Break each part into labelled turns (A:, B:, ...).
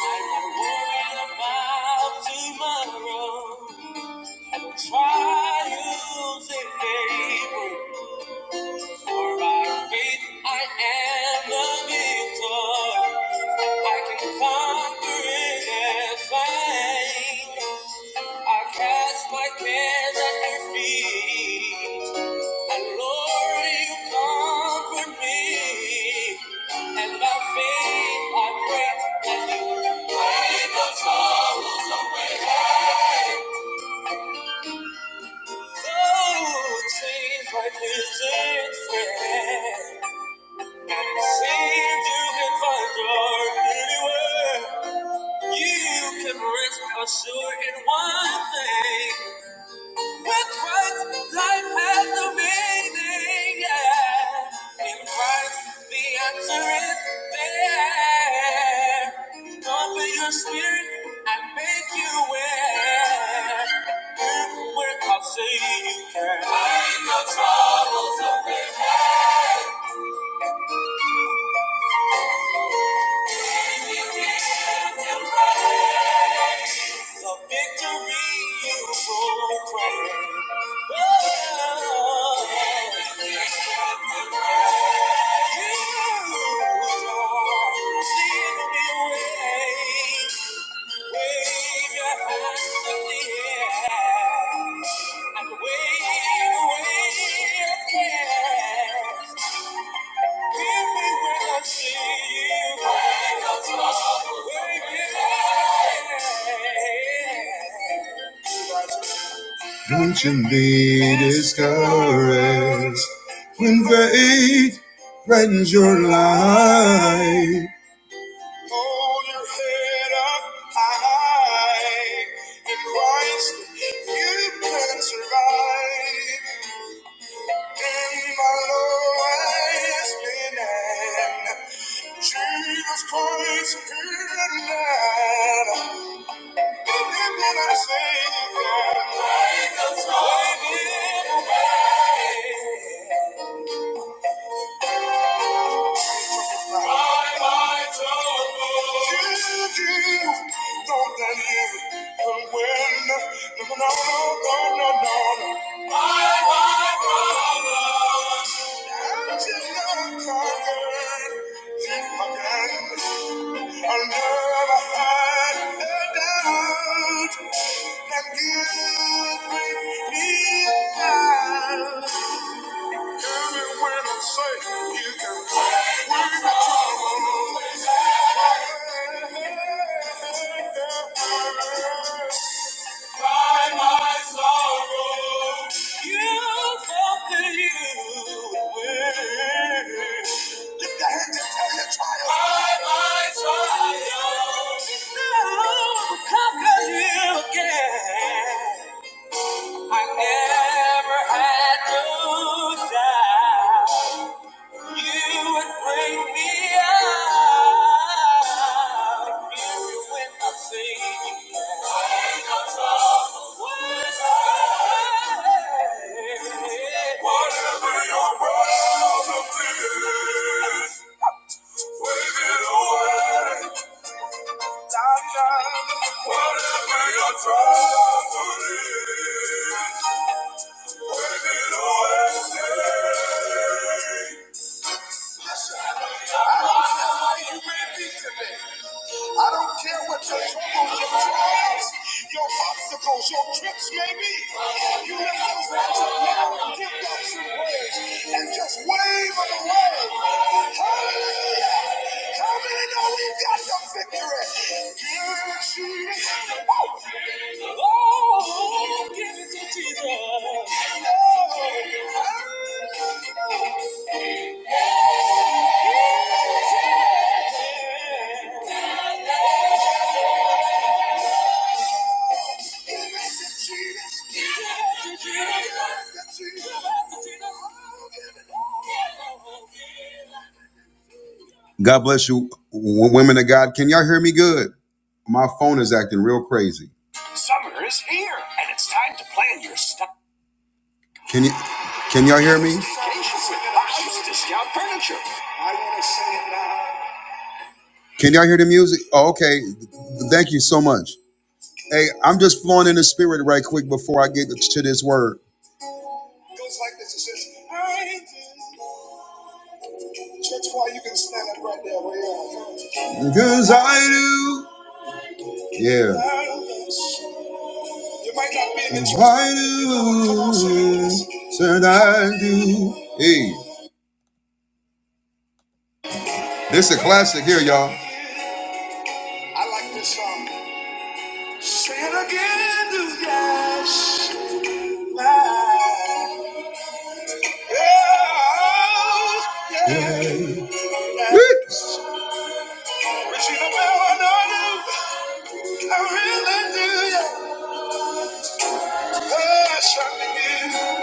A: I'm not worried about tomorrow. trials it bring. For by faith I am a victor. I can conquer anything. I cast my cares at your feet. And Lord, you comfort me, and my faith I pray. and you break the troubles away. So it seems life isn't fair, and it seems you can find joy anywhere. You can rest assured in one thing. In Christ, life has no meaning. Yeah. In Christ, the answer is there. Open your spirit and make you aware. Hear the word, I'll say you can. Find the troubles of the head. The victory you will proclaim. Oh, don't you be discouraged when faith threatens your life. Hold your head up high in Christ, you can survive. In my lowest minute, Jesus Christ appeared now. And then when I say that, like a tidal wave, my life's over. My life over. I'll never hide the doubt that you bring me out. Even when I'm safe, you can win the trouble. By my sorrow, you felt that you were. Lift the hand and tell your trials. By my trials, now I've conquered you again. I never had no doubt. You would bring me out. You would not see. Take Whatever your problems, whatever your troubles. I don't care what your troubles, your trials, your obstacles, your trips may be. You lift those hands up now and give God some praise and just wave them away. Hallelujah! How many know we've got the victory? Give it to Jesus. Woo! Oh, give it to Jesus. Oh, oh, oh. God bless you, women of God. Can y'all hear me good? My phone is acting real crazy. Summer is here, and it's time to plan your stuff. Can you? Can y'all hear me? Can y'all hear the music? Oh, okay. Thank you so much. Hey, I'm just flowing in the spirit right quick before I get to this word. It goes like this. It says, I do. Church choir, you can stand up right there where you are. Because I do. Yeah. You might not be in the church. I do. Said I do. Hey, this is a classic here, y'all. I like this song. Say it again, do yes. Yeah. Yeah. But you know what I know I really do. Yeah. Passion in you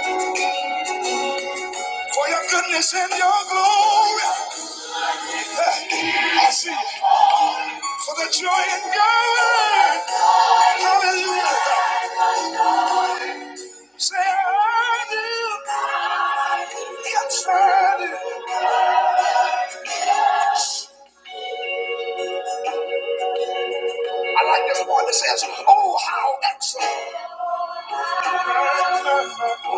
A: for your goodness and your glory. Yeah. I see it. For the joy in God. Hallelujah. Say I do. Yes, I do. I like this one that says, Oh, how excellent. Hallelujah.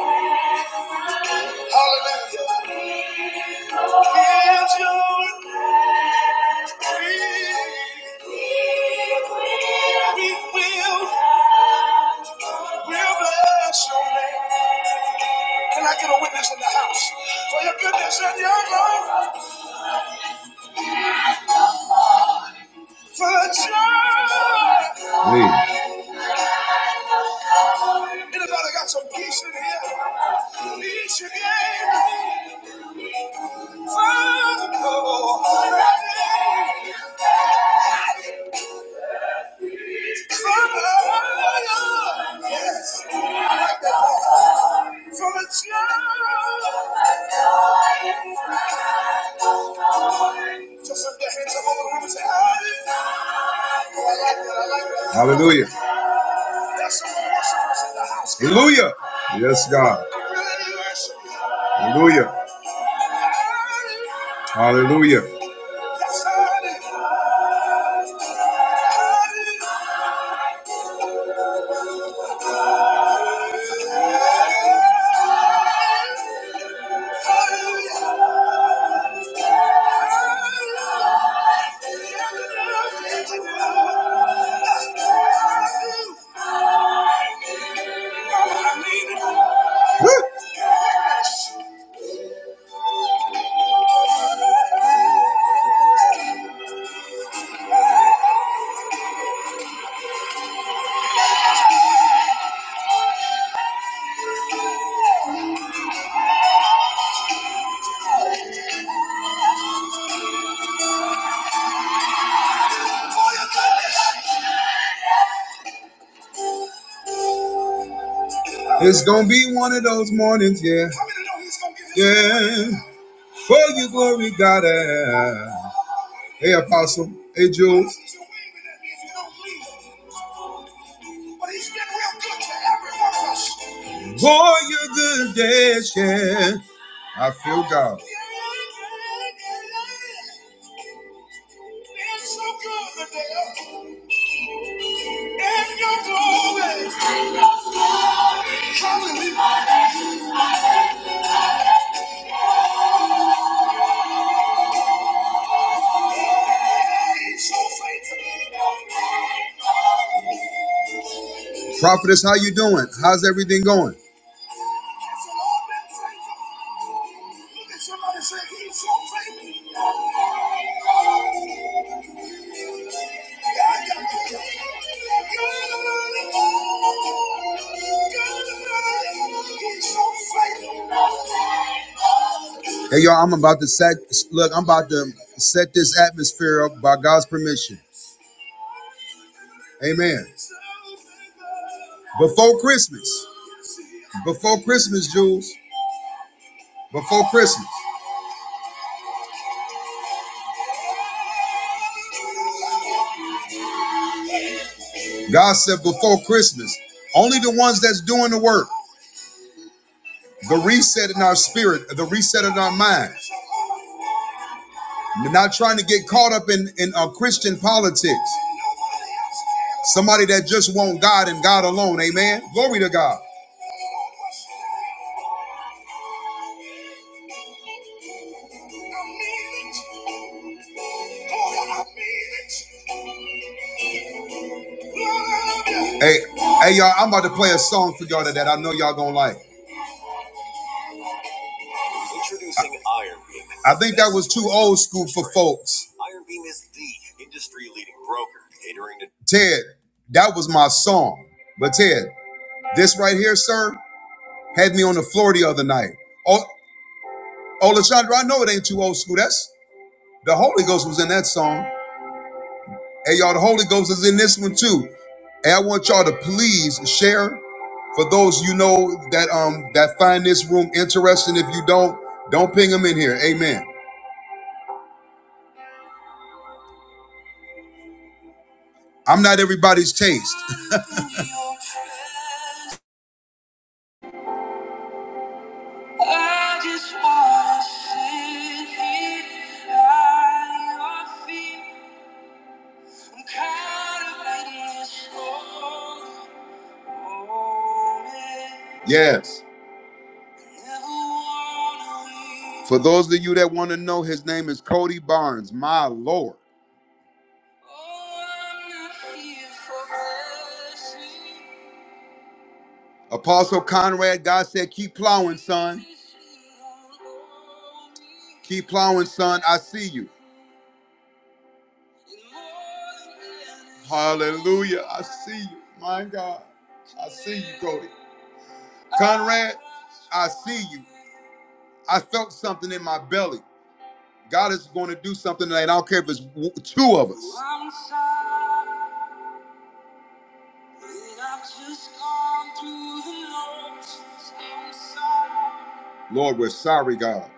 A: Is your name. We will, we'll bless your name. Can I get a witness in the house? For your goodness and your love, for the joy. Anybody got some peace in here? Peace you gave me. For the Lord. For the Lord. Yes. Like that. For the joy. Just lift your hands up over the room and say, Hallelujah. I like that. I like that. Hallelujah. Hallelujah. Yes, God. Hallelujah. Hallelujah. Woo! It's gonna be one of those mornings, yeah. Yeah. For your glory, God. ah. Hey, Apostle. Hey, Jules. For your good days, yeah. I feel God. Prophetess, how you doing? How's everything going? Hey y'all, I'm about to set look, I'm about to set this atmosphere up by God's permission. Amen. Before Christmas, before Christmas, Jules, before Christmas, God said before Christmas, only the ones that's doing the work, the reset in our spirit, the reset in our mind, We're not trying to get caught up in in uh, Christian politics. Somebody that just want God and God alone. Amen. Glory to God. Hey, hey, y'all! I'm about to play a song for y'all that I know y'all gonna like. I think that was too old school for folks. Iron Beam is the industry-leading broker catering to Ted, that was my song. But Ted, this right here, sir, had me on the floor the other night. Oh, Olasandra, I know it ain't too old school. That's the Holy Ghost was in that song. Hey, y'all, the Holy Ghost is in this one too. Hey, I want y'all to please share for those you know that um that find this room interesting. If you don't, don't ping them in here. Amen. I'm not everybody's taste. I just wanna sit here at your feet. I'm caught up in this moment. Yes. For those of you that want to know, his name is Cody Barnes, my Lord. Oh, I'm not here for blessing. Apostle Conrad, God said, keep plowing, son. Keep plowing, son. I see you. Hallelujah. I see you. My God. I see you, Cody. Conrad, I see you. I felt something in my belly. God is going to do something tonight. I don't care if it's w- two of us. Lord, we're sorry, God.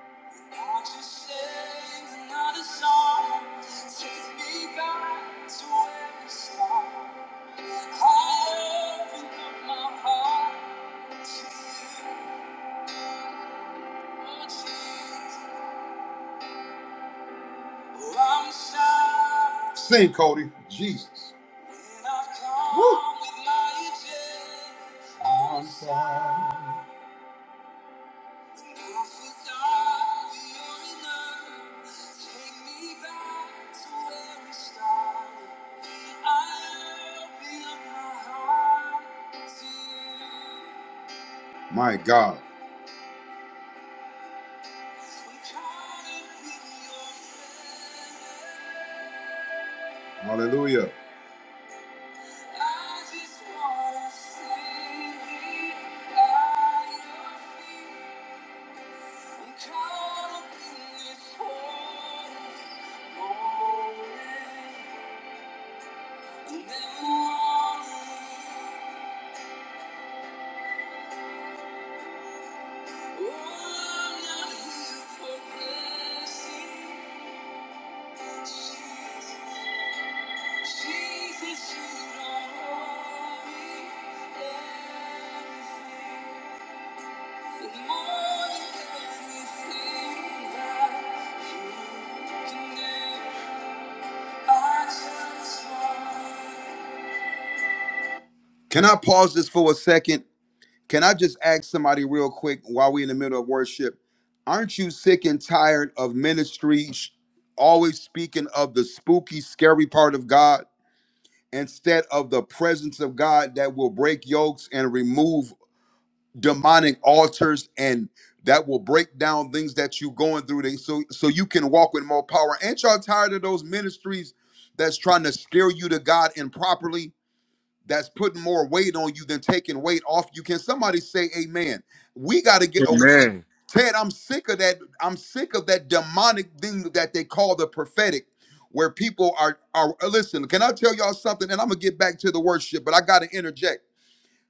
A: Sing, Cody. Jesus. Woo. My God. Hallelujah. Oh, Can I pause this for a second? Can I just ask somebody real quick while we're in the middle of worship? Aren't you sick and tired of ministry sh- always speaking of the spooky, scary part of God instead of the presence of God that will break yokes and remove demonic altars and that will break down things that you're going through they- so so you can walk with more power? Ain't y'all tired of those ministries that's trying to scare you to God improperly? that's putting more weight on you than taking weight off you. Can somebody say amen? We got to get oh,
B: Amen.
A: Ted, I'm sick of that. I'm sick of that demonic thing that they call the prophetic, where people are are uh, listen, can I tell y'all something? And I'm gonna get back to the worship, but I gotta interject.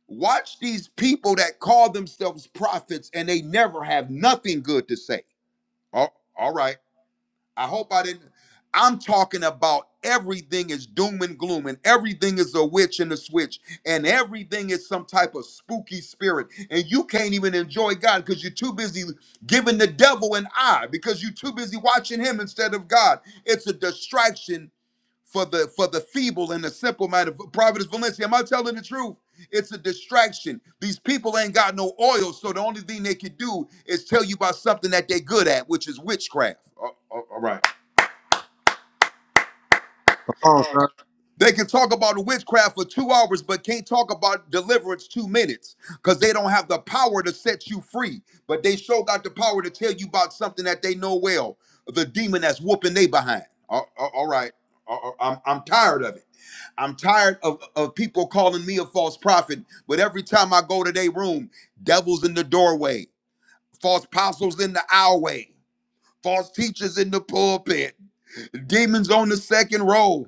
A: Watch these people that call themselves prophets and they never have nothing good to say. Oh, all right. I hope I didn't. I'm talking about everything is doom and gloom, and everything is a witch and a switch, and everything is some type of spooky spirit. And you can't even enjoy God because you're too busy giving the devil an eye because you're too busy watching him instead of God. It's a distraction for the for the feeble and the simple minded. Providence Valencia, am I telling the truth? It's a distraction. These people ain't got no oil, so the only thing they can do is tell you about something that they're good at, which is witchcraft. All right.
B: Come on, sir.
A: They can talk about witchcraft for two hours, but can't talk about deliverance two minutes because they don't have the power to set you free. But they sure got the power to tell you about something that they know well the demon that's whooping they behind. Al- al- all right. Al- al- I'm, I'm tired of it. I'm tired of, of people calling me a false prophet. But every time I go to their room, devils in the doorway, false apostles in the aisleway, false teachers in the pulpit, demons on the second row.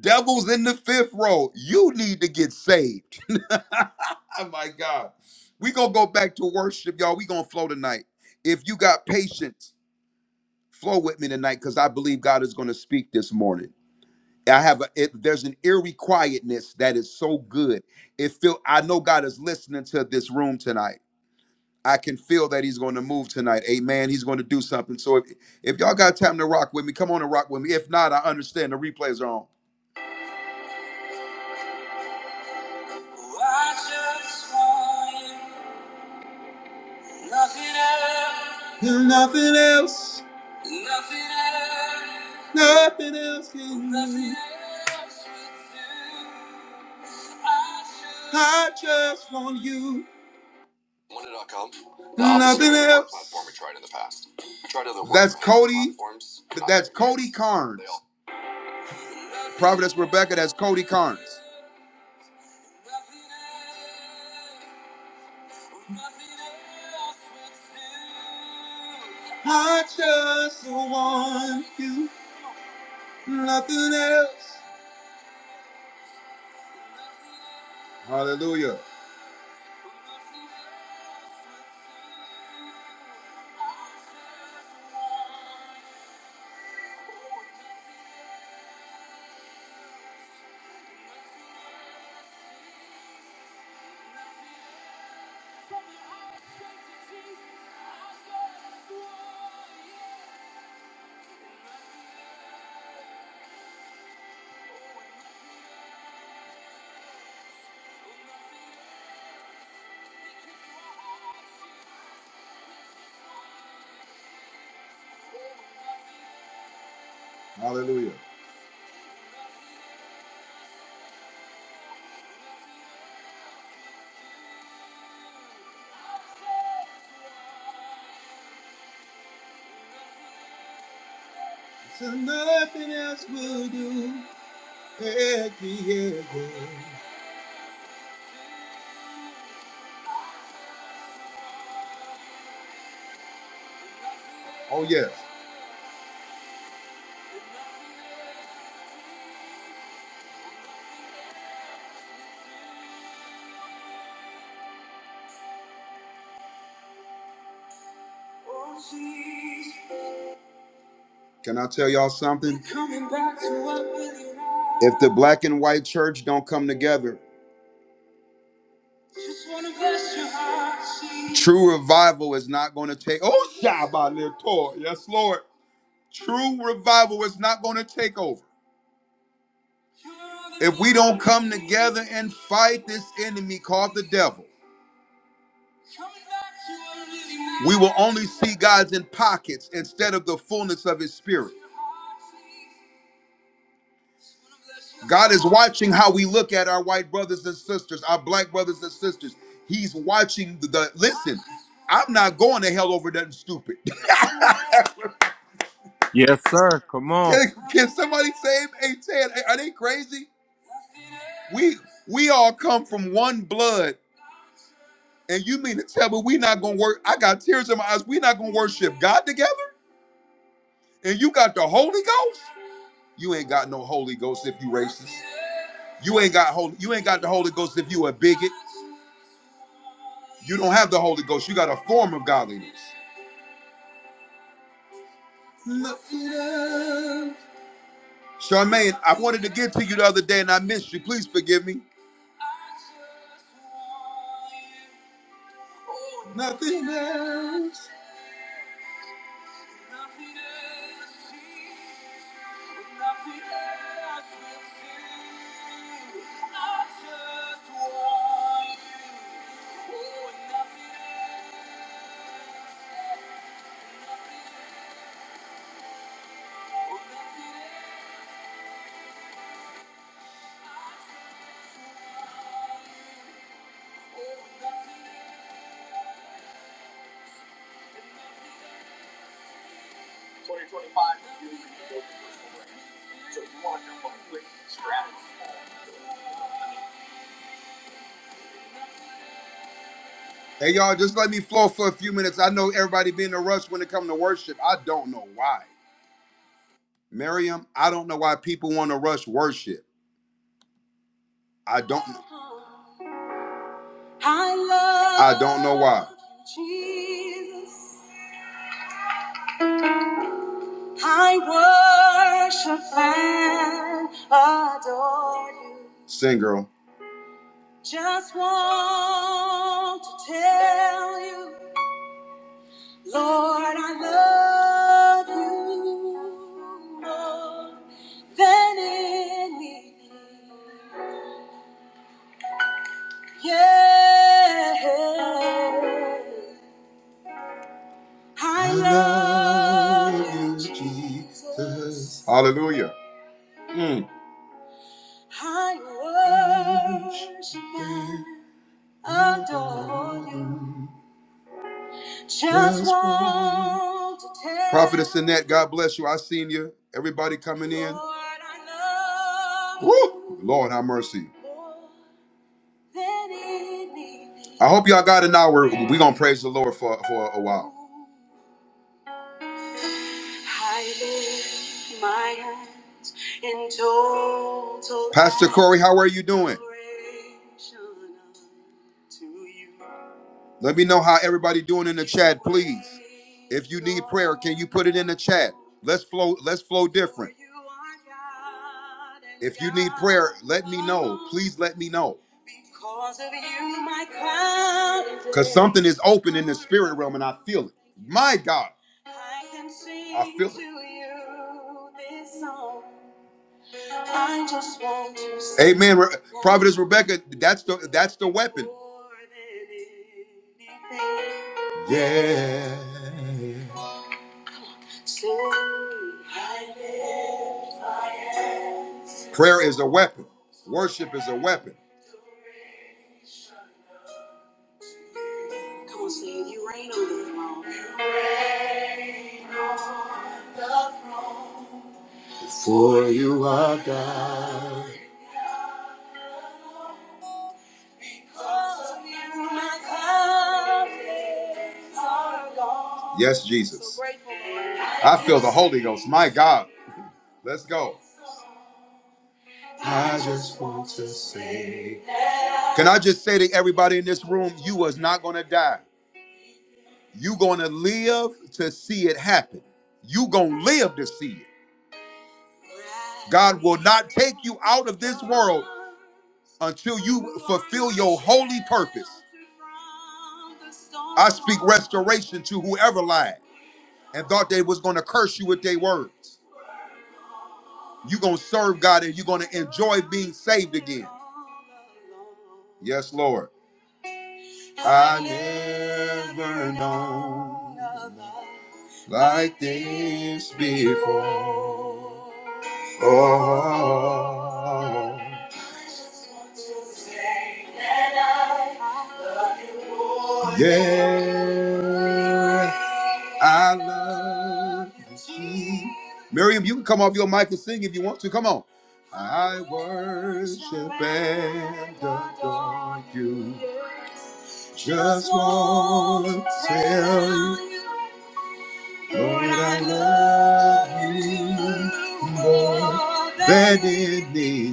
A: Devils in the fifth row, you need to get saved. oh my God. we going to go back to worship, y'all. we going to flow tonight. If you got patience, flow with me tonight because I believe God is going to speak this morning. I have a it, there's an eerie quietness that is so good. It feel I know God is listening to this room tonight. I can feel that He's going to move tonight. Amen. He's going to do something. So if, if y'all got time to rock with me, come on and rock with me. If not, I understand the replays are on. I just want Nothing else. Nothing else. Nothing else. Nothing else can. do. I just. want you. Wanda.com. The opposite Nothing else. platform we tried in the past. We tried other that's Cody. platforms. That's Cody Carnes. Providence Rebecca, that's Cody Carnes. I just want you, nothing else. Hallelujah. Hallelujah. So nothing else will do. Yeah, yeah, yeah. Oh, yes. Oh, Jesus. Can I tell y'all something? If the black and white church don't come together, true revival is not going to take. Oh, Shabbat letor, Yes, Lord. True revival is not going to take over. If we don't come together and fight this enemy called the devil, we will only see God's in pockets instead of the fullness of his spirit. God is watching how we look at our white brothers and sisters, our black brothers and sisters. He's watching the, the- listen. I'm not going to hell over nothing stupid.
B: Yes, sir. Come on.
A: can, can somebody say amen? Are they crazy? We we all come from one blood, and you mean to tell me we not gonna work? I got tears in my eyes. We not gonna worship God together, and you got the Holy Ghost. You ain't got no Holy Ghost if you racist. You ain't got holy. You ain't got the Holy Ghost if you a bigot. You don't have the Holy Ghost. You got a form of godliness. Charmaine, I wanted to get to you the other day and I missed you. Please forgive me. Nothing else. Hey y'all, just let me flow for a few minutes. I know everybody be in a rush when it comes to worship. I don't know why. Miriam, I don't know why people want to rush worship. I don't know. I love I don't know why. Jesus. I worship and adore you. Sing, girl. Just want to tell you, Lord, I love you more than anything. Yeah, I, I love love you, you, Jesus. Jesus. Hallelujah. Mm. I worship and adore you. Just want to tell Prophetess Annette, God bless you. I seen you. Everybody coming in. Lord, I love Woo! Lord, have mercy. more than anything. I hope y'all got an hour. We're gonna praise the Lord for, for a while. Pastor Corey, how are you doing? Let me know how everybody doing in the chat, please. If you need prayer, can you put it in the chat? Let's flow. Let's flow different. If you need prayer, let me know. Please let me know. Because something is open in the spirit realm and I feel it. My God. I feel it. I just want to see Amen. Re- Providence Rebecca, that's the that's the weapon. more than anything. Yeah. So I live. Prayer is a weapon. Worship is a weapon. Come on, say it. You reign on the throne. Oh, you my God. Yes, Jesus. So grateful, Lord. I feel the Holy Ghost. My God. Let's go. I just- Can I just say to everybody in this room, you was not gonna die. You're going to live to see it happen. You're going to live to see it. God will not take you out of this world until you fulfill your holy purpose. I speak restoration to whoever lied and thought they was going to curse you with their words. You're going to serve God and you're going to enjoy being saved again. Yes, Lord. I never known like this before. Oh, yeah, Yeah, I love you. Miriam, you can come off your mic and sing if you want to. Come on. I worship and adore you. Just want to tell you, Lord, I love you more than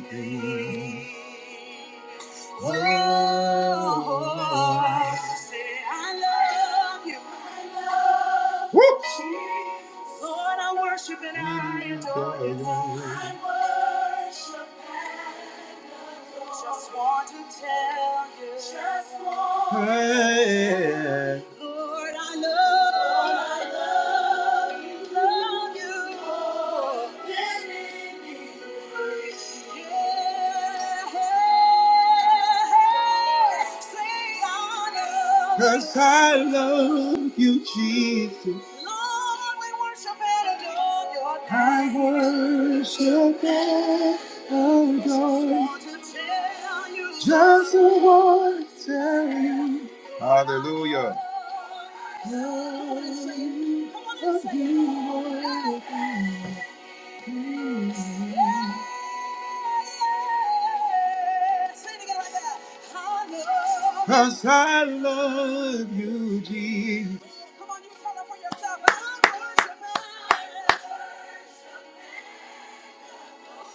A: anything. Oh, say I I love you. I love Woo! Jesus. Lord, I worship and I adore you. I worship. Just want to tell you. Just want hey. Lord, I love you. Lord, I love you. Love you. Oh, let me be. free. Yeah. Say I love you, 'cause I love you, Jesus. Lord, we worship and adore your name. I worship. I don't just want to tell you. Hallelujah. Cause I love you, Jesus.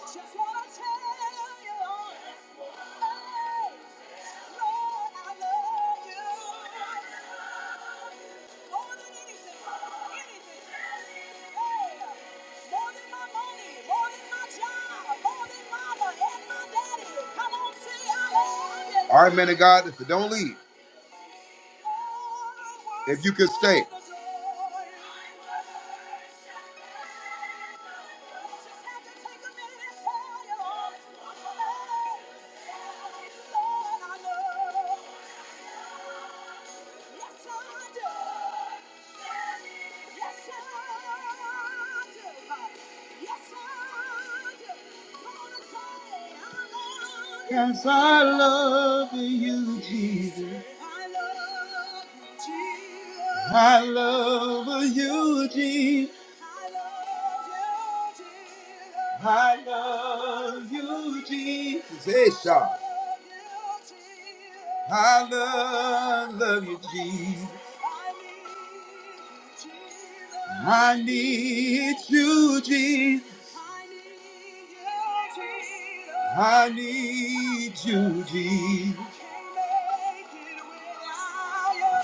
A: Just wanna tell you, hey, Lord, I love you. More than anything, anything. Hey, more than my money, more than my job, more than mama and my daddy. Come on, say I love you. All right, man of God, if you don't leave, if you could stay. Yes, I love you, Jesus. I love you, Jesus. I love you, Jesus. Hey, Sean. I love, love you, Jesus. I need you, Jesus. I need you, Jesus.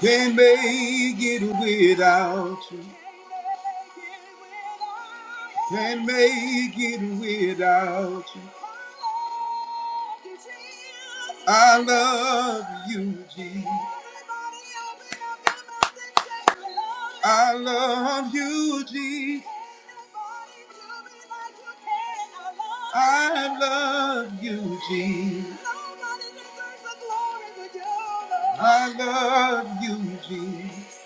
A: Can't make it without you. Can't make it without you. I love you, Jesus. I love you, Jesus. I love you, Jesus. I love you, Jesus.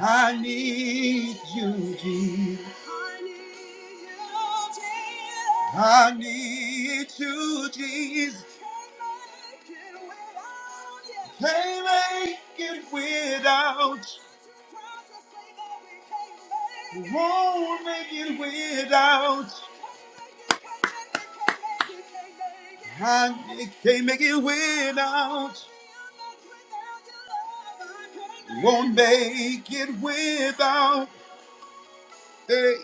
A: I need you, Jesus. I need you, Jesus. Can't make it without. you. We won't make it without. I can't make it without. Won't make it without. Hey,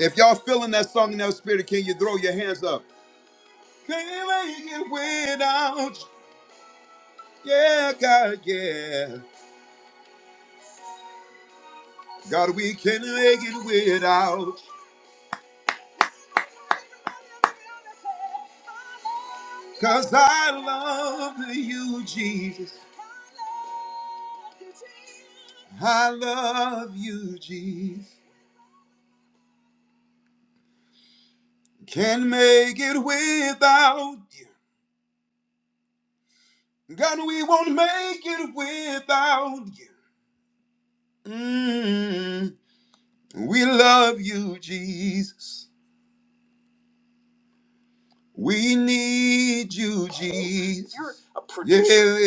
A: if y'all feeling that song in that spirit, can you throw your hands up? Can't make it without. Yeah, God, yeah. God, we can not make it without. Cause I love you, Jesus. I love you, Jesus. Can't make it without you. God, we won't make it without you. Mm. We love you, Jesus. We need you, Jesus. You're a producer.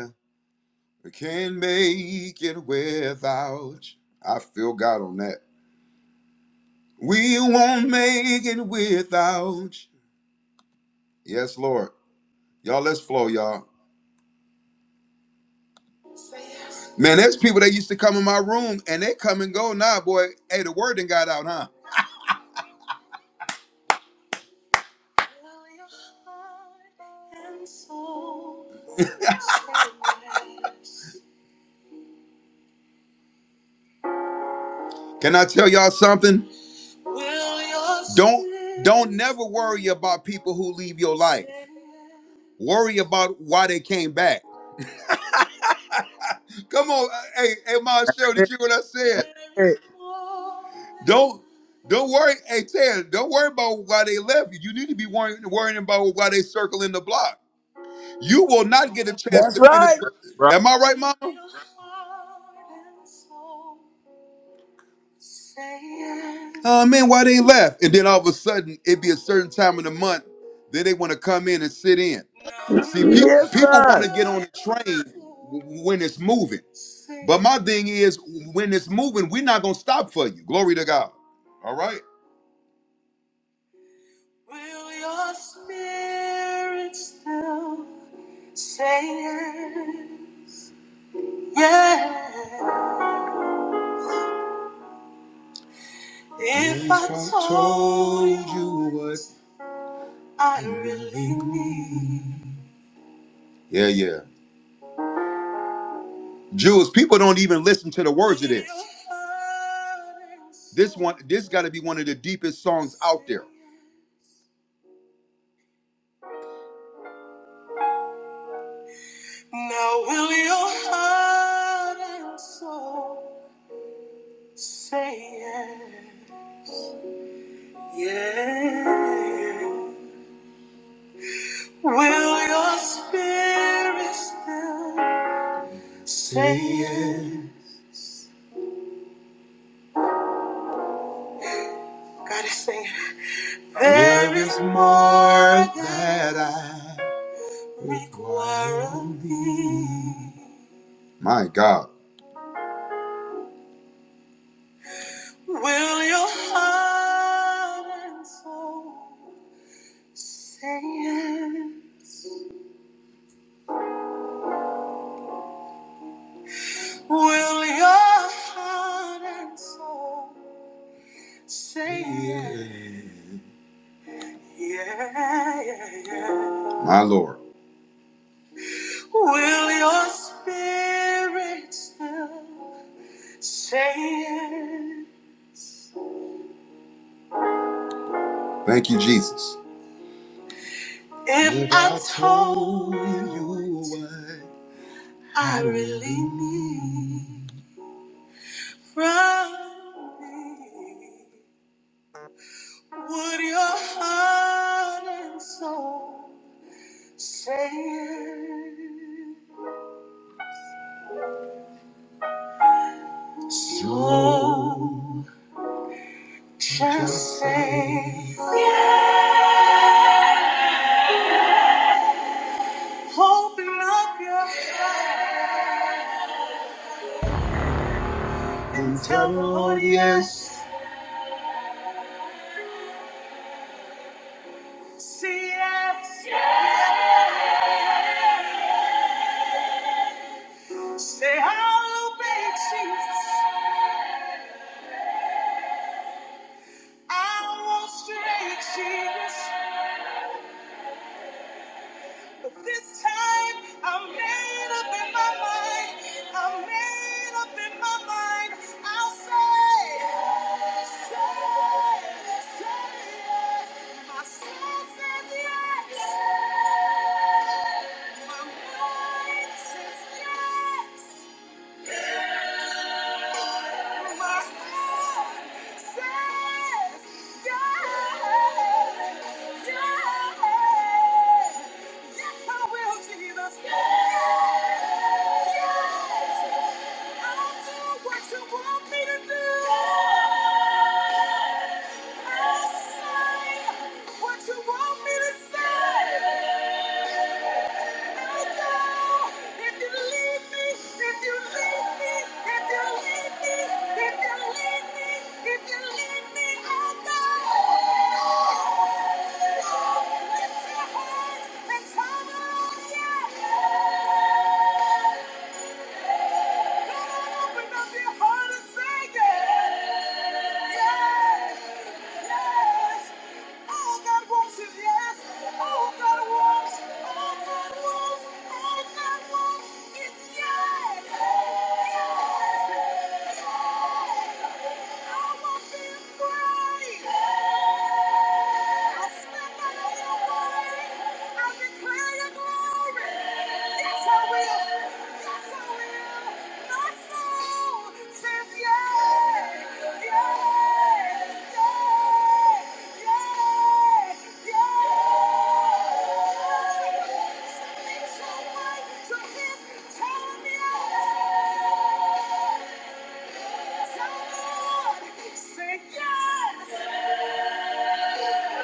A: Yeah. We can't make it without you. I feel God on that. We won't make it without you. Yes, Lord. Y'all, let's flow, y'all. Man, there's people that used to come in my room and they come and go now, boy. Hey, the word done got out, huh? Can I tell y'all something? Don't don't never worry about people who leave your life. Worry about why they came back. Come on, uh, hey, hey, Ma Cheryl,
B: That's
A: did
B: it.
A: you hear what I
B: That's
A: said?
B: it.
A: Don't don't worry, hey Ted, don't worry about why they left you. You need to be worrying, worrying about why they circling the block. You will not get a chance
C: That's
A: to finish.
C: right.
A: With,
B: Right.
A: am I right, Mom? Oh man, why they left? And then all of a sudden, it'd be a certain time in the month that they want to come in and sit in. See, people
C: Yes,
A: people want to
C: son.
A: get on the train w- when it's moving. But my thing is, when it's moving, we're not gonna stop for you. Glory to God. All right. Will your spirit still say yes? Yeah. If I told you what I really need. Yeah, yeah. Jewish people don't even listen to the words of this. This one, this got to be one of the deepest songs out there. Now will your heart and soul say yes? Yeah. Will your spirit still say yes? to sing it. there is more that I. My God. Will your heart and soul say yes? Will your heart and soul say yeah? Yeah, yeah, yeah. My Lord. Will your spirit still say yeah? Thank you, Jesus. If, If I I told told you what I really need from me, would your heart and soul say yeah? Just say, open up your hands. Tell the Lord yes. Say yes. Say, I'll obey Jesus. I won't stray, Jesus. But this time, I'm made up in my mind. I'm made up in my mind. I'll say, say, say yes. My soul says yes. What you want me to say? Yeah! Open up your heart and say it. Yes! Say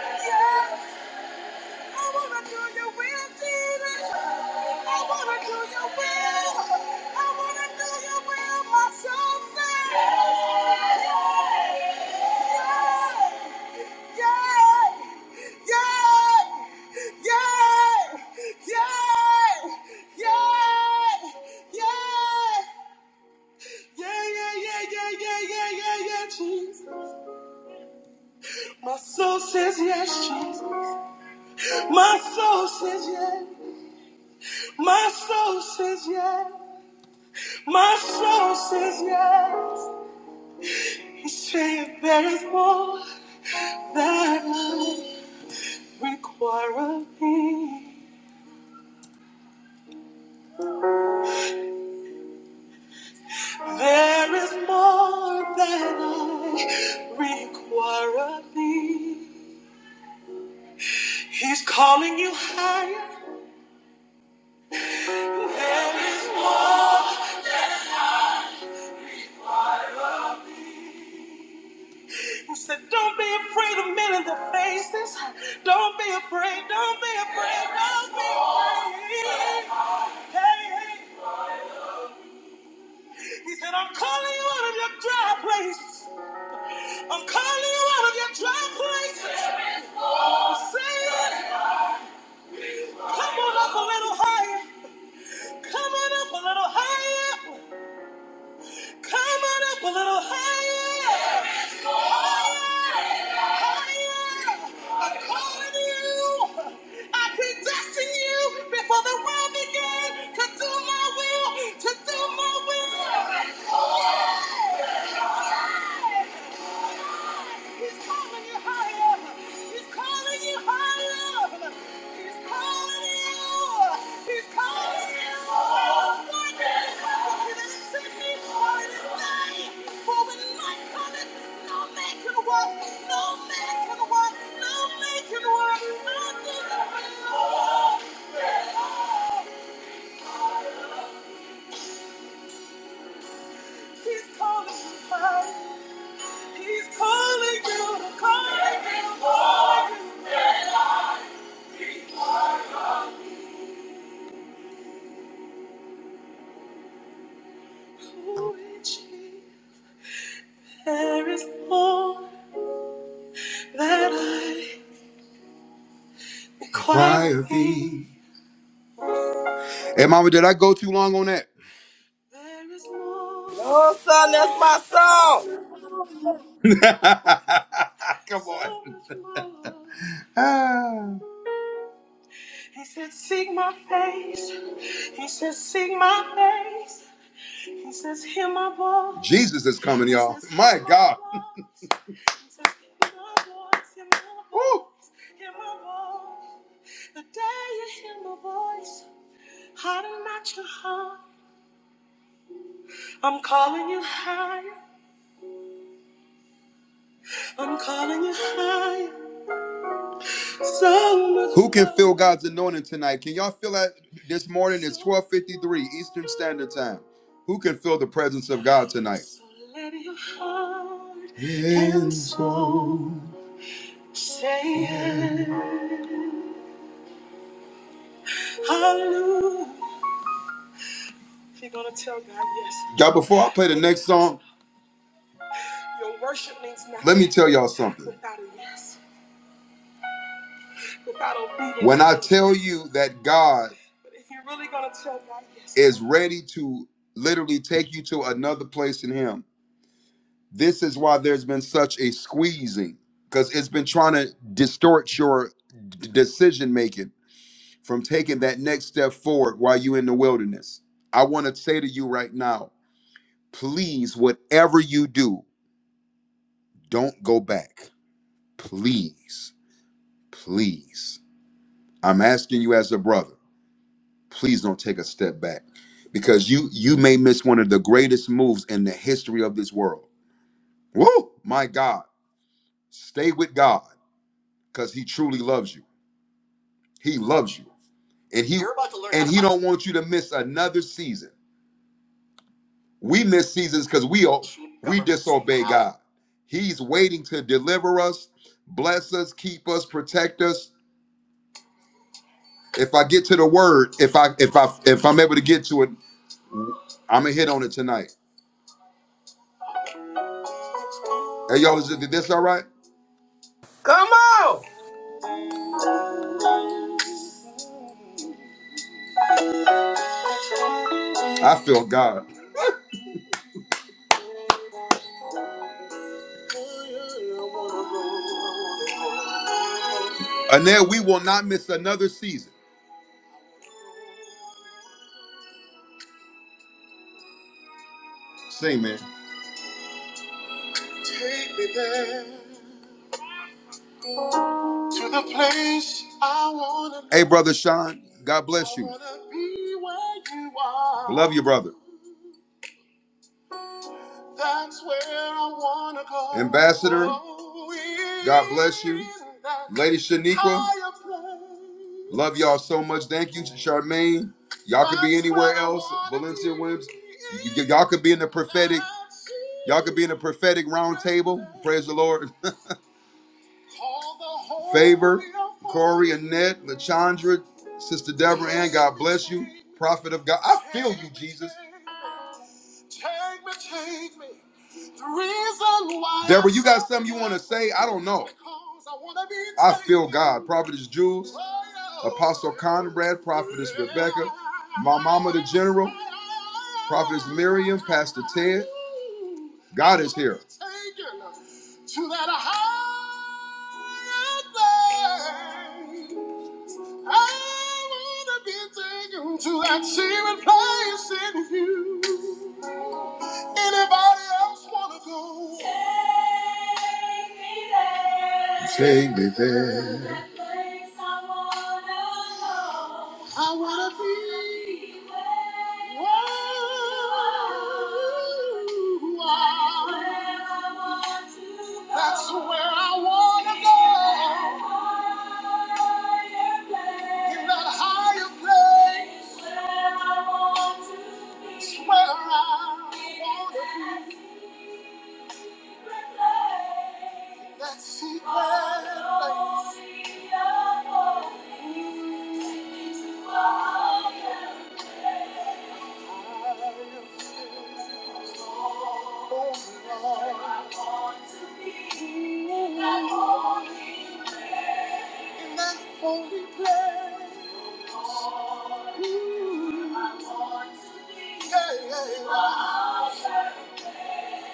A: Yes! Yes! I wanna do your will, Jesus. I wanna do your will. I wanna do your will, my soul says. Yay! Yay! Yay! Yay! Yay! Yay! Soul says yay. My soul says yes. My soul says yes. Say it, there is more. that I require of thee. There is more than I require of thee. He's calling you higher. There is more. He said, Don't be afraid of men in the faces. Don't be afraid. Don't be afraid. Don't be afraid. Hey, hey. He said, I'm calling you out of your dry places. I'm calling you out of your dry places. I'm saying Come on up a little higher. Come on up a little higher. Come on up a little higher. Higher. Higher. I'm calling you. I predestined you before the world began to do my will. To do my will. He's calling you higher. He's calling you higher. He's calling you. He's calling you. for when night cometh, no man can work. No man can work. No man can work. He's calling you higher. He's calling you. Calling you. Calling you. Which he there is more. that I require thee. Hey, Mama, did I go too long on that? There is more,
C: No, son, that's my song.
A: Ah, Come on. so much more. Ah. He said, Seek my face. He says, Seek my face. He says, Hear my voice. Jesus is coming, y'all. He says, Hear My hear my God. voice. He says, Hear my voice. Hear my Woo. voice. Hear my voice. The day you hear my voice, harden not your heart. I'm calling you higher. I'm calling you high. So much Who can feel God's anointing tonight? Can y'all feel that this morning is 12:53 Eastern Standard Time? Who can feel the presence of God tonight? So let your heart and soul say hallelujah. If you're gonna tell God yes. Y'all, before I play the next song, your worship means nothing. Let me tell y'all something. Without a yes. When I tell you that God is ready to literally take you to another place in Him, this is why there's been such a squeezing because it's been trying to distort your d- decision making from taking that next step forward while you're in the wilderness. I want to say to you right now please, whatever you do, don't go back. Please, please. I'm asking you as a brother. please don't take a step back because you you may miss one of the greatest moves in the history of this world. Woo! My God, stay with God because He truly loves you. He loves you, and He You're about to learn and how He to- don't want you to miss another season. We miss seasons because we all we disobey God. He's waiting to deliver us, bless us, keep us, protect us. If I get to the word, if I if I if I'm able to get to it, I'm gonna hit on it tonight. Hey y'all, is it- this all right?
C: Come on.
A: I feel God. Annette, we will not miss another season. Sing, man. Take me there to the place I wanna. Hey, brother Sean, God bless you. I wanna be where you are. Love you, brother. That's where I wanna go. Ambassador, God bless you. Lady Shaniqua, love y'all so much. Thank you, Charmaine. Y'all could be anywhere else. Valencia Williams, y- y- y'all could be in the prophetic. Y'all could be in the prophetic round table. Praise the Lord. Favor, Corey, Annette, LaChandra, Sister Deborah, and God bless you. Prophet of God. I feel you, Jesus. Take me, take me. The reason why Deborah, you got something you want to say? I don't know. Because I wanna be I feel taken. God. Prophetess Jules, Oh, yeah. Apostle Conrad, Prophetess Rebecca, my mama, the general, Prophetess Miriam, Pastor Ted. God is here. Taken To that higher thing. I wanna be taken to that secret place in you. Take me there. I wanna be where you are. That's where I wanna go. In that high place, it's where I wanna be. That secret place.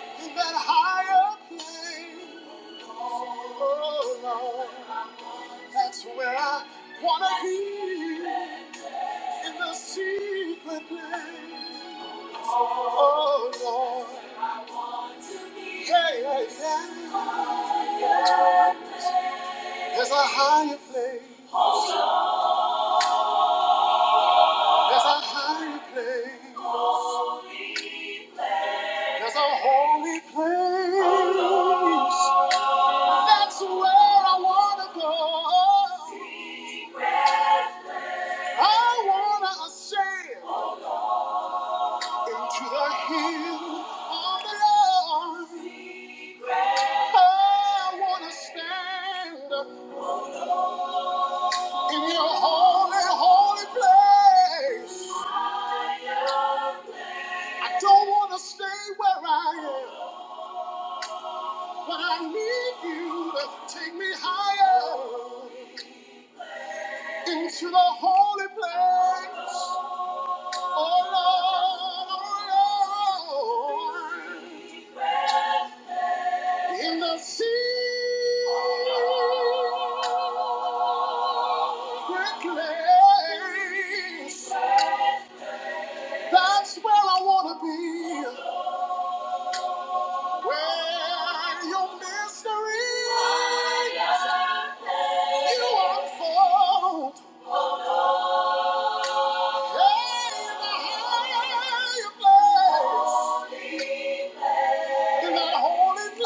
A: In that higher plane, oh Lord, that's where I wanna be. In the secret place, Oh Lord, yeah, yeah, yeah. There's a higher place. There's a higher place. There's a holy place. That's where I wanna go. I wanna ascend into the hill of the Lord. I wanna stand in your holy, holy place. I don't wanna stay where I am. I need you to take me higher into the holy place. Oh Lord, oh Lord, in the secret place. That's where I want to be, where your mystery you unfold. Hey, the higher place. I'm not a holy place,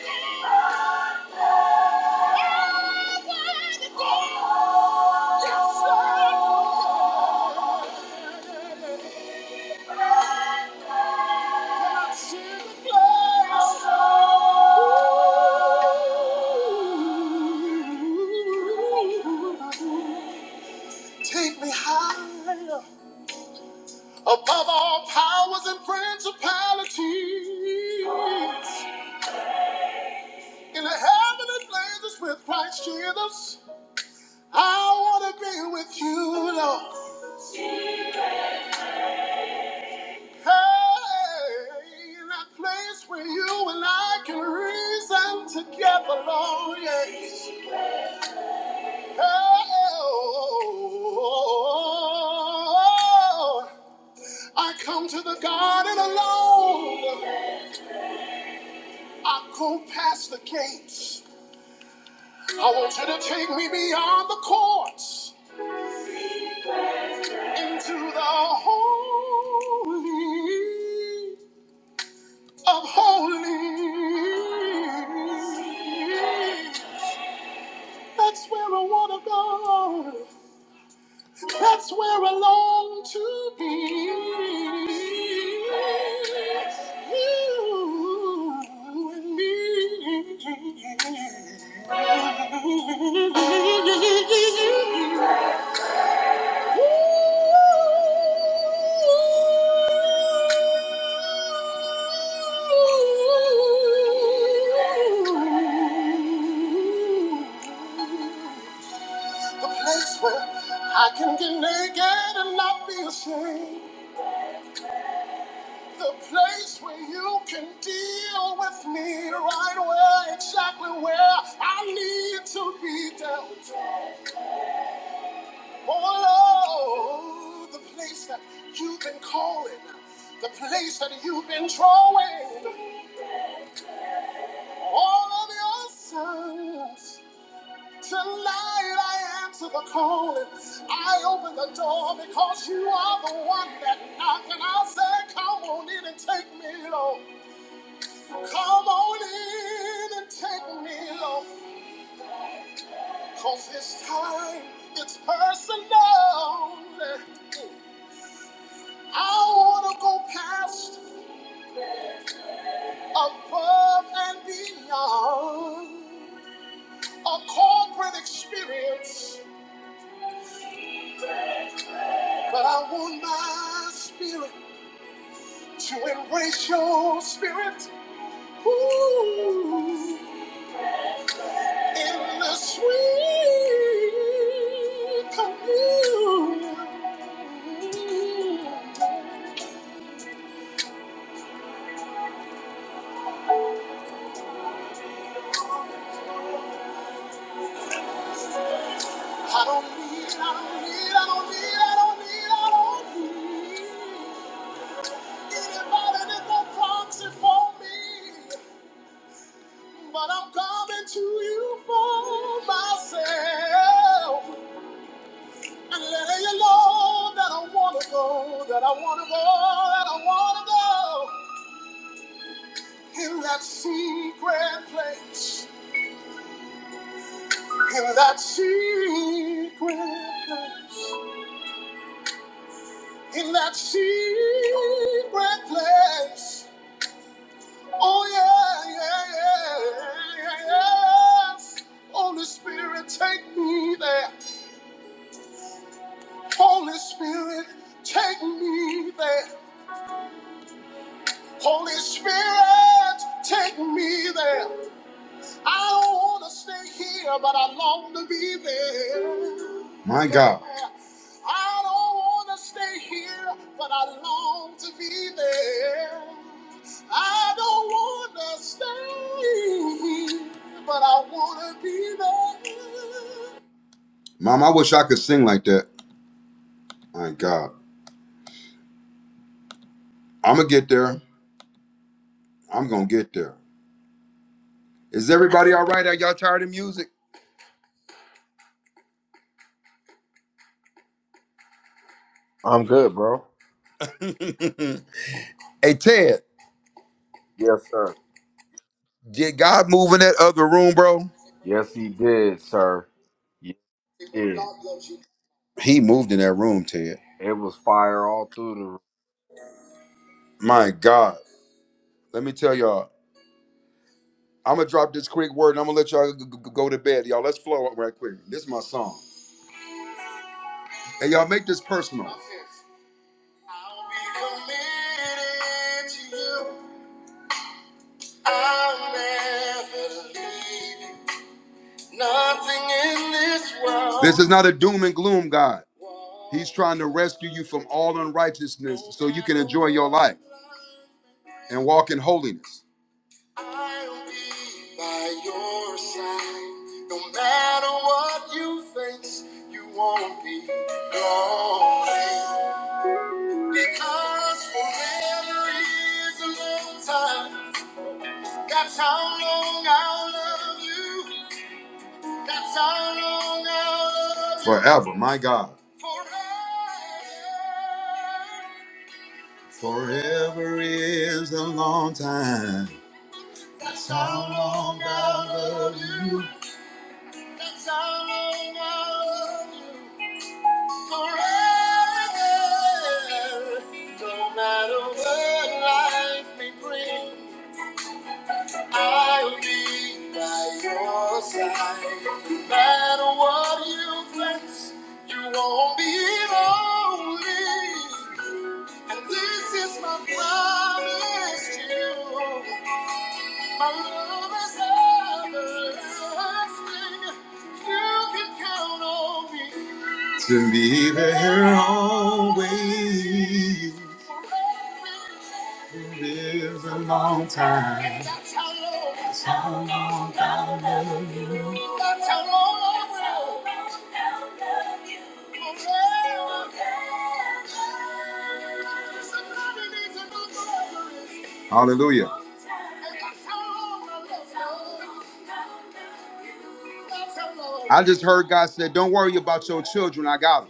A: Yeah. Take me higher above all powers and principalities. In the heavenly places with Christ Jesus, I want to be with you, Lord. Hey, that place where you and I can reason together, Lord, yes. oh. I come to the garden alone. I go past the gates. I want you to take me beyond the courts into the holy of holies. That's where I wanna go. That's where I long to be. You and me. The place where I can get naked and not be ashamed. The place where you can deal with me right where, exactly where I need to be down. Oh, Lord, the place that you can call it, the place that you've been drawing all of your sons. Tonight I answer the calling. I open the door because you are the one that knocked, and I say, Come on in and take me, Lord. Come on in and take me home. Cause this time it's personal. I wanna go past, above and beyond. A corporate experience. But I want my spirit to embrace your spirit. Ooh, in the sweet. I don't need, I don't need, I don't need, I don't need, I don't need anybody that will proxy for me. But I'm coming to you for myself and letting you know that I wanna go, that I wanna go, that I wanna go in that secret place, in that secret place, in that secret place. Oh yeah, yeah, yeah, yeah, yes. Holy Spirit, take me there. Holy Spirit, take me there. Holy Spirit, take me there. I don't want to stay here, but I long to be there. My God. I don't want to stay here, but I long to be there. I don't want to stay but I want to be there. Mom, I wish I could sing like that. My God. I'm going to get there. I'm going to get there. Is everybody all right? Are y'all tired of music?
B: I'm good, bro.
A: hey, Ted,
B: Yes, sir.
A: did God move in that other room, bro?
B: Yes, he did, sir. He did.
A: He moved in that room, Ted.
B: It was fire all through the room.
A: My God. Let me tell y'all. I'm gonna drop this quick word and I'm gonna let y'all g- g- go to bed, y'all. Let's flow up right quick. This is my song. And y'all make this personal. I'll be committed to you. I'll never leave you. Nothing in this world. This is not a doom and gloom God. He's trying to rescue you from all unrighteousness so you can enjoy your life and walk in holiness. I'll be by your side. No matter what you face, you won't be lonely. Because forever is a long time. That's how long I'll love you. That's how long I'll love you. Forever, my God. Forever. Forever is a long time. That's how long I'll love you. That's all I want forever. No matter what life may bring, I'll be by your side. No matter what you face, you won't be lonely. And this is my promise to you. My love is everlasting. You can count on me. to be there always. Lives a long time. that's how long, I'll love you. That's how long, I'll love you. Hallelujah. I just heard God said, Don't worry about your children, I got them.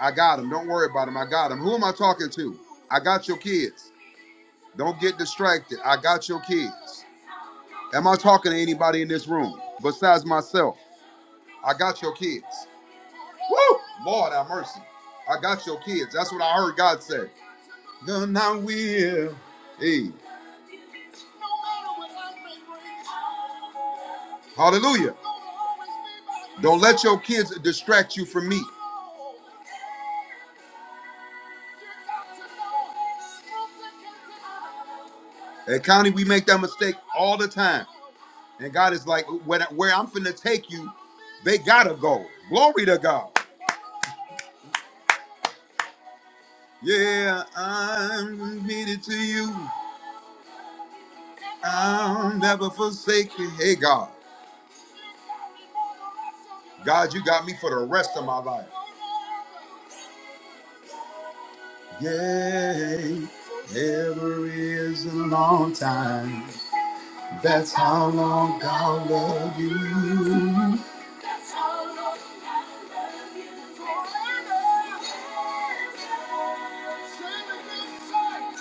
A: I got them. Don't worry about them. I got them. Who am I talking to? I got your kids. Don't get distracted. I got your kids. Am I talking to anybody in this room besides myself? I got your kids. Lord have mercy. I got your kids. That's what I heard God say. Then I will. Hey, hallelujah. Don't let your kids distract you from me. At County, we make that mistake all the time. And God is like, where, where I'm finna take you, they gotta go. Glory to God. Yeah, I'm committed to you. I'll never forsake you. Hey, God. God, you got me for the rest of my life. Yay. Ever is a long time. That's how long I'll love you. That's how long I'll love you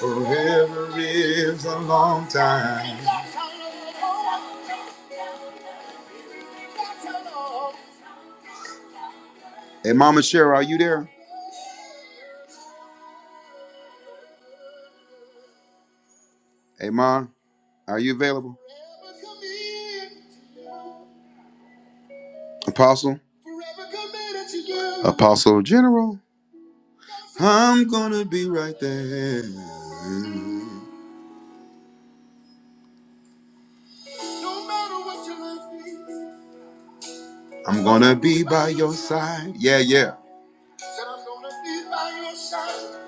A: forever. Forever is a long time. Hey, Mama Cheryl, are you there? Hey, Ma, are you available? Apostle? Apostle General? I'm gonna be right there. No matter what your life is. I'm gonna be by your side. Yeah, yeah. Said I'm gonna be by your side.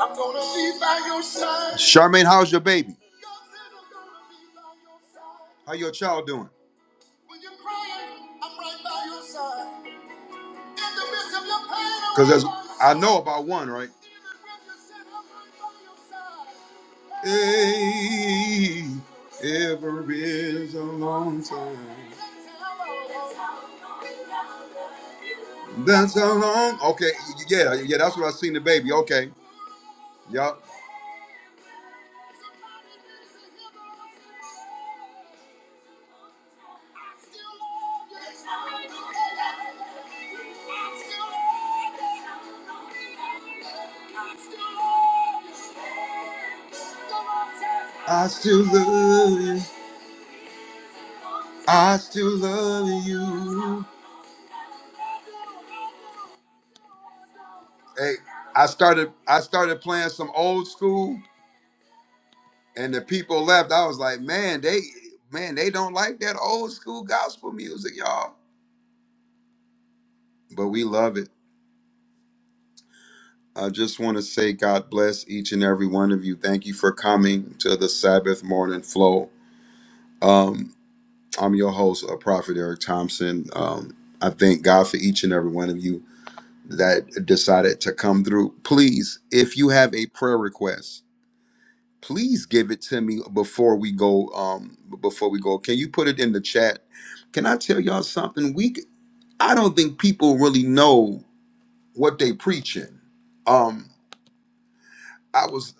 A: I'm gonna be by your side. Charmaine, how's your baby? God said I'm gonna be by your side. How your child doing? When you're crying, I'm right by your side. Cause there's, I know about one, right? Hey, ever is a long time. That's how long. Okay, yeah, yeah. That's what I seen the baby. Okay, yup. I still love you. I still love you. Hey, I started I started playing some old school and the people left. I was like, man, they man, they don't like that old school gospel music, y'all. But we love it. I just want to say God bless each and every one of you. Thank you for coming to the Sabbath morning flow. Um, I'm your host, uh, Prophet Eric Thompson. Um, I thank God for each and every one of you that decided to come through. Please, if you have a prayer request, please give it to me before we go um before we go can you put it in the chat can i tell y'all something we c- i don't think people really know what they preaching um i was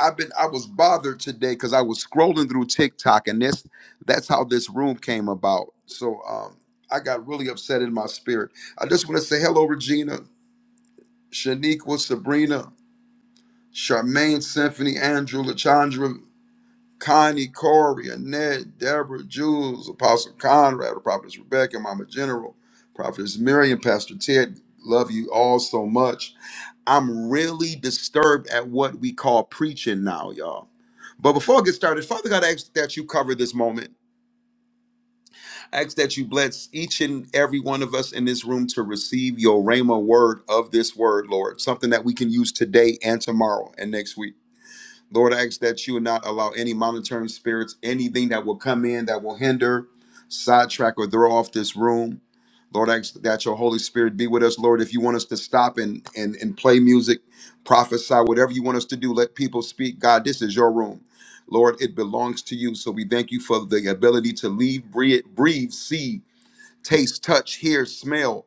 A: i've been i was bothered today because i was scrolling through tiktok and this that's how this room came about so um i got really upset in my spirit i just want to say hello regina shaniqua sabrina charmaine symphony Andrew, Lachandra. Connie, Corey, Annette, Deborah, Jules, Apostle Conrad, Prophetess Rebecca, Mama General, Prophetess Miriam, Pastor Ted, love you all so much. I'm really disturbed at what we call preaching now, y'all. But before I get started, Father God, I ask that you cover this moment. I ask that you bless each and every one of us in this room to receive your Rhema word of this word, Lord, something that we can use today and tomorrow and next week. Lord, I ask that you would not allow any monitoring spirits, anything that will come in that will hinder, sidetrack, or throw off this room. Lord, I ask that your Holy Spirit be with us. Lord, if you want us to stop and, and, and play music, prophesy, whatever you want us to do, let people speak. God, this is your room. Lord, it belongs to you. So we thank you for the ability to leave, breathe, breathe see, taste, touch, hear, smell.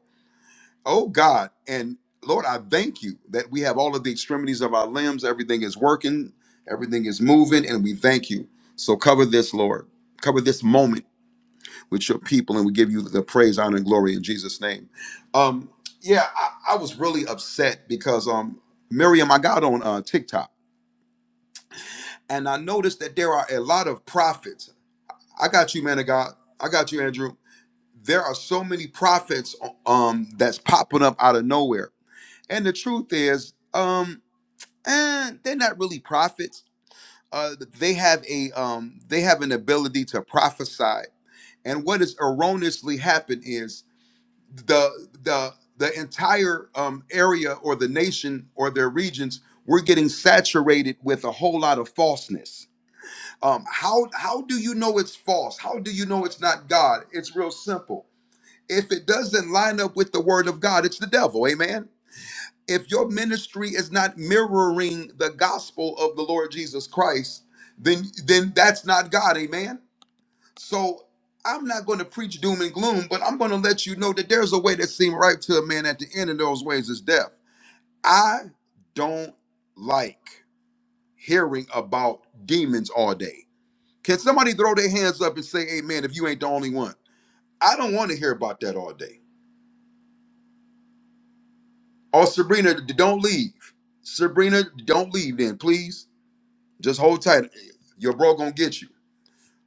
A: Oh God, and Lord, I thank you that we have all of the extremities of our limbs. Everything is working, everything is moving, and we thank you. So cover this, Lord. Cover this moment with your people, and we give you the praise, honor, and glory in Jesus' name. Um, yeah, I, I was really upset because um, Miriam, I got on uh, TikTok, and I noticed that there are a lot of prophets. I got you, man of God. I got you, Andrew. There are so many prophets um, that's popping up out of nowhere And the truth is, um, eh, they're not really prophets. Uh, they have a um, they have an ability to prophesy. And what has erroneously happened is the the the entire um, area or the nation or their regions we're getting saturated with a whole lot of falseness. Um, how how do you know it's false? How do you know it's not God? It's real simple. If it doesn't line up with the word of God, it's the devil. Amen if your ministry is not mirroring the gospel of the Lord Jesus Christ, then then that's not God, amen. So I'm not going to preach doom and gloom, but I'm going to let you know that there's a way that seems right to a man at the end of those ways is death. I don't like hearing about demons all day. Can somebody throw their hands up and say amen if you ain't the only one? I don't want to hear about that all day. Oh, Sabrina, d- don't leave. Sabrina, don't leave then, please. Just hold tight. Your bro gonna get you.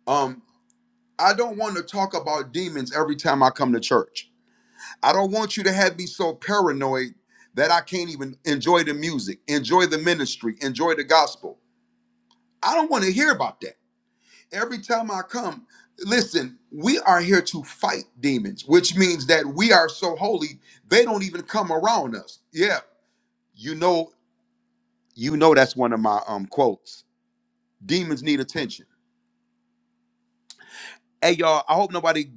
A: Um, I don't want to talk about demons every time I come to church. I don't want you to have me so paranoid that I can't even enjoy the music, enjoy the ministry, enjoy the gospel. I don't want to hear about that. Every time I come, listen, we are here to fight demons, which means that we are so holy, they don't even come around us. Yeah. You know, you know that's one of my um quotes. Demons need attention Hey, y'all, I hope nobody g-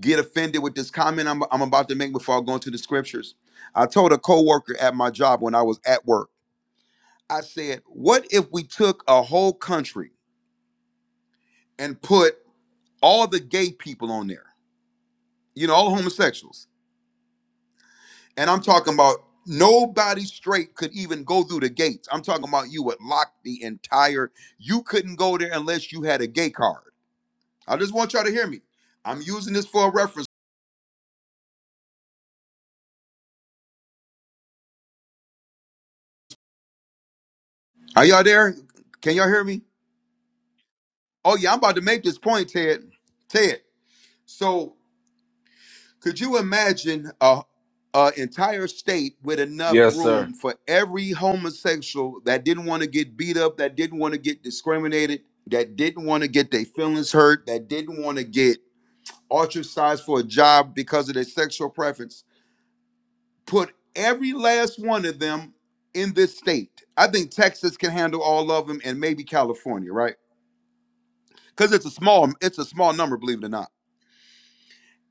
A: get offended with this comment I'm, I'm about to make before I go into the scriptures. I told a coworker at my job when I was at work, I said, what if we took a whole country and put all the gay people on there, you know, all the homosexuals. And I'm talking about nobody straight could even go through the gates. I'm talking about you would lock the entire, you couldn't go there unless you had a gay card. I just want y'all to hear me. I'm using this for a reference. Are y'all there? Can y'all hear me? Oh yeah, I'm about to make this point, Ted. Ted. So could you imagine a, a entire state with enough
B: Yes, sir.
A: room for every homosexual that didn't want to get beat up, that didn't want to get discriminated, that didn't want to get their feelings hurt, that didn't want to get ostracized for a job because of their sexual preference? Put every last one of them in this state. I think Texas can handle all of them, and maybe California, right? Because it's a small, it's a small number, believe it or not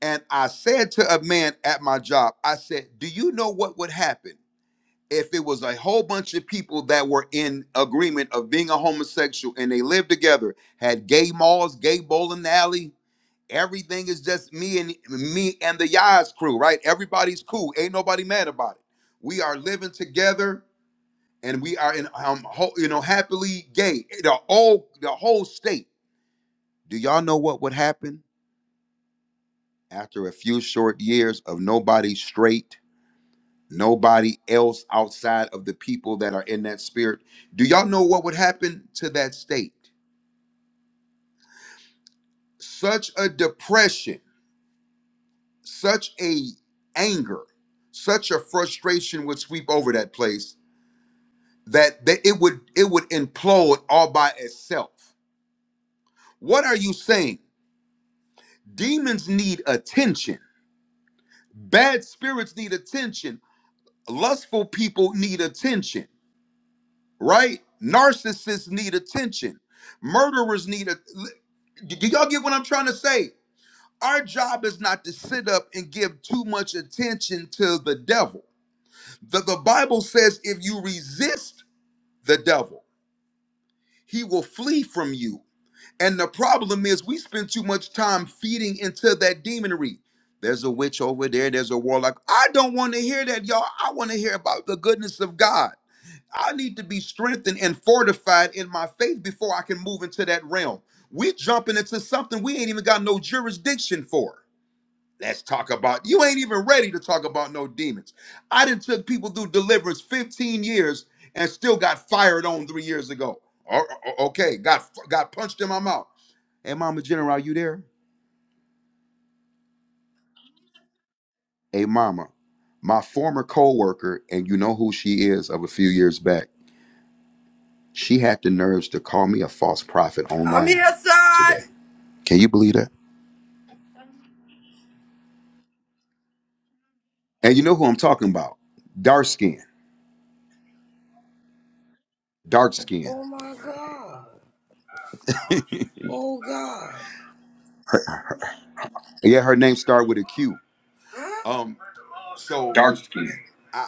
A: And I said to a man at my job, I said, Do you know what would happen if it was a whole bunch of people that were in agreement of being a homosexual and they lived together, had gay malls, gay bowling alley? Everything is just me and me and the Yaz crew, right? Everybody's cool. Ain't nobody mad about it. We are living together and we are in um ho- you know happily gay. The whole the whole state. Do y'all know what would happen after a few short years of nobody straight? nobody else outside of the people that are in that spirit. Do y'all know what would happen to that state? Such a depression, such a anger, such a frustration would sweep over that place that, that it would it would implode all by itself. What are you saying? Demons need attention. Bad spirits need attention. Lustful people need attention, right? Narcissists need attention. Murderers need attention Do do y'all get what I'm trying to say? Our job is not to sit up and give too much attention to the devil. The, the Bible says if you resist the devil, he will flee from you. And the problem is we spend too much time feeding into that demonry. There's a witch over there, there's a warlock. I don't want to hear that, y'all. I want to hear about the goodness of God. I need to be strengthened and fortified in my faith before I can move into that realm. We're jumping into something we ain't even got no jurisdiction for. Let's talk about you ain't even ready to talk about no demons. I done took people through deliverance 15 years and still got fired on three years ago. O- o- Okay, got got punched in my mouth. Hey, Mama General, you there? Hey, Mama, my former co-worker, and you know who she is of a few years back. She had the nerves to call me a false prophet
C: I'm here,
A: online
C: son.
A: today. Can you believe that? And you know who I'm talking about? Dark skin, dark skin.
C: Oh, my God. Oh, God.
A: Yeah, her name started with a Q.
C: Huh?
A: Um, so. I.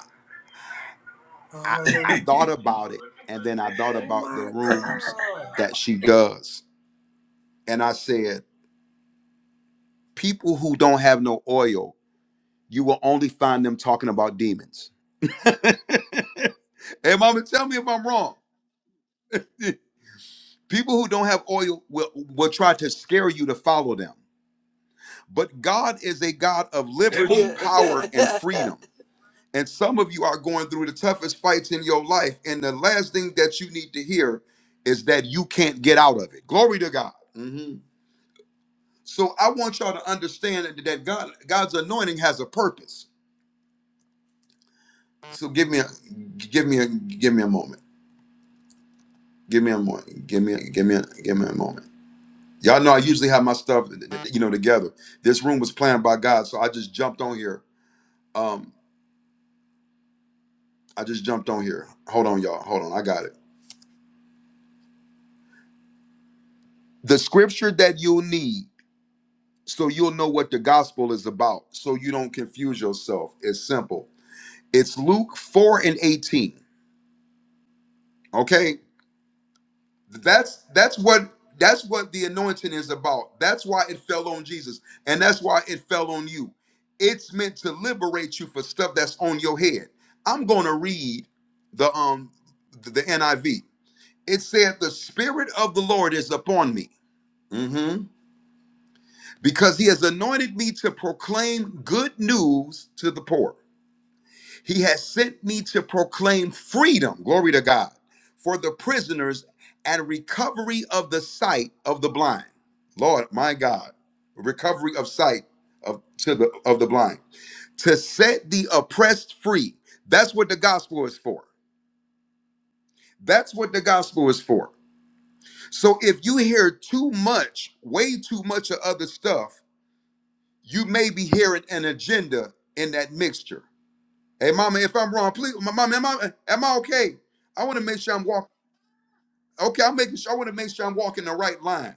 A: I,
C: Oh,
A: I thought about it and then I thought
C: oh
A: about the
C: my
A: rooms
C: God.
A: that she does. And I said, people who don't have no oil, you will only find them talking about demons. hey, mama, tell me if I'm wrong. People who don't have oil will, will try to scare you to follow them. But God is a God of liberty,
C: Yeah.
A: power, and freedom. And some of you are going through the toughest fights in your life. And the last thing that you need to hear is that you can't get out of it. Glory to God. Mhm. So I want y'all to understand that that God, God's anointing has a purpose. So give me a give me a give me a moment. Give me a moment. Give me a, give me a, give me a moment. Y'all know I usually have my stuff you know together. This room was planned by God, so I just jumped on here. Um I just jumped on here. Hold on y'all. Hold on. I got it. The scripture that you'll need so you'll know what the gospel is about so you don't confuse yourself it's simple it's luke 4 and 18 okay that's that's what that's what the anointing is about that's why it fell on jesus and that's why it fell on you it's meant to liberate you for stuff that's on your head i'm gonna read the um the, the niv it said the spirit of the lord is upon me Mhm. because he has anointed me to proclaim good news to the poor He has sent me to proclaim freedom, glory to God, for the prisoners and recovery of the sight of the blind. Lord, my God, recovery of sight of to the of the blind. To set the oppressed free. That's what the gospel is for. That's what the gospel is for. So if you hear too much, way too much of other stuff, you may be hearing an agenda in that mixture. Hey, mama, if I'm wrong, please, my mama, am I am I okay? I want to make sure I'm walking. Okay, I'm making sure. I want to make sure I'm walking the right line.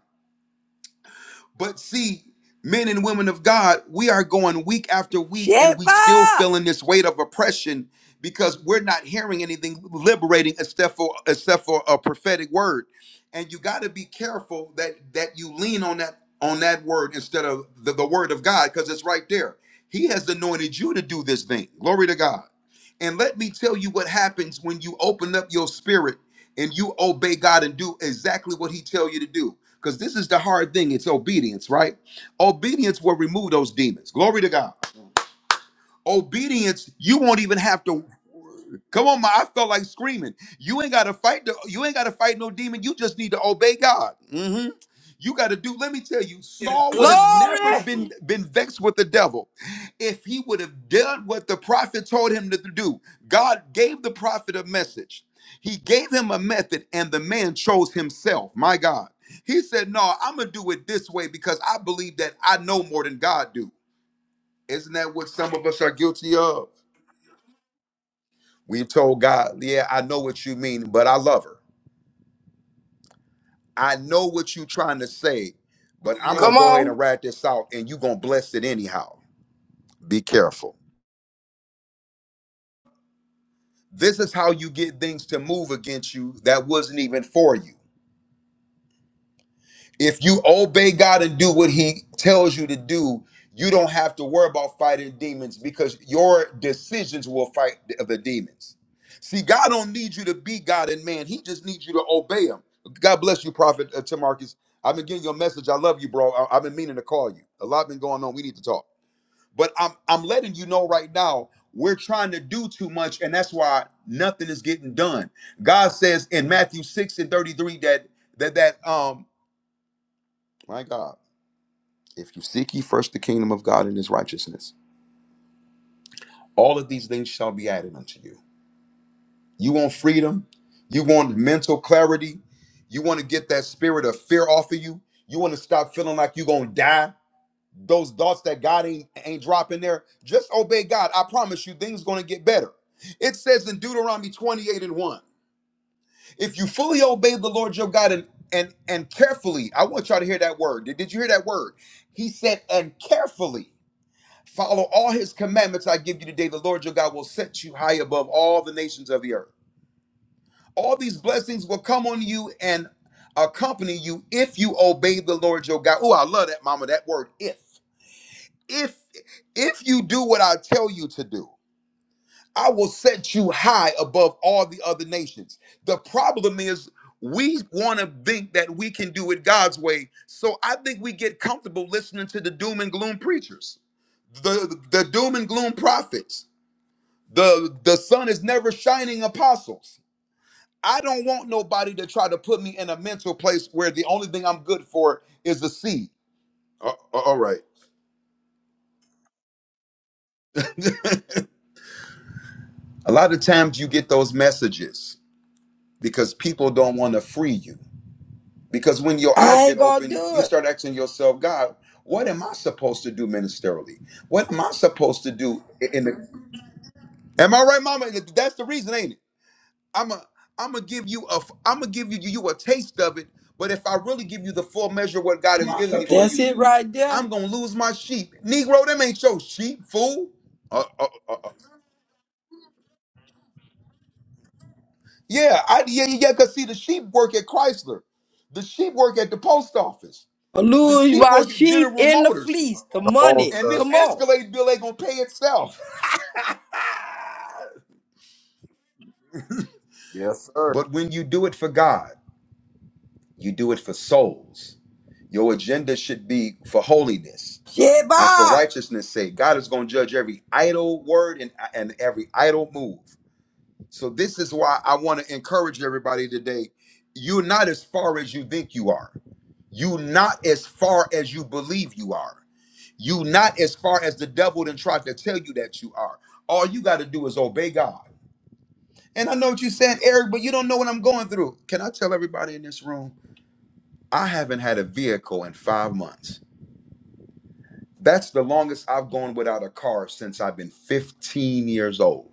A: But see, men and women of God, we are going week after week and we still
C: Shepa!
A: feeling this weight of oppression because we're not hearing anything liberating except for except for a prophetic word. And you got to be careful that that you lean on that on that word instead of the, the word of God because it's right there. He has anointed you to do this thing. Glory to God. And let me tell you what happens when you open up your spirit and you obey God and do exactly what he tell you to do because this is the hard thing it's obedience, right? Obedience will remove those demons. Glory to God. Obedience, you won't even have to come on, my I felt like screaming. You ain't gotta fight the you ain't gotta fight no demon. You just need to obey God. hmm You gotta do, let me tell you, Saul would have never
C: Glory!
A: been been vexed with the devil if he would have done what the prophet told him to do. God gave the prophet a message. He gave him a method, and the man chose himself. My God. He said, No, I'm gonna do it this way because I believe that I know more than God do. Isn't that what some of us are guilty of? We've told God, yeah, I know what you mean, but I love her. I know what you're trying to say, but I'm going
C: Come
A: to go ahead and
C: on.
A: write this out and you're going to bless it anyhow. Be careful. This is how you get things to move against you that wasn't even for you. if you obey God and do what He tells you to do, you don't have to worry about fighting demons because your decisions will fight the the demons. See, God don't need you to be God and man; He just needs you to obey Him. God bless you, Prophet uh, Tamarcus. I've been getting your message. I love you, bro. I- I've been meaning to call you. A lot been going on. We need to talk. But I'm I'm letting you know right now we're trying to do too much, and that's why nothing is getting done. God says in Matthew six and thirty three that that that um my God. If you seek ye first the kingdom of God and his righteousness, all of these things shall be added unto you. You want freedom? You want mental clarity? You want to get that spirit of fear off of you? You want to stop feeling like you're going to die? Those thoughts that God ain't, ain't dropping there, just obey God. I promise you, things going to get better. It says in Deuteronomy 28 and 1, if you fully obey the Lord your God and and and carefully, I want y'all to hear that word. Did did you hear that word? He said, and carefully. Follow all his commandments I give you today. The Lord your God will set you high above all the nations of the earth. All these blessings will come on you and accompany you if you obey the Lord your God. Oh, I love that, mama, that word if. If if you do what I tell you to do, I will set you high above all the other nations. The problem is we want to think that we can do it God's way. So I think we get comfortable listening to the doom and gloom preachers, the the doom and gloom prophets The the sun is never shining apostles. I don't want nobody to try to put me in a mental place where the only thing I'm good for is a seed. Uh, uh, all right. A lot of times you get those messages because people don't want to free you. Because when your eyes
C: I
A: get
C: ain't gonna
A: open,
C: do
A: you start asking yourself, God, what am I supposed to do ministerially? What am I supposed to do in the Am I right, mama? That's the reason, ain't it? I'm a I'm gonna give you a I'm gonna give you you a taste of it. But if I really give you the full measure of what God has given me
C: it.
A: for
C: That's
A: you,
C: it right there.
A: I'm gonna lose my sheep. Negro, them ain't your sheep, fool. Uh, uh, uh, uh. uh. Yeah, I yeah yeah. yeah, Cause see, the sheep work at Chrysler, the sheep work at the post office,
C: I
A: the
C: lose
A: sheep
C: my
A: work at
C: sheep
A: General
C: in the
A: Motors,
C: fleece, the
B: Come on,
C: money.
A: and
B: sir.
A: this
C: Come on.
A: Escalade bill ain't gonna pay itself.
B: Yes, sir.
A: But when you do it for God, you do it for souls. Your agenda should be for holiness and for
C: Sheba!
A: righteousness' sake. God is going to judge every idle word and, and every idle move. So, this is why I want to encourage everybody today. You're not as far as you think you are. You're not as far as you believe you are. You're not as far as the devil then tried to tell you that you are. All you got to do is obey God. And I know what you are saying, Eric, but you don't know what I'm going through. Can I tell everybody in this room? I haven't had a vehicle in five months. That's the longest I've gone without a car since I've been 15 years old.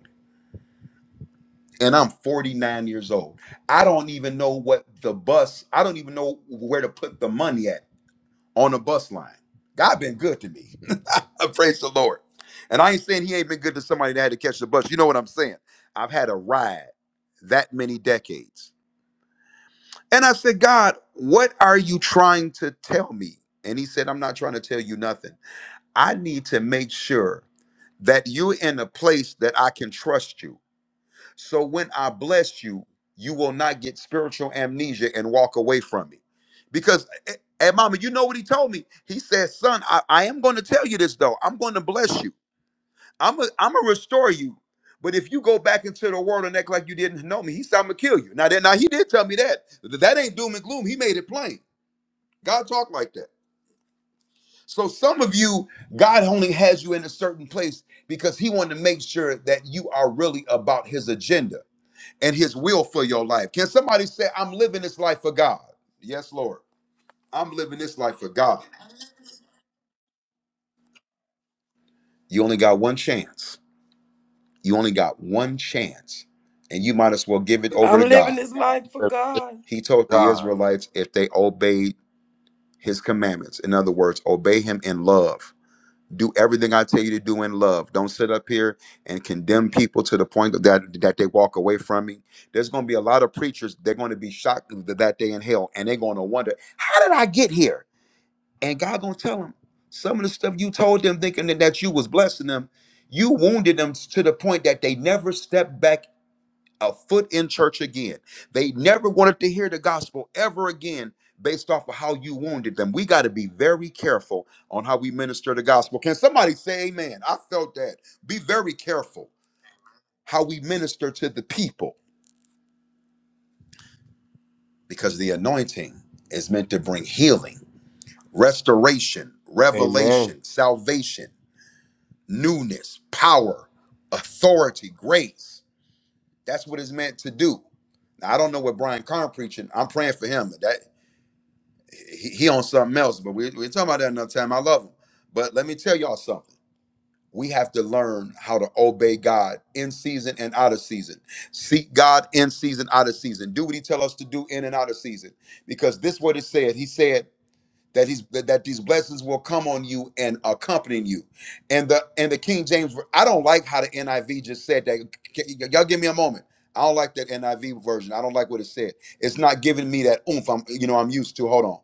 A: And I'm 49 years old. I don't even know what the bus, I don't even know where to put the money at on the bus line. God been good to me. Praise the Lord. And I ain't saying he ain't been good to somebody that had to catch the bus. You know what I'm saying? I've had a ride that many decades. And I said, God, what are you trying to tell me? And he said, I'm not trying to tell you nothing. I need to make sure that you're in a place that I can trust you. So when I bless you, you will not get spiritual amnesia and walk away from me. Because, eh, eh, hey, mama, you know what he told me? He said, son, I, I am going to tell you this, though. I'm going to bless you. I'm going I'm to restore you. But if you go back into the world and act like you didn't know me, he said, I'm going to kill you. Now, that, now, he did tell me that. That ain't doom and gloom. He made it plain. God talked like that. So some of you, God only has you in a certain place because He wanted to make sure that you are really about His agenda and His will for your life. Can somebody say, "I'm living this life for God"? Yes, Lord, I'm living this life for God. You only got one chance. You only got one chance, and you might as well give it over
C: I'm
A: to
C: living
A: God.
C: this life for God.
A: He told the
B: God.
A: Israelites if they obeyed His commandments, in other words, obey Him in love do everything I tell you to do in love. Don't sit up here and condemn people to the point that that they walk away from me. There's going to be a lot of preachers. They're going to be shocked th- that day in hell, and they're going to wonder, "How did I get here?" And God going to tell them some of the stuff you told them, thinking that, that you was blessing them. You wounded them to the point that they never stepped back a foot in church again. They never wanted to hear the gospel ever again based off of how you wounded them. We got to be very careful on how we minister the gospel. Can somebody say amen? I felt that. Be very careful how we minister to the people because the anointing is meant to bring healing, restoration,
B: Amen.
A: revelation, salvation, newness, power, authority, grace. That's what it's meant to do. Now, I don't know what Brian Carn preaching. I'm praying for him. that. he, he on something else, but we, we're talking about that another time. I love him. But let me tell y'all something. We have to learn how to obey God in season and out of season. Seek God in season, out of season. Do what he tell us to do in and out of season. Because this what it said. He said that he's that that these blessings will come on you and accompany you. And the and the King James, I don't like how the NIV just said that. Y- y- Y'all give me a moment. I don't like that NIV version. I don't like what it said. It's not giving me that oomph. I'm you know I'm used to. Hold on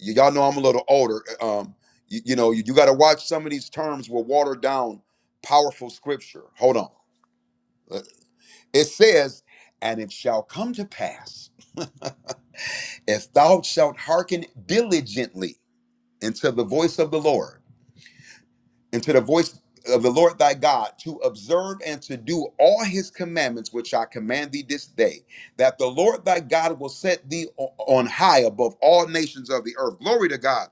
A: y- y'all know I'm a little older. eh, Um, you, you know, you, you got to watch some of these terms will water down powerful scripture. Hold on. Uh, It says, and it shall come to pass if thou shalt hearken diligently unto the voice of the Lord and to the voice of the Lord thy God to observe and to do all his commandments which I command thee this day, that the Lord thy God will set thee o- on high above all nations of the earth. Glory to God.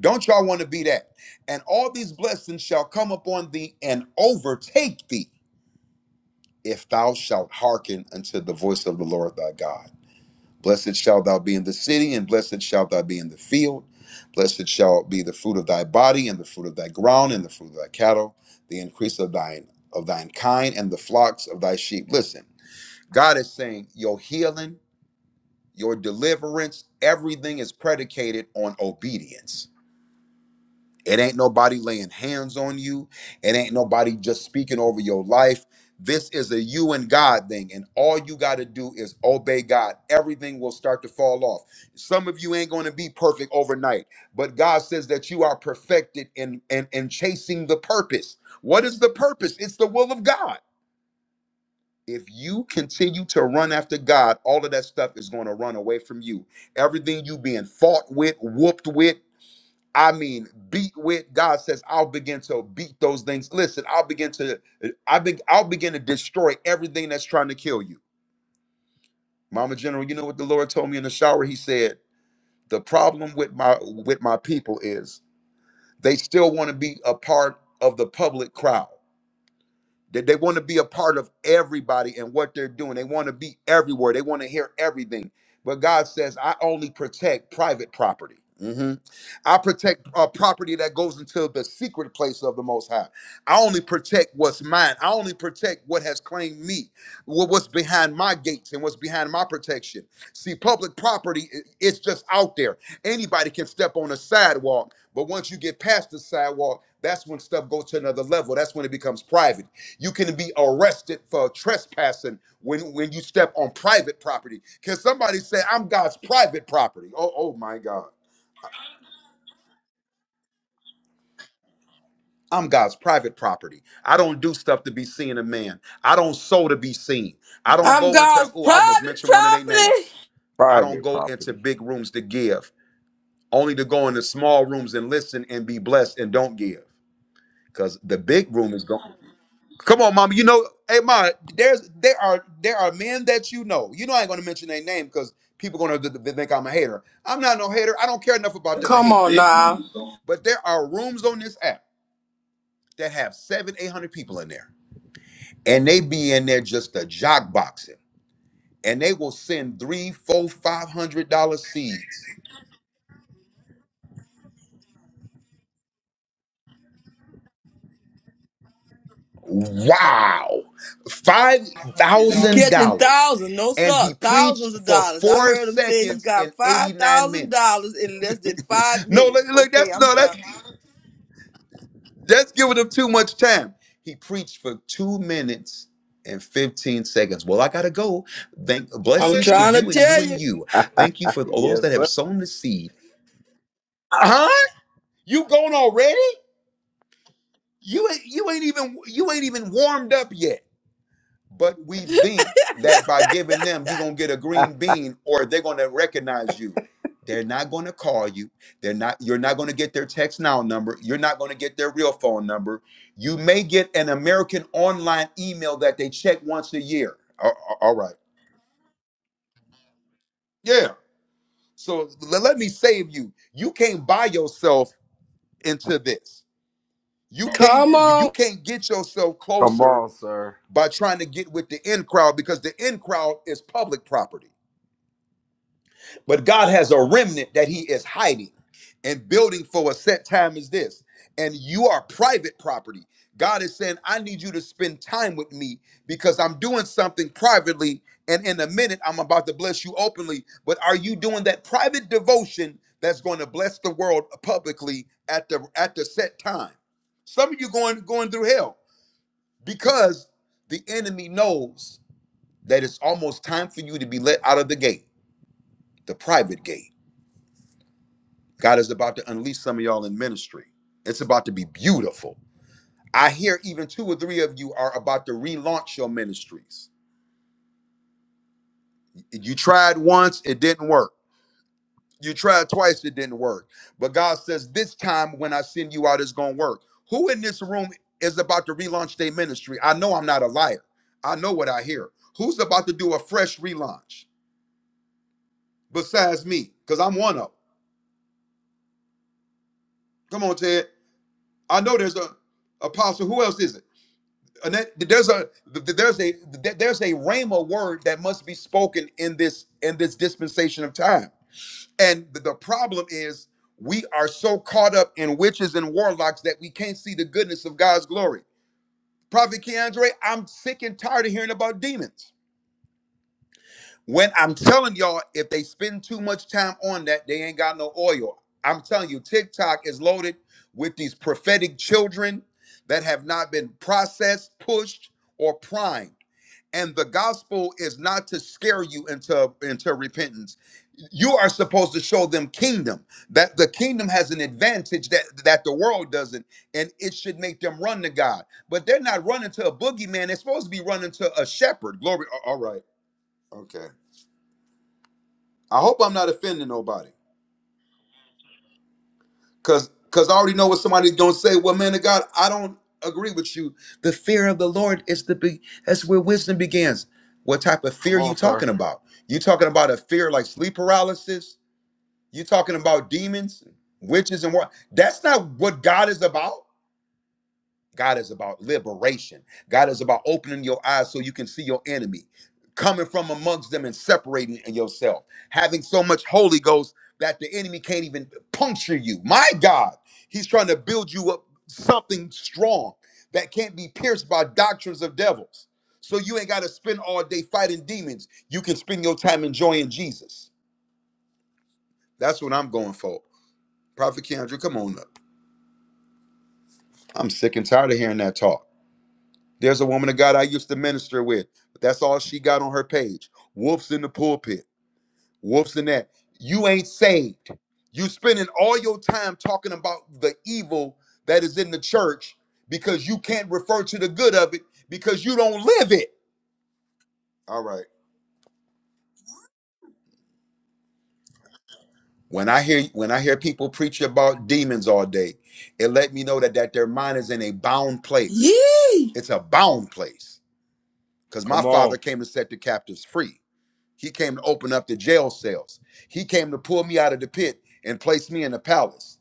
A: Don't y'all want to be that? And all these blessings shall come upon thee and overtake thee if thou shalt hearken unto the voice of the Lord thy God. Blessed shalt thou be in the city, and blessed shalt thou be in the field. Blessed shall be the fruit of thy body, and the fruit of thy ground, and the fruit of thy cattle, the increase of thine of thine kind, and the flocks of thy sheep. Listen, God is saying your healing, your deliverance, everything is predicated on obedience it ain't nobody laying hands on you. It ain't nobody just speaking over your life. This is a you and God thing, and all you got to do is obey God. Everything will start to fall off. Some of you ain't going to be perfect overnight, but God says that you are perfected in, in, in chasing the purpose. What is the purpose? It's the will of God. If you continue to run after God, all of that stuff is going to run away from you. Everything you being fought with, whooped with, I mean, beat with God says, I'll begin to beat those things. Listen, I'll begin to, I be, I'll begin to destroy everything that's trying to kill you. Mama General, you know what the Lord told me in the shower? He said, the problem with my with my people is they still want to be a part of the public crowd. They, they want to be a part of everybody and what they're doing. They want to be everywhere. They want to hear everything. But God says, I only protect private property. Mhm. I protect uh, property that goes into the secret place of the Most High. I only protect what's mine. I only protect what has claimed me, wha- what's behind my gates and what's behind my protection. See, public property, i- it's just out there. Anybody can step on a sidewalk, but once you get past the sidewalk, that's when stuff goes to another level. That's when it becomes private. You can be arrested for trespassing when, when you step on private property. Can somebody say, I'm God's private property? Oh, oh my God. I'm God's private property. I don't do stuff to be seen of man. I don't sow to be seen. I don't
C: I'm
A: go into,
C: God's
A: oh, I almost
C: private
A: mentioned one of their
C: property.
A: names. I don't
B: Private
A: go into
B: property.
A: big rooms to give, only to go into small rooms and listen and be blessed and don't give. Because the big room is going. Come on, mama. You know, hey, ma. There's there are there are men that you know. You know, I ain't gonna mention their name because people gonna th- th- think I'm a hater. I'm not no hater. I don't care enough about them to
C: Come
A: hate.
C: on now.
A: But there are rooms on this app that have seven, eight hundred people in there, and they be in there just a jock boxing, and they will send three, four, five hundred dollar seeds. Wow, five
C: He's
A: thousand
C: catching
A: dollars,
C: thousands, no
A: and
C: sir,
A: he
C: thousands
A: preached
C: of
A: for
C: dollars. I
A: four
C: heard him say he
A: seconds and
C: got five
A: eighty nine
C: thousand
A: minutes.
C: dollars in less than five
A: No, look,
C: minutes.
A: look,
C: Okay,
A: that's
C: I'm
A: no,
C: done.
A: that's That's giving him too much time. He preached for two minutes and 15 seconds. Well, I gotta go. Thank
C: I'm
A: blessings to
C: trying to
A: you and you
C: tell
A: and
C: you.
A: you. Thank you for all those
B: yes,
A: that have
B: sir.
A: sown the seed. Huh? You gone already? You ain't you ain't even you ain't even warmed up yet. but we think that by giving them you're going to get a green bean or they're going to recognize you they're not going to call you they're not you're not going to get their text now number you're not going to get their real phone number you may get an american online email that they check once a year A- a- all right yeah so le- let me save you you can't buy yourself into this you can't
C: Come
A: you you
C: on.
A: can't get yourself
B: Come
A: closer
B: on, sir.
A: by trying to get with the in crowd because the in crowd is public property But God has a remnant that he is hiding and building for a set time as this. And you are private property. God is saying, I need you to spend time with me because I'm doing something privately. And in a minute, I'm about to bless you openly. But are you doing that private devotion that's going to bless the world publicly at the at the set time? Some of you going going through hell because the enemy knows that it's almost time for you to be let out of the gate, the private gate God is about to unleash some of y'all in ministry. It's about to be beautiful. I hear even two or three of you are about to relaunch your ministries. You tried once, it didn't work. You tried twice, it didn't work. But God says, This time when I send you out, it's going to work. Who in this room is about to relaunch their ministry? I know I'm not a liar. I know what I hear. Who's about to do a fresh relaunch besides me? Because I'm one of them. Come on, Ted. I know there's a apostle. Who else is it? And that there's a there's a there's a rhema word that must be spoken in this in this dispensation of time. And the the problem is we are so caught up in witches and warlocks that we can't see the goodness of God's glory. Prophet Keandre, I'm sick and tired of hearing about demons. When I'm telling y'all, if they spend too much time on that, they ain't got no oil. I'm telling you, TikTok is loaded with these prophetic children that have not been processed, pushed, or primed and the gospel is not to scare you into into repentance you are supposed to show them kingdom that the kingdom has an advantage that that the world doesn't and it should make them run to god but they're not running to a boogeyman they're supposed to be running to a shepherd glory a- all right okay i hope i'm not offending nobody Cause cause I already know what somebody's gonna say. Well, man of God, I don't agree with you. The fear of the Lord is the big that's where wisdom begins. What type of
B: Come
A: fear you
B: on, sir.
A: talking about? You talking about a fear like sleep paralysis? You talking about demons, witches, and what? That's not what God is about. God is about liberation. God is about opening your eyes so you can see your enemy, coming from amongst them and separating yourself, having so much Holy Ghost that the enemy can't even puncture you. My God, he's trying to build you up something strong that can't be pierced by doctrines of devils. So you ain't got to spend all day fighting demons. You can spend your time enjoying Jesus. That's what I'm going for. Prophet Keandre, come on up. I'm sick and tired of hearing that talk. There's a woman of God I used to minister with, but that's all she got on her page. Wolves in the pulpit, wolves in that. You ain't saved. You spending all your time talking about the evil that is in the church because you can't refer to the good of it because you don't live it. All right. When I hear when I hear people preach about demons all day, it let me know that that their mind is in a bound place.
C: Yee!
A: It's a bound place because my
B: Come on.
A: father came to set the captives free. He came to open up the jail cells. He came to pull me out of the pit and place me in the palace.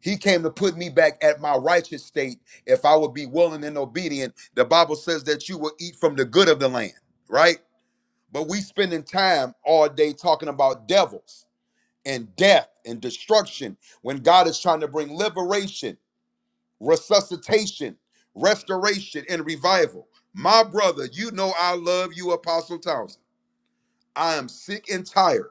A: He came to put me back at my righteous state if I would be willing and obedient. The Bible says that you will eat from the good of the land, right? But we spending time all day talking about devils and death and destruction when God is trying to bring liberation, resuscitation, restoration, and revival. My brother, you know I love you, Apostle Townsend. I am sick and tired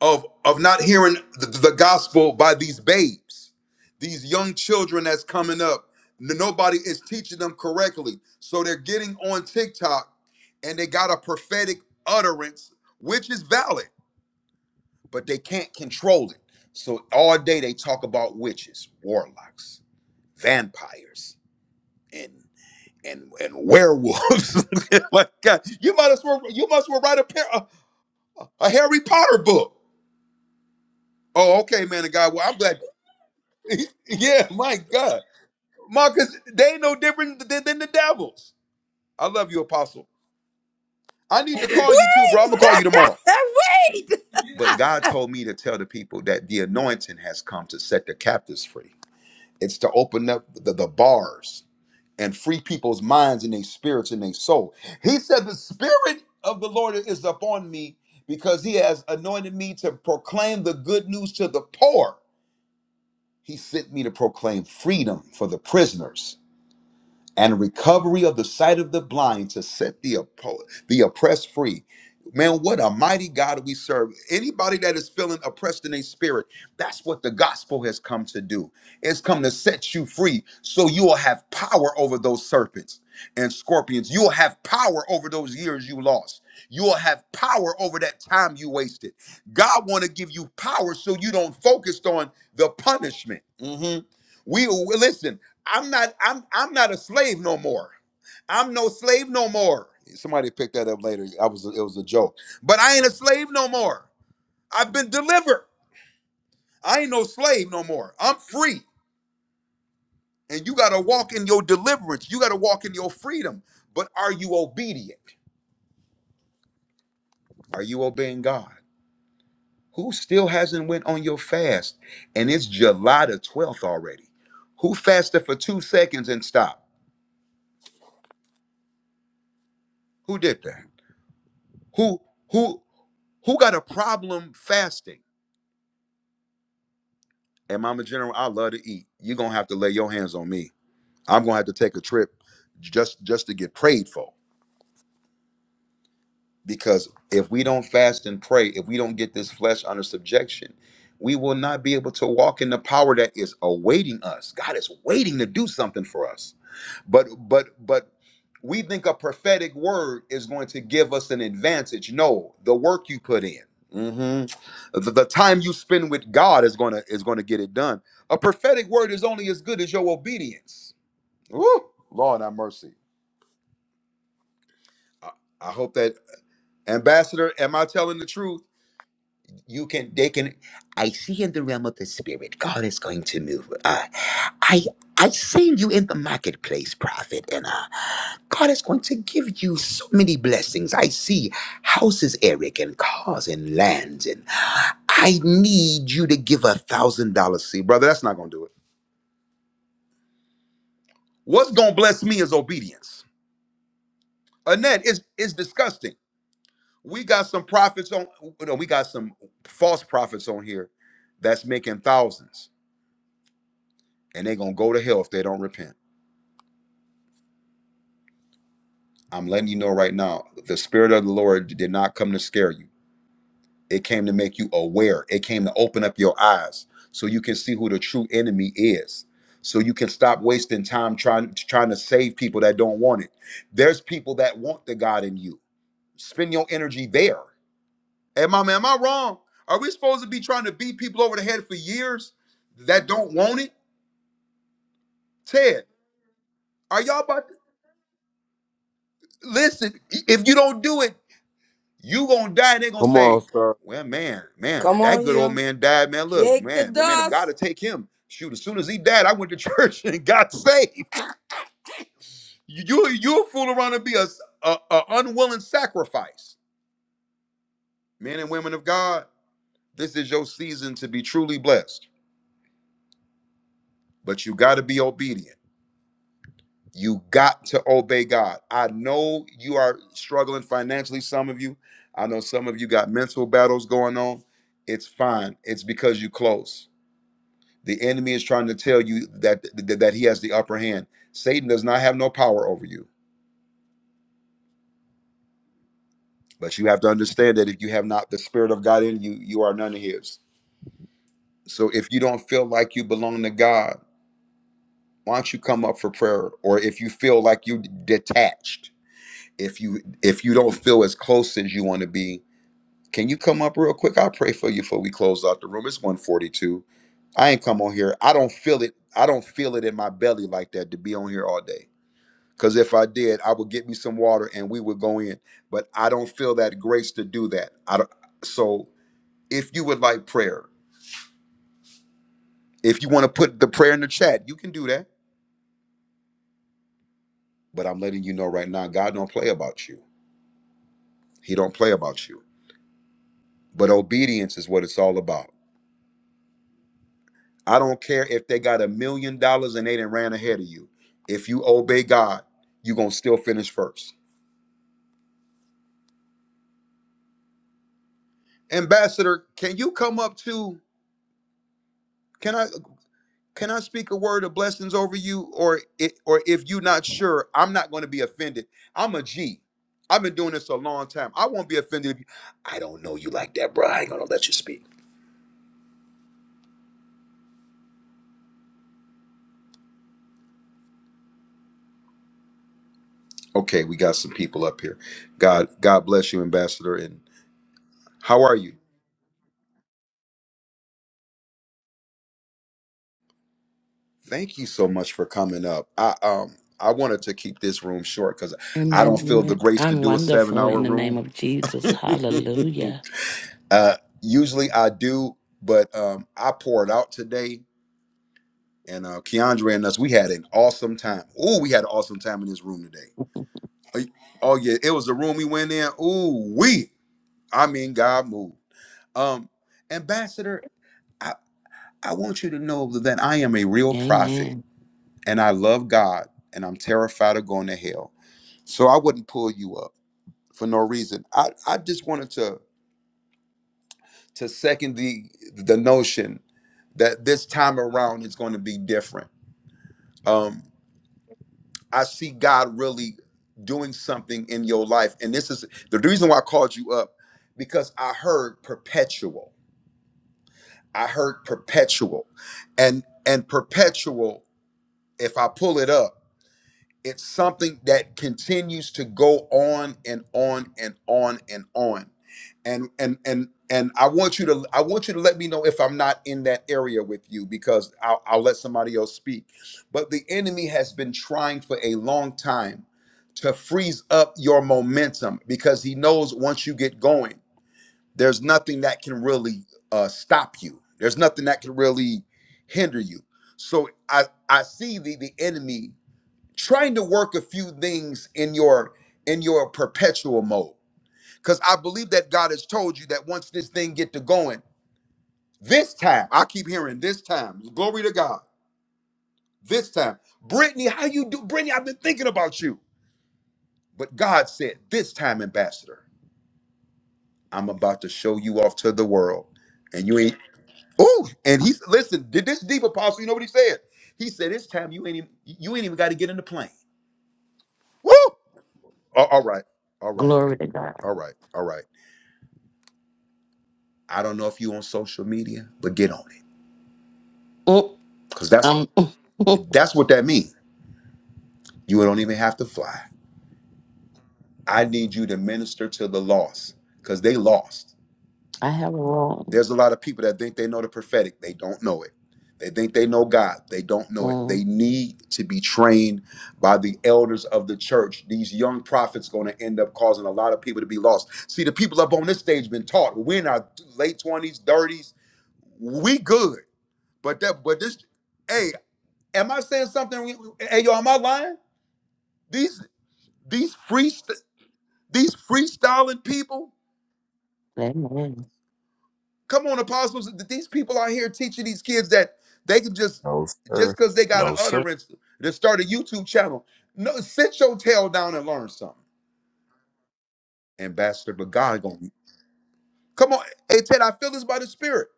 A: of of not hearing the, the gospel by these babes these young children that's coming up N- nobody is teaching them correctly so they're getting on tiktok and they got a prophetic utterance which is valid but they can't control it so all day they talk about witches warlocks vampires and and and werewolves like god you might as well you must well write a, pair, a, a harry potter book oh okay man of god well i'm glad yeah, my God. Marcus, they ain't no different than, than the devils. I love you, Apostle. I need to
C: Wait!
A: call you too, bro. I'm going to call you tomorrow.
C: Wait!
A: But God told me to tell the people that the anointing has come to set the captives free. It's to open up the, the bars and free people's minds and their spirits and their soul. He said, The Spirit of the Lord is upon me because he has anointed me to proclaim the good news to the poor. He sent me to proclaim freedom for the prisoners and recovery of the sight of the blind to set the oppo- the oppressed free. Man, what a mighty God we serve. Anybody that is feeling oppressed in a spirit, that's what the gospel has come to do. It's come to set you free so you will have power over those serpents and scorpions. You will have power over those years you lost. You will have power over that time you wasted. God want to give you power so you don't focused on the punishment. Mhm. We we- listen. I'm not I'm I'm not a slave no more. I'm no slave no more. Somebody picked that up later. I was it was a joke. But I ain't a slave no more. I've been delivered. I ain't no slave no more. I'm free. And you got to walk in your deliverance. You got to walk in your freedom. But are you obedient? Are you obeying God? Who still hasn't went on your fast? And it's July the 12th already. Who fasted for 2 seconds and stopped? Who did that? Who who who got a problem fasting? And Mama General, I love to eat. You're gonna have to lay your hands on me. I'm gonna have to take a trip just just to get prayed for. Because if we don't fast and pray, if we don't get this flesh under subjection, we will not be able to walk in the power that is awaiting us. God is waiting to do something for us. But but but we think a prophetic word is going to give us an advantage. No, the work you put in. mhm, The, the time you spend with God is gonna is gonna get it done. A prophetic word is only as good as your obedience. Woo! Lord have mercy. I, I hope that ambassador, am I telling the truth? you can they can i see in the realm of the spirit god is going to move uh i i seen you in the marketplace prophet and uh god is going to give you so many blessings i see houses eric and cars and lands and i need you to give a thousand dollars see brother that's not gonna do it what's gonna bless me is obedience annette it's it's disgusting we got some prophets on no, we got some false prophets on here that's making thousands and they're gonna go to hell if they don't repent. I'm letting you know right now, the spirit of the Lord did not come to scare you. It came to make you aware. It came to open up your eyes so you can see who the true enemy is. So you can stop wasting time trying trying to save people that don't want it. There's people that want the God in you. Spend your energy there. Am I am I wrong? Are we supposed to be trying to beat people over the head for years that don't want it? Ted, are y'all about to listen? If you don't do it, You gonna die, they're gonna
B: Come on,
A: say,
B: sir.
A: Well, man, man,
C: Come
A: that
C: on
A: good old
C: here.
A: man died, man. Look,
C: Shake the
A: man, man, man, if
C: dust.
A: God to take him, shoot, as soon as he died, I went to church and got saved. You you you'll fool around and be a, a, a unwilling sacrifice. Men and women of God, this is your season to be truly blessed, but you gotta be obedient. You got to obey God. I know you are struggling financially, some of you. I know some of you got mental battles going on. It's fine. It's because you close. The enemy is trying to tell you that that, that he has the upper hand. Satan does not have no power over you. But you have to understand that if you have not the spirit of God in you, you are none of his. So if you don't feel like you belong to God, why don't you come up for prayer? Or if you feel like you detached, if you if you don't feel as close as you want to be, can you come up real quick? I'll pray for you before we close out the room. It's 142. I ain't come on here. I don't feel it. I don't feel it in my belly like that to be on here all day. Because if I did, I would get me some water and we would go in. But I don't feel that grace to do that. I don't, so if you would like prayer, if you want to put the prayer in the chat, you can do that. But I'm letting you know right now, God don't play about you. He don't play about you. But obedience is what it's all about. I don't care if they got a million dollars and they did ran ahead of you. If you obey God, you're gonna still finish first. Ambassador, can you come up to? Can I? Can I speak a word of blessings over you? Or it, or if you're not sure, I'm not going to be offended. I'm a G. I've been doing this a long time. I won't be offended if you I don't know you like that, bro. I ain't gonna let you speak. Okay, we got some people up here. God, God bless you, Ambassador. And how are you? Thank you so much for coming up. I um I wanted to keep this room short because I
D: Amen.
A: don't feel the
D: Amen.
A: grace to
D: I'm
A: do a seven
D: wonderful
A: hour
D: in the name
A: room.
D: of Jesus. Hallelujah.
A: uh usually I do, but um I poured out today and uh, Keandre and us, we had an awesome time. Ooh, we had an awesome time in this room today. Oh y- oh, yeah, it was the room we went in. Ooh, we. I mean, God moved. Um, Ambassador, I, I want you to know that I am a real prophet
D: Amen.
A: and I love God and I'm terrified of going to hell. So I wouldn't pull you up for no reason. I, I just wanted to to second the the notion that this time around is going to be different. Um, I see God really doing something in your life. And this is the reason why I called you up because I heard perpetual. I heard perpetual. And and perpetual, if I pull it up, it's something that continues to go on and on and on and on. And and and and I want you to I want you to let me know if I'm not in that area with you because I'll, I'll let somebody else speak. But the enemy has been trying for a long time to freeze up your momentum because he knows once you get going, there's nothing that can really uh, stop you. There's nothing that can really hinder you. So I I see the the enemy trying to work a few things in your in your perpetual mode because i believe that god has told you that once this thing get to going this time i keep hearing this time glory to god this time brittany how you do brittany i've been thinking about you but god said this time ambassador i'm about to show you off to the world and you ain't oh and he listen did this deep apostle you know what he said he said this time you ain't even, you ain't even got to get in the plane Woo! A- all right all right
D: Glory to God.
A: all right all right I don't know if you on social media, but get on it.
D: Mm,
A: Because that's
D: um,
A: that's what that means. You don't even have to fly. I need you to minister to the lost because they lost.
D: I have a wrong.
A: There's a lot of people that think they know the prophetic. They don't know it. They think they know God. They don't know it.
D: Mm,
A: They need to be trained by the elders of the church. These young prophets going to end up causing a lot of people to be lost. See, the people up on this stage been taught. We're in our late 20s, 30s. We good. But that but this hey. Am I saying something? Hey, yo, am I lying? These these free these freestyling people.
D: amen.
A: Come on, apostles. These people out here teaching these kids that they can just
B: No, sir.
A: just because they got an
B: No, sir.
A: utterance to start a YouTube channel. No, sit your tail down and learn something, ambassador. But God gonna come on. Hey Ted, I feel this by the Spirit.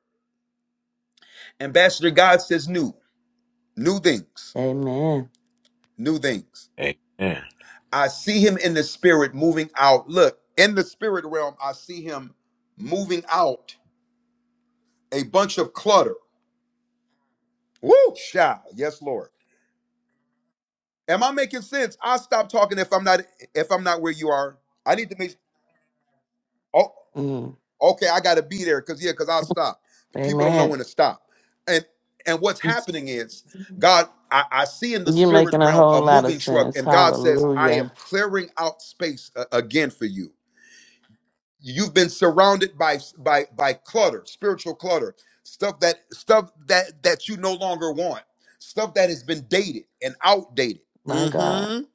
A: Ambassador God says new, new things,
D: Amen.
A: new things.
B: Amen.
A: I see him in the spirit moving out. Look, in the spirit realm, I see him moving out a bunch of clutter. Woo! Sha. Yes, Lord. Am I making sense? I'll stop talking if I'm not if I'm not where you are. I need to make oh
D: Mm,
A: okay, I gotta be there because yeah, because I'll stop. People don't know
D: amen.
A: when to stop. And and what's happening is God, I, I see in the
D: You're
A: spirit
D: making a
A: realm a
D: whole lot of
A: moving truck,
D: sense.
A: and God says, I am
D: Hallelujah.
A: clearing out space a- again for you. you've been surrounded by by by clutter spiritual clutter stuff that stuff that that you no longer want stuff that has been dated and outdated
D: My God.
A: mhm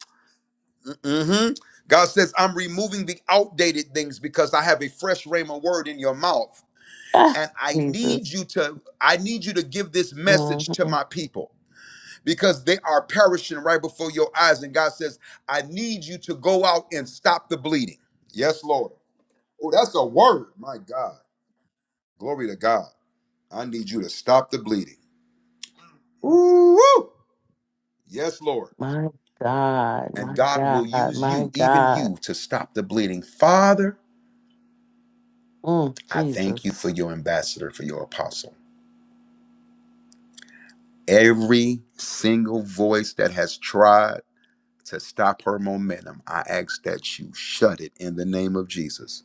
A: mhm god says i'm removing the outdated things because i have a fresh rhema word in your mouth
D: Ah,
A: and i need
D: Jesus.
A: you to i need you to give this
D: hmm
A: message to my people because they are perishing right before your eyes and god says i need you to go out and stop the bleeding yes lord oh that's a word my god Glory to God. I need you to stop the bleeding. Ooh, yes, Lord.
D: My God.
A: And
D: My
A: God will
D: God.
A: use
D: My
A: you, even
D: God.
A: you, to stop the bleeding. Father,
D: Mm,
A: I thank you for
D: Jesus.
A: your ambassador, for your apostle. Every single voice that has tried to stop her momentum, I ask that you shut it in the name of Jesus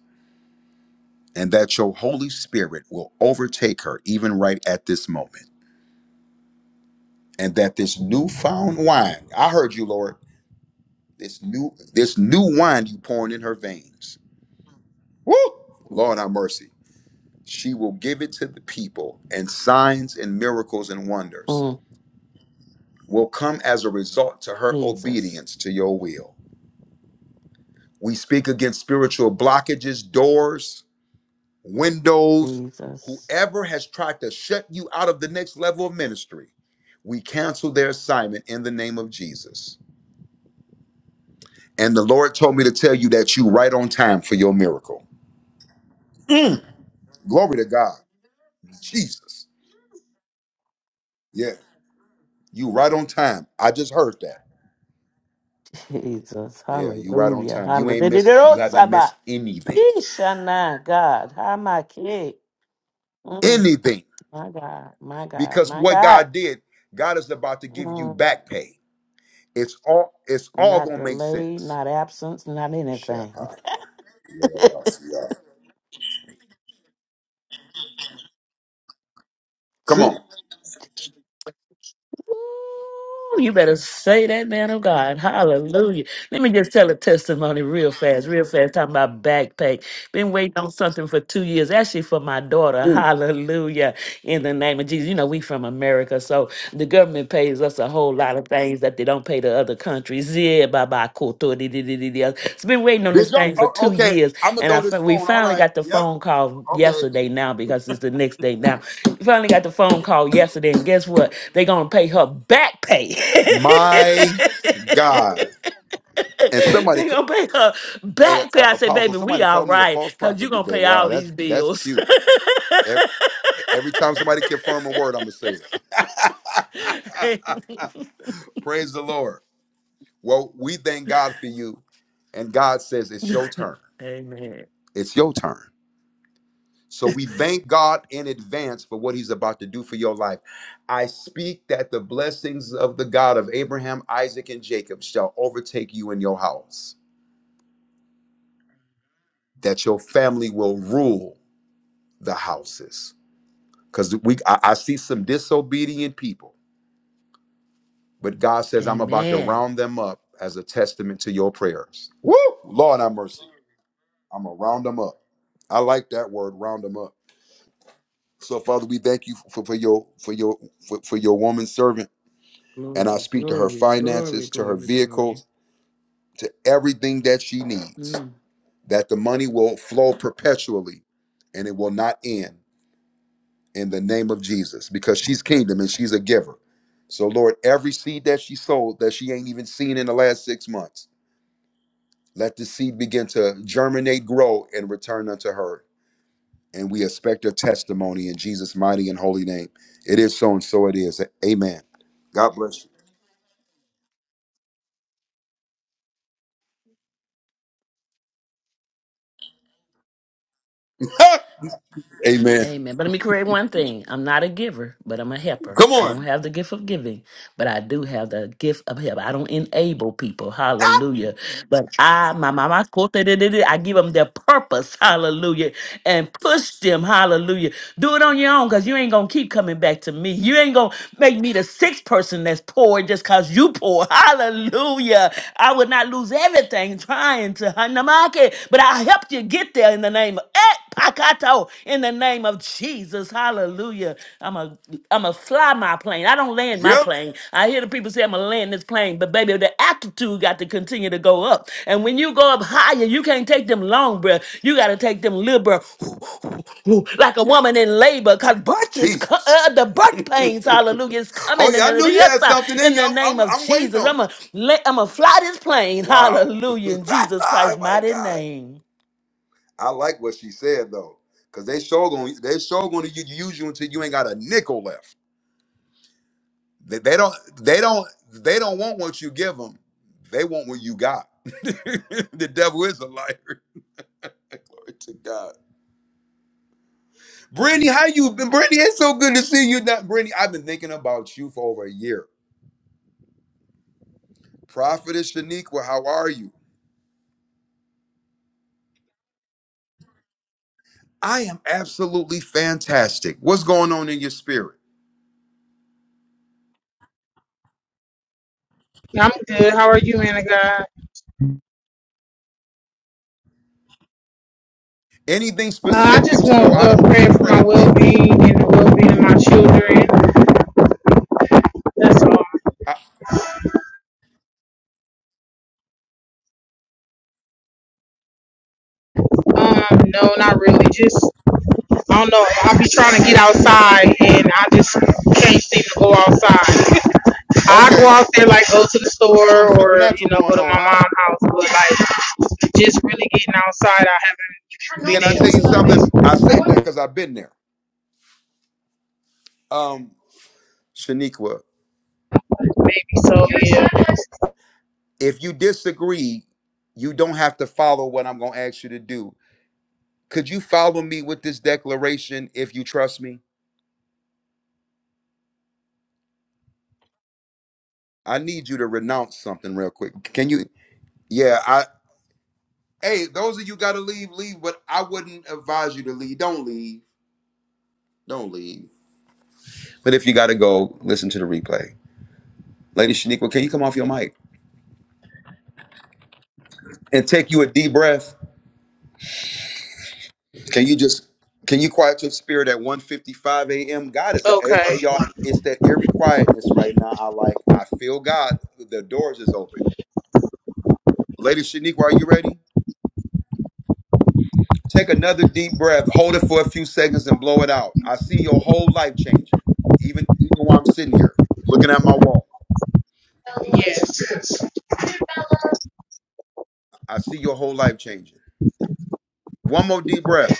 A: and that your Holy Spirit will overtake her even right at this moment. And that this newfound wine, I heard you, Lord This new this new wine you pouring in her veins. Woo! Lord have mercy. She will give it to the people, and signs and miracles and wonders
D: Mm,
A: will come as a result to her
D: Jesus.
A: obedience to your will. We speak against spiritual blockages, doors, windows,
D: Jesus.
A: whoever has tried to shut you out of the next level of ministry. We cancel their assignment in the name of Jesus. And the Lord told me to tell you that you right on time for your miracle. Mm, glory to God. Jesus. Yeah. You right on time. I just heard that.
D: Jesus,
A: Yeah, you right on
D: hallelujah,
A: time. You ain't missed you haven't
D: hallelujah.
A: missed anything.
D: Yeshana, God, Hamaki. Mm,
A: Anything.
D: my God, my God,
A: Because
D: my
A: what
D: God.
A: God did, God is about to give you
D: Mm,
A: back pay. It's all it's all
D: not
A: gonna make
D: delay,
A: sense.
D: not absence, not
A: Shepherd,
D: anything.
A: yeah, boss, yeah. Come
D: Gee,
A: on.
D: ooh, you better say that, man of God. Hallelujah. Let me just tell a testimony real fast, real fast, talking about backpack. Been waiting on something for two years, actually for my daughter.
A: Mm.
D: Hallelujah. In the name of Jesus. You know, we from America, so the government pays us a whole lot of things that they don't pay to other countries. Yeah, bye bye, koto. It's been waiting on this
A: Did y'all
D: thing for
A: oh,
D: two
A: okay.
D: years,
A: I'm gonna
D: and I
A: throw this
D: fin- we
A: phone. All
D: finally
A: right.
D: got the
A: Yep.
D: phone call
A: Okay.
D: yesterday now because it's the next day now. We finally got the phone call yesterday, and guess what? They're gonna pay her back pay.
A: My God. And somebody
D: they
A: c-
D: gonna pay her
A: a,
D: back pay.
A: a-
D: I say,
A: apostle,
D: baby, we
A: somebody
D: all
A: called me a
D: right,
A: false
D: cause you
A: prophet
D: gonna
A: today.
D: pay all
A: Wow, that's
D: these
A: that's
D: bills.
A: cute. E, Every time somebody confirm a word, I'm gonna say that. Praise the Lord. Well, we thank God for you, and God says it's your turn.
D: Amen.
A: It's your turn. So we thank God in advance for what He's about to do for your life. I speak that the blessings of the God of Abraham, Isaac, and Jacob shall overtake you in your house. That your family will rule the houses. Because we, I, I see some disobedient people But God says, I'm about to
D: Amen.
A: round them up as a testament to your prayers. Woo! Lord, have mercy. I'm going to round them up. I like that word, round them up. So, Father, we thank you for, for your for your for, for your woman servant. And I
D: Glory,
A: speak to her
D: glory, glory,
A: finances, to her
D: glory, glory.
A: vehicles, to everything that she needs,
D: Mm.
A: that the money will flow perpetually and it will not end in the name of Jesus because she's kingdom and she's a giver. So, Lord, every seed that she sold that she ain't even seen in the last six months. Let the seed begin to germinate, grow, and return unto her. And we expect a testimony in Jesus' mighty and holy name. It is so and so it is. Amen. God bless you. Amen.
D: Amen. But let me correct one thing. I'm not a giver, but I'm a helper.
A: Come
D: I don't
A: on.
D: have the gift of giving, but I do have the gift of help. I don't enable people.
A: Ah,
D: Hallelujah. But I, my mama, I give them their purpose. Hallelujah. And push them. Hallelujah. Do it on your own because you ain't going to keep coming back to me. You ain't going to make me the sixth person that's poor just because you poor. Hallelujah. I would not lose everything trying to Hanamake, but I helped you get there in the name of Eh, Pakato, in the name of Jesus. Hallelujah. I'm a I'm a fly my plane. I don't land my
A: Yep.
D: plane. I hear the people say I'm to land this plane. But baby, the altitude got to continue to go up. And when you go up higher, you can't take them long breath. You gotta take them little breath, like a woman in labor, cause birth is co-
A: Jesus.
D: uh, the birth
A: oh
D: pains. Hallelujah, is coming in
A: yeah,
D: the
A: I knew
D: the
A: you
D: other
A: had
D: side.
A: something in
D: in
A: you.
D: the
A: I'm,
D: name
A: I'm,
D: of
A: I'm waiting
D: Jesus.
A: on
D: I'ma I'ma fly this
A: it.
D: plane.
A: Wow.
D: Hallelujah, in Jesus
A: oh
D: Christ's
A: my
D: mighty
A: God.
D: name.
A: I like what she said though, because they sure gonna they sure gonna u- use you until you ain't got a nickel left. They, they don't. They don't. They don't want what you give them. They want what you got. the devil is a liar. Glory to God. Brittany, how you been? Brittany, it's so good to see you. Not Brittany. I've been thinking about you for over a year. Prophetess Shaniqua, how are you? I am absolutely fantastic. What's going on in your spirit?
E: I'm good. How are you, man of God?
A: Anything
E: Uh, I just
A: specific so
E: want
A: I
E: uh,
A: don't
E: prayer
A: just
E: for
A: pray
E: my well
A: amiss?
E: being and the well being of my children. That's all.
A: I,
E: Um, no, not really. Just I don't know. I'll be trying to get outside and I just can't seem to go outside. I go
A: okay,
E: out there like go to the
A: something
E: store or
A: supernatural
E: you know go
A: going
E: to
A: on,
E: my mom's
A: huh?
E: house, but like just really getting outside, I haven't
A: Can
E: been
A: I
E: able
A: tell you something? I said that
E: to.
A: because I've been there. Um, Shaniqua.
E: Maybe so. Yeah.
A: If you disagree, you don't have to follow what I'm going to ask you to do. Could you follow me with this declaration if you trust me? I need you to renounce something real quick. Can you? Yeah, I Hey, those of you got to leave, leave, but I wouldn't advise you to leave. Don't leave. Don't leave. But if you got to go, listen to the replay. Lady Shaniqua, can you come off your mic and take you a deep breath? Can you just can you quiet your spirit at one fifty-five a.m.? God is hey,
E: Okay.
A: hey, y'all. It's that eerie quietness right now. I like. I feel God. The doors is open. Lady Shaniqua, are you ready? Take another deep breath. Hold it for a few seconds and blow it out. I see your whole life changing. Even even while I'm sitting here looking at my wall,
E: Yes.
A: I see your whole life changing. One more deep breath.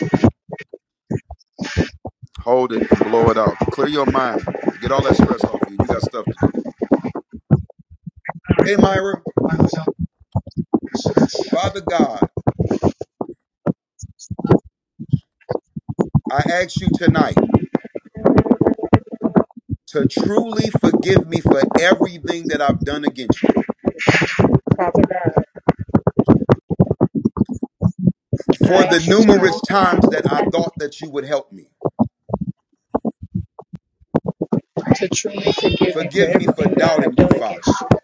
A: Hold it and blow it out. Clear your mind. Get all that stress off of you. You got stuff to do. Hey, Myra, Father God, I ask you tonight. to truly forgive me for everything that I've done against you,
E: Father God. I
A: for the
E: ask you
A: numerous
E: tonight
A: times that I thought that you would help me.
E: to truly forgive me for
A: Forgive me for
E: everything that I
A: doubting
E: have
A: you,
E: done
A: Father.
E: against you,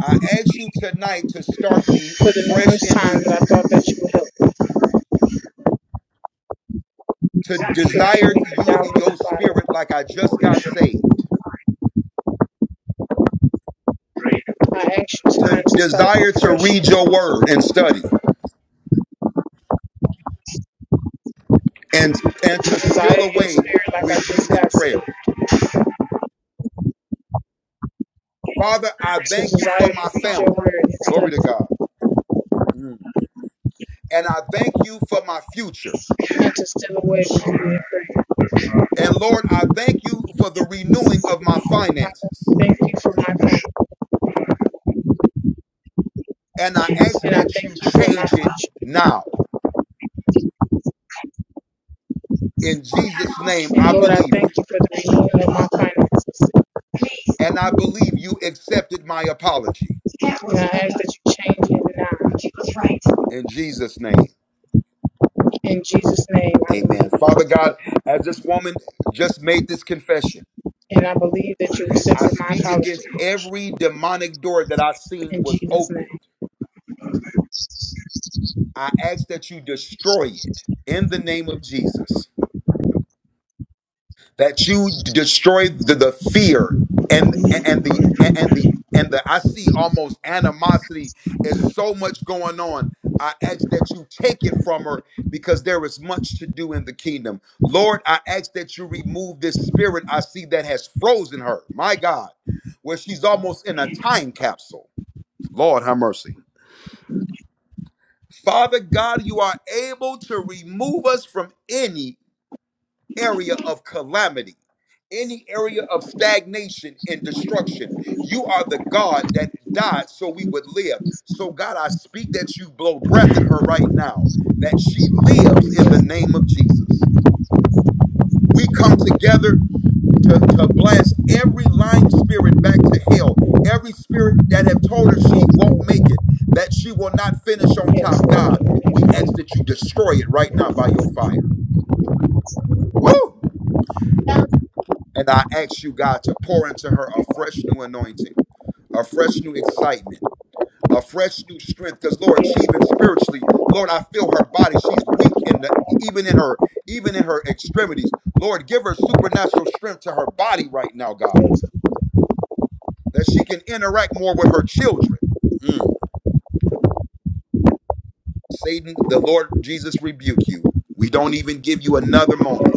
A: I ask you tonight to start me
E: for the
A: fresh
E: numerous
A: and
E: times
A: new,
E: that I thought that you would help me.
A: to
E: Forgive
A: desire
E: me for
A: you,
E: doubting you,
A: your
E: Father.
A: spirit like I just got saved,
E: I ask you tonight
A: to
E: to start me
A: desire to
E: fresh
A: read
E: and
A: your word and study, and, and
E: to
A: to
E: desire
A: steal
E: your
A: away
E: spirit like I
A: with
E: just
A: you in
E: got said,
A: prayer. Father, I
E: to
A: thank you
E: desire
A: for
E: to
A: my
E: read your
A: family.
E: word and
A: Glory
E: study,
A: to God. Mm. And I thank you for my future.
E: and to steal away from you.
A: And Lord, I thank you for the renewing of my
E: Father,
A: finances.
E: Thank you for my
A: And I
E: finances,
A: ask
E: and I
A: that
E: thank
A: you
E: you for my
A: change it
E: future.
A: now. In Jesus' name,
E: And
A: I
E: Lord, I
A: believe
E: thank
A: you.
E: you for the renewal of my finances.
A: And I believe you accepted my apology.
E: And I ask that you change it now.
A: In Jesus' name,
E: In Jesus' name, I
A: amen.
E: believe.
A: Father God, as this woman just made this confession,
E: And I believe that you're
A: I
E: accepting my
A: speak
E: apology.
A: against every demonic door that I've seen
E: In
A: was
E: Jesus'
A: opened.
E: name.
A: I ask that you destroy it in the name of Jesus. that you destroy the, the fear and and the and the and the I see almost animosity is so much going on. I ask that you take it from her because there is much to do in the kingdom. Lord, I ask that you remove this spirit I see that has frozen her. My God, where she's almost in a time capsule. Lord, have mercy. Father God, you are able to remove us from any area of calamity, any area of stagnation and destruction. You are the God that died so we would live. So, God, I speak that you blow breath in her right now, that she lives in the name of Jesus. We come together to, to blast every lying spirit back to hell, every spirit that have told her she won't make it, that she will not finish on top. God, we ask that you destroy it right now by your fire. Woo! And I ask you, God, to pour into her a fresh new anointing, a fresh new excitement, a fresh new strength. Because Lord, she
E: Yes.
A: even spiritually, Lord, I feel her body. She's weak in the even in her, even in her extremities. Lord, give her supernatural strength to her body right now, God, that she can interact more with her children. Mm. Satan, the Lord Jesus rebuke you. We don't even give you another moment.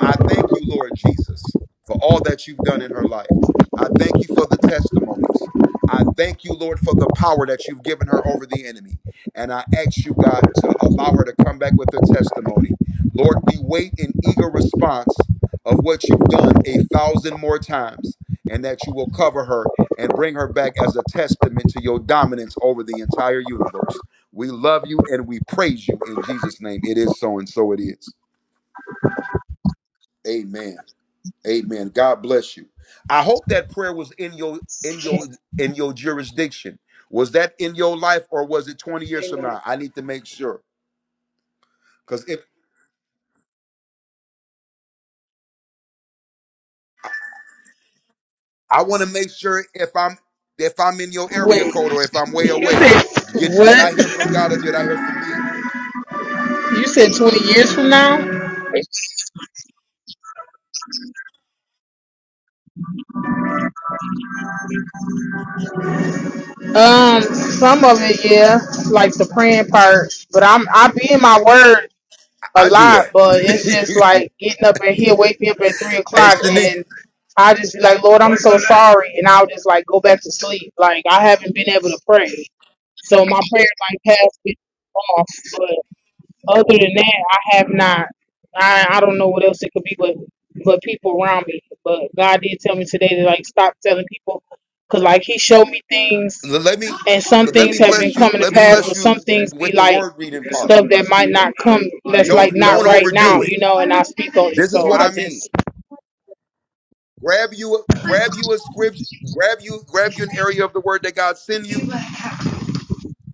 A: I thank you, Lord Jesus, for all that you've done in her life. I thank you for the testimonies. I thank you, Lord, for the power that you've given her over the enemy. And I ask you, God, to allow her to come back with her testimony. Lord, we wait in eager response of what you've done a thousand more times, and that you will cover her and bring her back as a testament to your dominance over the entire universe. We love you and we praise you in Jesus' name. It is so, and so it is. Amen. Amen. God bless you. I hope that prayer was in your in your in your jurisdiction. Was that in your life or was it 20 years from now? I need to make sure. Because if I want to make sure if I'm if I'm in your area
E: Wait,
A: code or if I'm way
E: you
A: away,
E: said
A: did, did
E: what?
A: I hear from God or did I hear from me?
E: You said 20 years from now? Um, some of it, yeah, like the praying part. But I'm I be in my word a
A: I I do
E: lot,
A: that.
E: but it's just like getting up and he'll wake me up at three
A: And
E: o'clock
A: Shanique,
E: and I just be like, Lord, I'm so sorry and I'll just like go back to sleep. Like I haven't been able to pray. So my prayer like has been off. Other than that, I have not. I I don't know what else it could be, but but people around me. But God did tell me today to like stop telling people, cause like He showed me things,
A: l- let me
E: and some
A: let
E: things
A: me
E: have been
A: bless you.
E: coming to
A: Let me
E: pass,
A: bless
E: but some
A: you
E: things be
A: with the
E: like
A: word reading part.
E: stuff that might not come. That's like
A: Don't
E: not
A: don't
E: right now,
A: overdo it.
E: you know. And I speak on it,
A: This is
E: so
A: what
E: I
A: I mean.
E: just
A: Grab you, grab you a scripture, grab you, grab you an area of the word that God send you.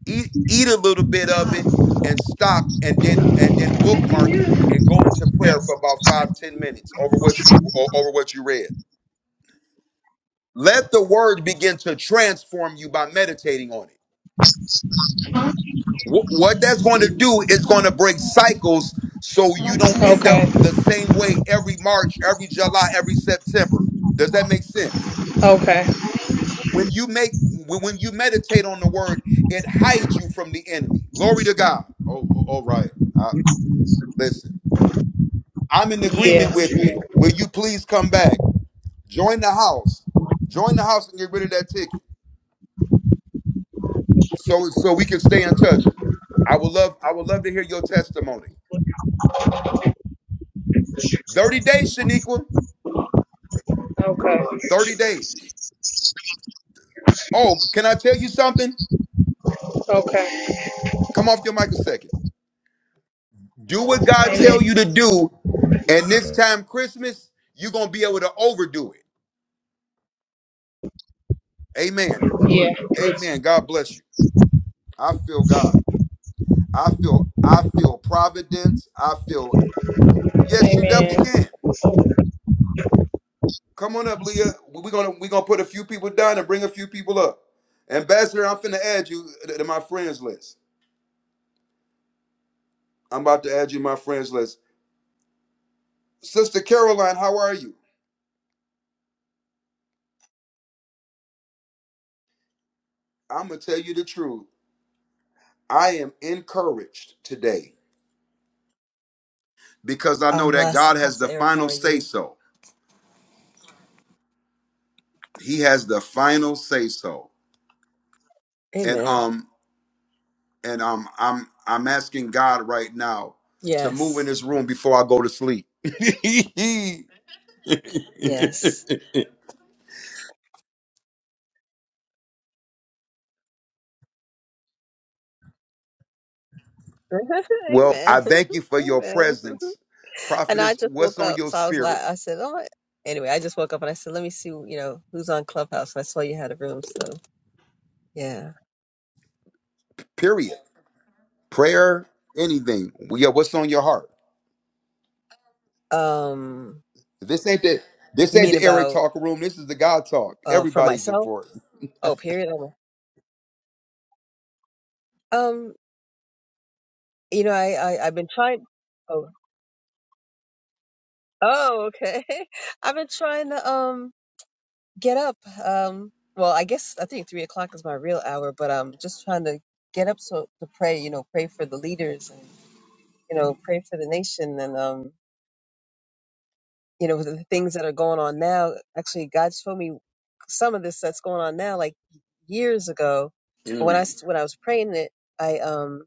A: Eat, eat a little bit of it, and stop, and then and then bookmark it, and go into prayer for about five ten minutes over what you o- over what you read. Let the word begin to transform you by meditating on it. Wh- what that's going to do is going to break cycles so you don't end
E: okay,
A: up the same way every March, every July, every September. Does that make sense?
E: okay,
A: When you make when when you meditate on the word, it hides you from the enemy. Glory to God. Oh, oh, all right. I, listen, I'm in
E: yeah,
A: agreement with you. Will you please come back? Join the house. Join the house and get rid of that ticket. So so we can stay in touch. I would love I would love to hear your testimony. 30 days, Shaniqua.
E: okay,
A: 30 days. Oh, can I tell you something?
E: okay,
A: Come off your mic a second. Do what God
E: amen,
A: tell you to do, and this time Christmas, you're gonna be able to overdo it. Amen.
E: yeah,
A: Amen. God bless you. I feel God. I feel I feel providence. I feel yes, you definitely can.
E: amen.
A: Come on up, Leah. We're gonna we're gonna put a few people down and bring a few people up. Ambassador, I'm finna add you to my friends list. I'm about to add you to my friends list. Sister Caroline, how are you? I'm gonna tell you the truth. I am encouraged today because I know
F: I'm
A: that
F: blessed.
A: God has the
F: Apostle Eric, how
A: final
F: are
A: say
F: you?
A: so. He has the final say so. And
F: Amen.
A: um and um, I'm I'm asking God right now to move in
F: Yes.
A: this room before I go to sleep.
F: Yes.
A: well, I
F: Amen.
A: thank you for your
F: Amen.
A: presence,
F: And I
A: prophetess.
F: just
A: What's
F: woke
A: on
F: up.
A: your
F: So I was like,
A: spirit?
F: I said, oh, anyway, I just woke up and I said, let me see, you know, who's on Clubhouse. And I saw you had a room. So yeah.
A: Period. Prayer, anything. Well, Yeah, what's on your heart?
F: Um,
A: This ain't the this
F: you
A: ain't
F: mean
A: the Eric
F: about,
A: talk room. This is the God talk.
F: uh, for
A: Everybody's
F: myself?
A: important.
F: Oh, period. Oh, Um, you know, I, I, I've been trying. Oh, oh, okay. I've been trying to, um, get up. Um, well, I guess I think three o'clock is my real hour, but I'm just trying to get up so to pray. You know, pray for the leaders and you know, pray for the nation and um, you know, the things that are going on now. Actually, God showed me some of this that's going on now, like years ago. But when I s- when I was praying it, I um,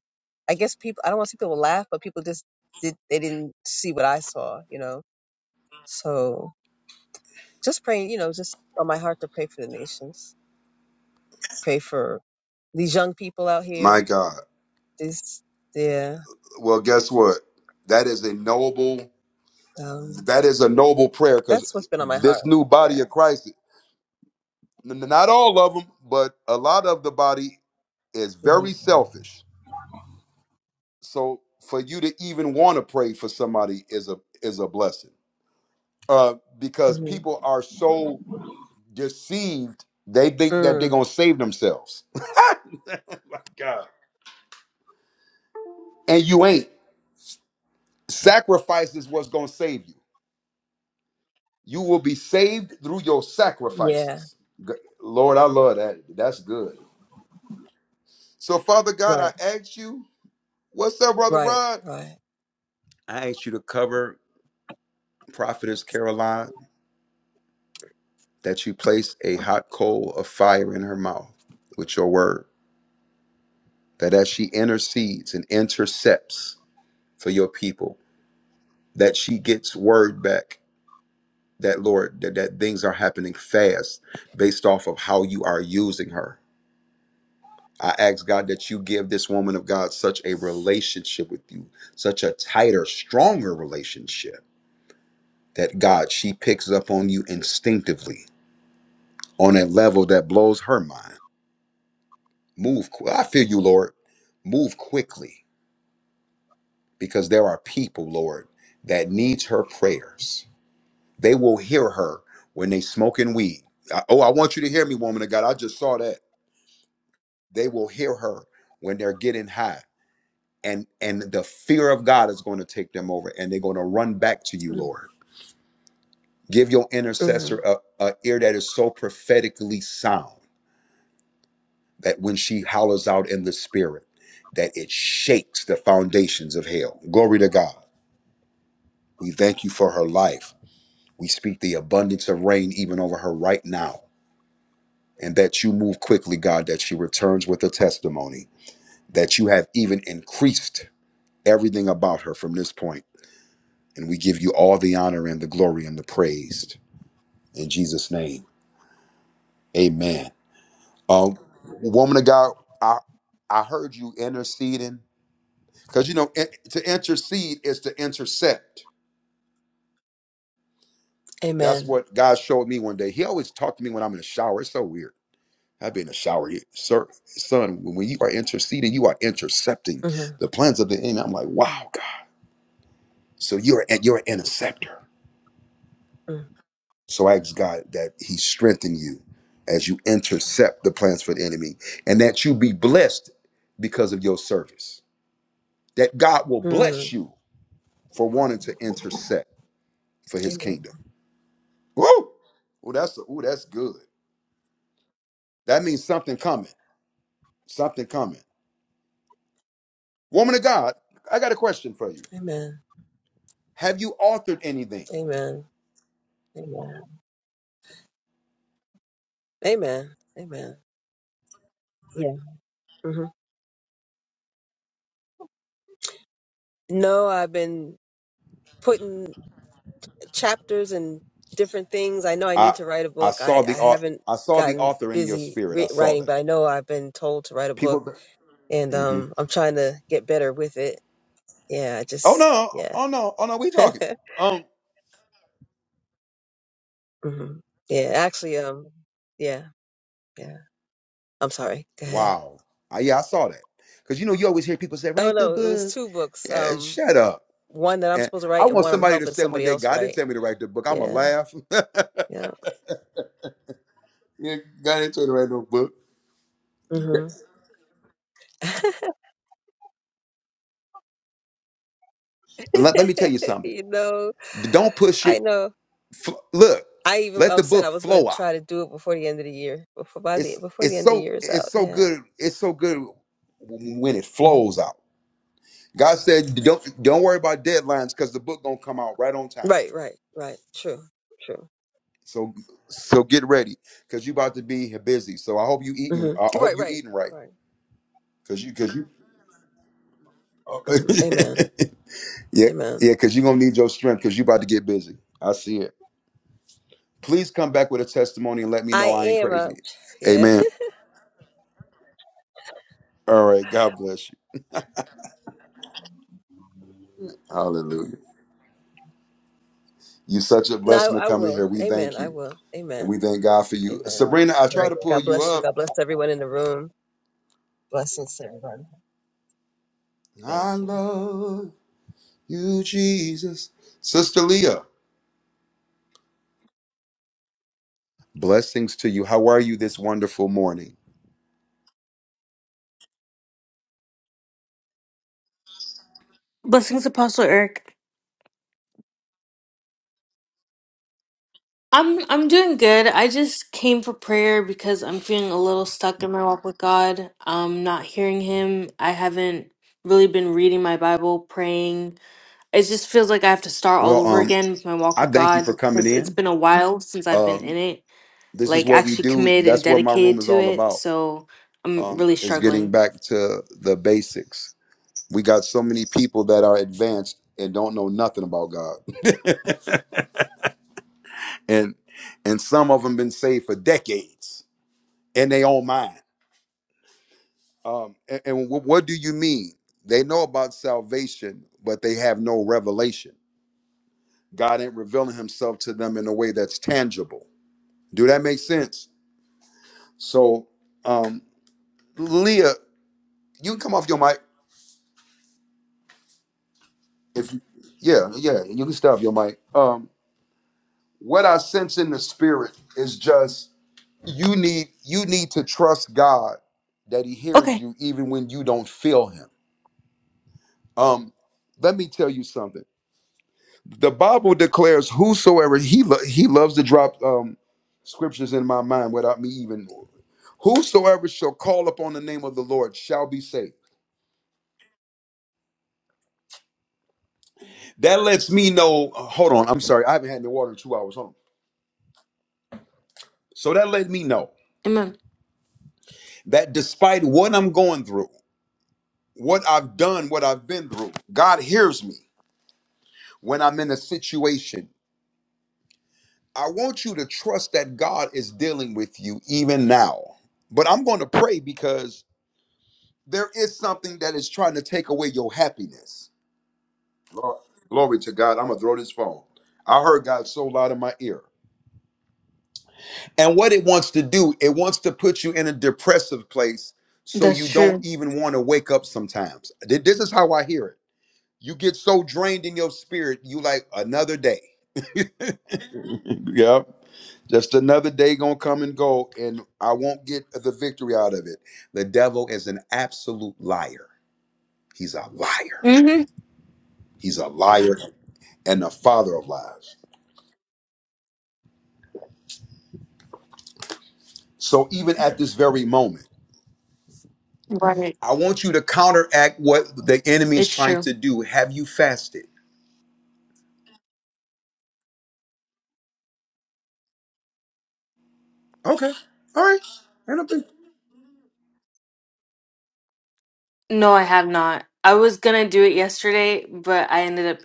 F: I guess people. I don't want to see people laugh, but people just did. They didn't see what I saw. You know, so just praying. You know, just on my heart to pray for the nations. pray for these young people out
A: My
F: here.
A: God.
F: This, yeah,
A: Well, guess what? That is a noble.
F: um,
A: That is a noble prayer because
F: that's what's been on my heart.
A: this new body
F: Yeah.
A: of Christ. n- Not all of them, but a lot of the body is
F: hmm
A: very selfish. So for you to even want to pray for somebody is a is a blessing. Uh, because
F: hmm
A: people are so deceived, they think that they're
F: Mm,
A: gonna save themselves. And you ain't. Sacrifice is what's gonna save you. You will be saved through your
F: yeah.
A: sacrifices. G- Lord, I love that. That's good. So, Father God, I
F: Right.
A: ask you, what's up, Brother
F: Right.
A: Rod?
F: Right.
A: I ask you to cover Prophetess Caroline. that you place a hot coal of fire in her mouth with your word, that as she intercedes and intercepts for your people, that she gets word back that Lord, that, that things are happening fast based off of how you are using her. I ask God that you give this woman of God such a relationship with you, such a tighter, stronger relationship that God, she picks up on you instinctively on a level that blows her mind Move. qu- I feel you, Lord. Move quickly because there are people, Lord, that needs her prayers. They will hear her when they smoking weed. I- oh, I want you to hear me, woman of God. I just saw that. They will hear her when they're getting high. And and the fear of God is going to take them over and they're going to run back to you, Lord. Give your
F: Mm-hmm.
A: intercessor a, a ear that is so prophetically sound that when she hollers out in the spirit, that it shakes the foundations of hell. Glory to God. We thank you for her life. We speak the abundance of rain even over her right now. And that you move quickly, God, that she returns with a testimony, that you have even increased everything about her from this point. And we give you all the honor and the glory and the praise. In Jesus' name, amen. Um, woman of God, I, I heard you interceding because, you know, in- to intercede is to intercept. That's
F: Amen.
A: what God showed me one day. He always talked to me when I'm in the shower. It's so weird I've been in the shower, you- sir, son. When you are interceding, you are intercepting
F: Mm-hmm.
A: the plans of the enemy. I'm like, wow, God. So you're an- you're an interceptor. So I ask God that He strengthen you as you intercept the plans for the enemy, and that you be blessed because of your service. That God will bless
F: mm
A: you for wanting to intercept for His
F: Amen.
A: kingdom. Woo! Oh, that's oh, that's good. That means something coming. Something coming. Woman of God, I got a question for you.
F: Amen.
A: Have you authored anything?
F: Amen. Amen. Amen. Amen. Yeah. hmm No, I've been putting chapters and different things. I know I
A: I
F: need to write a
A: I
F: book.
A: saw
F: I,
A: the
F: I
A: au-
F: haven't
A: I saw the
F: gotten
A: author in your
F: busy
A: spirit. I
F: re-
A: saw
F: writing,
A: that.
F: but I know I've been told to write a book
A: People.
F: and
A: hmm
F: um, I'm trying to get better with it. Yeah, I
A: Oh
F: just
A: no!
F: yeah,
A: Oh no! Oh no! We talking. Um.
F: hmm yeah. Actually, um, yeah, yeah. I'm sorry. Go ahead.
A: Wow. I, yeah, I saw that. Cause you know you always hear people say
F: Oh
A: write the
F: no, it was
A: book.
F: two books.
A: Yeah,
F: Um,
A: shut up.
F: one that I'm
A: And
F: supposed to
A: I
F: write, and
A: want
F: one I'm
A: somebody to
F: helping
A: say one
F: somebody
A: day,
F: else
A: God didn't
F: write.
A: tell me to write the book. I'ma
F: Yeah,
A: laugh.
F: yeah.
A: yeah, God didn't tell me to write no book.
F: hmm
A: Let, let me tell you something.
F: you know,
A: Don't push
F: I
A: it.
F: know.
A: F- look,
F: I even
A: let
F: I
A: the
F: said
A: book
F: I was gonna
A: flow out.
F: try to do it before the end of the year, before by the
A: it's
F: before
A: it's
F: the end of the
A: so
F: year is
A: it's
F: out.
A: so
F: Yeah.
A: good it's so good when it
F: hmm
A: flows out god said don't don't worry about deadlines because the book gonna come out right on time
F: Right, right, right. True, true.
A: so so get ready because you about to be busy so i hope you eating
F: hmm
A: i hope
F: Right,
A: you
F: right,
A: eating right
F: right.
A: because you because you
F: Mhm. Amen.
A: yeah
F: Amen.
A: yeah because you gonna need your strength because you about to get busy i see it please come back with a testimony and let me
F: I
A: know i ain't
F: am a
A: crazy
F: yeah.
A: amen all right god bless you hallelujah you're such a
F: no,
A: blessing to
F: I
A: come in
F: will.
A: here we
F: Amen.
A: thank
F: I
A: you
F: will.
A: And
F: Amen.
A: we thank God for you.
F: Amen. All
A: Sabrina, I try
F: right.
A: to pull
F: God
A: you
F: bless you.
A: up.
F: God bless everyone in the room. Blessings to everyone. Thank
A: I
F: you.
A: love you, Jesus. Sister Leah, blessings to you. How are you this wonderful morning?
G: Blessings, Apostle Eric. I'm I'm doing good. I just came for prayer because I'm feeling a little stuck in my walk with God. Um, not hearing Him. I haven't really been reading my Bible, praying. It just feels like I have to start all
A: Well,
G: over
A: um,
G: again with my walk
A: I
G: with
A: thank you
G: God
A: for coming
G: because it's
A: in.
G: been a while since I've been
A: Um,
G: in it,
A: this is
G: like
A: what we
G: actually
A: do.
G: committed and
A: That's what my room
G: dedicated
A: is
G: to
A: all
G: it.
A: about.
G: So I'm
A: Um,
G: really
A: is getting
G: struggling.
A: back to the basics. We got so many people that are advanced and don't know nothing about God. And and some of them been saved for decades in their own mind. Um, and, and wh- what do you mean? They know about salvation, but they have no revelation. God ain't revealing Himself to them in a way that's tangible. Do that make sense? So, um, Leah, you can come off your mic if you, yeah, yeah, you can stop your mic. Um, what I sense in the spirit is just you need you need to trust God that He hears
G: Okay,
A: you even when you don't feel Him. Um, let me tell you something. the Bible declares whosoever he lo- he loves to drop um scriptures in my mind without me even whosoever shall call upon the name of the Lord shall be saved. That lets me know. uh, Hold on, I'm sorry, I haven't had any water in two hours. Hold on. So that let me know
G: Amen.
A: that despite what I'm going through, what I've done, what I've been through, God hears me when I'm in a situation. I want you to trust that God is dealing with you even now. But I'm going to pray because there is something that is trying to take away your happiness. Lord, glory to God. I'm going to throw this phone. I heard God so loud in my ear. And what it wants to do, it wants to put you in a depressive place so
G: That's
A: you don't
G: true.
A: even want to wake up sometimes. Th- This is how I hear it. You get so drained in your spirit, you like another day. yep. Just another day gonna come and go, and I won't get the victory out of it. The devil is an absolute liar. He's a liar.
G: Mm-hmm.
A: He's a liar and the father of lies. So even at this very moment,
G: Right.
A: I want you to counteract what the enemy is
G: It's true.
A: trying to do. Have you fasted? Okay. All right. Ain't no big-
G: No, I have not. I was gonna do it yesterday, but I ended up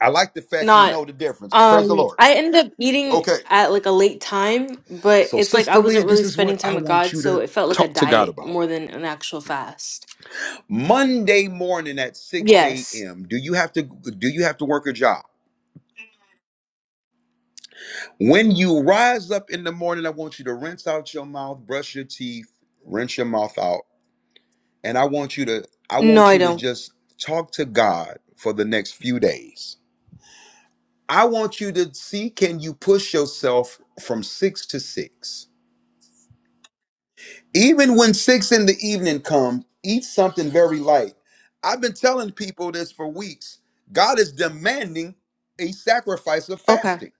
A: I like the fact you
G: not.
A: know the difference. Praise the
G: Um,
A: Lord.
G: I ended up eating
A: Okay.
G: at like a late time, but
A: So,
G: it's like I
A: Sister
G: wasn't
A: Leah, this
G: really
A: is
G: spending
A: what
G: time
A: I
G: with
A: want
G: God,
A: you
G: so
A: to
G: it felt like a
A: talk to God
G: diet
A: about.
G: more than an actual fast.
A: Monday morning at 6
G: Yes.
A: a.m. Do you have to do you have to work a job? When you rise up in the morning, I want you to rinse out your mouth, brush your teeth, rinse your mouth out and I want you to I
G: No,
A: want
G: I
A: you to
G: don't.
A: just talk to God for the next few days. I want you to see can you push yourself from 6 to 6. Even when 6 in the evening comes, eat something very light. I've been telling people this for weeks. God is demanding a sacrifice of
G: Okay.
A: fasting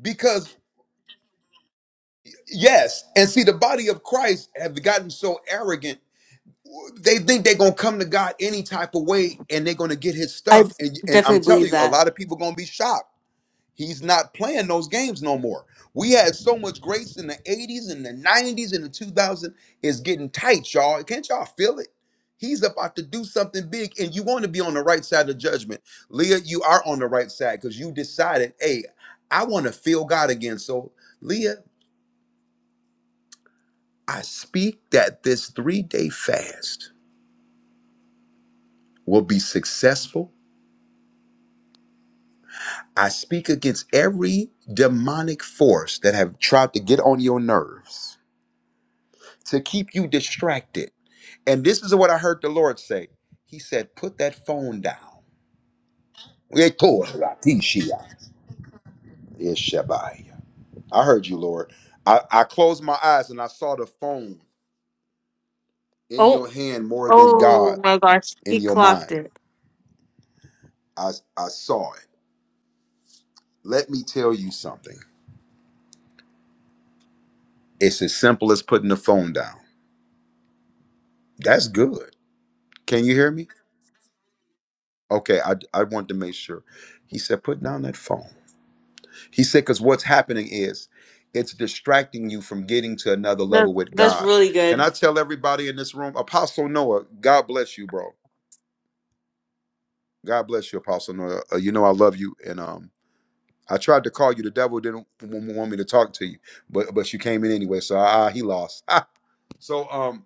A: because yes, and see the body of Christ have gotten so arrogant they think they're gonna come to God any type of way and they're gonna get his
G: I
A: stuff.
G: d-
A: And and I'm
G: definitely
A: telling
G: believe
A: you, a
G: that.
A: lot of people gonna be shocked. He's not playing those games no more. We had so much grace in the 80s and the 90s and the two thousand. is getting tight, y'all. Can't y'all feel it? He's about to do something big, and you want to be on the right side of judgment. Leah, you are on the right side because you decided, hey, I want to feel God again. So, Leah, I speak that this three day fast will be successful I speak against every demonic force that have tried to get on your nerves, to keep you distracted. And this is what I heard the Lord say. He said, Put that phone down. Retorratishia. Ishabaya. I heard you, Lord. I, I closed my eyes and I saw the phone in
G: Oh,
A: your hand more than God
G: oh my gosh,
A: in
G: he
A: your
G: clocked
A: mind.
G: it.
A: I, I saw it. Let me tell you something. It's as simple as putting the phone down. That's good. Can you hear me? Okay, I, I wanted to make sure. He said, put down that phone. He said, because what's happening is it's distracting you from getting to another
G: That's
A: level with
G: that's
A: God.
G: really
A: Can
G: good.
A: I tell everybody in this room, Apostle Noah, God bless you, bro. God bless you, Apostle Noah. Uh, you know I love you, and um, I tried to call you. The devil didn't w- want me to talk to you, but but you came in anyway. So ah, he lost. so um,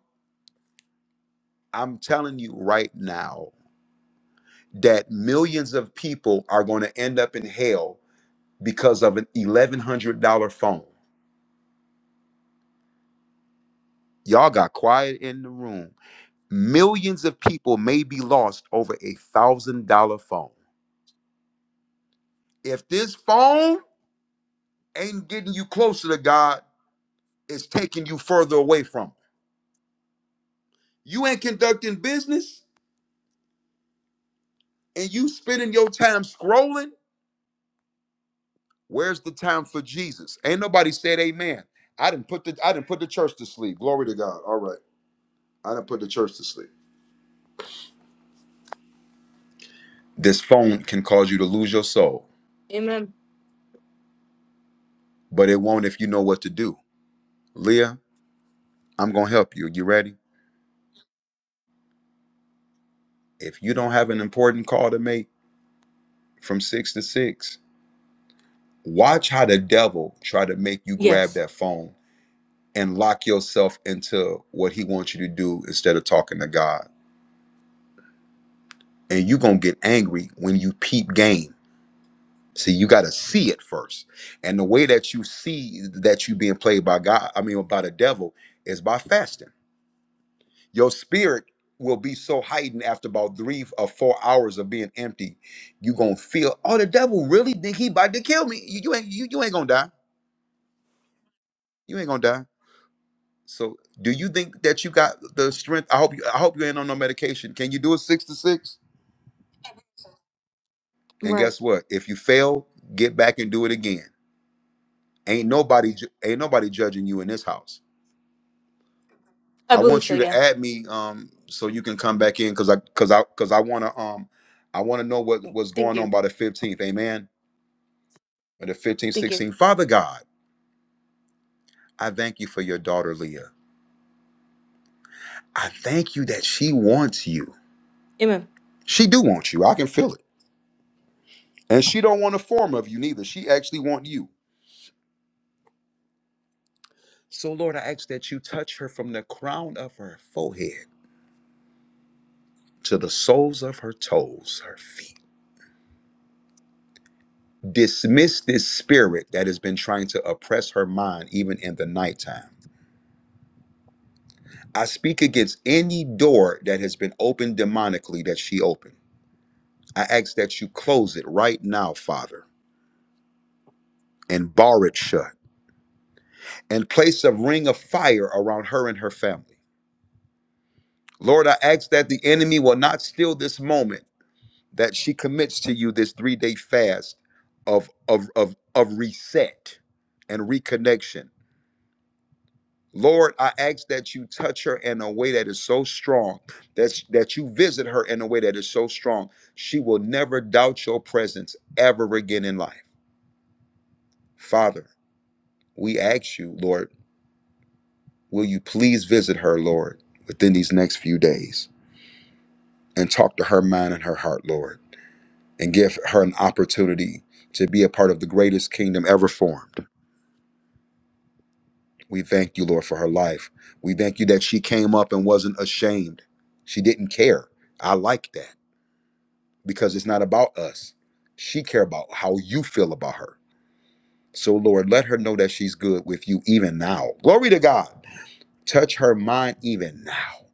A: I'm telling you right now that millions of people are going to end up in hell because of an $1,100 phone. Y'all got quiet in the room. Millions of people may be lost over a $1,000 phone. If this phone ain't getting you closer to God, it's taking you further away from Him. You ain't conducting business and you spending your time scrolling. Where's the time for Jesus? Ain't nobody said amen. I didn't put the I didn't put the church to sleep. Glory to God. All right. I didn't put the church to sleep. This phone can cause you to lose your soul.
G: Amen.
A: but it won't if you know what to do. Leah, I'm going to help you. You ready? If you don't have an important call to make from 6 to 6, watch how the devil try to make you grab
G: Yes.
A: that phone and lock yourself into what he wants you to do instead of talking to God. And you're going to get angry when you peep game. See, you got to see it first. And the way that you see that you being played by God, I mean by the devil is by fasting your spirit will be so heightened after about three or four hours of being empty you gonna feel oh the devil really think he about to kill me you, you ain't you, you ain't gonna die you ain't gonna die so do you think that you got the strength i hope you i hope you ain't on no medication can you do it six to six and
G: Right.
A: guess what if you fail get back and do it again ain't nobody ju- ain't nobody judging you in this house
G: I
A: i
G: believe
A: want
G: so,
A: you to
G: yeah.
A: add me um so you can come back in because i because i because i want to um i want to know what what's
G: Thank
A: going
G: you.
A: on by the 15th amen But at 15,
G: Thank you.
A: sixteen, Father God, I thank you for your daughter Leah. I thank you that she wants you.
G: Amen.
A: She do want you. I can feel it. And she don't want a form of you neither. She actually want you. So Lord, I ask that you touch her from the crown of her forehead to the soles of her toes, her feet. Dismiss this spirit that has been trying to oppress her mind even in the nighttime. I speak against any door that has been opened demonically that she opened. I ask that you close it right now, Father. and bar it shut, and place a ring of fire around her and her family. Lord, I ask that the enemy will not steal this moment that she commits to you this three day fast of, of, of, of reset and reconnection. Lord, I ask that you touch her in a way that is so strong, that, that you visit her in a way that is so strong, she will never doubt your presence ever again in life. Father, we ask you, Lord Will you please visit her, Lord, within these next few days and talk to her mind and her heart, Lord, and give her an opportunity to be a part of the greatest kingdom ever formed? We thank you, Lord, for her life. We thank you that she came up and wasn't ashamed. She didn't care. I like that because it's not about us. She care about how you feel about her. So, Lord, let her know that she's good with you even now. Glory to God. Touch her mind even now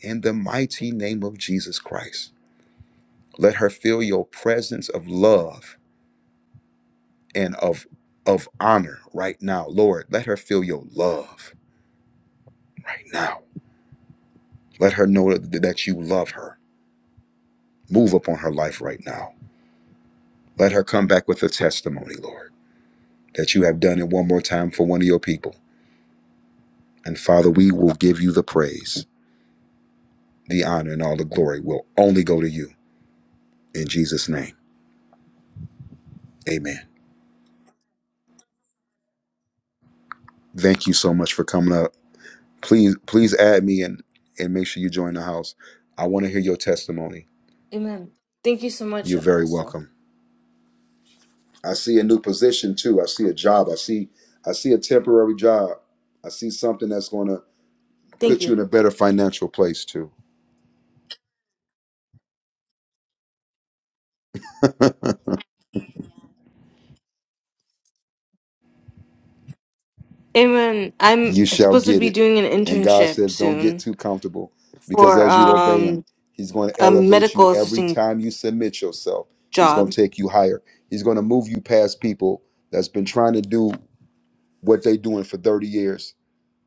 A: in the mighty name of Jesus Christ. Let her feel your presence of love and of of honor right now, Lord. Let her feel your love right now. Let her know that, that you love her. Move upon her life right now. Let her come back with a testimony, Lord, that you have done it one more time for one of your people. And Father, we will give you the praise, the honor, and all the glory will only go to you. In Jesus' name, amen. Thank you so much for coming up. Please, please add me and, and make sure you join the house. I want to hear your testimony
G: Amen. Thank you so much,
A: You're very
G: Apostle.
A: welcome. I see a new position too. I see a job. I see I see a temporary job. I see something that's going to
G: Thank
A: put you
G: you.
A: in a better financial place too.
G: Amen. I'm
A: You shall
G: supposed to
A: get
G: be
A: it.
G: doing an
A: And God
G: internship
A: says don't get
G: soon
A: too comfortable because
G: for
A: as you obey him,
G: um
A: he's going to
G: a
A: elevate you
G: medical
A: every
G: assisting
A: time you submit yourself. He's going
G: job.
A: to take you higher. He's going to move you past people that's been trying to do what they are doing for 30 years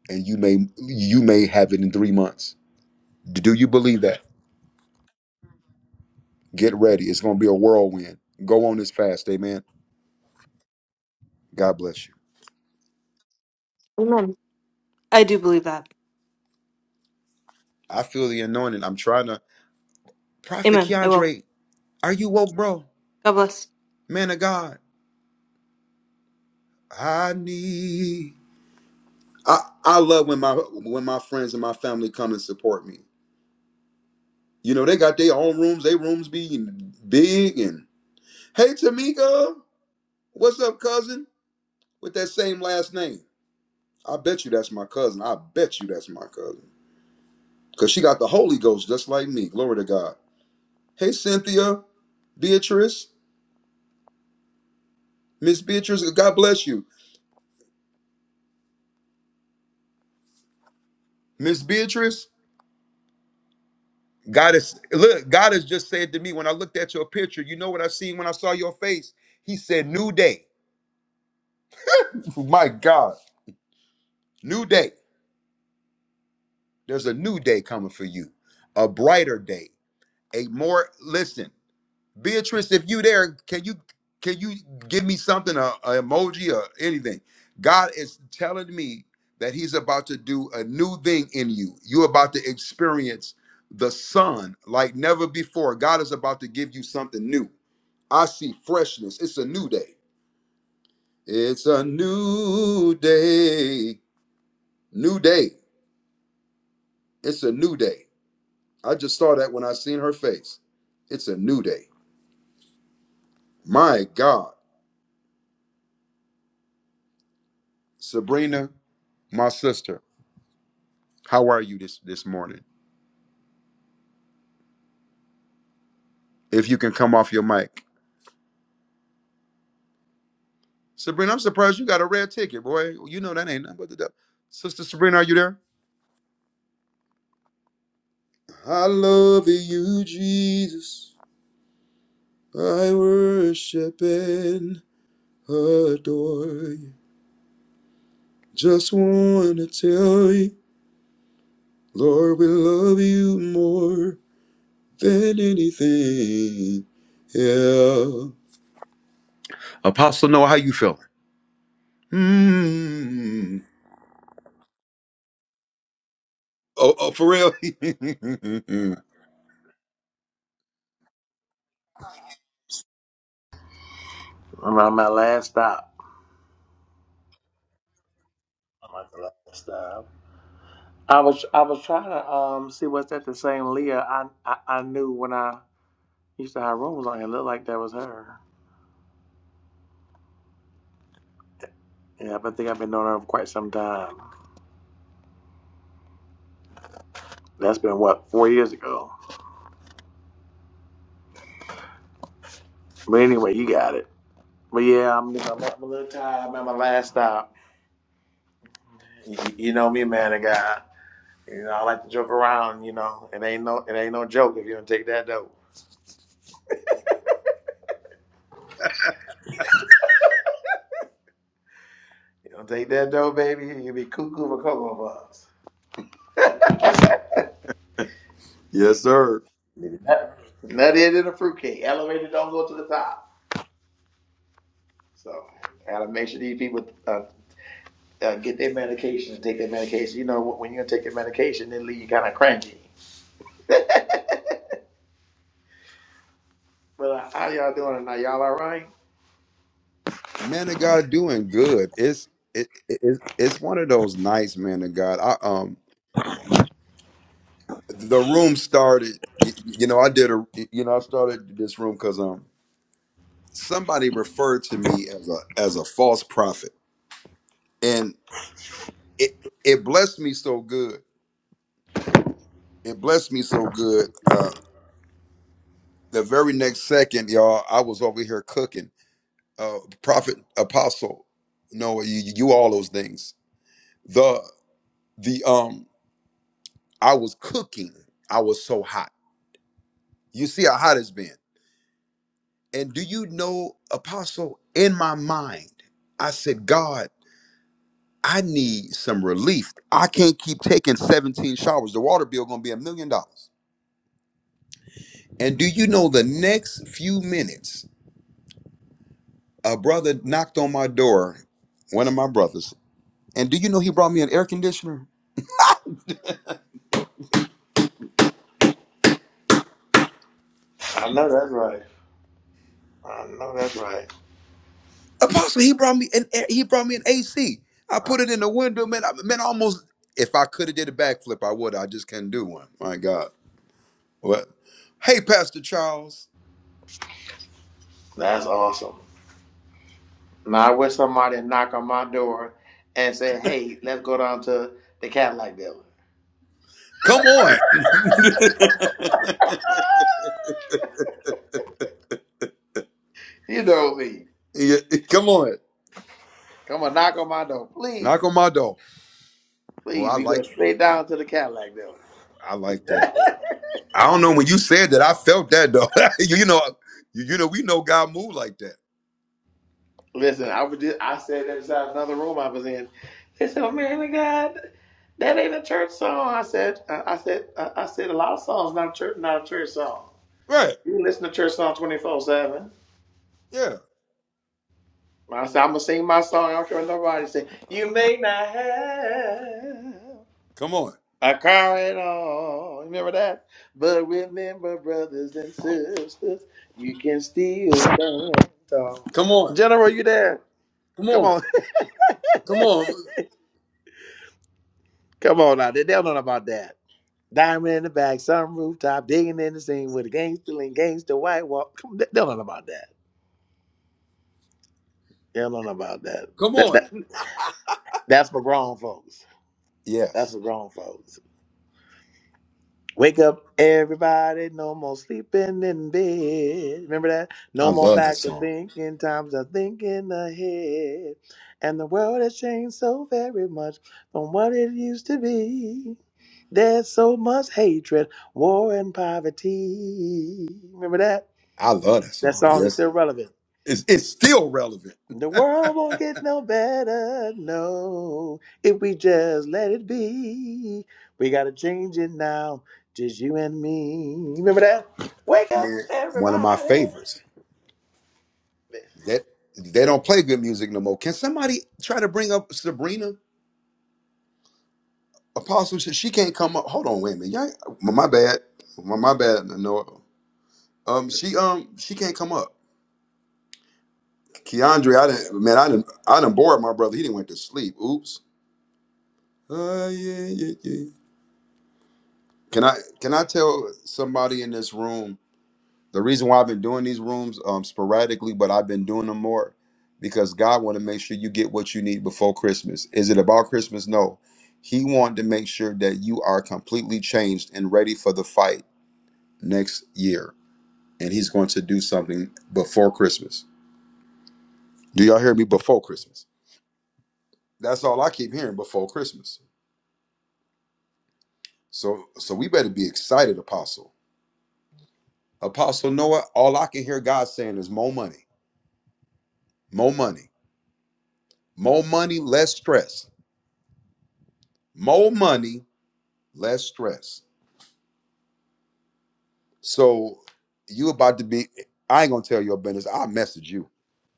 A: and you may you may have it in 3 months. Do you believe that? Get ready. It's going to be a whirlwind. Go on this fast. Amen. God bless you.
G: Amen. I do believe that.
A: I feel the anointing. I'm trying to. Prophet
G: Amen. I will.
A: Keandre, are you woke, bro?
G: God bless.
A: Man of God. I need. I, I love when my when my friends and my family come and support me. You know, they got their own rooms. They rooms being big and hey Tamika, what's up, cousin? With that same last name. I bet you that's my cousin. I bet you that's my cousin. Cause she got the Holy Ghost just like me. Glory to God. Hey, Cynthia, Beatrice, Miss Beatrice, God bless you. Miss Beatrice, God is look, God has just said to me when I looked at your picture, you know what I seen when I saw your face? He said, New day. My God, new day. There's a new day coming for you, a brighter day, a more listen. Beatrice, if you there, can you can you give me something, a, a emoji or anything? God is telling me that He's about to do a new thing in you. You're about to experience the sun like never before. God is about to give you something new. I see freshness. It's a new day. It's a new day. New day. It's a new day. I just saw that when I seen her face. It's a new day. My God, Sabrina, my sister. How are you this this morning? If you can come off your mic, Sabrina, I'm surprised you got a red ticket, boy. You know that ain't nothing but the devil. Sister Sabrina, are you there? I love you, Jesus. I worship and adore you. Just wanna tell you, Lord, we love you more than anything. Yeah. Apostle Noah, how you feeling? Mm. Oh, oh, for real?
H: around my last stop. I'm at the last stop. I was I was trying to um see was that the same Leah I, I I knew when I used to have rooms on here. Looked like that was her. Yeah, but I think I've been knowing her for quite some time. That's been what four years ago. But anyway, you got it. But yeah, I'm, I'm, I'm a little tired. I'm at my last stop. You, you know me, man of God. You know I like to joke around. You know it ain't no it ain't no joke if you don't take that dough. You don't take that dough, baby. You be cuckoo for cocoa puffs.
A: Yes, sir.
H: Nut, nut in a fruitcake. Elevator don't go to the top. So gotta make sure these people uh, uh, get their medication and take their medication. You know, when you're gonna take your medication, it leave you kind of cranky. But uh, how y'all doing tonight? Y'all all right?
A: Man of God, doing good. It's it, it, it's it's one of those nights, man of God. I um the room started. You, you know, I did a. You know, I started this room because um somebody referred to me as a as a false prophet, and it it blessed me so good. It blessed me so good. Uh, the very next second, y'all, I was over here cooking. Uh, prophet, apostle, no, you, you all those things. The the um I was cooking. I was so hot. You see how hot it's been. And do you know, Apostle, in my mind, I said, God, I need some relief. I can't keep taking 17 showers. The water bill gonna be a million dollars. And do you know the next few minutes, a brother knocked on my door, one of my brothers, and do you know he brought me an air conditioner?
H: I know that's right. I know that's right.
A: Apostle, he brought me an he brought me an AC. I
H: Uh,
A: put it in the window, man. I, man, I almost if I could have did a backflip, I would. I just couldn't do one. My God. What? Hey, Pastor Charles,
H: That's awesome. Now I wish somebody knock on my door and say, "Hey, let's go down to the Cadillac dealer."
A: come on,
H: You know me.
A: Yeah, come on,
H: Come on, knock on my door, please.
A: knock on my door. Well,
H: Please,
A: I
H: we go
A: like
H: straight down to the Cadillac though.
A: I like that. I don't know when you said that. I felt that though. you, you know, you, you know, we know God move like that,
H: Listen, I was just I said that inside another room I was in. They said, "Oh man, my God, that ain't a church song." I said, uh, "I said, uh, I said a lot of songs not a church, not a church song.
A: right?
H: You listen to church song twenty four 7
A: Yeah.
H: I said, "I'm gonna sing my song. I don't care what nobody say. You may not have
A: Come on,
H: a car at all. Remember that? But remember, brothers and sisters, you can still dance. tall."
A: come on,
H: General, you there?
A: come
H: Come
A: on,
H: on,
A: come on,
H: come on out there. They don't know about that. Diamond in the back, some rooftop, digging in the scene with a gangster and gangster white walk. Come, on, they they don't know about that. They don't know about that.
A: come
H: That,
A: on.
H: that. That's for grown folks. That's
A: Yes,
H: for grown folks. Wake up, everybody. No more sleeping in bed. Remember that?
A: I
H: No more
A: love that
H: backward
A: song.
H: thinking. Times are thinking ahead. And the world has changed so very much from what it used to be. There's so much hatred, war, and poverty. Remember that?
A: I love that
H: That
A: song.
H: song is
A: Yes,
H: still relevant.
A: it's it's still relevant.
H: The world won't get no better, no, if we just let it be. We gotta change it now, just you and me. Remember that? Wake up,
A: Man, one of my
H: everybody.
A: favorites. That they don't play good music no more. Can somebody try to bring up Sabrina Apostle? She she can't come up. Hold on, wait a minute. Y'all, my my bad. My, my bad. No, um, she um she can't come up. Keandre, I didn't man, I didn't I didn't bored my brother. He didn't went to sleep. Oops. Uh, yeah, yeah, yeah. Can I can I tell somebody in this room? the reason why I've been doing these rooms um, sporadically, but I've been doing them more because God want to make sure you get what you need before Christmas. Is it about Christmas? No. He wanted to make sure that you are completely changed and ready for the fight next year. And he's going to do something before Christmas. Do y'all hear me? Before Christmas. That's all I keep hearing before Christmas. So so we better be excited, Apostle. Apostle Noah, all I can hear God saying is more money, more money, more money, less stress, more money, less stress. So you about to be? I ain't gonna tell your business. I'll message you.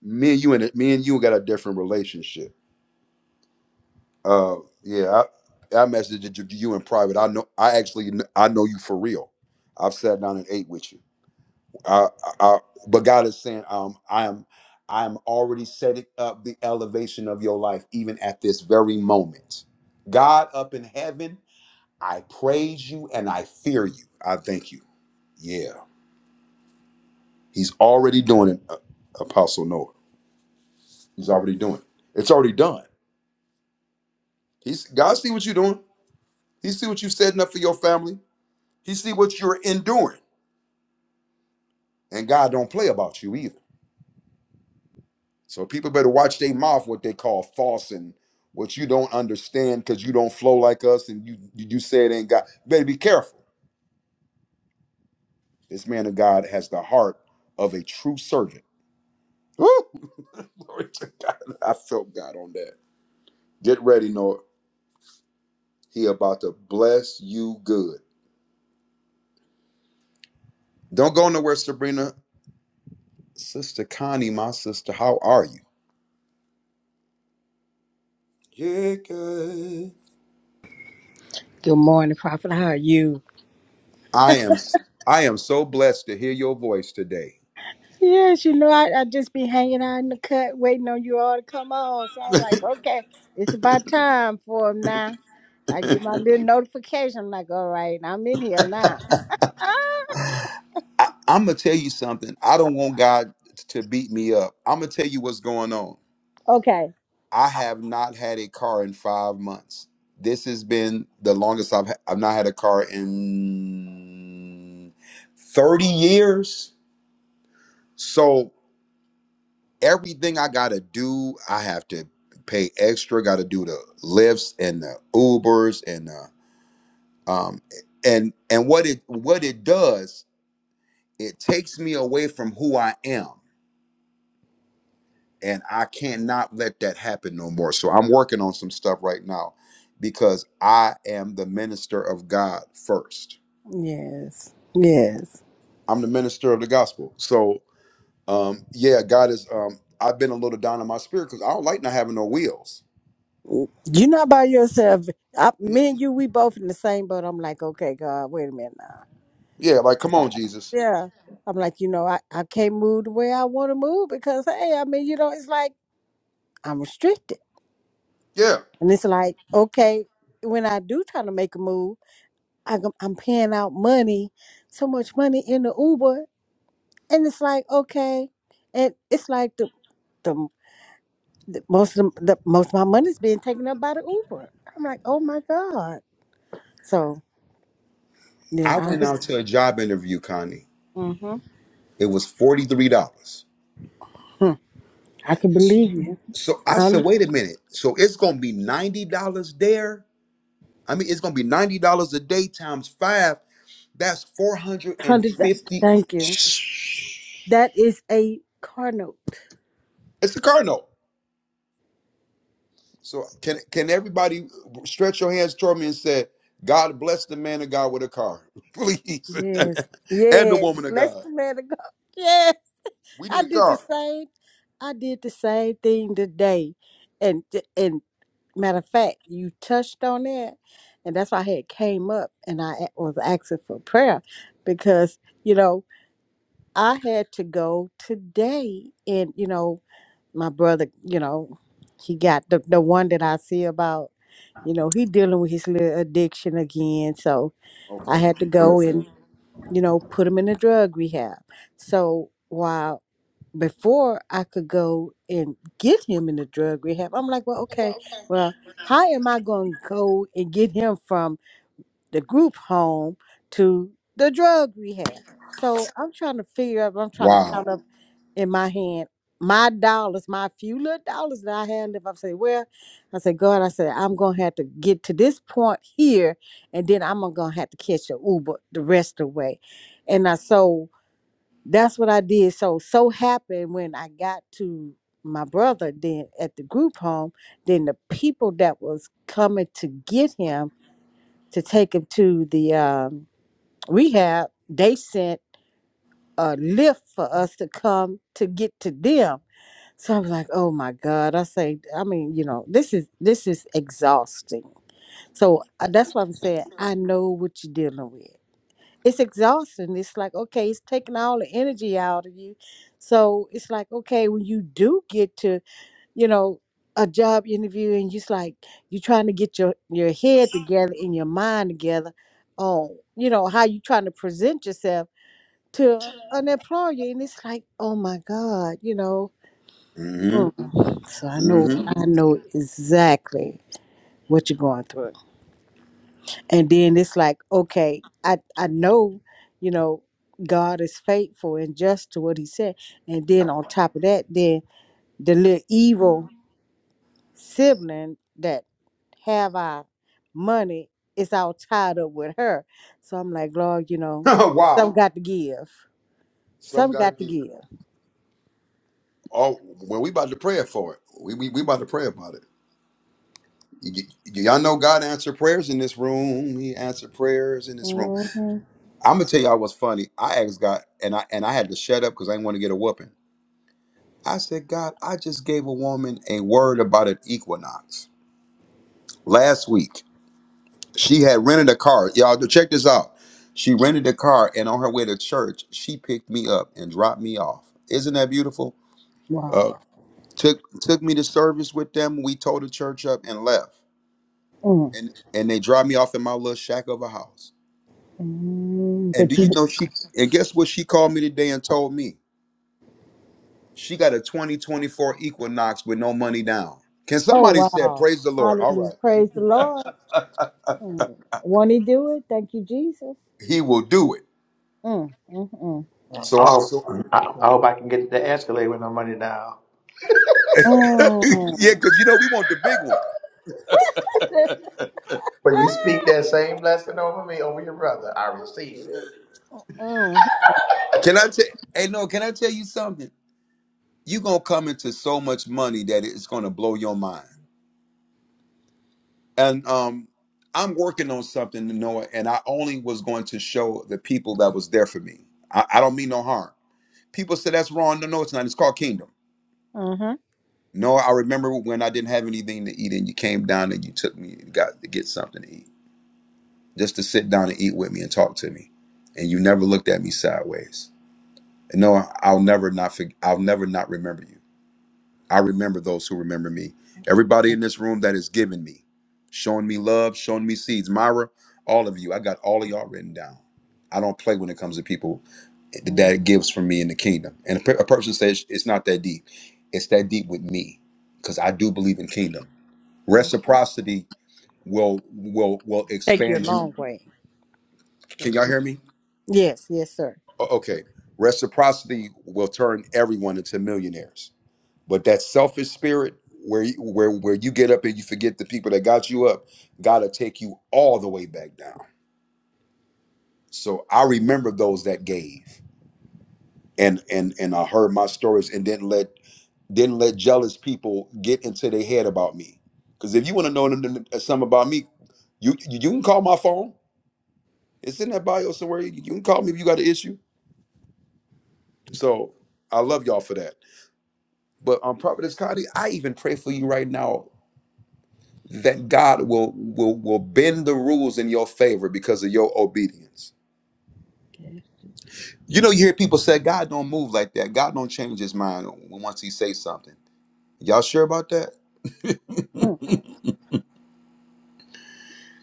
A: Me and you and me and you got a different relationship. Uh, yeah, I, I messaged you, you in private. I know. I actually kn- I know you for real. I've sat down and ate with you. I, I, I- but God is saying, um, I am, I am already setting up the elevation of your life, even at this very moment. God up in heaven, I praise you and I fear you. I thank you. Yeah. He's already doing it, uh, Apostle Noah. He's already doing it. It's already done. He's God see what you're doing. He see what you setting up for your family. He see what you're enduring. And God don't play about you either. So people better watch their mouth what they call false and what you don't understand because you don't flow like us and you you, you say it ain't God. Better be careful. This man of God has the heart of a true servant. Woo! Glory to God. I felt God on that. Get ready, Noah. He about to bless you good. Don't go nowhere, Sabrina. Sister Connie, my sister, how are you? Jacob.
I: Good morning, Prophet. How are you?
A: I am I am so blessed to hear your voice today.
I: Yes, yes. you know, I, I just be hanging out in the cut waiting on you all to come on. So I'm like, okay, it's about time for 'em now. I get my little notification. I'm like, all right, I'm in here now.
A: I, I'm gonna tell you something. I don't want God to beat me up. I'm gonna tell you what's going on.
I: Okay.
A: I have not had a car in five months. This has been the longest I've ha- I've not had a car in thirty years. So everything I gotta do, I have to pay extra. Got to do the lifts and the Ubers and the um and and what it what it does, it takes me away from who I am, and I cannot let that happen no more. So I'm working on some stuff right now because I am the minister of God first.
I: Yes. Yes.
A: I'm the minister of the gospel. So um yeah, God is um I've been a little down in my spirit because I don't like not having no wheels.
I: you not by yourself. I, me and you, we both in the same boat. I'm like, okay, God, wait a minute now.
A: Yeah, like come on,
I: Stop.
A: Jesus.
I: Yeah. I'm like, you know, I, I can't move the way I want to move because, hey, I mean, you know, it's like I'm restricted.
A: Yeah.
I: And it's like, okay, when I do try to make a move, I, go- I'm paying out money, so much money in the Uber, and it's like, okay, and it's like the the, the most of the, the most of my money's being taken up by the Uber. I'm like, oh my god. So
A: I
I: yeah, I
A: went
I: was,
A: out to a job interview, Connie.
I: Mhm.
A: It was $43.
I: hmm I can believe you.
A: So I
I: I
A: said, wait a minute. So it's going to be $90 there? I mean, it's going to be $90 a day times five. That's
I: hundred. uh,
A: 450.
I: Thank you. That is a car note.
A: It's a car note. So can can everybody stretch your hands toward me and say, God bless the man of God with a car, please,
I: Yes.
A: and the
I: Yes.
A: woman of
I: Bless
A: God.
I: the man of God. Yes.
A: We need
I: I
A: a
I: did the
A: car.
I: same. I did the same thing today, and and matter of fact, you touched on that, and that's why I had came up and I a- was asking for prayer because you know I had to go today, and you know my brother, you know, he got the the one that I see about, you know, he dealing with his little addiction again, so I
A: Okay, we
I: had to
A: be
I: go and
A: prayerful.
I: you know put him in a drug rehab. So while before I could go and get him in the drug rehab, I'm like, well, okay, well, how am I going to go and get him from the group home to the drug rehab? So I'm trying to figure out, I'm trying to
A: Wow.
I: count up in my hand my dollars, my few little dollars that I had left. I say, well, I said, God, I said, I'm going to have to get to this point here, and then I'm going to have to catch a Uber the rest of the way. And I so that's what I did. So so happened when I got to my brother then at the group home, then the people that was coming to get him to take him to the um, rehab, they sent a lift for us to come to get to them. So I was like, oh my God. I say, I mean, you know, this is this is exhausting. So uh, that's what I'm saying. I know what you're dealing with it's exhausting. It's like, okay, it's taking all the energy out of you. So it's like, okay, when you do get to, you know, a job interview and just like you're trying to get your, your head together and your mind together on, you know, how you trying to present yourself to an employer. And it's like, oh my God, you know.
A: Mm-hmm.
I: Mm. So I know
A: Mm-hmm.
I: I know exactly what you're going through. and then it's like okay i i know you know god is faithful and just to what he said and then on top of that then the little evil sibling that have our money is all tied up with her so i'm like lord you know some
A: wow.
I: got to give
A: Some
I: some
A: gotta
I: got to
A: give.
I: give
A: Oh, well, we about to pray for it. We we, we about to pray about it. You get- Y'all know God answered prayers in this room. He answered prayers in this room.
I: hmm
A: I'm gonna tell y'all what's funny. I asked God, and I and I had to shut up because I didn't want to get a whooping. I said, God, I just gave a woman a word about an equinox last week. She had rented a car. Y'all, check this out. She rented a car, and on her way to church, she picked me up and dropped me off. Isn't that beautiful? Uh,
I: wow
A: took took me to service with them. We towed the church up and left.
I: mm
A: and and they dropped me off in my little shack of a house.
I: mm
A: And do
I: but you
A: you know she? And guess what? She called me today and told me she got a 2024 Equinox with no money down. Can
I: oh
A: somebody say
I: wow
A: praise the Lord? All
I: hallelujah
A: right,
I: praise the lord mm. won't he do it thank you jesus
A: He will do it.
I: Mm, mm, mm.
A: So I
H: Oh,
A: so
H: I, I hope I can get the Escalade with no money now.
I: Mm,
A: yeah, because you know we want the big one.
H: But you speak that same blessing over me, over your brother. I received it.
I: mm,
A: Can I tell? Hey, no, can I tell you something? You gonna come into so much money that it's gonna blow your mind. And um, I'm working on something, Noah, and I only was going to show the people that was there for me. I, I don't mean no harm People say that's wrong. No, no, it's not. It's called kingdom.
I: mhm.
A: No, I remember when I didn't have anything to eat and you came down and you took me and got to get something to eat. Just to sit down and eat with me and talk to me. And you never looked at me sideways. And no, I'll never not forg I'll never not remember you. I remember those who remember me. Everybody in this room that has given me, showing me love, showing me seeds. Myra, all of you, I got all of y'all written down. I don't play when it comes to people
I: Mm,
A: that gives from me in the kingdom. And a per- a person says it's not that deep. It's that deep with me because I do believe in kingdom.
I: mhm.
A: Reciprocity will will will
I: Take you a
A: expand you.
I: long way.
A: Can
I: Thank
A: y'all
I: you.
A: hear me?
I: Yes, yes, sir.
A: O- Okay. Reciprocity will turn everyone into millionaires But that selfish spirit, where you, where where you get up and you forget the people that got you up, gotta take you all the way back down. So I remember those that gave, and and and I heard my stories, and didn't let didn't let jealous people get into their head about me. Because if you want to know n- n- something about me, you you you can call my phone. It's in that bio somewhere. You you can call me if you got an issue. So I love y'all for that. But um, Prophetess Connie, I even pray for you right now that God will will will bend the rules in your favor because of your obedience.
I: Yes.
A: You know, you hear people say, "God don't move like that. God don't change His mind once He says something." Y'all sure about that?
I: Mm,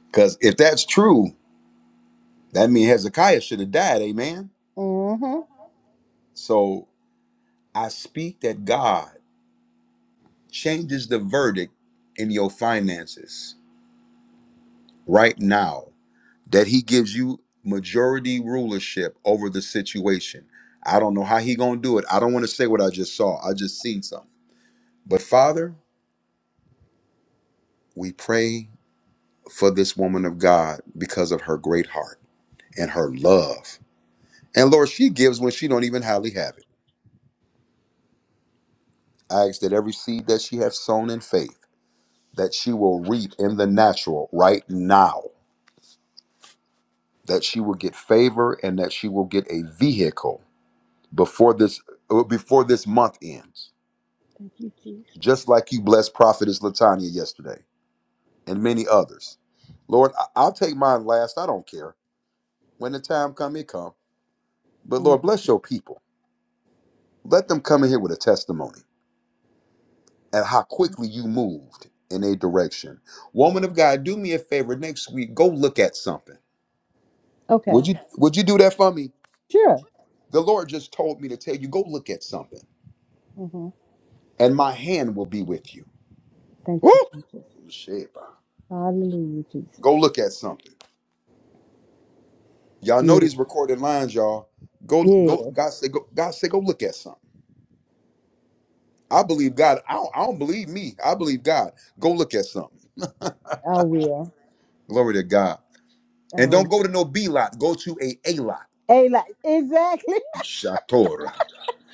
A: Because if that's true, that means Hezekiah should have died. Amen.
I: mhm.
A: So I speak that God changes the verdict in your finances right now. that he gives you majority rulership over the situation. I don't know how he going to do it. I don't want to say what I just saw. I just seen something. But Father, we pray for this woman of God because of her great heart and her love. And Lord, she gives when she don't even hardly have it. I ask that every seed that she has sown in faith, that she will reap in the natural right now, that she will get favor and that she will get a vehicle before this uh, before this month ends
I: Thank you, Jesus.
A: just like you blessed Prophetess Latanya yesterday and many others. Lord, I- I'll take mine last. I don't care. When the time come, it come. But
I: Mm.
A: Lord, bless your people. Let them come in here with a testimony and how quickly you moved in a direction. Woman of God, do me a favor next week. Go look at something.
I: Okay,
A: Would you would you do that for me?
I: sure.
A: The Lord just told me to tell you, go look at something,
I: hmm
A: and my hand will be with you.
I: Thank
A: Woo!
I: you, Jesus.
A: Shit, bro.
I: Hallelujah, Jesus.
A: Go look at something Y'all know
I: Yes,
A: these recorded lines, y'all. Go, go.
I: yes,
A: God said, go, God said, go look at something. I believe God. I don't, I don't believe me. I believe God. Go look at something.
I: I will.
A: Glory to God.
I: I
A: And
I: will.
A: don't go to no B lot. Go to a A lot.
I: Hey, like, exactly.
A: Shatora.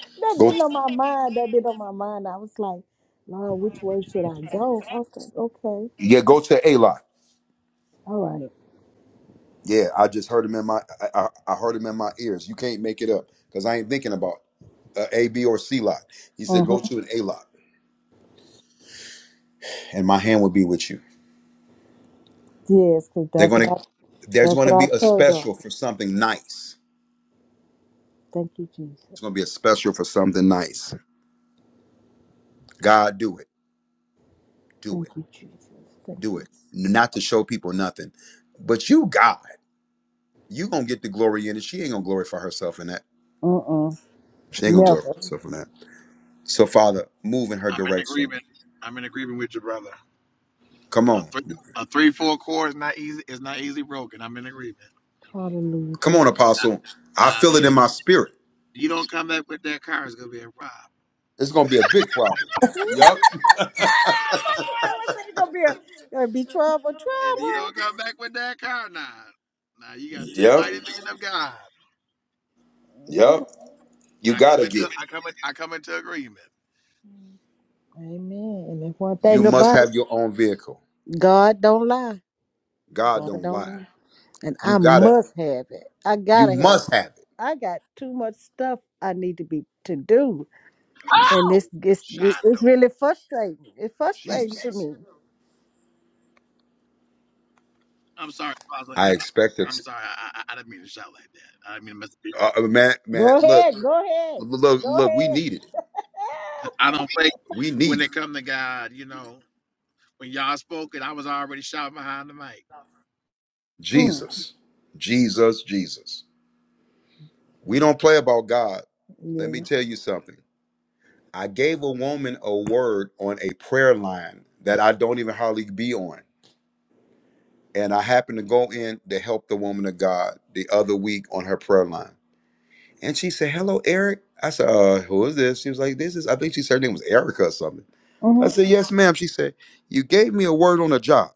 I: that
A: Go.
I: been on my mind. That been on my mind. I was like, Lord, which way should I go? I was like, okay,
A: Yeah, go to A lot.
I: all right.
A: Yeah, I just heard him in my. I, I, I heard him in my ears. You can't make it up because I ain't thinking about a, a, B, or C lot. He said,
I: Mm-hmm.
A: go to an A lot, and my hand will be with you.
I: Yes, because
A: They're
I: that's what
A: gonna.
I: I
A: There's
I: that's what
A: gonna be a
I: I told God.
A: special for something nice
I: Thank you, Jesus.
A: It's gonna be a special for something nice. God, do it, do
I: Thank
A: it,
I: you, Jesus. Thank
A: do
I: you.
A: it. Not to show people nothing, but you, God, you gonna get the glory in it. She ain't gonna glorify herself in that.
I: Uh uh
A: She ain't gonna
I: Never.
A: glorify herself in that. So, Father, move in her
H: I'm in
A: direction.
H: agreement. I'm in agreement with your brother.
A: Come
H: A
A: on,
H: three, a three four chord is not easy. It's not easy broken. I'm in agreement.
I: Hallelujah.
A: come on,
I: Thank you.
A: Apostle. I
H: Now, if
A: feel it
H: you
A: in my spirit.
H: you don't come back with that car, it's gonna be a problem.
A: It's gonna be a big problem. Yep,
I: Pastor Noah said it's gonna be a, gonna be trouble,
H: If you don't
I: trouble.
H: come back with that car now, now you got two
A: yep,
H: mighty men of God.
I: Mhm.
A: yep. You
H: I come
A: gotta get.
H: into I come in, I come into agreement.
I: Amen. And that's one
A: You
I: thing
A: must
I: about it.
A: have your own vehicle.
I: God don't lie.
A: God
I: God
A: don't
I: don't
A: lie.
I: lie. And I
A: You gotta.
I: must have it. I
A: You
I: gotta have
A: must
I: it.
A: have it.
I: I got too much stuff I need to be to do. And
H: Oh,
I: this gets
H: Shondo.
I: it's really frustrating. It's frustrating to
A: Jesus.
I: me.
H: I'm sorry, Father.
A: I expect
H: I'm
A: it.
H: sorry. I, I, I didn't mean to shout like that. I mean,
A: Uh, uh, man, man,
I: Go
A: look,
I: ahead. Go ahead.
A: look,
I: Go
A: look, we
I: ahead.
A: needed it.
I: Ah!
H: I don't play
A: We
H: when
A: need it.
H: they come to God. You know, when y'all spoke it, I was already shouting behind the mic.
I: Mm.
A: Jesus, Jesus, Jesus. We don't play about God. Let me
I: Yeah.
A: tell you something. I gave a woman a word on a prayer line that I don't even hardly be on. And I happened to go in to help the woman of God the other week on her prayer line. And she said, Hello, Eric. I said, uh, Who is this? She was like, This is, I think she said her name was Erica or something. I
I: Mm-hmm.
A: said, Yes, ma'am. She said, You gave me a word on a job.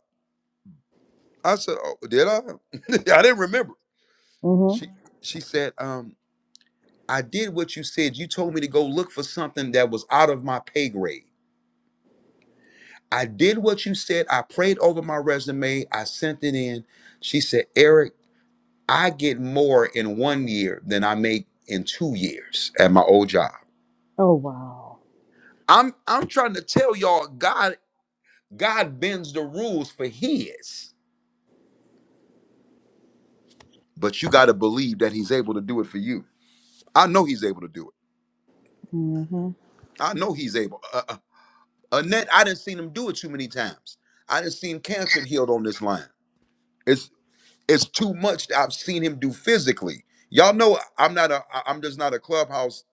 A: I said, "Oh, did I? I didn't remember."
I: Mm-hmm.
A: She Mhm. she said, "Um, I did what you said. You told me to go look for something that was out of my pay grade. I did what you said. I prayed over my resume. I sent it in." She said, "Eric, I get more in one year than I make in two years at my old job."
I: Oh wow.
A: I'm I'm trying to tell y'all, God God bends the rules for His, but you got to believe that He's able to do it for you. I know He's able to do it.
I: Mm-hmm.
A: I know He's able. uh, Annette, I didn't seen him do it too many times. I didn't seen cancer healed on this line. It's it's too much that I've seen him do physically. Y'all know I'm not a I- I'm just not a clubhouse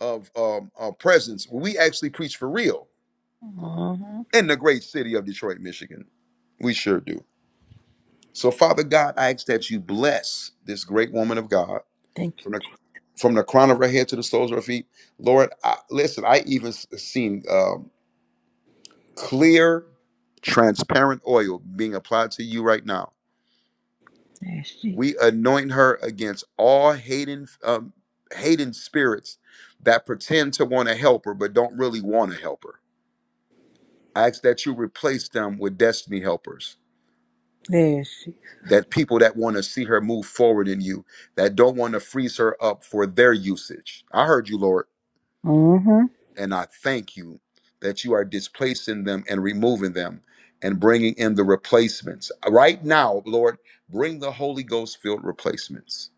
A: of um uh, presence. Well, We actually preach for real
I: Mm-hmm.
A: in the great city of Detroit, Michigan. We sure do. So Father God, I ask that you bless this great woman of God
I: Thank you,
A: from the
I: Jesus.
A: from the crown of her head to the soles of her feet. Lord, I, listen, I even s- seen um clear, transparent oil being applied to you right now.
I: Yes, Jesus.
A: We anoint her against all hating, um, hating spirits that pretend to want to help her but don't really want to help her. I ask that you replace them with destiny helpers,
I: Yes, Jesus.
A: that people that want to see her move forward in you, that don't want to freeze her up for their usage. I heard you, Lord
I: Mm-hmm.
A: And I thank you that you are displacing them and removing them and bringing in the replacements. Right now, Lord, bring the Holy Ghost filled replacements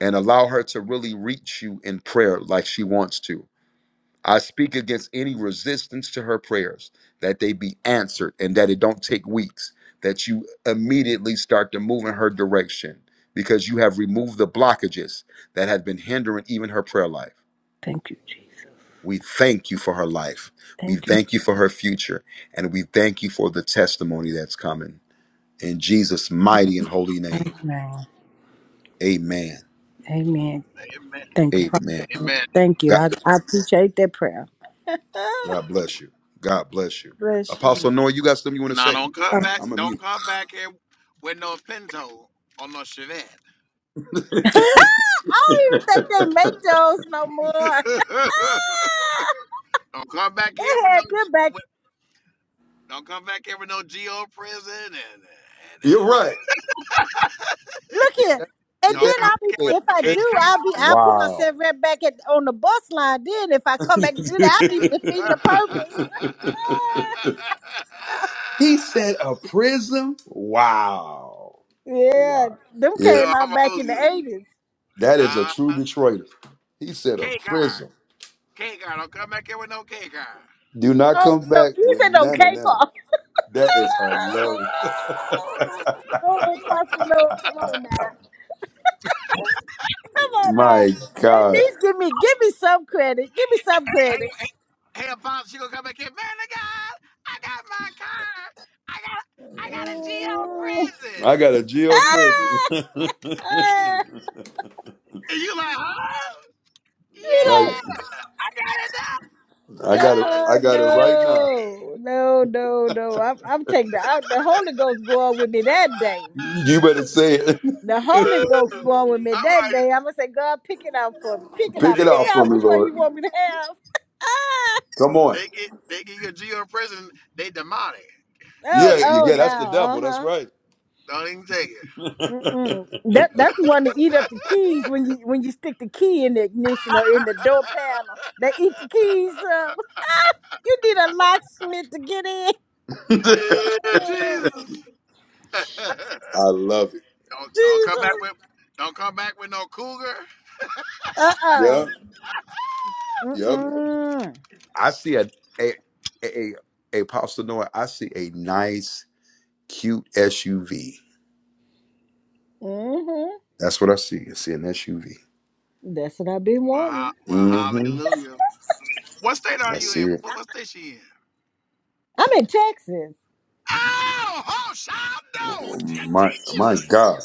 A: and allow her to really reach you in prayer like she wants to. I speak against any resistance to her prayers, that they be answered and that it don't take weeks, that you immediately start to move in her direction because you have removed the blockages that have been hindering even her prayer life.
I: Thank you, Jesus.
A: We thank you for her life. We
I: Thank you.
A: thank you for her future. And we thank you for the testimony that's coming. In Jesus' mighty and holy name.
I: Amen.
A: Amen.
I: Amen.
H: Amen.
I: Thank you,
A: Amen.
I: Father.
H: Amen.
I: Thank you.
A: God,
I: I, I appreciate that prayer.
A: God bless you. God bless you.
I: Bless you. Um,
A: Apostle Noah, you got something you want to
H: Now
A: say?
H: don't come
I: I
H: back.
A: I'm a
H: Don't
A: mute.
H: come back here with no Pinto or no Chevette.
I: don't even think they make those no more. Ah!
H: don't come back here
I: they
H: with no
I: had them back
H: Don't come back here with no G O prison and, and,
A: You're
H: and
A: right.
I: Look
A: Did
I: here.
A: that,
I: And
A: did
I: then
H: don't
A: that man
H: come
I: I'll
H: back
I: be
H: here
A: say
H: with
I: if
H: no
A: a
I: I
H: can
A: prayer?
I: do, I'll be I'll put
A: Wow.
I: myself right back at on the bus line. Then if I come back and do that, I'll be defeating the purpose.
A: he said a prism? Wow.
I: yeah.
A: Wow.
I: Them
A: Yeah.
H: no,
I: came
H: I'm
I: out back
H: old
I: in the
H: school.
I: eighties.
A: That is a
H: Uh,
A: true Detroiter. He said a
H: K card,
A: prison.
H: K card. Don't come back here with no K card.
A: Do not
I: Oh
A: come
I: no,
A: back
I: you
A: with
I: said no
A: none of
I: cake
A: them.
I: off.
A: That is hilarious.
I: oh Pastor Noah, come on now. Come on now.
A: My
I: At
A: God.
I: least give me give me some credit. Give me some
H: hey, hey,
I: credit.
H: hey, hey, Bob, she gonna come back here. Man, I got, I got my card. I got, I got a G O prison.
A: I got a
I: Mm.
A: jail prison.
I: Ah, ah,
H: And you like, huh?
A: like
H: Yeah, I got it now.
A: I
H: The
I: Uh,
A: got it
H: other
A: I got it right now.
I: no, no, no, no. I'm, I'm taking the, I, the Holy Ghost going with me that day.
A: You better say it.
I: The Holy Ghost going with me
H: I'm
I: that
H: like,
I: day. I'm gonna say, God, pick it out for me. Pick it
A: Pick
I: out.
A: it
H: they
I: Pick
A: out
H: get,
A: for
I: out
A: me,
I: which one you
A: Lord.
I: want me to have.
A: Come on.
H: they get, they get your geo prison. They demonic.
I: Oh,
H: Don't
A: Yeah,
H: even
I: oh,
A: yeah,
H: take
A: that's
H: it.
A: the
I: now, uh
A: devil. That's
I: huh.
A: right.
H: Don't even take it.
I: Mm-mm. That that's the one that eat up the keys when you when you stick the key in the ignition or in the door panel. They eat the keys up. You need a locksmith to get in.
H: Yeah, Jesus. don't
A: I love it.
H: don't come back
I: Jesus.
H: with, don't come back with no cougar.
I: Uh uh-uh.
A: Yeah.
I: uh.
A: Yep.
I: Mm
A: I see a a a, a a Pastor Noah, I see a nice, cute SUV.
I: mm.
A: That's what I see. I see an SUV.
I: That's what I've been
H: Well, ha-
I: wanting.
H: well,
A: Mm-hmm.
H: hallelujah. What state are
A: I
H: you
A: see
H: in?
A: it.
H: What, what state she in?
I: I'm in Texas.
H: Oh, oh, child, no, Je-
A: My my
H: Jesus.
A: God,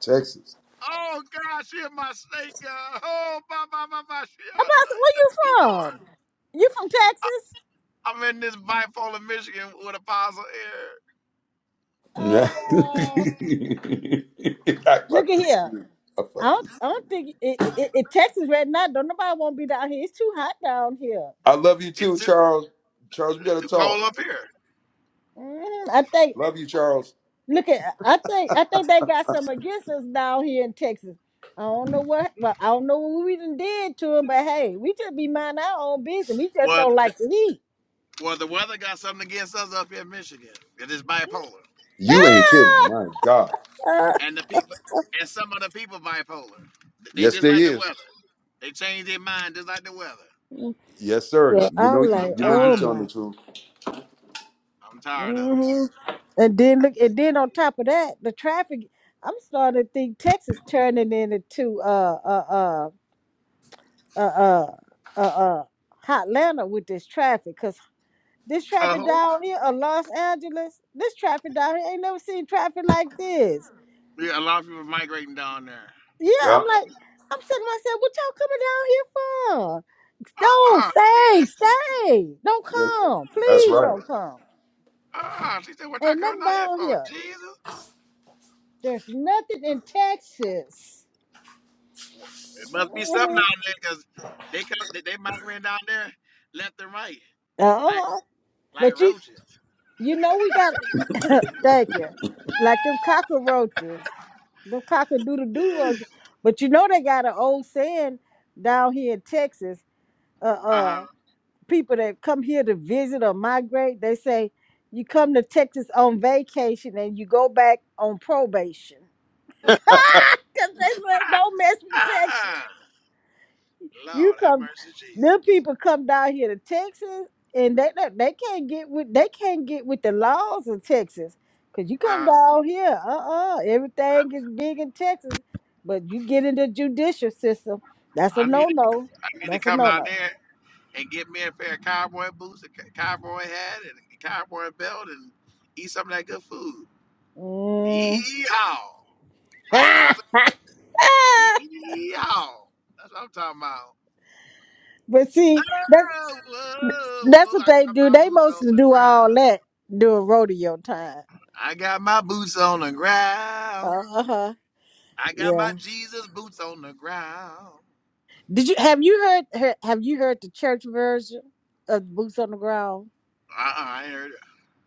A: Texas.
H: Oh God, she in my state, God. Oh, my, my, my, my, she, I know.
I: Apostle, where you
H: yes,
I: from?
H: Lord.
I: You from Texas?
H: I'm in this bipolar Michigan with Apostle here.
A: Yeah.
I: Oh, uh,
A: I
I: look
A: about
I: at
A: to
I: here.
A: sleep. I
I: I
A: about to
I: don't, I don't think it, it, it, it- Texas right now. Don't nobody want to be down here. It's too hot down here.
A: I love you
H: It's
A: too,
H: too,
A: Charles. Charles, we
H: it's
A: gotta
H: too
A: talk.
H: cold up here.
I: Mhm. I think.
A: Love you, Charles.
I: Look at. I think. I think they got some against us down here in Texas. I don't know what. Well, I don't know what we done did to them, but hey, we just be minding our own business. We just
H: Well,
I: don't like
H: th-
I: the heat.
H: well, the weather got something against us up here in Michigan. It is bipolar,
A: You ain't kidding. My God.
H: and the people, and some of the people bipolar. They
A: Yes,
H: just
A: there
H: like the weather.
A: is.
H: They change their mind just like the weather.
A: Yes, sir.
I: So
A: You
I: I'm
A: know,
H: I'm
I: like,
A: you know, you
H: tired
I: oh
H: of
I: my.
A: telling the
H: it.
A: truth.
H: I'm tired of it.
I: hmm And then look, and then on top of that, the traffic. I'm starting to think Texas turning into uh uh uh uh uh uh, uh Hotlanta with this traffic, cause this traffic
H: Oh,
I: down here or Los Angeles, this traffic down here ain't never seen traffic like this.
H: yeah, a lot of people migrating down there.
I: Yeah, I'm
A: Yeah.
I: like, I'm saying to myself, what y'all coming down here for? Don't
H: Ah, uh
I: stay, stay. Don't
A: Yes.
I: come,
A: That's
I: please
A: right.
I: don't come.
H: ah, she said, what y'all
I: Ain't
H: coming
I: nothing
H: out here
I: down
H: for?
I: here.
H: Jesus,
I: There's nothing in Texas.
H: Well, It must be something
I: uh
H: down there because they come they, they migrating down there left and right like
I: huh.
H: like
I: But you
H: roaches.
I: you know we got thank you. Like them cockroaches. Them cockadoodle doo roaches. But you know they got an old saying down here in Texas. Uh uh
H: um,
I: people that come here to visit or migrate, they say you come to Texas on vacation and you go back on probation. Cause they say don't mess with Texas.
H: ah,
I: You
H: Lord have
I: come,
H: mercy,
I: them
H: Jesus.
I: people come down here to Texas, and they they they can't get with they can't get with the laws of Texas, cause you come
H: Um,
I: down here, uh uh
H: I,
I: everything is big in Texas, but you get in the judicial system, that's a
H: I need
I: no
H: to
I: no,
H: I need to
I: that's a
H: come
I: no
H: down
I: no.
H: there and get me a pair of cowboy boots, a co- cowboy hat, and a cowboy belt, and eat some of that good food.
I: Mm.
H: Yeehaw! Right, Apostle? Yeehaw! That's what I'm talking about.
I: but see, that's
H: Oh, whoa,
I: that's
H: whoa,
I: what
H: I
I: they
H: got
I: do.
H: my
I: They
H: boots on
I: mostly
H: the
I: do
H: ground.
I: all that during rodeo time.
H: I got my boots on the ground.
I: Uh huh.
H: I got
I: Yeah.
H: my Jesus boots on the ground.
I: Did you have you heard he- have you heard the church version of Boots on the Ground?
H: Uh-uh, I ain't heard it.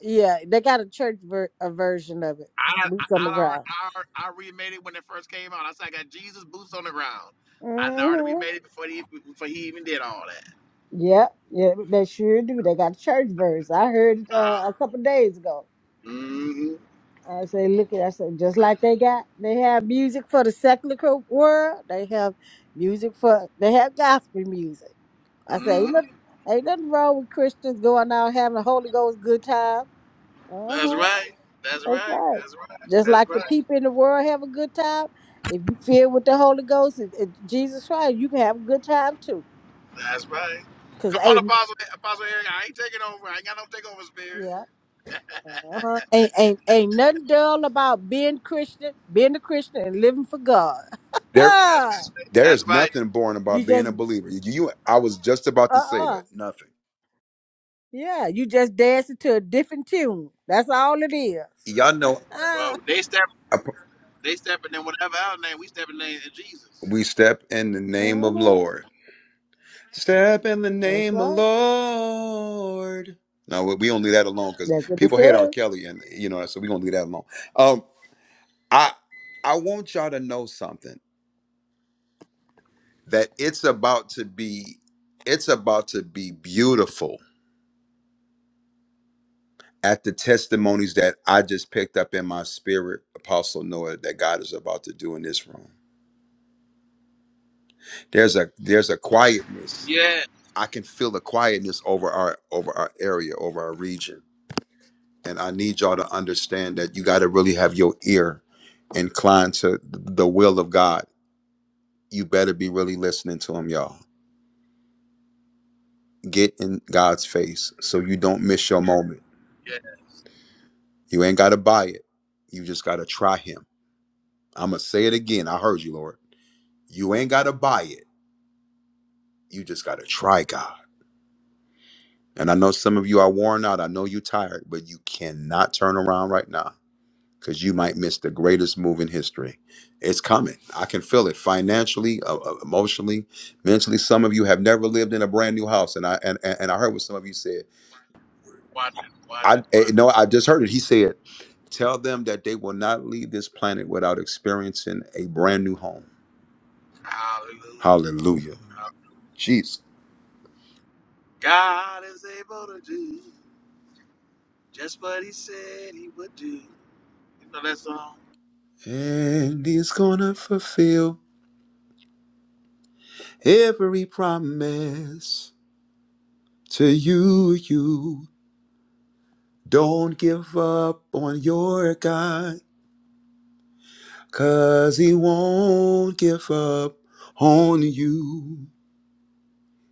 I: Yeah, they got a church ver- a version of it.
H: I, I,
I: Boots
H: I,
I: on the
H: alre-
I: Ground.
H: I, alre- I remade it when it first came out. I said I got Jesus boots on the ground. I done already
I: hmm
H: remade it before he before he even did all that.
I: Yeah, yeah, they sure do. They got a church version. I heard it
H: Uh,
I: uh, a couple days ago.
H: mm-hmm,
I: I say, look at, I said, just like they got, they have music for the secular co- world. They have music for, they have gospel music. I say, ain't
H: mm-hmm.
I: nothing, ain't nothing wrong with Christians going out having a Holy Ghost good time. Uh
H: That's
I: huh.
H: right. That's
I: That's
H: right.
I: right.
H: That's right.
I: Just
H: That's
I: like the
H: right.
I: people in the world have a good time, if you feel with the Holy Ghost and, and Jesus Christ, you can have a good time too.
H: That's right.
I: Cause
H: Come on,
I: ain't
H: Apostle Apostle Eric. I ain't taking over. I ain't got no takeover spirit.
I: yeah, uh-huh. ain't, ain't ain't nothing dull about being Christian, being a Christian and living for God.
A: There,
H: That's
I: Ah,
A: there
H: that's
A: is
H: right.
A: nothing boring
I: you
A: about being a
I: just
A: believer. You, I was just about to
I: uh
A: say that.
I: uh
A: Nothing.
I: yeah, you just dancing to a different tune. That's all it is.
A: Y'all know.
I: Ah,
H: Well, they step they stepping in whatever our name, we stepping in in Jesus.
A: We step in the name of
I: mhm.
A: Lord. Step in the
I: That's
A: name of
I: right.
A: Lord. No, we we don't leave that alone because
I: That's what it
A: people hate R.
I: says.
A: Kelly, and you know, so we gonna leave that alone. Um, I I want y'all to know something that it's about to be, it's about to be beautiful at the testimonies that I just picked up in my spirit, Apostle Noah, that God is about to do in this room. There's a there's a quietness.
H: Yeah,
A: I can feel the quietness over our over our area, over our region and I need y'all to understand that you got to really have your ear inclined to th- the will of God. You better be really listening to Him, y'all. Get in God's face so you don't miss your moment.
H: yeah.
A: You ain't got to buy it. You just got to try Him. I'm going to say it again. I heard you, Lord. You ain't got to buy it. You just got to try God. And I know some of you are worn out. I know you're tired, but you cannot turn around right now. because you might miss the greatest move in history. It's coming. I can feel it financially, uh, uh, emotionally, mentally. Some of you have never lived in a brand new house, and I and and and I heard what some of you said.
H: Watch it, watch
A: I
H: it,
A: eh,
H: watch it.
A: no, I just heard it. He said, "Tell them that they will not leave this planet without experiencing a brand new home."
H: Hallelujah.
A: Hallelujah, Jesus.
H: God is able to do just what He said He would do. You know that song?
A: And He's gonna fulfill every promise to you. You don't give up on your God. Cause he won't give up on you.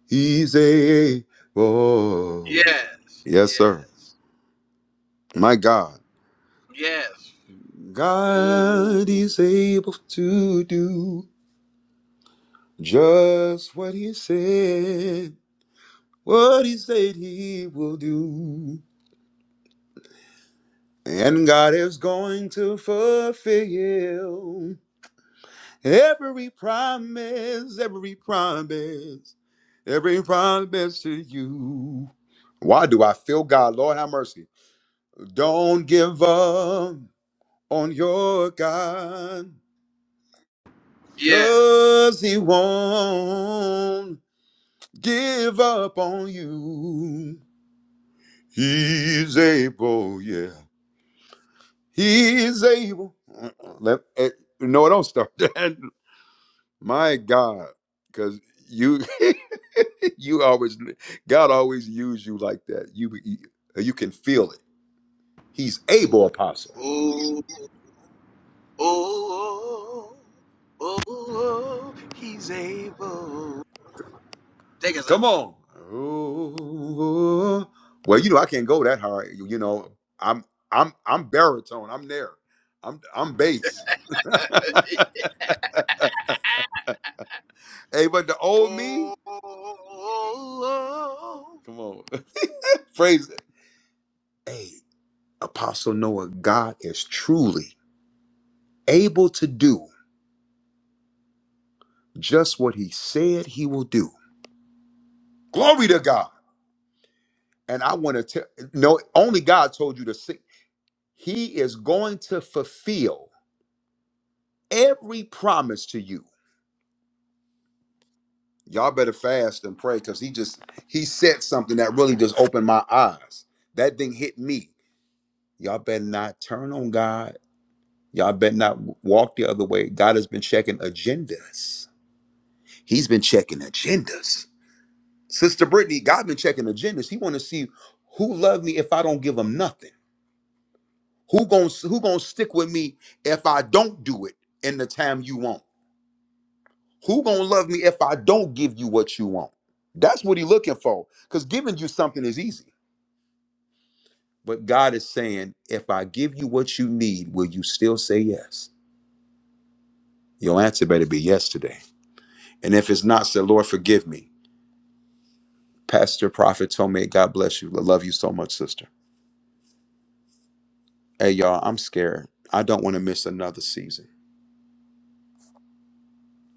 A: He's able.
H: Yes,
A: Yes, sir.
H: yes,
A: My God.
H: yes. Oh,
A: God is able to do just what he said, what he said he will do. And God is going to fulfill. Every promise, every promise, every promise to you. Why do I feel God? Lord, have mercy. Don't give up on your God,
H: yes.
A: because He won't give up on you. He's able, yeah. He's able. Let, eh, no, don't start that. My God, because you you always God always use you like that. You you, can feel it. He's able, apostle.
H: oh, oh, oh, oh, oh, He's able. Take us up.
A: Come on. Ooh. Well, you know I can't go that high. You you know I'm I'm I'm baritone. I'm there. I'm I'm bass. hey, but the old me.
H: Oh, oh, oh,
A: Come on, praise it. Hey, Apostle Noah, God is truly able to do. just what he said he will do. Glory to God. And I want to tell no, only God told you to see. He is going to fulfill every promise to you. Y'all better fast and pray because he just he said something that really just opened my eyes. That thing hit me. Y'all better not turn on God. Y'all better not walk the other way. God has been checking agendas. He's been checking agendas. Sister Brittany, God been checking agendas. He want to see who love me if I don't give him nothing. Who gonna who gonna stick with me if I don't do it in the time you want? Who gonna love me if I don't give you what you want? That's what he's looking for. Because giving you something is easy. But God is saying, if I give you what you need, will you still say yes? Your answer better be yes today. And if it's not, say, Lord, forgive me. Pastor Prophet told me, God bless you. I love you so much, sister. Hey, y'all, I'm scared. I don't want to miss another season.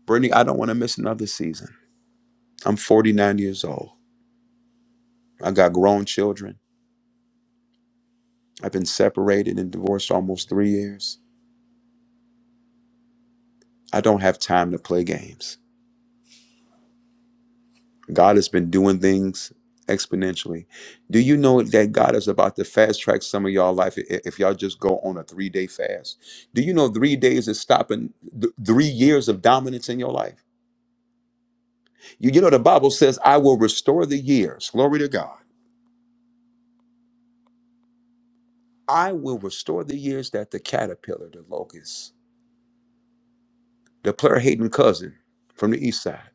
A: Brittany, I don't want to miss another season. I'm 49 years old. I got grown children. I've been separated and divorced almost three years. I don't have time to play games. God has been doing things exponentially. Do you know that God is about to fast track some of y'all life i- if y'all just go on a three day fast? Do you know three days is stopping th- three years of dominance in your life? You, you know, the Bible says, I will restore the years. Glory to God. I will restore the years that the caterpillar, the locust, the player hating cousin from the east side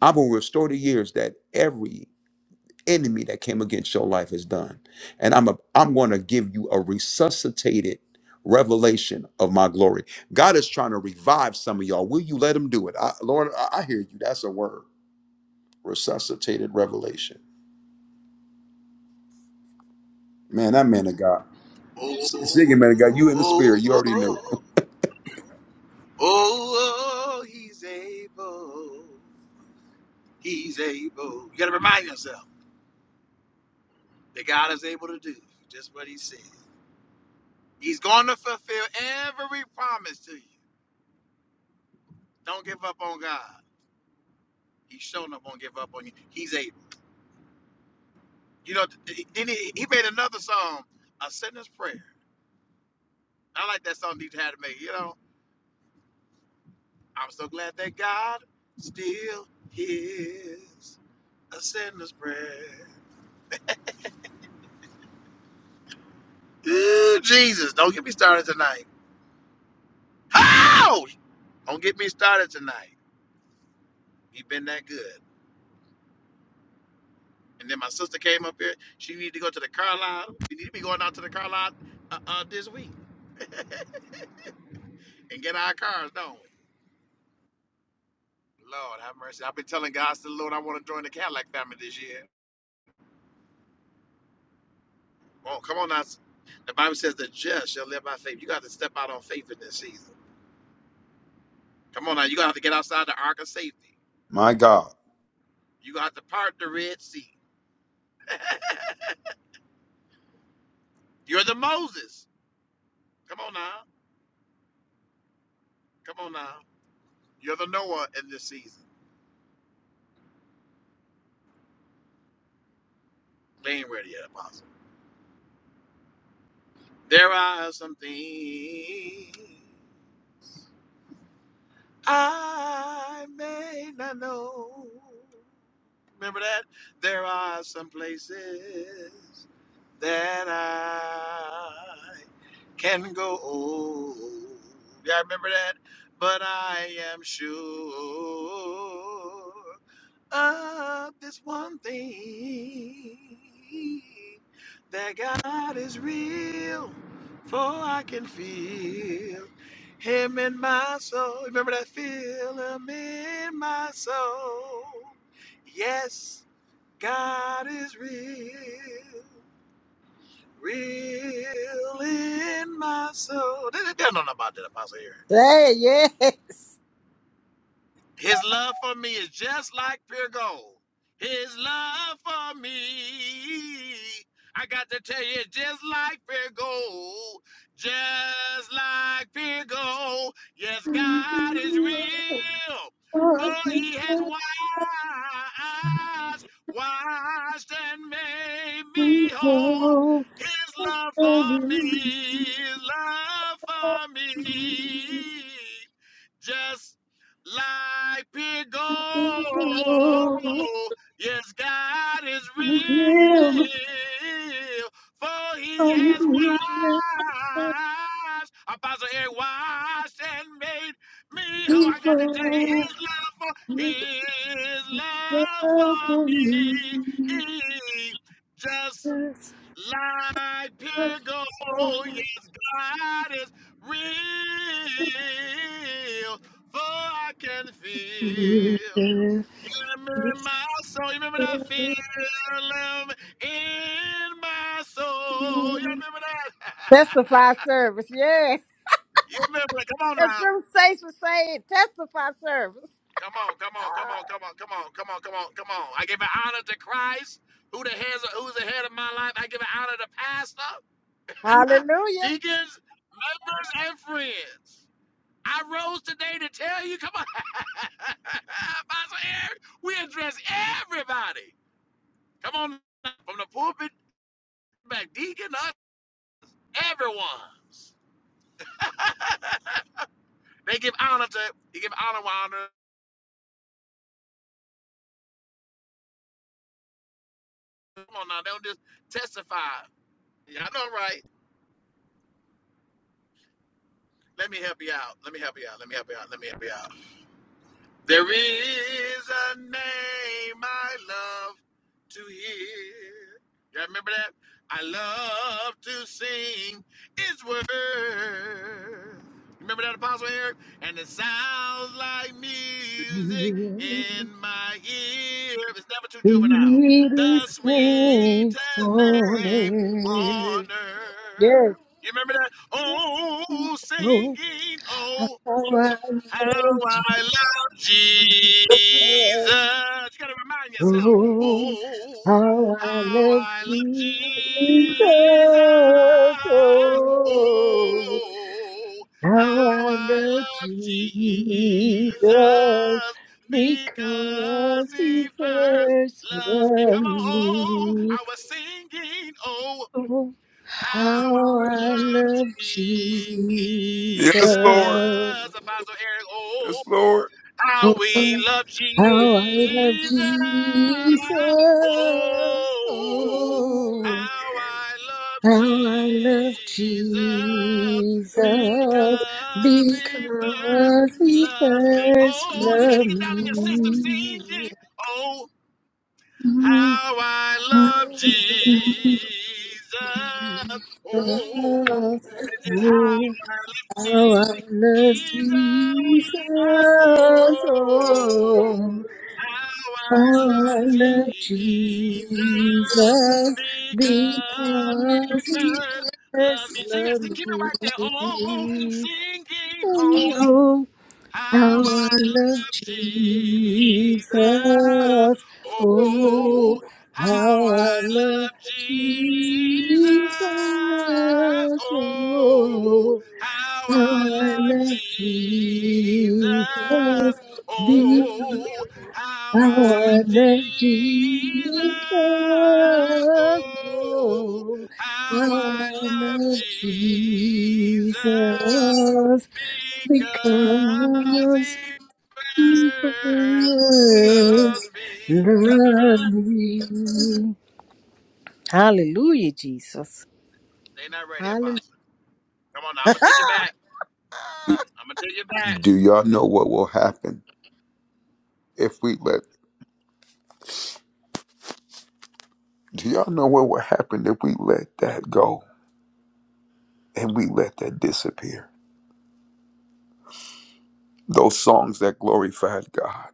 A: I am gonna restore the years that every enemy that came against your life has done. And I'm a, I'm going to give you a resuscitated revelation of my glory. God is trying to revive some of y'all. Will you let him do it? I, Lord, I, I hear you. That's a word. Resuscitated revelation. Man, that man of God. S- Singing man of God, you in the
H: oh,
A: spirit.
H: oh,
A: You already knew
H: oh,
A: it.
H: oh, he's able. He's able. You got to remind yourself that God is able to do just what he said. He's going to fulfill every promise to you. Don't give up on God. He's showing up, won't give up on you. He's able. You know, then he, he made another song, A Sinner's Prayer. I like that song DJ had to make, you know. I'm so glad that God still hears a sinner's prayer. Ooh, Jesus, don't get me started tonight. How? Don't get me started tonight. he have been that good. And then my sister came up here. She needed to go to the car lot. We need to be going out to the car lot uh, uh, this week and get our cars, don't we? Lord, have mercy. I've been telling God, I said, Lord, I want to join the Cadillac family this year. Oh, come on now. The Bible says the just shall live by faith. You got to step out on faith in this season. Come on now, you're gonna have to get outside the ark of safety.
A: My God.
H: You're gonna have to part the Red Sea. You're the Moses. Come on now. Come on now. You're the Noah in this season. They ain't ready yet, Apostle. There are some things I may not know. Remember that? There are some places that I can go old. Yeah, I remember that. But I am sure of this one thing that God is real, for I can feel Him in my soul. Remember that? Feel Him in my soul. Yes, God is real. Real in my soul. They, they don't know about that apostle here.
I: Say it,
H: His love for me is just like pure gold. His love for me, I got to tell you, it's just like pure gold. Just like pure gold. Yes, God is real. For he has washed, washed and made me whole.
I: yes.
H: His love for
I: Testify
H: me, his love for me. Just like pig gold. Yes, God is real, for he has washed, Apostle Eric washed and made me whole. I got to tell you, his love for, his love for me, just like bigger, oh yes, God is real, for I can feel him in my soul. You remember that feeling in my soul? You remember that?
I: service, yes.
H: you remember that? Come on
I: If
H: now.
I: some saints would say it, testify service.
H: Come on, come on, come on, come on, come on, come on, come on, come on. I give an honor to Christ, who the heads, of, who's the head of my life. I give an honor to pastor,
I: Hallelujah.
H: deacons, members, and friends. I rose today to tell you, come on, we address everybody. Come on, from the pulpit, back deacon, us, everyone's. They give honor to, they give honor to. honor. Come on now, they don't just testify. Yeah, I know, right? Let me help you out. Let me help you out. Let me help you out. Let me help you out. There is a name I love to hear. you remember that? I love to sing its word. Remember that, Apostle Eric? And it sounds like music in my ear. It's never too juvenile.
I: He
H: The sweetest
I: is
H: name on
I: faithfulness. Yes.
H: earth. You remember that? Oh,
I: Oh,
H: singing, oh,
I: how I
H: how I love Jesus. You got to remind yourself.
I: love
H: Oh,
I: How I
H: how
I: love
H: I love
I: Jesus.
H: Jesus.
I: Oh,
H: Oh,
I: how
H: how
I: I
H: I
I: love
H: love Jesus
I: Jesus because
H: because he
I: he
H: first
I: first
H: loves me.
I: loved
H: Come on. Oh,
I: me.
H: I was singing. oh. How I
I: How I
H: love
I: love Jesus.
H: Jesus. Apostle Eric, oh,
A: Yes, Lord.
H: how we love
I: How I love
H: Jesus.
I: Jesus.
H: Oh,
I: Oh.
H: how I love
I: How I love
H: Jesus
I: Jesus
H: because he first
I: because he
H: loves me.
I: first
H: Oh, you got to
I: loved
H: get down in your system,
I: me.
H: sing. Oh.
I: Oh,
H: How I love Jesus. Oh, this is how I
I: how
H: love
I: I love
H: Jesus.
I: Jesus.
H: Oh,
I: Oh,
H: how I
I: how I
H: love Jesus.
I: love Jesus
H: Because he
I: because he
H: first loved
I: first
H: me. So you guys
I: loved
H: keep it right there.
I: me.
H: Oh, singing. oh!
I: Oh, How I
H: How I
I: love
H: love
I: Jesus.
H: Jesus. Oh,
I: Oh, how
H: how I
I: I love
H: love Jesus.
I: Jesus.
H: Oh,
I: Oh,
H: how
I: how
H: I
I: I
H: love
I: love
H: Jesus.
I: Jesus. Be
H: Oh, how
I: how
H: I
I: I
H: love
I: love
H: Jesus.
I: Jesus.
H: Oh,
I: Oh,
H: how
I: how
H: I
I: I
H: love
I: love
H: Jesus
I: Jesus.
H: because
I: Because
H: he first loves me. You gotta remember
I: Love
H: that?
I: me. Hallelujah, Jesus.
H: They not ready, Apostle. Come on now, I'm gonna take you back.
A: Do,
H: I'm gonna take you back.
A: do y'all know what will happen if we let, do y'all know what will happen if we let that go? and we let that disappear. Those songs that glorified God,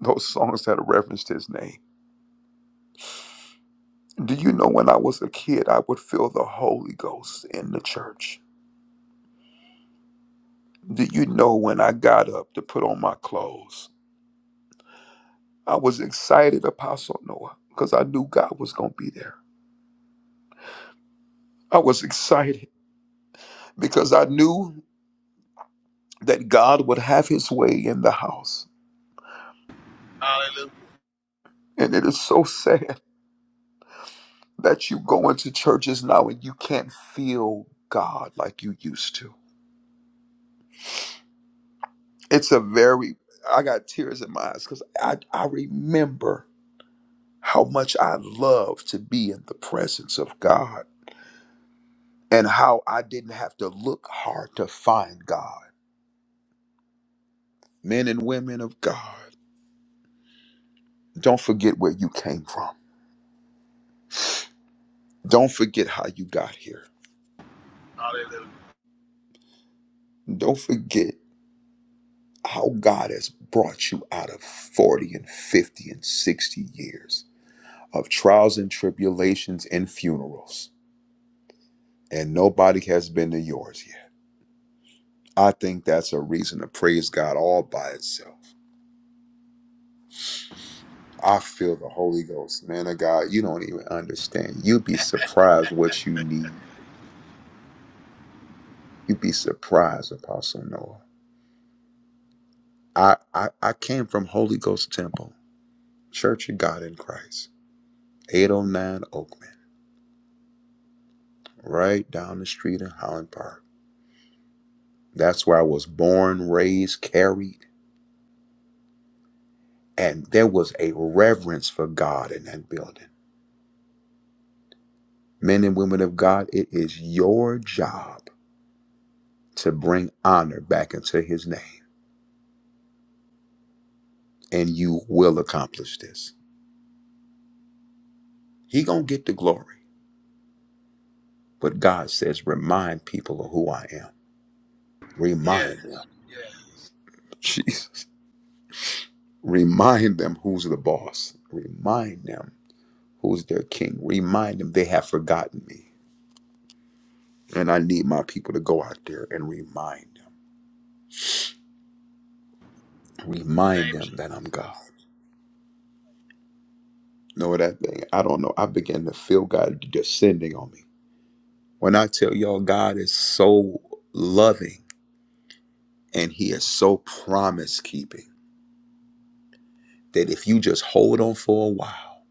A: those songs that referenced His name. Do you know when I was a kid, I would feel the Holy Ghost in the church? Do you know when I got up to put on my clothes? I was excited, Apostle Noah, because I knew God was going to be there. I was excited because I knew that God would have His way in the house.
H: Hallelujah.
A: And it is so sad that you go into churches now and you can't feel God like you used to It's a very, I got tears in my eyes because I, I remember how much I love to be in the presence of God and how I didn't have to look hard to find God. Men and women of God, don't forget where you came from. Don't forget how you got here.
H: Hallelujah.
A: Don't forget how God has brought you out of 40 and 50 and 60 years of trials and tribulations and funerals. And nobody has been to yours yet. I think that's a reason to praise God all by itself. I feel the Holy Ghost, man of God. You don't even understand. You'd be surprised what you need. You'd be surprised, Apostle Noah. I, I, I came from Holy Ghost Temple, Church of God in Christ, 809 Oakman, right down the street in Holland Park. That's where I was born, raised, carried, and there was a reverence for God in that building. Men and women of God, it is your job to bring honor back into his name and you will accomplish this he gonna get the glory but god says remind people of who i am remind
H: Yes.
A: them
H: Yes.
A: jesus remind them who's the boss remind them who's their king remind them they have forgotten me and i need my people to go out there and remind them
H: The
A: remind
H: name of
A: them that i'm
H: Jesus.
A: god know that thing i don't know i began to feel god descending on me when i tell y'all god is so loving And he is so promise keeping that if you just hold on for a while,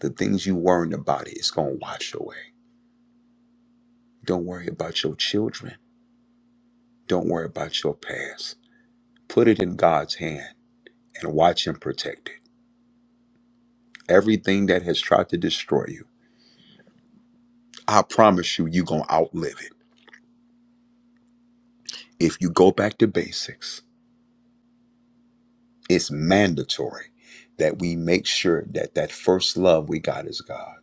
A: the things you worrying about it's gonna wash away. Don't worry about your children. Don't worry about your past. Put it in God's hand and watch him protect it. Everything that has tried to destroy you, I promise you, you're gonna outlive it. If you go back to basics, it's mandatory that we make sure that that first love we got is God.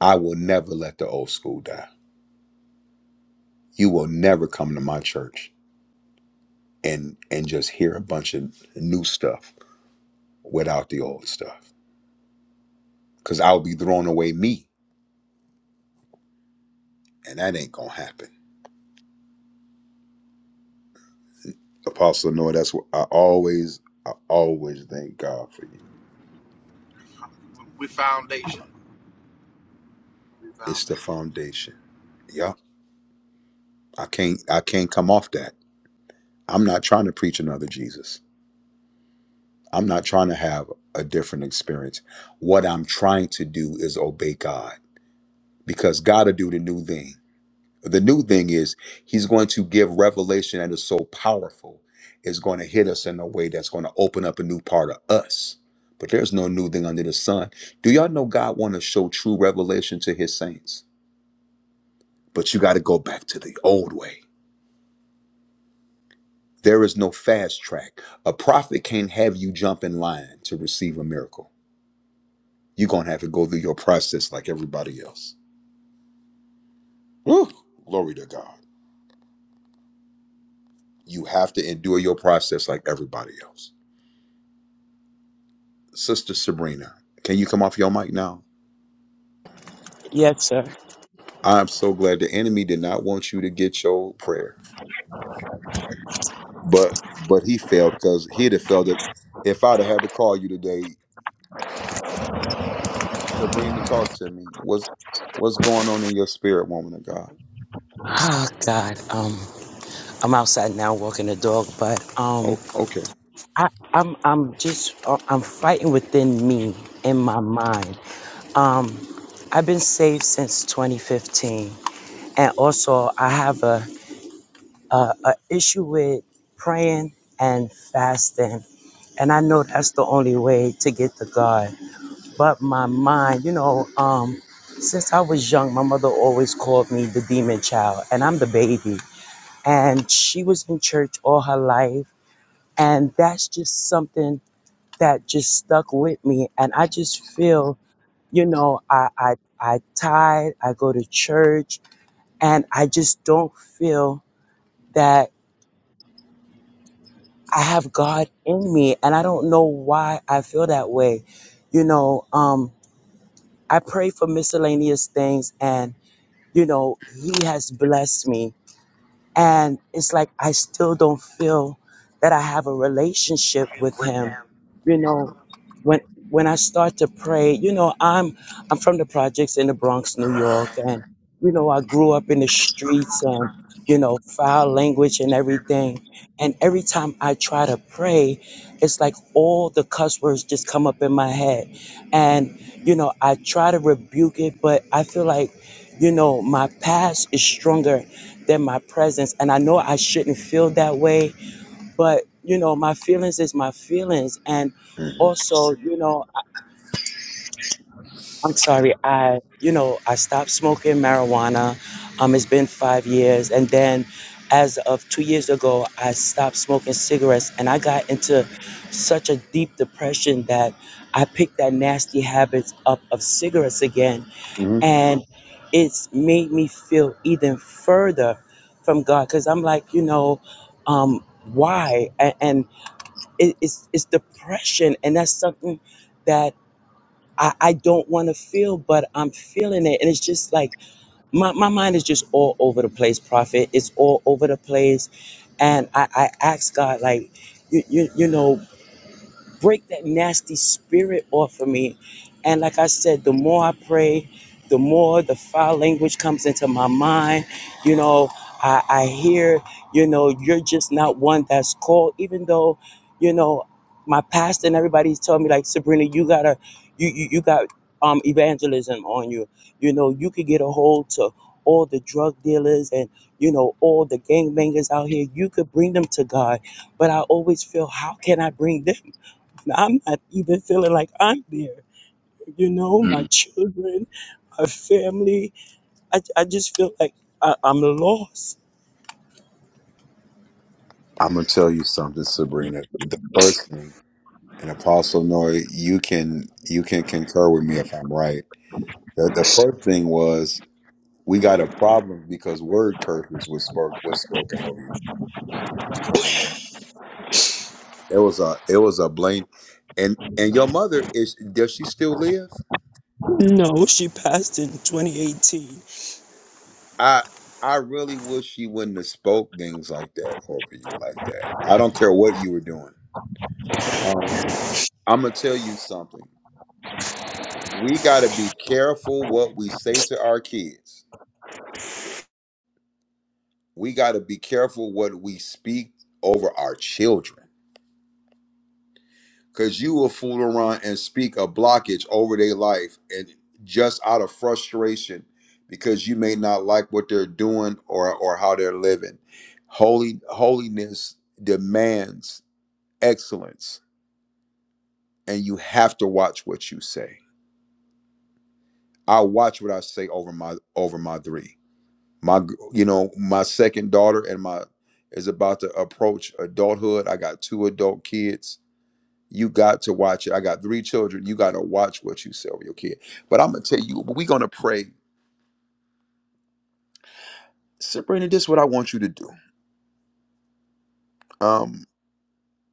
A: I will never let the old school die. You will never come to my church and and just hear a bunch of new stuff without the old stuff because i'll be throwing away me and that ain't gonna happen apostle Noah, that's what i always i always thank god for you
H: We we foundation. We
A: it's the
H: foundation.
A: foundation yeah i can't i can't come off that i'm not trying to preach another jesus i'm not trying to have a different experience what i'm trying to do is obey god because god will do the new thing The new thing is he's going to give revelation that is so powerful, it's going to hit us in a way that's going to open up a new part of us. But there's no new thing under the sun. Do y'all know God want to show true revelation to his saints? But you got to go back to the old way. There is no fast track. A prophet can't have you jump in line to receive a miracle. You're going to have to go through your process like everybody else. Woo, glory to God. You have to endure your process like everybody else. Sister Sabrina, can you come off your mic now?
J: Yes, sir.
A: I'm so glad the enemy did not want you to get your prayer, but but he failed because he'd have failed if, if I'd have had to call you today. Sabrina, talk to me. What's what's going on in your spirit, woman of God?
J: Oh God, um, I'm outside now walking the dog, but um,
A: Oh, okay.
J: I, I'm I'm just uh, I'm fighting within me in my mind. Um, I've been saved since 2015, and also I have a a, a issue with praying and fasting, and I know that's the only way to get to God. But my mind, you know, um. Since I was young, my mother always called me the demon child, and I'm the baby. and she was in church all her life and that's just something that just stuck with me and i just feel you know i i, I tithe i go to church and i just don't feel that i have god in me and i don't know why i feel that way you know um i pray for miscellaneous things and you know he has blessed me And it's like I still don't feel that I have a relationship with him. You know, when when I start to pray, you know, I'm I'm from the projects in the Bronx, New York, and you know, I grew up in the streets and you know, foul language and everything. And every time I try to pray, it's like all the cuss words just come up in my head. And you know, I try to rebuke it, but I feel like you know, my past is stronger than my presence. And I know I shouldn't feel that way, but you know, my feelings is my feelings. And
A: hmm
J: also, you know, I- I'm sorry, I, you know, I stopped smoking marijuana. Um, it's been five years. And then as of two years ago, I stopped smoking cigarettes and I got into such a deep depression that I picked that nasty habit up of cigarettes again
A: hmm
J: and it's made me feel even further from God because I'm like, you know, um, why? And, and it, it's it's depression, and that's something that I, I don't want to feel, but I'm feeling it, and it's just like my my mind is just all over the place, Prophet. It's all over the place, and I I ask God like. You, you, you know break that nasty spirit off of me. And like I said, the more I pray, the more the foul language comes into my mind. You know, I, I hear, you know, you're just not one that's called, even though, you know, my pastor and everybody's telling me like Sabrina, you gotta you you, you got um evangelism on you. You know, you could get a hold to all the drug dealers and you know all the gangbangers out here. You could bring them to God. But I always feel how can I bring them? I'm not even feeling like I'm there. You know, my children, my family. I, I just feel like I, I'm lost.
A: I'm gonna tell you something, Sabrina. The first thing, and Apostle Noah, you can you can concur with me if I'm right. The, the first thing was we got a problem because word curses was spoke was spoken over you. It was a it was a blame, and and your mother is does she still live?
J: No, she passed in 2018.
A: I I really wish she wouldn't have spoke things like that over you like that. I don't care what you were doing. Um, I'm gonna tell you something. We gotta be careful what we say to our kids. We gotta be careful what we speak over our children. because you will fool around and speak a blockage over their life and just out of frustration because you may not like what they're doing or or how they're living holy holiness demands excellence and you have to watch what you say i watch what i say over my over my three my g- you know my second daughter and my is about to approach adulthood i got two adult kids You got to watch it. I got three children. You got to watch what you sell your kid. But I'm gonna tell you, we're gonna pray. Sabrina, this is what I want you to do. Um,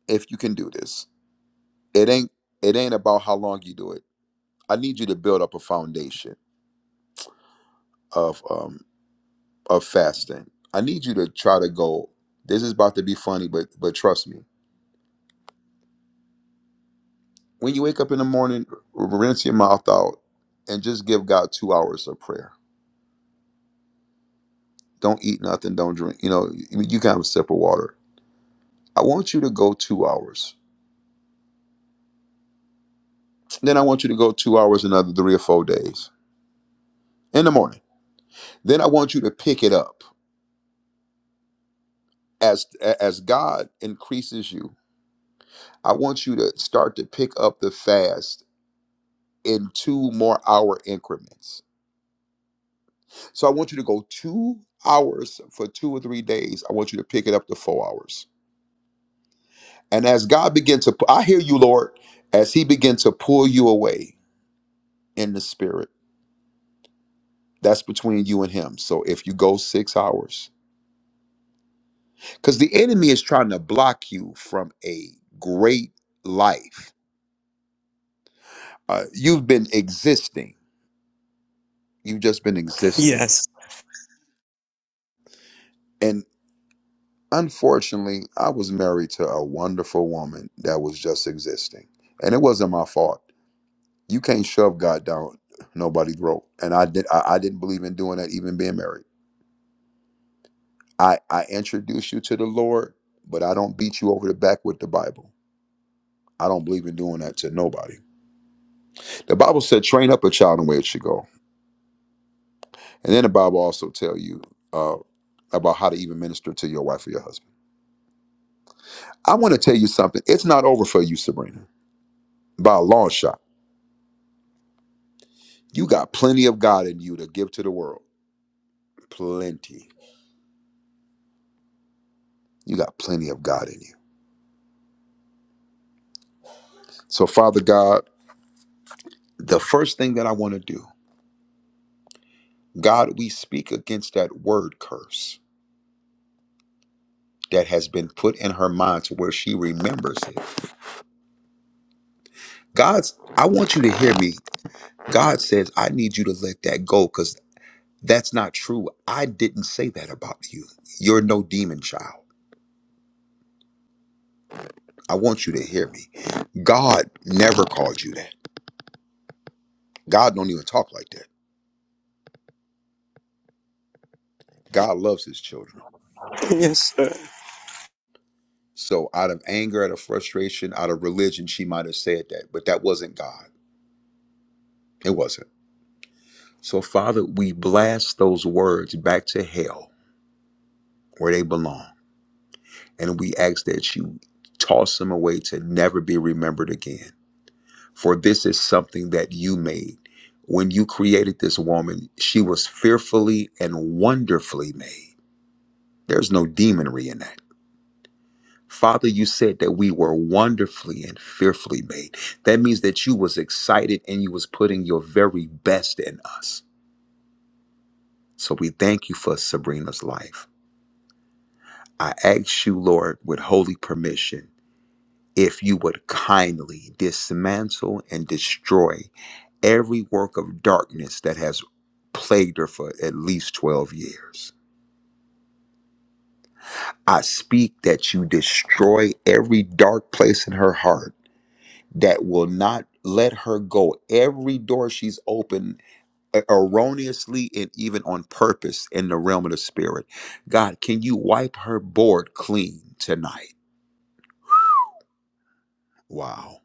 A: if you can do this, it ain't it ain't about how long you do it. I need you to build up a foundation of um of fasting. I need you to try to go. This is about to be funny, but but trust me. When you wake up in the morning, rinse your mouth out and just give God two hours of prayer. Don't eat nothing. Don't drink. You know, you you can have a sip of water I want you to go two hours. Then I want you to go two hours another three or four days in the morning. Then I want you to pick it up as as God increases you. I want you to start to pick up the fast in two more hour increments. So I want you to go two hours for two or three days. I want you to pick it up to four hours. And as God begins to, pu- I hear you, Lord, as He begins to pull you away in the spirit. That's between you and Him. So if you go six hours because the enemy is trying to block you from a great life. Uh, you've been existing, you've just been existing.
J: Yes.
A: And unfortunately, I was married to a wonderful woman that was just existing, and it wasn't my fault. You can't shove God down nobody's throat, and I did. I, I didn't believe in doing that, even being married. I I introduced you to the Lord, but I don't beat you over the back with the Bible. I don't believe in doing that to nobody. The Bible said, "Train up a child in the way it should go." And then the Bible also tell you uh, about how to even minister to your wife or your husband. I want to tell you something. It's not over for you, Sabrina, by a long shot. You got plenty of God in you to give to the world. Plenty. You got plenty of God in you. So, Father God, the first thing that I want to do, God, we speak against that word curse that has been put in her mind to where she remembers it. God's, I want you to hear me. God says, I need you to let that go because That's not true. I didn't say that about you. You're no demon child. I want you to hear me. God never called you that. God don't even talk like that. God loves his children.
J: Yes, sir.
A: So out of anger, out of frustration, out of religion, she might have said that, but that wasn't God. It wasn't. So Father, we blast those words back to hell where they belong. And we ask that you toss them away to never be remembered again. for this is something that you made. When you created this woman, she was fearfully and wonderfully made. There's no demonry in that. Father, you said that we were wonderfully and fearfully made. That means that you was excited and you was putting your very best in us. So we thank you for Sabrina's life. I ask you, Lord, with holy permission, if you would kindly dismantle and destroy every work of darkness that has plagued her for at least 12 years. I speak that you destroy every dark place in her heart that will not let her go. Every door she's opened er- erroneously and even on purpose in the realm of the spirit. God, can you wipe her board clean tonight? Wow.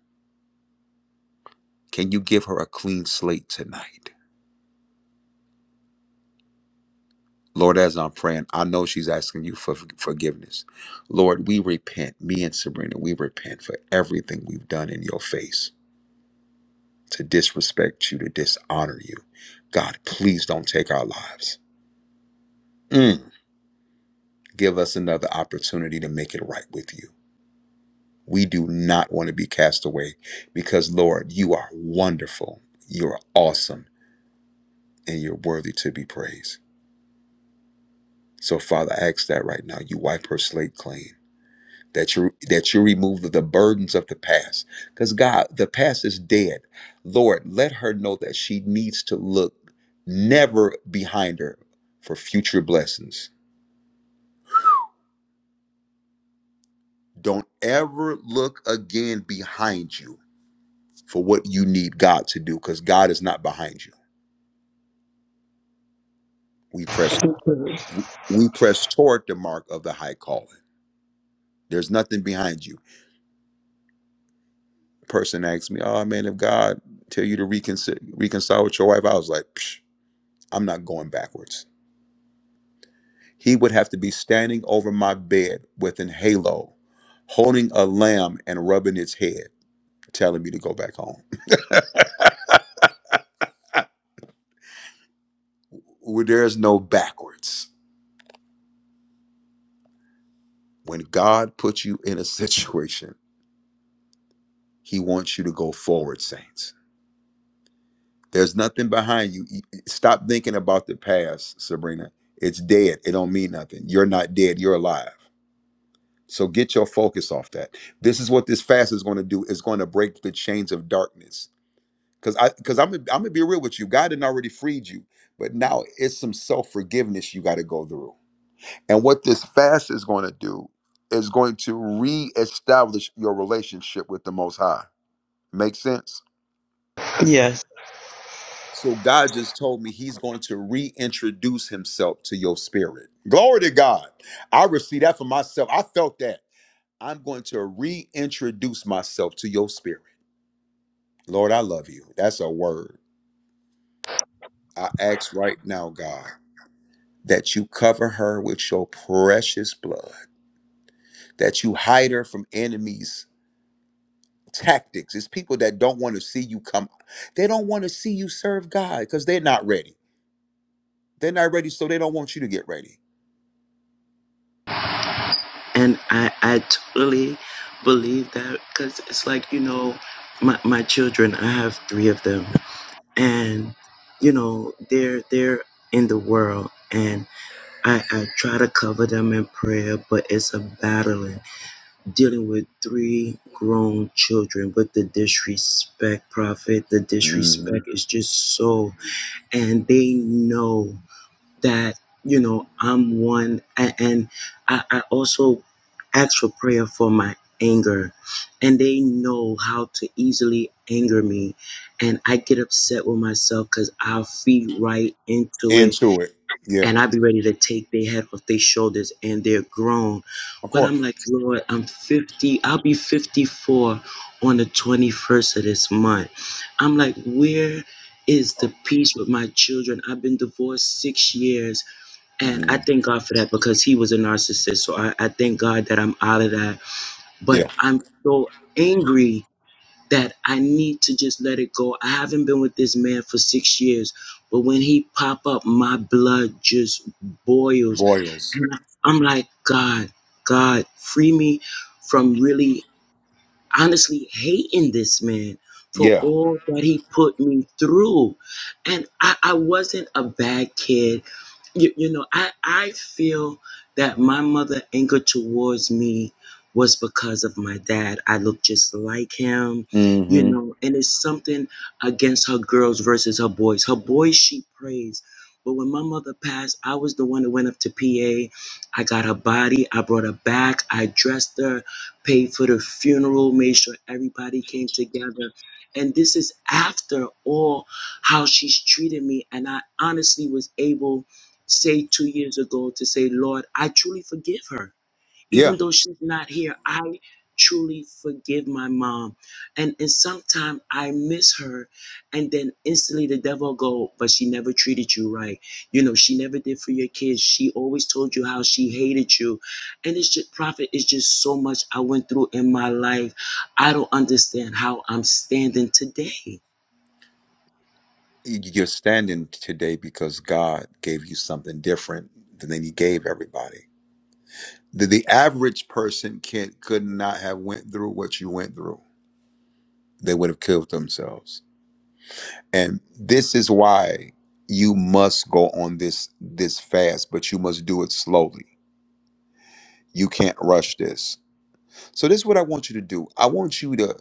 A: Can you give her a clean slate tonight? Lord, as I'm praying, I know she's asking you for for- forgiveness. Lord, we repent, me and Sabrina, we repent for everything we've done in your face to disrespect you, to dishonor you. God, please don't take our lives. Mm. Give us another opportunity to make it right with you. We do not want to be cast away because, Lord, you are wonderful, you're awesome, and you're worthy to be praised. So, Father, I ask that right now. You wipe her slate clean. that you that you remove the burdens of the past because god the past is dead lord let her know that she needs to look never behind her for future blessings don't ever look again behind you for what you need god to do because god is not behind you we press we press toward the mark of the high calling there's nothing behind you person asked me oh man if god tell you to reconcile reconcile with your wife i was like Psh, i'm not going backwards He would have to be standing over my bed with an halo, holding a lamb and rubbing its head, telling me to go back home. Where There's no backwards. When God puts you in a situation, He wants you to go forward, saints. There's nothing behind you. E, e, Stop thinking about the past, Sabrina. It's dead. It don't mean nothing. You're not dead. You're alive. So get your focus off that. This is what this fast is going to do. It's going to break the chains of darkness Cause I, cause I'm, I'm gonna be real with you. God had already freed you, but now it's some self forgiveness you got to go through. And what this fast is going to do is going to reestablish your relationship with the Most High. Make sense?
J: Yes.
A: So God just told me He's going to reintroduce Himself to your spirit. Glory to God. I received that for myself. I felt that. I'm going to reintroduce myself to your spirit. Lord, I love you. That's a word. I ask right now, God. that you cover her with your precious blood, that you hide her from enemies' tactics. It's people that don't want to see you come. They don't want to see you serve God because they're not ready. They're not ready, so they don't want you to get ready.
J: And I, I totally believe that because it's like, you know, my, my children, I have three of them. And, you know, they're they're in the world and I, I try to cover them in prayer, but it's a battling. dealing with three grown children but the disrespect prophet the
A: hmm
J: disrespect is just so and they know that you know i'm one a- and i, I also ask for prayer for my anger and they know how to easily anger me and i get upset with myself because i'll feed right into it
A: Into it. Yeah,
J: and I'd be ready to take their head off their shoulders and they're grown.
A: of
J: But
A: course.
J: I'm like, Lord, I'm 50, I'll be 54 on the 21st of this month. I'm like, where is the peace with my children? I've been divorced six years and I
A: hmm
J: thank God for that because he was a narcissist. So I, I thank God that I'm out of that. But
A: Yeah.
J: I'm so angry that I need to just let it go. I haven't been with this man for six years, but when he pop up, my blood just boils.
A: Boils.
J: And I- I'm like, God, God, free me from really honestly hating this man for
A: Yeah.
J: all that he put me through. And I, I wasn't a bad kid. You, you know, I, I feel that my mother anger towards me was because of my dad. I look just like him, you
A: hmm
J: know, and it's something against her girls versus her boys. Her boys she praised. But when my mother passed, I was the one that went up to PA. I got her body. I brought her back. I dressed her paid for the funeral, made sure everybody came together. And this is after all how she's treated me. And I honestly was able, say, two years ago, to say, Lord, I truly forgive her
A: Yeah.
J: even though she's not here, I truly forgive my mom. And and sometimes I miss her and then instantly the devil go, but she never treated you right. You know, she never did for your kids. She always told you how she hated you. And it's just prophet, it's just so much I went through in my life. I don't understand how I'm standing today.
A: You- You're standing today because God gave you something different than He gave everybody. the, the average person can not could not have went through what you went through they would have killed themselves and this is why you must go on this this fast but you must do it slowly you can't rush this so this is what i want you to do i want you to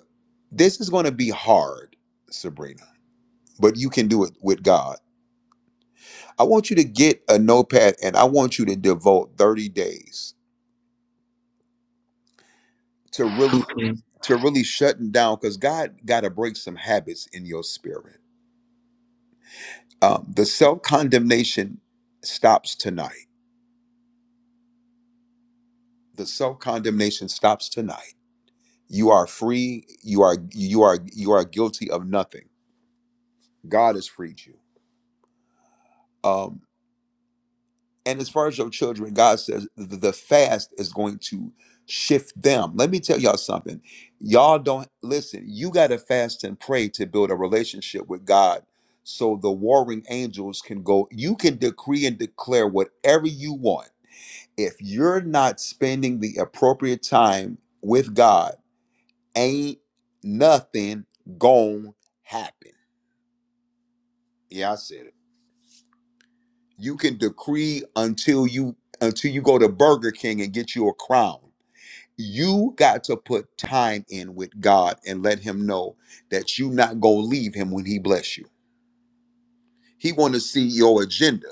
A: this is going to be hard sabrina but you can do it with god i want you to get a notepad and i want you to devote 30 days to really
J: Okay.
A: to really shutting down because God got to break some habits in your spirit. Um, the self condemnation stops tonight. The self condemnation stops tonight. You are free. You are you are you are guilty of nothing. God has freed you. Um, And as far as your children, God says th- the fast is going to shift them. Let me tell y'all something. Y'all don't listen, you got to fast and pray to build a relationship with God so the warring angels can go. You can decree and declare whatever you want. If you're not spending the appropriate time with God, ain't nothing gon' happen. Yeah, I said it. You can decree until you until you go to Burger King and get you a crown. you got to put time in with God and let him know that you not going to leave him when he bless you. He want to see your agenda.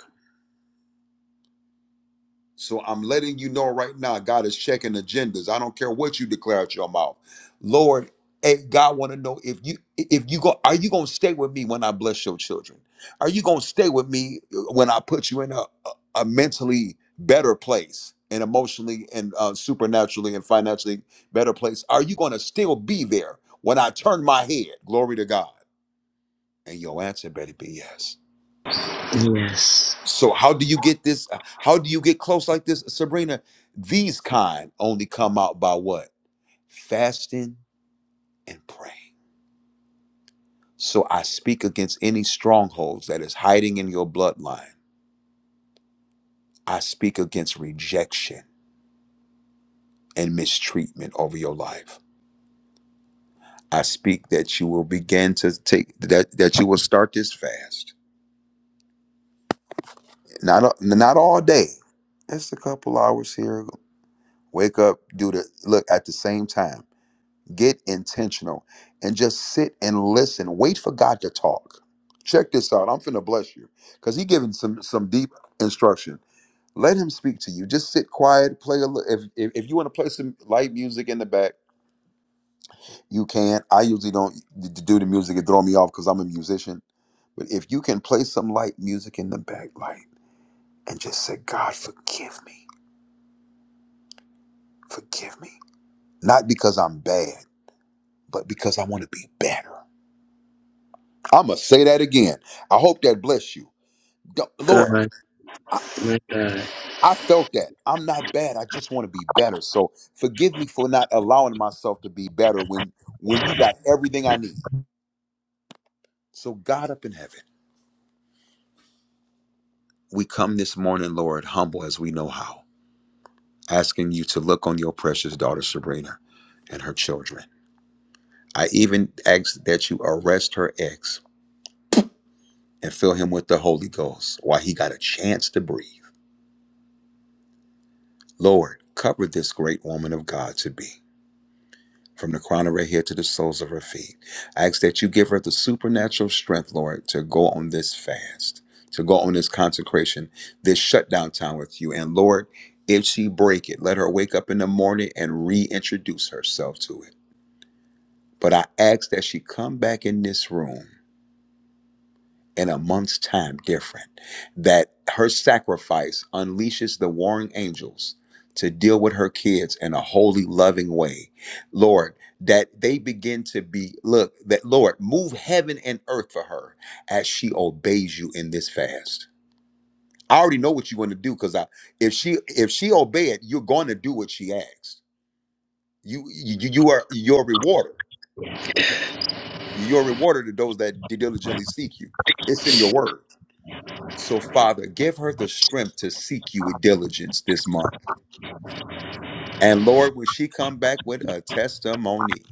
A: So I'm letting you know right now, God is checking agendas. I don't care what you declare out your mouth. Lord, eh, God want to know if you if you go, are you gonna stay with me when I bless your children? Are you gonna stay with me uh, when I put you in a, a a mentally better place and emotionally and uh, supernaturally and financially better place? Are you gonna still be there when I turn my head? Glory to God. And your answer better be yes
J: Yes.
A: so how do you get this uh, how do you get close like this sabrina these kind only come out by what fasting and praying so i speak against any strongholds that is hiding in your bloodline i speak against rejection and mistreatment over your life i speak that you will begin to take that that you will start this fast not a- not all day it's a couple hours here wake up do the look at the same time Get intentional and just sit and listen. Wait for God to talk. Check this out. I'm finna bless you because he giving some some deep instruction. Let him speak to you. Just sit quiet. Play a little. If, if if you want to play some light music in the back, you can. I usually don't d- d- do the music. It throw me off because I'm a musician. But if you can play some light music in the back light and just say, God, forgive me, forgive me, not because I'm bad, but because I want to be better. I'm going to say that again. I hope that bless you. Go-
J: God,
A: Lord,
J: my God.
A: I felt that. I'm not bad. I just want to be better. So forgive me for not allowing myself to be better when when you got everything I need. So God up in heaven, we come this morning, Lord, humble as we know how, asking you to look on your precious daughter Sabrina and her children. I even ask that you arrest her ex and fill him with the Holy Ghost while he got a chance to breathe. Lord, cover this great woman of God to be. from the crown of her head to the soles of her feet. I ask that you give her the supernatural strength, Lord, to go on this fast, to go on this consecration, this shutdown time with you. And Lord, if she break it, let her wake up in the morning and reintroduce herself to it. But I ask that she come back in this room in a month's time different that her sacrifice unleashes the warring angels to deal with her kids in a holy loving way lord that they begin to be look that lord move heaven and earth for her as she obeys you in this fast i already know what you want to do because i if she if she obey it you're going to do what she asks you you you are your rewarder you're a rewarder to those that diligently seek you it's in your word So, Father, give her the strength to seek you with diligence this month. And Lord, when she come back with a testimony,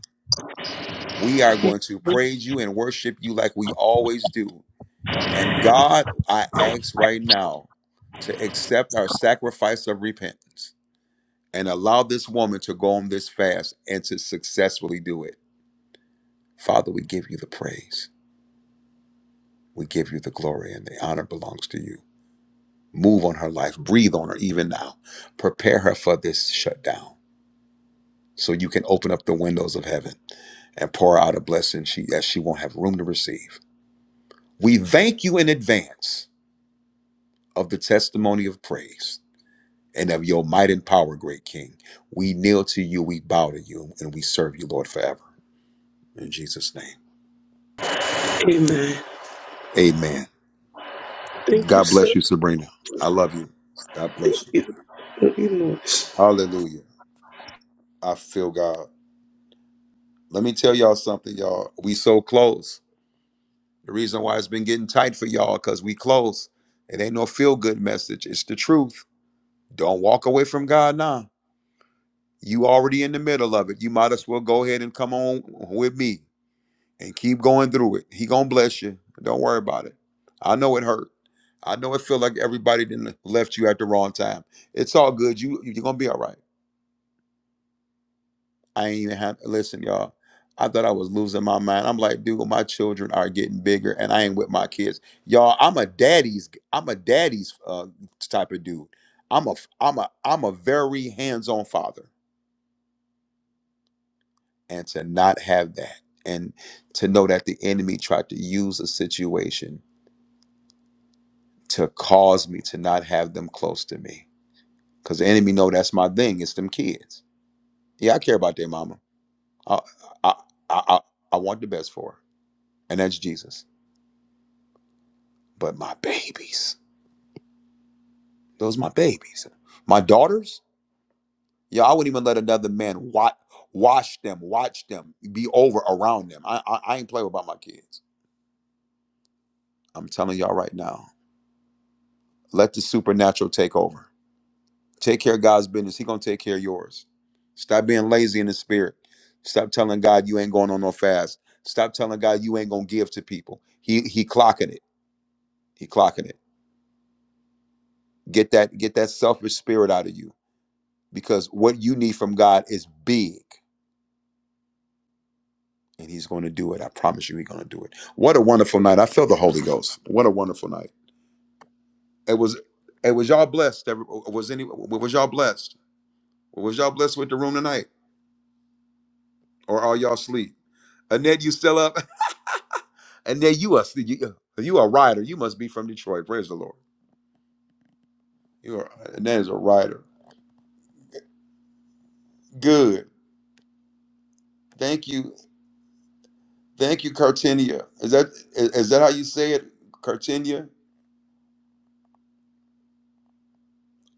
A: we are going to praise you and worship you like we always do. And God, I ask right now to accept our sacrifice of repentance and allow this woman to go on this fast and to successfully do it. Father, we give you the praise. We give you the glory and the honor belongs to you. Move on her life, breathe on her even now. Prepare her for this shutdown so you can open up the windows of heaven and pour out a blessing she that she won't have room to receive. We thank you in advance of the testimony of praise and of your might and power, great King. We kneel to you, we bow to you, and we serve you, Lord, forever. In Jesus' name.
J: Amen.
A: Amen.
J: Thank you,
A: God
J: sir.
A: bless you, Sabrina. I love you. God
J: Thank
A: bless you.
J: you. Love you more.
A: Hallelujah. I feel God. Let me tell y'all something, y'all. We so close. The reason why it's been getting tight for y'all, because we close. It ain't no feel good message. It's the truth. Don't walk away from God now. You already in the middle of it. You might as well go ahead and come on with me and keep going through it. He gonna bless you. Don't worry about it. I know it hurt. I know it feel like everybody didn't left you at the wrong time. It's all good. You you're gonna be all right. I ain't even had listen, y'all. I thought I was losing my mind. I'm like, dude, my children are getting bigger, and I ain't with my kids, y'all. I'm a daddy's. I'm a daddy's uh, type of dude. I'm a I'm a I'm a very hands-on father. and to not have that and to know that the enemy tried to use a situation to cause me to not have them close to me because the enemy know that's my thing it's them kids yeah i care about their mama i i i, I, I want the best for her and that's jesus but my babies those my babies my daughters yeah i wouldn't even let another man watch watch them watch them be over around them i i, I ain't play about my kids i'm telling y'all right now let the supernatural take over Take care of God's business. He gonna take care of yours. Stop being lazy in the spirit. Stop telling God you ain't going on no fast. Stop telling God you ain't gonna give to people. He he clocking it. He clocking it. Get that get that selfish spirit out of you because what you need from God is big, and He's gonna do it. I promise you, He's gonna do it. What a wonderful night! I feel the Holy Ghost. What a wonderful night! It was. It was y'all blessed. every- Was any? Was y'all blessed? Was y'all blessed with the room tonight, or are y'all asleep? Annette, you still up? And then you are you, uh, you are a writer. You must be from Detroit. Praise the Lord. You are and that is a writer. Good. Thank you. Thank you, Cartinia. Is that is, is that how you say it, Cartinia?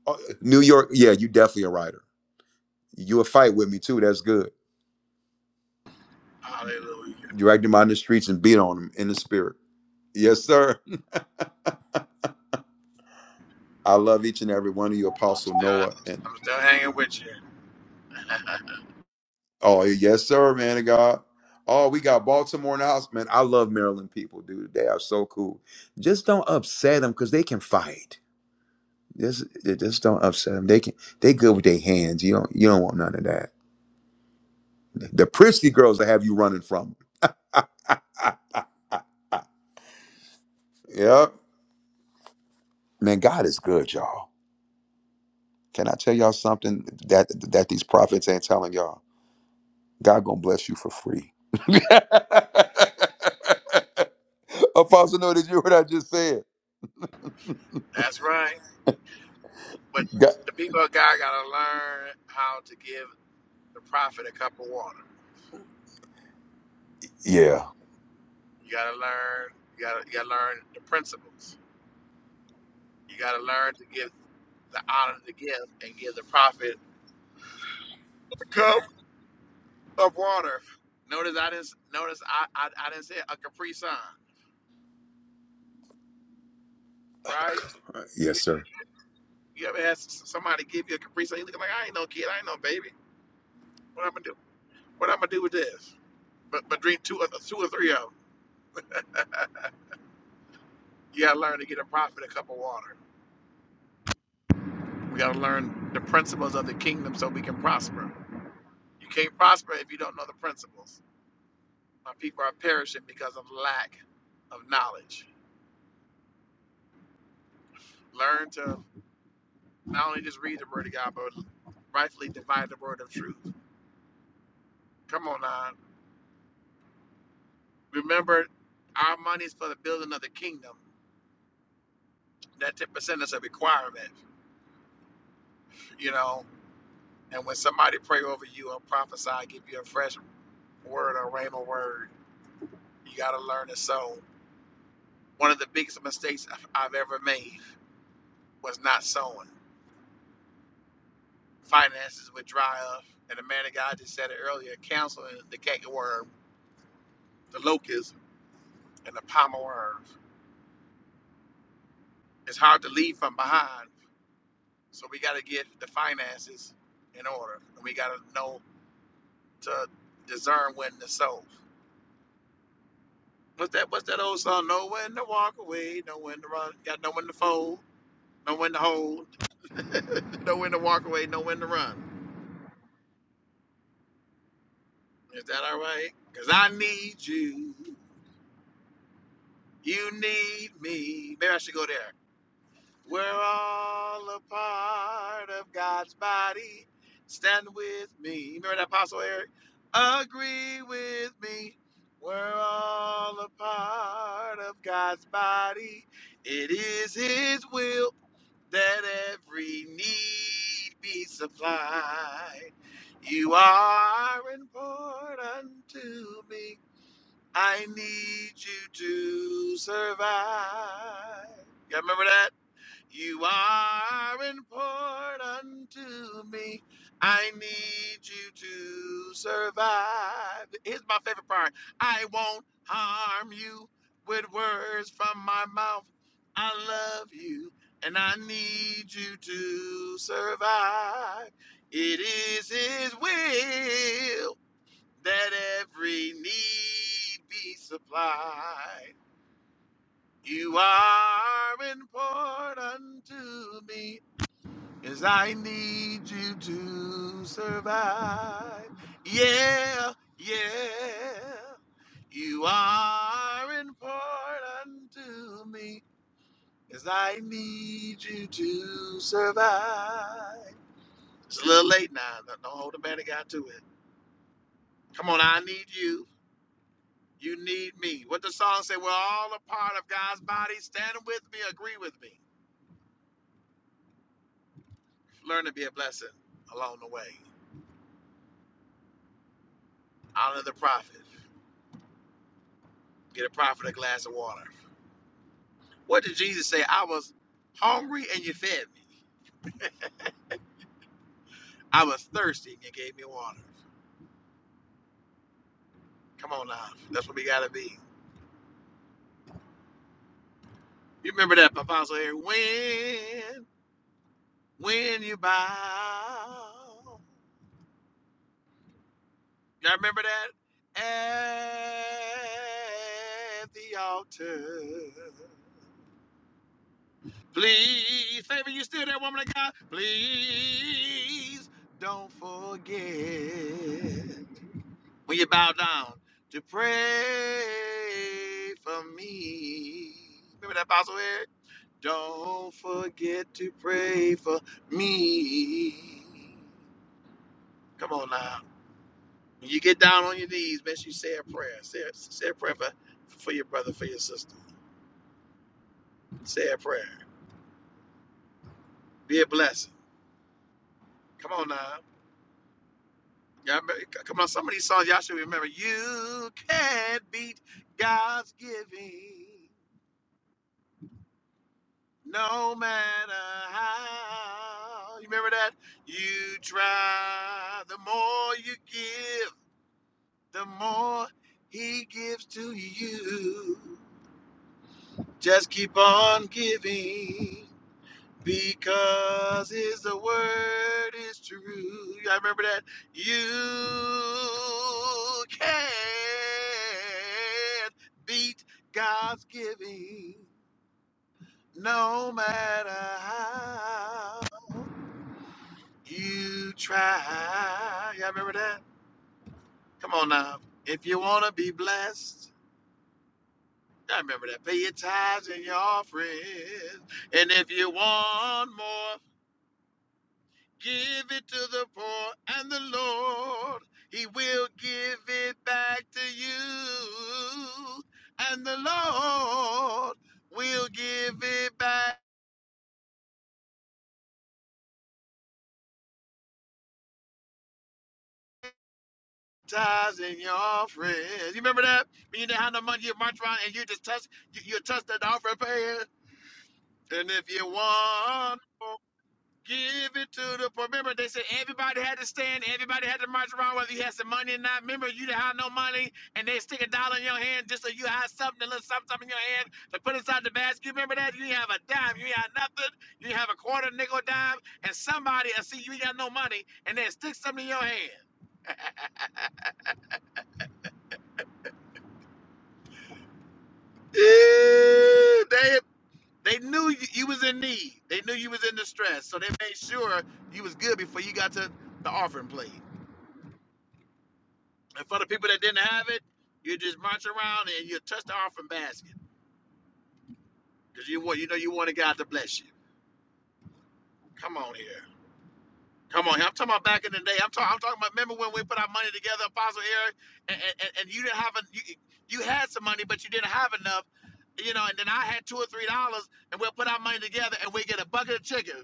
A: Oh, New York. Yeah, you definitely a writer. You a fight with me too. That's good.
H: Hallelujah.
A: Drag them out in the streets and beat on them in the spirit. Yes, sir. I love each and every one of you,
H: I'm
A: Apostle Noah,
H: still
A: and.
H: I'm still hanging with you.
A: Oh yes, sir, man of God. Oh, we got Baltimore in the house, man. I love Maryland people, dude. They are so cool. Just don't upset them because they can fight. Just, just don't upset them. They can. They good with their hands. You don't. You don't want none of that. The prissy girls that have you running from. them. Yep. Man, God is good, y'all. Can I tell y'all something that that these prophets ain't telling y'all? God gonna bless you for free. Apostle, know that you heard what I just said.
H: That's right. But
A: God,
H: the people of God gotta learn how to give the prophet a cup of water.
A: yeah.
H: You gotta learn you gotta you gotta learn the principles. You got to learn to give the honor to give and give the prophet a cup of water. Notice I didn't. Notice I I, I didn't say a Capri Sun, right? You,
A: Yes, sir.
H: you ever had somebody give you a Capri Sun? You looking like I ain't no kid, I ain't no baby. What I'm gonna do? What I'm gonna do with this? But but drink two or two or three of them. You gotta learn to get a prophet a cup of water. We gotta learn the principles of the kingdom so we can prosper. You can't prosper if you don't know the principles. My people are perishing because of lack of knowledge. Learn to not only just read the word of God, but rightfully divide the word of truth. Come on now. Remember, our money is for the building of the kingdom. That 10% is a requirement, you know. And when somebody pray over you or prophesy, give you a fresh word or rhema word, you got to learn to sow. One of the biggest mistakes I've ever made was not sowing. Finances would dry up. And the man of God just said it earlier, canceling the cake the locust, and the palmer worm. It's hard to leave from behind, so we got to get the finances in order, and we got to know to discern when to sow. What's that? What's that old song? Know when to walk away, know when to run. Got know when to fold, know when to hold, know when to walk away, know when to run. Is that all right? Cause I need you, you need me. Maybe I should go there. We're all a part of God's body. Stand with me. Remember that Apostle Eric? Agree with me. We're all a part of God's body. It is His will that every need be supplied. You are important to me. I need you to survive. You remember that? You are important to me. I need you to survive. Here's my favorite part I won't harm you with words from my mouth. I love you and I need you to survive. It is His will that every need be supplied. You are important to me. Cause I need you to survive. Yeah, yeah. You are important to me. Cause I need you to survive. It's a little late now. Don't don't hold the man of God to it. Come on, I need you. You need me. What the song say, we're all a part of God's body. Stand with me, agree with me. Learn to be a blessing along the way. Honor the prophet. Get a prophet a glass of water. What did Jesus say? I was hungry and you fed me. I was thirsty and you gave me water. Come on now. That's what we gotta be. You remember that Apostle Eric? When, when you bow. Y'all remember that? At the altar. Please, favor, you still there, woman of God? Please don't forget. Will you bow down to pray for me? Remember that apostle Eric? Don't forget to pray for me. Come on now. When you get down on your knees, make sure you say a prayer. Say, a- say a prayer for, for your brother, for your sister. Say a prayer. Be a blessing. Come on now. Y'all remember, c- come on, some of these songs y'all should remember. You can't beat God's giving. No matter how. You remember that? You try. The more you give, the more he gives to you. Just keep on giving because his word is true. I remember that. You can not beat God's giving no matter how. You try. Y'all remember that? Come on now. If you want to be blessed, y'all remember that. Pay your tithes and your offerings. And if you want more, give it to the poor and the Lord. He will give it back to you. And the Lord will give it back. Tithes and your offerings. You remember that? When you didn't have no money, you march around and you just touch, you, you touch that offering pan. And if you want, more, give it to the poor. Remember, they said everybody had to stand, everybody had to march around, whether you had some money or not. Remember, you didn't have no money, and they stick a dollar in your hand just so you had something, a little something, something in your hand to put inside the basket. You remember that? You didn't have a dime, you didn't have nothing. You didn't have a quarter, nickel, dime, and somebody, I see you ain't got no money, and they stick something in your hand. Ew, they They knew you, you was in need. They knew you was in distress, so they made sure you was good before you got to the offering plate. And for the people that didn't have it, you just march around and you touch the offering basket because you want you know you wanted God to bless you. Come on here, come on here. I'm talking about back in the day. I'm talking. I'm talking about. Remember when we put our money together, Apostle Eric, and and, and you didn't have a you, you had some money, but you didn't have enough. You know, and then I had two or three dollars, and we'll put our money together, and we get a bucket of chicken.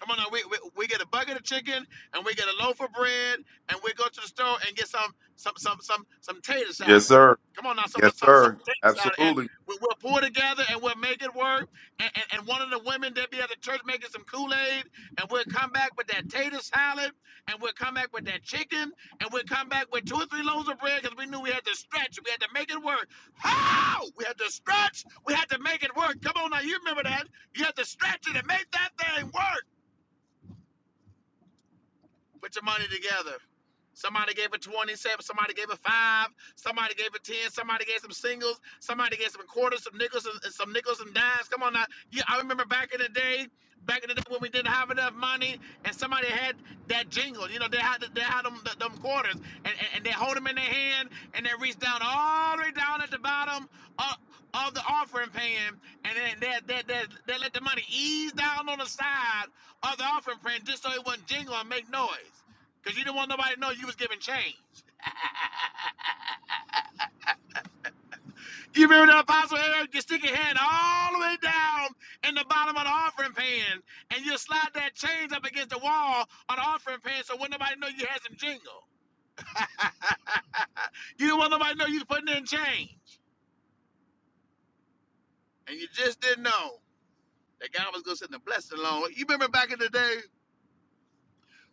H: Come on now, we, we, we get a bucket of chicken and we get a loaf of bread and we go to the store and get some some some some some tater
A: Yes,
H: salad.
A: sir.
H: Come on now, some
A: Yes,
H: some, some
A: sir.
H: tater salad, and
A: Absolutely.
H: we, we'll pull together and we'll make it work. And, and, and one of the women that be at the church making some Kool Aid, and we'll come back with that tater salad, and we'll come back with that chicken, and we'll come back with two or three loaves of bread because we knew we had to stretch, we had to make it work. How? We had to stretch, we had to make it work. Come on now, you remember that? You had to stretch it and make that thing work. Put your money together. Somebody gave it 27, somebody gave it 5, somebody gave it 10, somebody gave some singles, somebody gave some quarters, some nickels, and, and some nickels and dimes. Come on now. Yeah, I remember back in the day, back in the day when we didn't have enough money and somebody had that jingle. You know, they had they had them, them quarters and, and, and they hold them in their hand and they reach down all the way down at the bottom of, of the offering pan and then they, they, they, they let the money ease down on the side of the offering praying just so it wouldn't jingle and make noise. Because you didn't want nobody to know you was giving change. You remember the apostle Eric, you stick your hand all the way down in the bottom of the offering pan, and you slide that change up against the wall on the offering pan so wouldn't nobody know you had some jingle. you didn't want nobody to know you was putting in change. And you just didn't know that God was gonna send the blessing along. You remember back in the day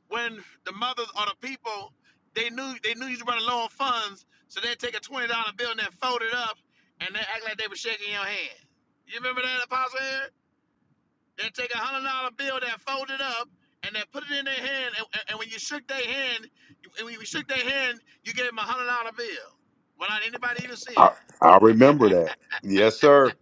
H: when the mothers or the people they knew they knew you was running low on funds, so they'd take a twenty dollar bill and then fold it up and they act like they were shaking your hand. You remember that apostle here? They'd take a one hundred dollar bill that folded up and they put it in their hand and, and- when you shook their hand, you- and when you shook their hand, you gave them a one hundred dollar bill without anybody even seeing.
A: I,
H: it.
A: I remember that. Yes, sir.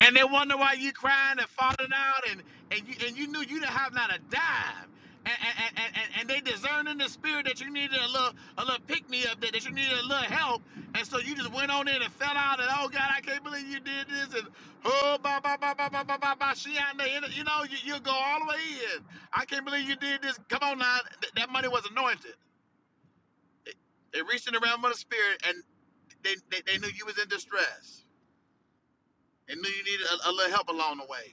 H: And they wonder why you crying and falling out, and and you and you knew you didn't have not a dime, and and and, and, and they discerned in the spirit that you needed a little a little pick me up, that, that you needed a little help, and so you just went on in and fell out, and oh God, I can't believe you did this, and oh ba ba ba ba ba ba ba ba, she out there, you know, you you go all the way in. I can't believe you did this. Come on now, Th- that money was anointed. They reached in the realm of the spirit, and they they, they knew you was in distress, and knew you needed a, a little help along the way.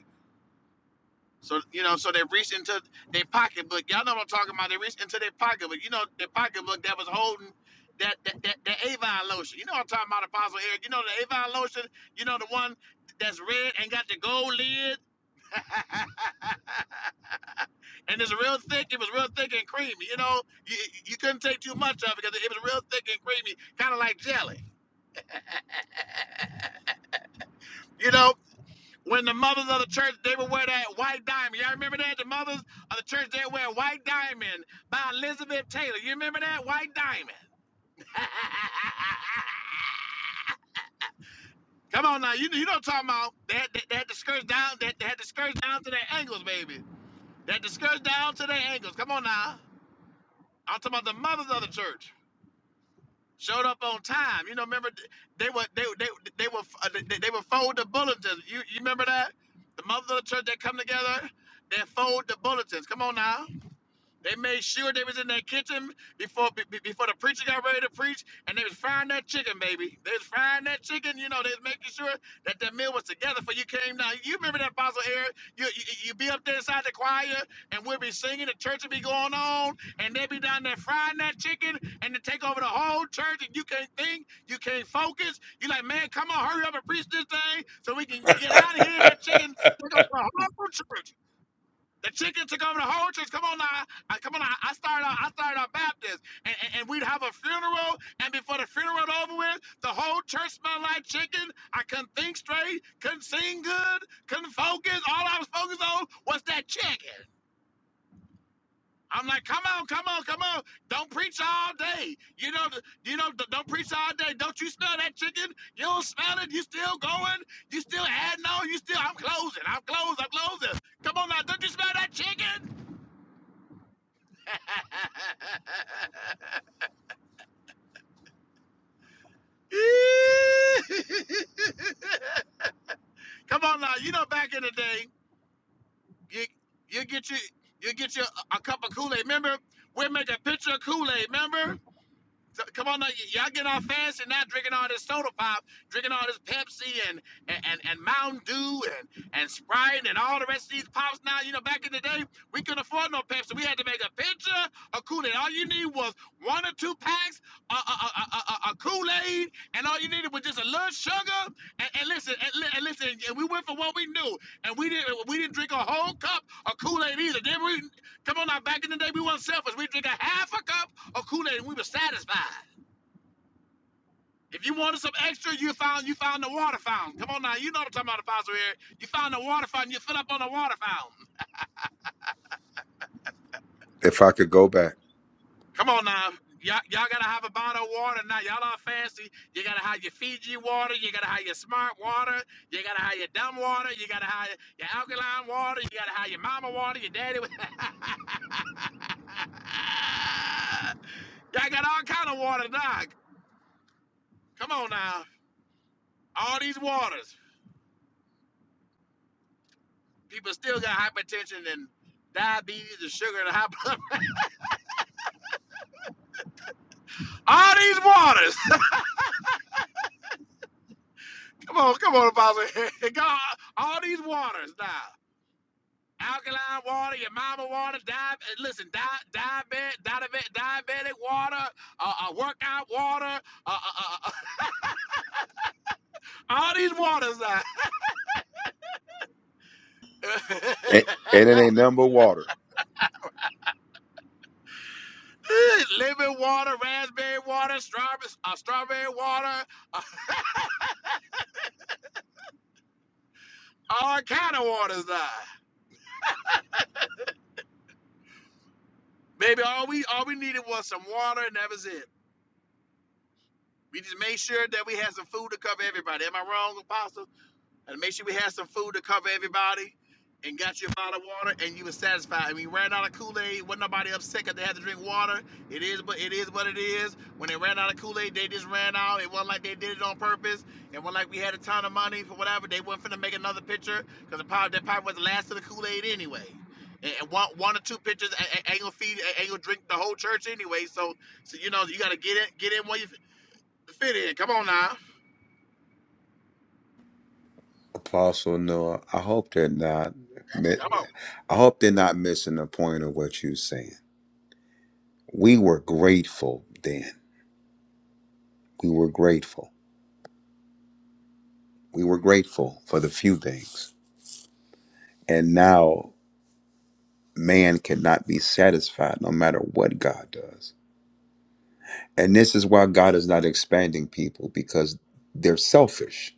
H: So you know, so they reached into their pocketbook. Y'all know what I'm talking about. They reached into their pocketbook. You know, their pocketbook that was holding that that that, that Avon lotion. You know what I'm talking about, Apostle Eric. You know the Avon lotion. You know the one that's red and got the gold lid, and it's real thick. It was real thick and creamy. You know, you you couldn't take too much of it because it was real thick and creamy, kind of like jelly. You know. when the mothers of the church they would wear that white diamond. Y'all remember that? The mothers of the church they would wear white diamond by Elizabeth Taylor. You remember that white diamond? Come on now, you you know what I'm talking about. They had, they, they had the skirts down, they, they had the skirts down to their ankles, baby. They had the skirts down to their ankles. Come on now. I'm talking about the mothers of the church. Showed up on time. You know, remember they were they they they were uh, they, they would fold the bulletins. You you remember that? The mothers of the church they come together, they fold the bulletins. Come on now. They made sure they was in that kitchen before be- before the preacher got ready to preach, and they was frying that chicken, baby. They was frying that chicken. You know, they was making sure that that meal was together for you came down. You remember that Apostle Eric? You, you you be up there inside the choir, and we'll be singing. The church will be going on, and they be down there frying that chicken, and to take over the whole church, and you can't think, you can't focus. You like, man, come on, hurry up and preach this thing so we can get out of here. That chicken took over the whole church. The chicken took over the whole church. Come on now, I, come on now. I started, out, I started a Baptist, and, and, and we'd have a funeral, and before the funeral was over with, the whole church smelled like chicken. I couldn't think straight, couldn't sing good, couldn't focus. All I was focused on was that chicken. I'm like, come on, come on, come on! Don't preach all day. You know, th- you know, th- don't preach all day. Don't you smell that chicken? You don't smell it. You still going? You still adding on? You still? I'm closing. I'm closing. I'm closing. Come on now, don't you smell that chicken? Come on now, you know back in the day, you you get your you get your a, a cup of Kool-Aid. Remember, we make a picture of Kool-Aid, remember? So, come on now, y'all getting all fancy now, drinking all this soda pop, drinking all this Pepsi and and and, and Mountain Dew and and Sprite and all the rest of these pops. Now, you know, back in the day, we couldn't afford no Pepsi. We had to make a pitcher of Kool Aid. All you need was one or two packs of, of, Kool Aid, and all you needed was just a little sugar. And, and listen, and, li- and listen, and we went for what we knew, and we didn't we didn't drink a whole cup of Kool Aid either. Then we come on now, back in the day, we weren't selfish. We drink a half a cup or Kool-Aid and we were satisfied. If you wanted some extra, you found you found the water fountain. Come on now, you know what I'm talking about, Apostle here. You found the water fountain, you fill up on the water fountain.
A: If I could go back.
H: Come on now. Y'all, y'all gotta have a bottle of water now. Y'all are fancy. You gotta have your Fiji water, you gotta have your smart water, you gotta have your dumb water, you gotta have your alkaline water, you gotta have your mama water, your daddy. wa- y'all got all kind of water, dog. Come on now. All these waters. People still got hypertension and diabetes and sugar and high blood. All these waters. come on, come on, Apostle. God, all these waters now. Alkaline water, your mama water, di- uh, listen, di- diabetic, diabetic, diabetic water, uh, uh, workout water, uh, uh, uh, uh, all these waters now.
A: And, and it ain't number water.
H: Lemon water, raspberry water, strawberry, uh, strawberry water, uh, all kind of waters now. Baby, all we all we needed was some water, and that was it. We just made sure that we had some food to cover everybody. Am I wrong, Apostle? And make sure we had some food to cover everybody and got you a bottle of water and you were satisfied. And we ran out of Kool-Aid. Wasn't nobody upset because they had to drink water. It is but it is what it is. When they ran out of Kool-Aid, they just ran out. It wasn't like they did it on purpose. It wasn't like we had a ton of money for whatever. They weren't finna make another picture because that probably was the last of the Kool-Aid anyway. And one, one or two pitchers ain't gonna feed, ain't gonna drink the whole church anyway. So, so you know, you gotta get in, get in where you to Fit in. Come on now.
A: Apostle Noah, I hope they're not. mi-
H: Come on.
A: I hope they're not missing the point of what you're saying. We were grateful then. We were grateful. We were grateful for the few things, and now man cannot be satisfied no matter what God does. And this is why God is not expanding people because they're selfish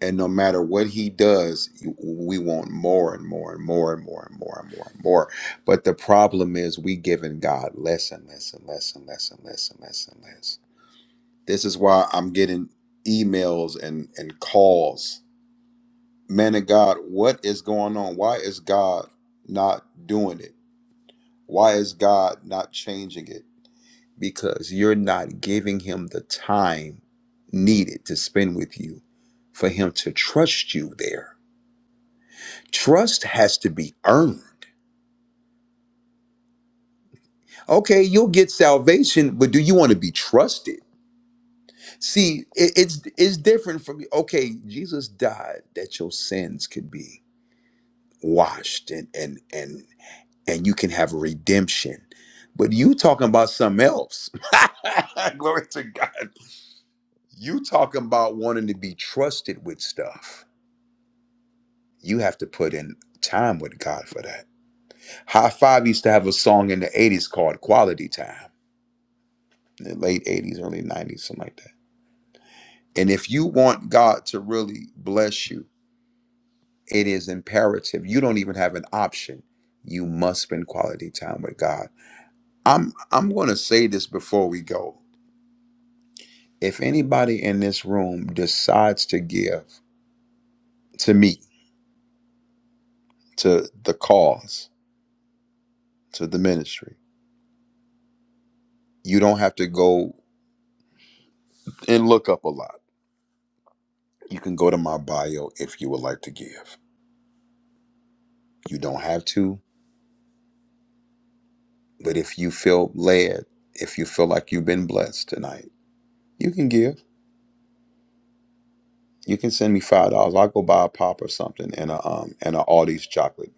A: And no matter what he does, you- we want more and more and more and more and more and more and more. But the problem is, we giving God less and less and less and less and less and less and less. This is why I'm getting emails and and calls. Man of God, what is going on? Why is God not doing it? Why is God not changing it? Because you're not giving Him the time needed to spend with you for Him to trust you there Trust has to be earned. Okay, you'll get salvation, but do you want to be trusted? See, it- it's it's different from okay, Jesus died that your sins could be washed and and and and you can have redemption. But you talking about something else. Glory to God. You talking about wanting to be trusted with stuff. You have to put in time with God for that. High Five used to have a song in the 80s called Quality Time the late 80s, early 90s, something like that. And if you want God to really bless you, it is imperative. You don't even have an option. You must spend quality time with God. I'm I'm going to say this before we go. If anybody in this room decides to give to me, to the cause, to the ministry, you don't have to go and look up a lot. You can go to my bio if you would like to give. You don't have to. But if you feel led, if you feel like you've been blessed tonight, you can give. You can send me five dollars. I'll go buy a pop or something and a um and a Aldi's chocolate.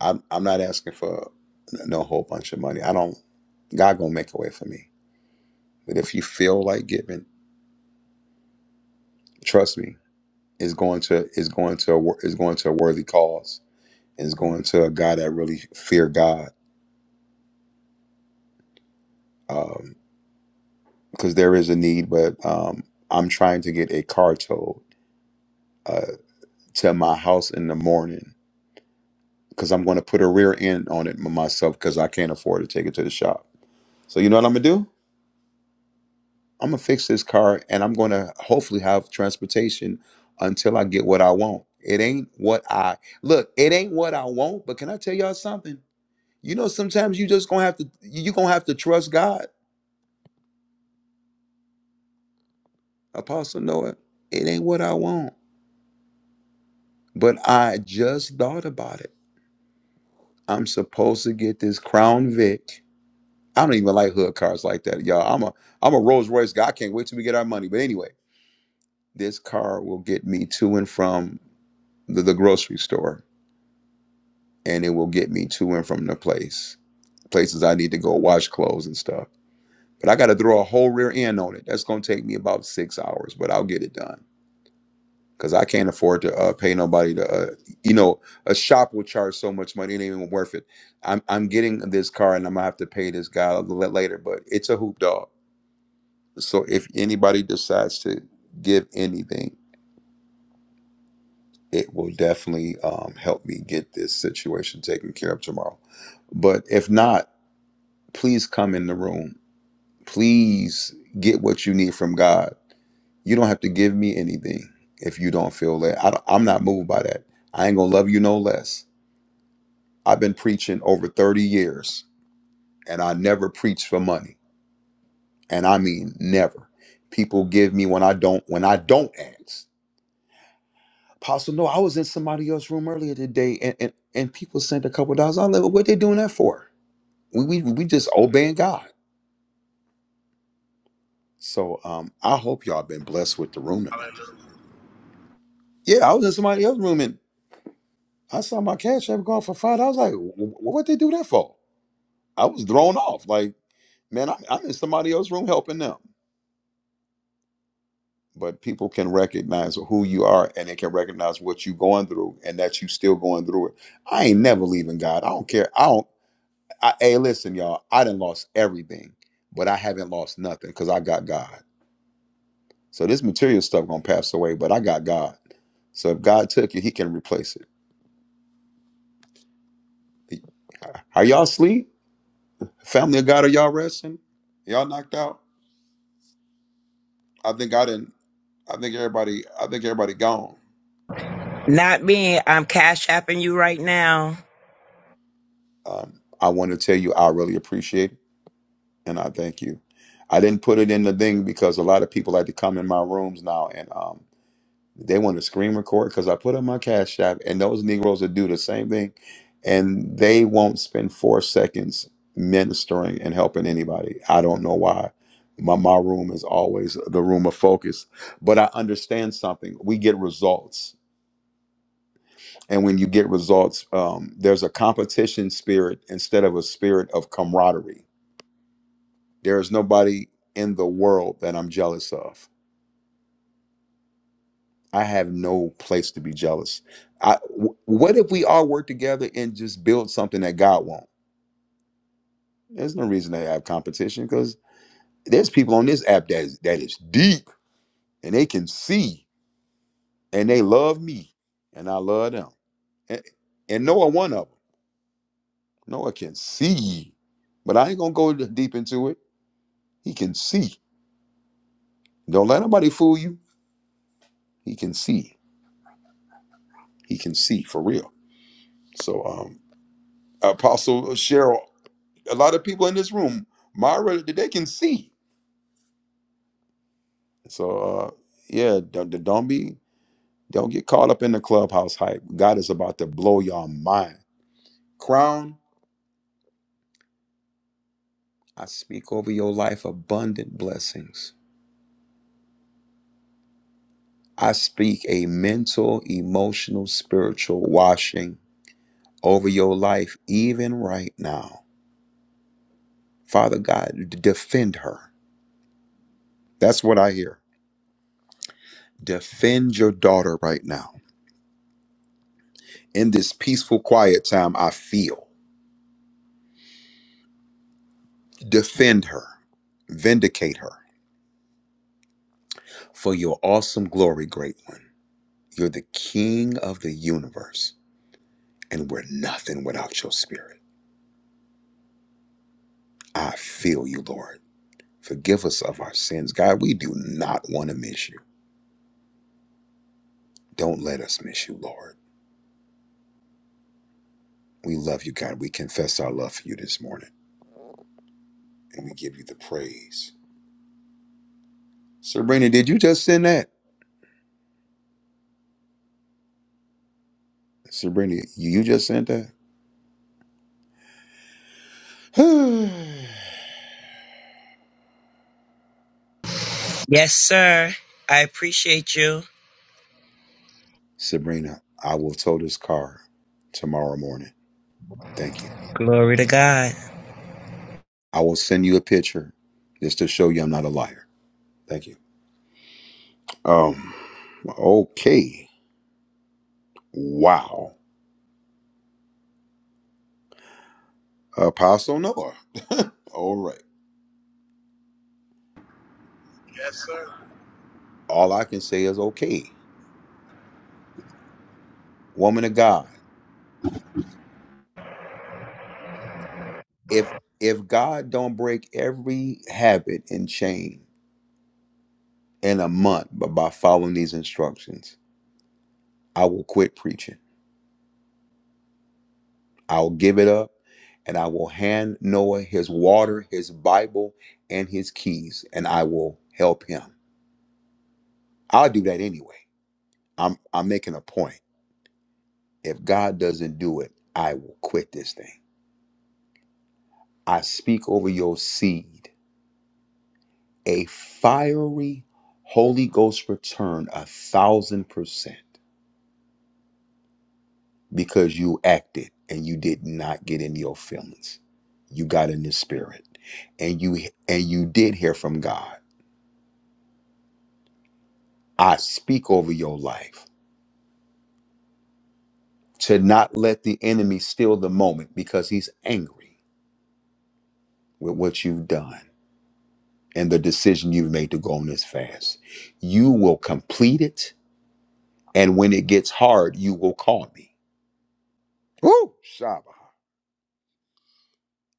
A: I'm I'm not asking for no whole bunch of money. I don't. God gonna make a way for me. But if you feel like giving, trust me, it's going to it's going to a, wor- it's going to a worthy cause. It's going to a guy that really fear God. Um, because there is a need, but um, I'm trying to get a car towed uh, to my house in the morning because I'm going to put a rear end on it myself because I can't afford to take it to the shop. So you know what I'm gonna do? I'm gonna fix this car and I'm gonna hopefully have transportation until I get what I want. It ain't what I look. It ain't what I want. But can I tell y'all something? You know, sometimes you just gonna have to. You gonna have to trust God. Apostle Noah. It ain't what I want. But I just thought about it. I'm supposed to get this Crown Vic I don't even like hood cars like that, y'all. I'm a I'm a Rolls Royce guy. I can't wait till we get our money. But anyway, this car will get me to and from the, the grocery store, and it will get me to and from the place places I need to go wash clothes and stuff. But I got to throw a whole rear end on it. That's gonna take me about six hours, but I'll get it done because I can't afford to uh, pay nobody to. Uh, you know, a shop will charge so much money; it ain't even worth it. I'm I'm getting this car, and I'm gonna have to pay this guy a little later. But it's a hoop dog So if anybody decides to give anything, it will definitely um, help me get this situation taken care of tomorrow. But if not, please come in the room. Please get what you need from God. You don't have to give me anything if you don't feel that. I don't, I'm not moved by that. I ain't gonna love you no less. I've been preaching over 30 years and I never preach for money. And I mean never. People give me when I don't when I don't ask. Apostle, no, I was in somebody else's room earlier today, and and, and people sent a couple dollars. I'm like, what they doing that for? We, we we just obeying God. So um, I hope y'all been blessed with the room tonight.
H: Hallelujah.
A: Yeah, I was in somebody else's room and I saw my cash app going for five. I was like, "Wh- wh- what they do that for? I was thrown off. Like, man, I'm, I'm in somebody else's room helping them. But people can recognize who you are, and they can recognize what you going through, and that you still going through it. I ain't never leaving God. I don't care. I don't. I, hey, listen, y'all. I didn't lost everything, but I haven't lost nothing because I got God. So this material stuff gonna pass away, but I got God. So if God took it, He can replace it. He- Are y'all asleep? Family of God, are y'all resting? Y'all knocked out? I think I didn't. I think everybody. I think everybody gone.
J: Not me. I'm cash apping you right now.
A: Um, I want to tell you, I really appreciate it, and I thank you. I didn't put it in the thing because a lot of people like to come in my rooms now, and um, They want to screen record because I put on my cash app, and those Negroes will do the same thing, and they won't spend four seconds ministering and helping anybody. I don't know why. My my room is always the room of focus, but I understand something. We get results, and when you get results, um, there's a competition spirit instead of a spirit of camaraderie. There is nobody in the world that I'm jealous of. I have no place to be jealous. I, w- what if we all work together and just build something that God won't? There's no reason to have competition because there's people on this app that is, that is deep and they can see and they love me and I love them. And, and Noah, one of them, Noah can see, but I ain't gonna go deep into it. He can see. Don't let nobody fool you. He can see. He can see for real. So, um, Apostle Cheryl a lot of people in this room, Myra, they can see. So uh, yeah, don't, don't be don't get caught up in the clubhouse hype. God is about to blow your mind. Crown, I speak over your life abundant blessings. I speak a mental, emotional, spiritual washing over your life even right now. Father God, d- defend her. That's what I hear. Defend your daughter right now. In this peaceful, quiet time, I feel. Defend her, vindicate her for your awesome glory, great one. You're the king of the universe, and we're nothing without your spirit. I feel you, Lord. Forgive us of our sins. God, we do not want to miss you. Don't let us miss you, Lord. We love you, God. We confess our love for you this morning, and we give you the praise. Sabrina, did you just send that? Sabrina, you just sent that?
J: I appreciate you.
A: Sabrina, I will tow this car tomorrow morning. Thank you.
J: Glory to God.
A: I will send you a picture just to show you I'm not a liar. Thank you. Um, okay. Wow. Apostle Noah. All right.
H: Yes, sir.
A: All I can say is okay. Woman of God, if if God don't break every habit and chain in a month but by following these instructions, I will quit preaching. I'll give it up and I will hand Noah his water, his Bible, and his keys, and I will help him. I'll do that anyway. I'm I'm making a point. If God doesn't do it, I will quit this thing. I speak over your seed a fiery Holy Ghost return a thousand percent because you acted and you did not get in your feelings. You got in the spirit and you and you did hear from God. I speak over your life to not let the enemy steal the moment because he's angry with what you've done and the decision you've made to go on this fast. You will complete it. And when it gets hard, you will call me. Woo! Shabbat.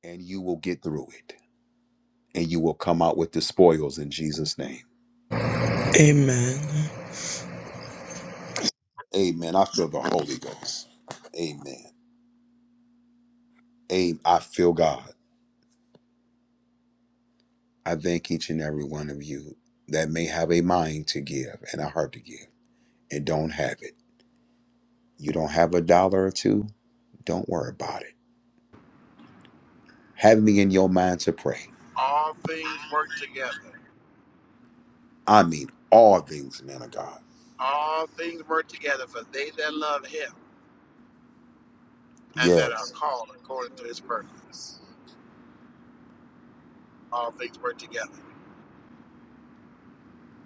A: And you will get through it. And you will come out with the spoils in Jesus' name.
J: Amen.
A: Amen. I feel the Holy Ghost. Amen. Amen. I feel God. I thank each and every one of you that may have a mind to give and a heart to give and don't have it. You don't have a dollar or two? Don't worry about it. Have me in your mind to pray
H: All things work together.
A: I mean all things, man of God.
H: All things work together for they that love him and that are
A: Yes,
H: called according to his purpose. All things work together.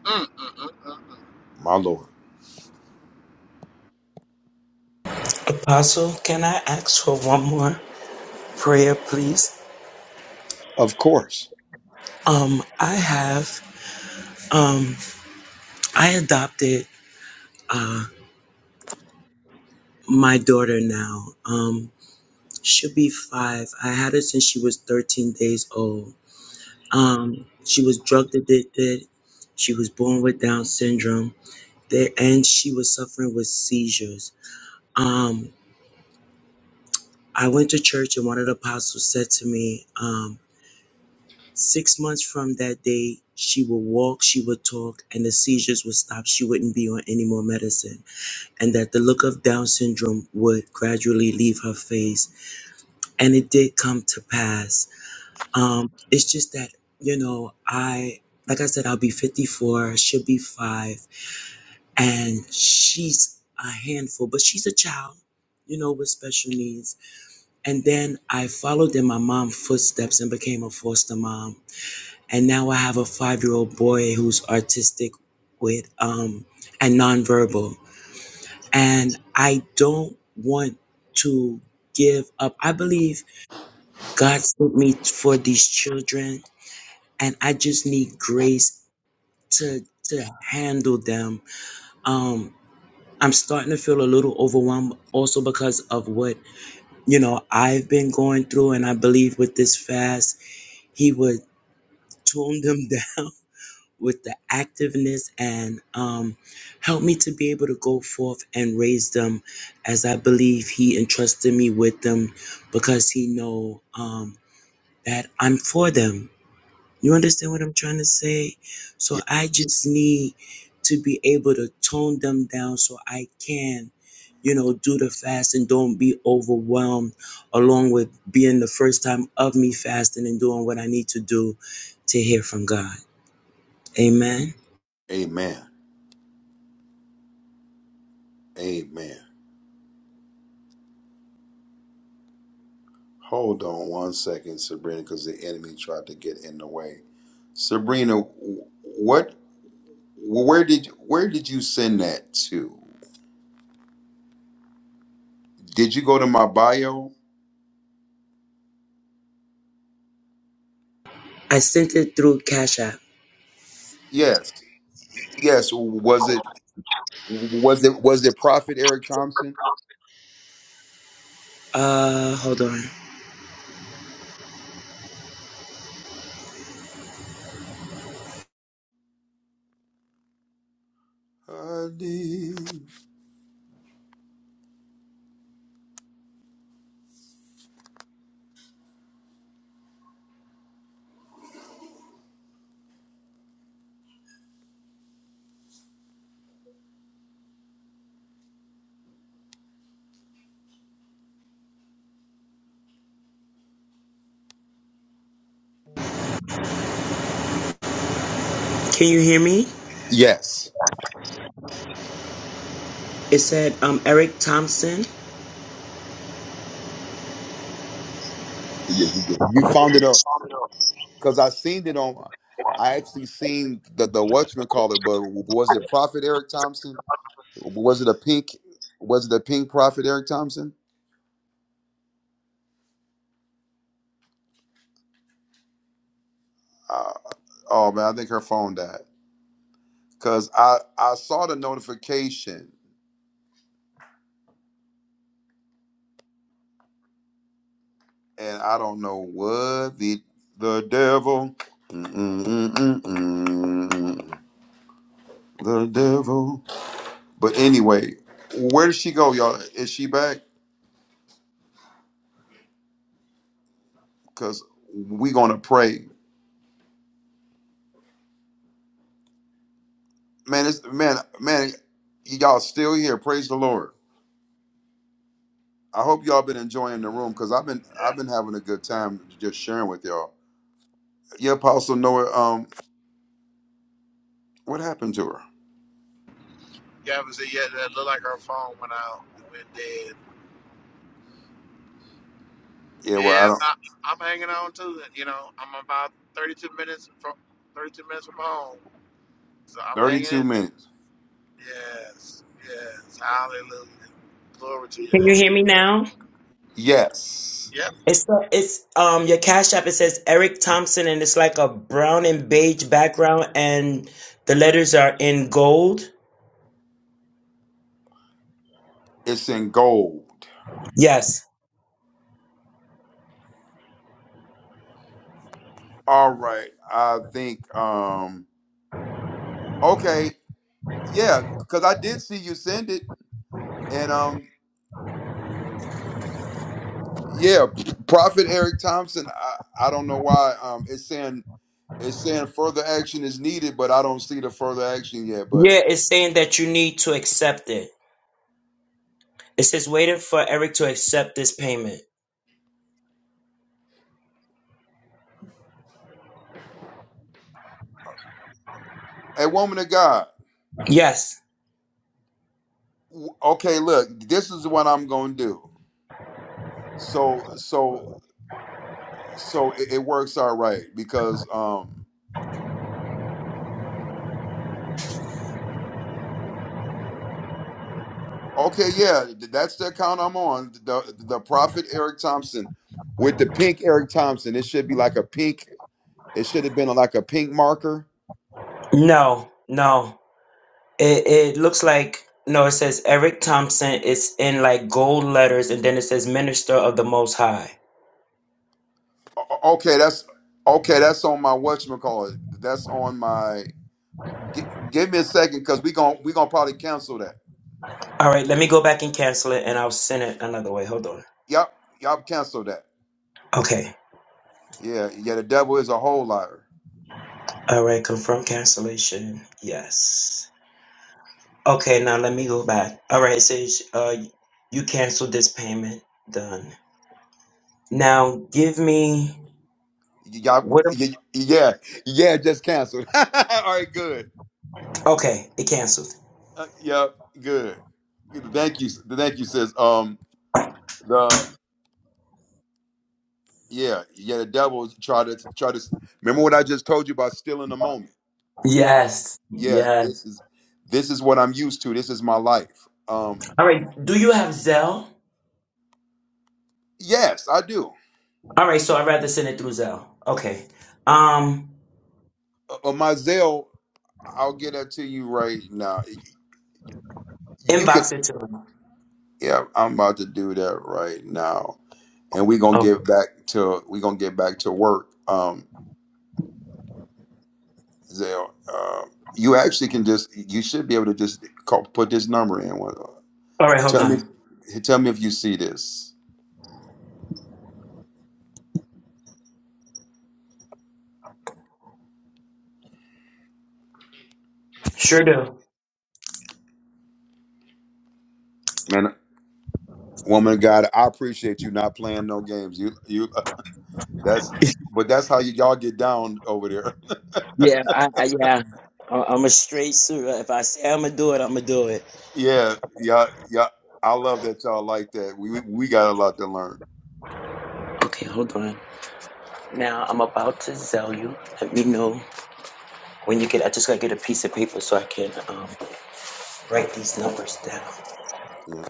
H: Mm, mm, mm, mm, mm.
A: my Lord.
J: Apostle, can I ask for one more prayer, please?
A: Of course.
J: Um, I have um I adopted uh my daughter now. Um she'll be five. I had her since she was thirteen days old. Um she was drug addicted. She was born with Down syndrome. There and she was suffering with seizures. Um. I went to church and one of the apostles said to me, um, six months from that day, she would walk, she would talk, and the seizures would stop. She wouldn't be on any more medicine. And that the look of Down syndrome would gradually leave her face. And it did come to pass. Um, it's just that, you know, I, like I said, I'll be 54, she'll be five, and she's a handful, but she's a child, you know, with special needs And then I followed in my mom's footsteps and became a foster mom. And now I have a five year old boy who's artistic with um, and nonverbal. And I don't want to give up. I believe God sent me for these children, and I just need grace to to handle them. Um, I'm starting to feel a little overwhelmed also because of what, you know, I've been going through and I believe with this fast he would tone them down with the activeness and um, help me to be able to go forth and raise them as I believe he entrusted me with them because he know um, that I'm for them. You understand what I'm trying to say? So
A: Yeah,
J: I just need to be able to tone them down so I can, you know, do the fast and don't be overwhelmed along with being the first time of me fasting and doing what I need to do to hear from God. Amen.
A: amen. Amen. Hold on one second, Sabrina, because the enemy tried to get in the way. Sabrina, what where did where did you send that to? Did you go to my bio?
J: I sent it through Cash App.
A: Yes. Yes. Was it was it was it Prophet Eric Thompson?
J: Uh, hold on.
A: Honey.
J: Can you hear me?
A: Yes.
J: It said, um, Eric Thompson.
A: Yeah, You you- found it because I seen it on. I actually seen the the Watchman call it, but was it Prophet Eric Thompson? Was it a pink? Was it a pink Prophet Eric Thompson? Uh, oh man, I think her phone died because I I saw the notification and I don't know what the the devil. Mm-mm-mm-mm-mm. The devil. But anyway, where did she go, y'all? Is she back? Because we gonna pray. Man, it's man, man, y'all still here. Praise the Lord. I hope y'all been enjoying the room because I've been I've been having a good time just sharing with y'all. Your apostle Noah, um, what happened to her?
H: Gavin said, yeah, that looked like her phone went out and went dead.
A: Yeah, well, I
H: Yeah,
A: don't.
H: I, I'm hanging on to it. You know, I'm about 32 minutes from 32 minutes from home. So I'm hanging
A: Thirty-two
H: in.
A: minutes.
H: Yes, yes. Hallelujah. Glory to your
J: Can you
H: name.
J: hear me now?
A: Yes,
H: Yeah,
J: It's uh, it's um your Cash App. It says Eric Thompson, and it's like a brown and beige background, and the letters are in gold.
A: it's in gold.
J: Yes.
A: All right, I think. Um, okay, yeah, because I did see you send it, and um, Yeah, Prophet Eric Thompson. I, I don't know why. Um, it's saying it's saying further action is needed, but I don't see the further action yet. But
J: Yeah, it's saying that you need to accept it. It says waiting for Eric to accept this payment.
A: a woman of God.
J: Yes.
A: w- Okay, look, this is what I'm gonna do. So so so it, it works all right because um okay yeah th- that's the account I'm on the the Prophet Eric Thompson with the pink Eric Thompson. It should be like a pink. It should have been like a pink marker
J: No. No. No, it says Eric Thompson. It's in like gold letters, and then it says Minister of the Most High.
A: O- Okay, that's okay. That's on my whatchamacallit. That's on my. G- give me a second, cause we gon' we gonna probably cancel that.
J: All right, let me go back and cancel it, and I'll send it another way. Hold on.
A: Yep, y'all cancel that.
J: Okay.
A: Yeah, yeah. The devil is a whole liar.
J: All right, confirm cancellation. Yes. Okay, now let me go back. All right, it says uh, you canceled this payment. Done. Now give me
A: Y- Y'all,
J: what? am-
A: y- yeah, yeah. Just canceled. All right, good.
J: Okay, it canceled.
A: Uh, yep, good. Good. Thank you, thank you, sis. Um, the yeah, yeah. The devil try to try to. Remember what I just told you about stealing the moment. Um,
J: Yes.
A: yeah, this is this is what I'm used to. This is my life. Um,
J: All right.
A: Yes, I do.
J: All right. Um,
A: Uh, uh, my Zelle, I'll get that to you right now. Y- You can,
J: inbox it to me.
A: yeah, I'm about to do that right now, and we're gonna
J: Oh,
A: get back to we're gonna get back to work. Um, Zelle, uh, you actually can just you should be able to just call, put this number in. Well,
J: all right. Hold
A: Tell me,
J: on.
A: tell me if you see this,
J: Sure do.
A: man, woman, of God. I appreciate you not playing no games. You, you, uh, that's, but that's how you, y'all get down over there.
J: Yeah, I, I yeah. I- I'm a straight shooter. If I say I'm gonna do it, I'm gonna do it.
A: Yeah, yeah, yeah. I love that y'all like that. We we we got a lot to learn.
J: Okay, hold on. Now I'm about to sell you. Let me know when you get. I just gotta get a piece of paper so I can um, write these numbers down.
A: Yeah.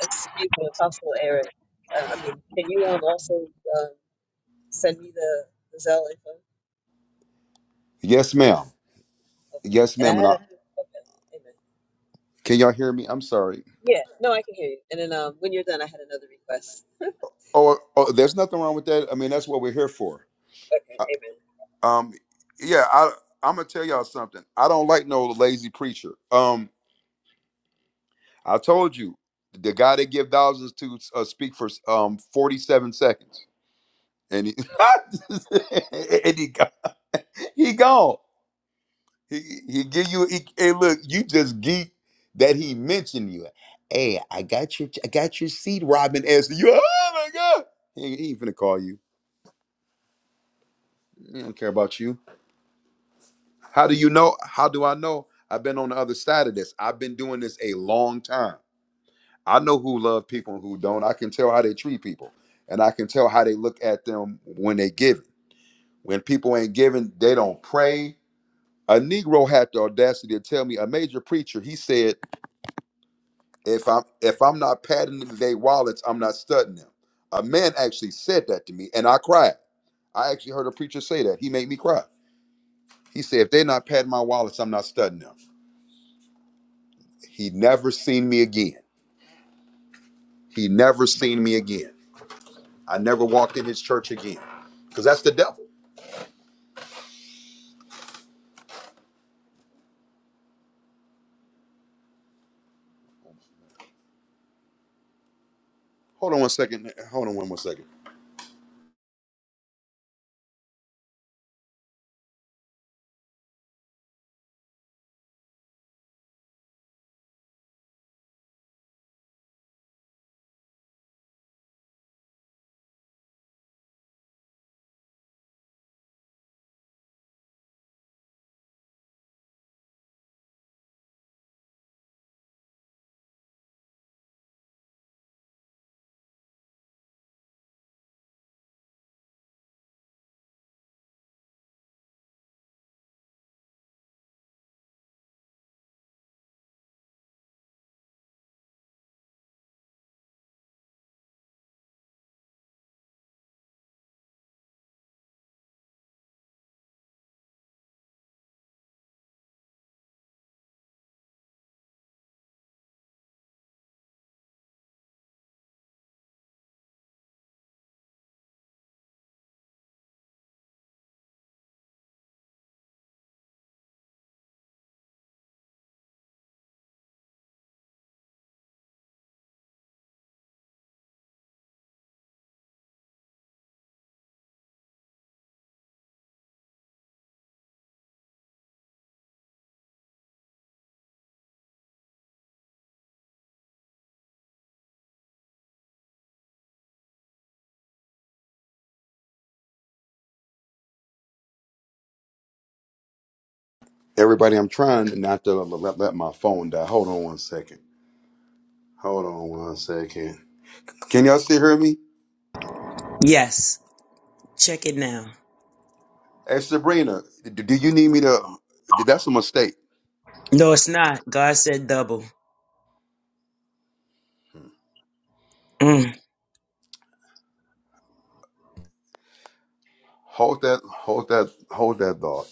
F: Excuse me, Apostle Eric. Uh, I mean, can you um also um send me the, the Zelle info?
A: Yes, ma'am.
F: Okay.
A: Yes,
F: And I
A: ma'am. And
F: had a
A: I,
F: okay. Amen.
A: can y'all hear me? I'm sorry.
F: Yeah. No, I can hear you. And then um when you're done, I had another request.
A: Oh, oh, there's nothing wrong with that. I mean, that's what we're here for.
F: Okay.
A: I,
F: Amen.
A: um, yeah. I I'm gonna tell y'all something. I don't like no lazy preacher. Um, I told you the guy that give thousands to uh, speak for um 47 seconds, and he and he go- he gone. He, he give you he, hey look, you just geek that he mentioned you. Hey, I got your I got your seat, Robin S. You oh my god. He, ain't- he ain't finna call you. He don't care about you. How do you know? How do I know? I've been on the other side of this. I've been doing this a long time. I know who love people and who don't. I can tell how they treat people. And I can tell how they look at them when they giving. When people ain't giving, they don't pray. A Negro had the audacity to tell me, a major preacher, he said. If I'm if I'm not padding their wallets, I'm not studying them. A man actually said that to me, and I cried. I actually heard a preacher say that. He made me cry. He said, "If they're not padding my wallets, I'm not studying them." He never seen me again. He never seen me again. I never walked in his church again, because that's the devil. Hold on one second. Hold on one more second. Everybody, I'm trying not to let, let my phone die. Hold on one second. Hold on one second. Can y'all still hear me?
J: Yes.
A: Hey, Sabrina, d- do you need me to? That's a mistake.
J: No, it's not. God said double. Mm.
A: Hold that, hold that, hold that thought.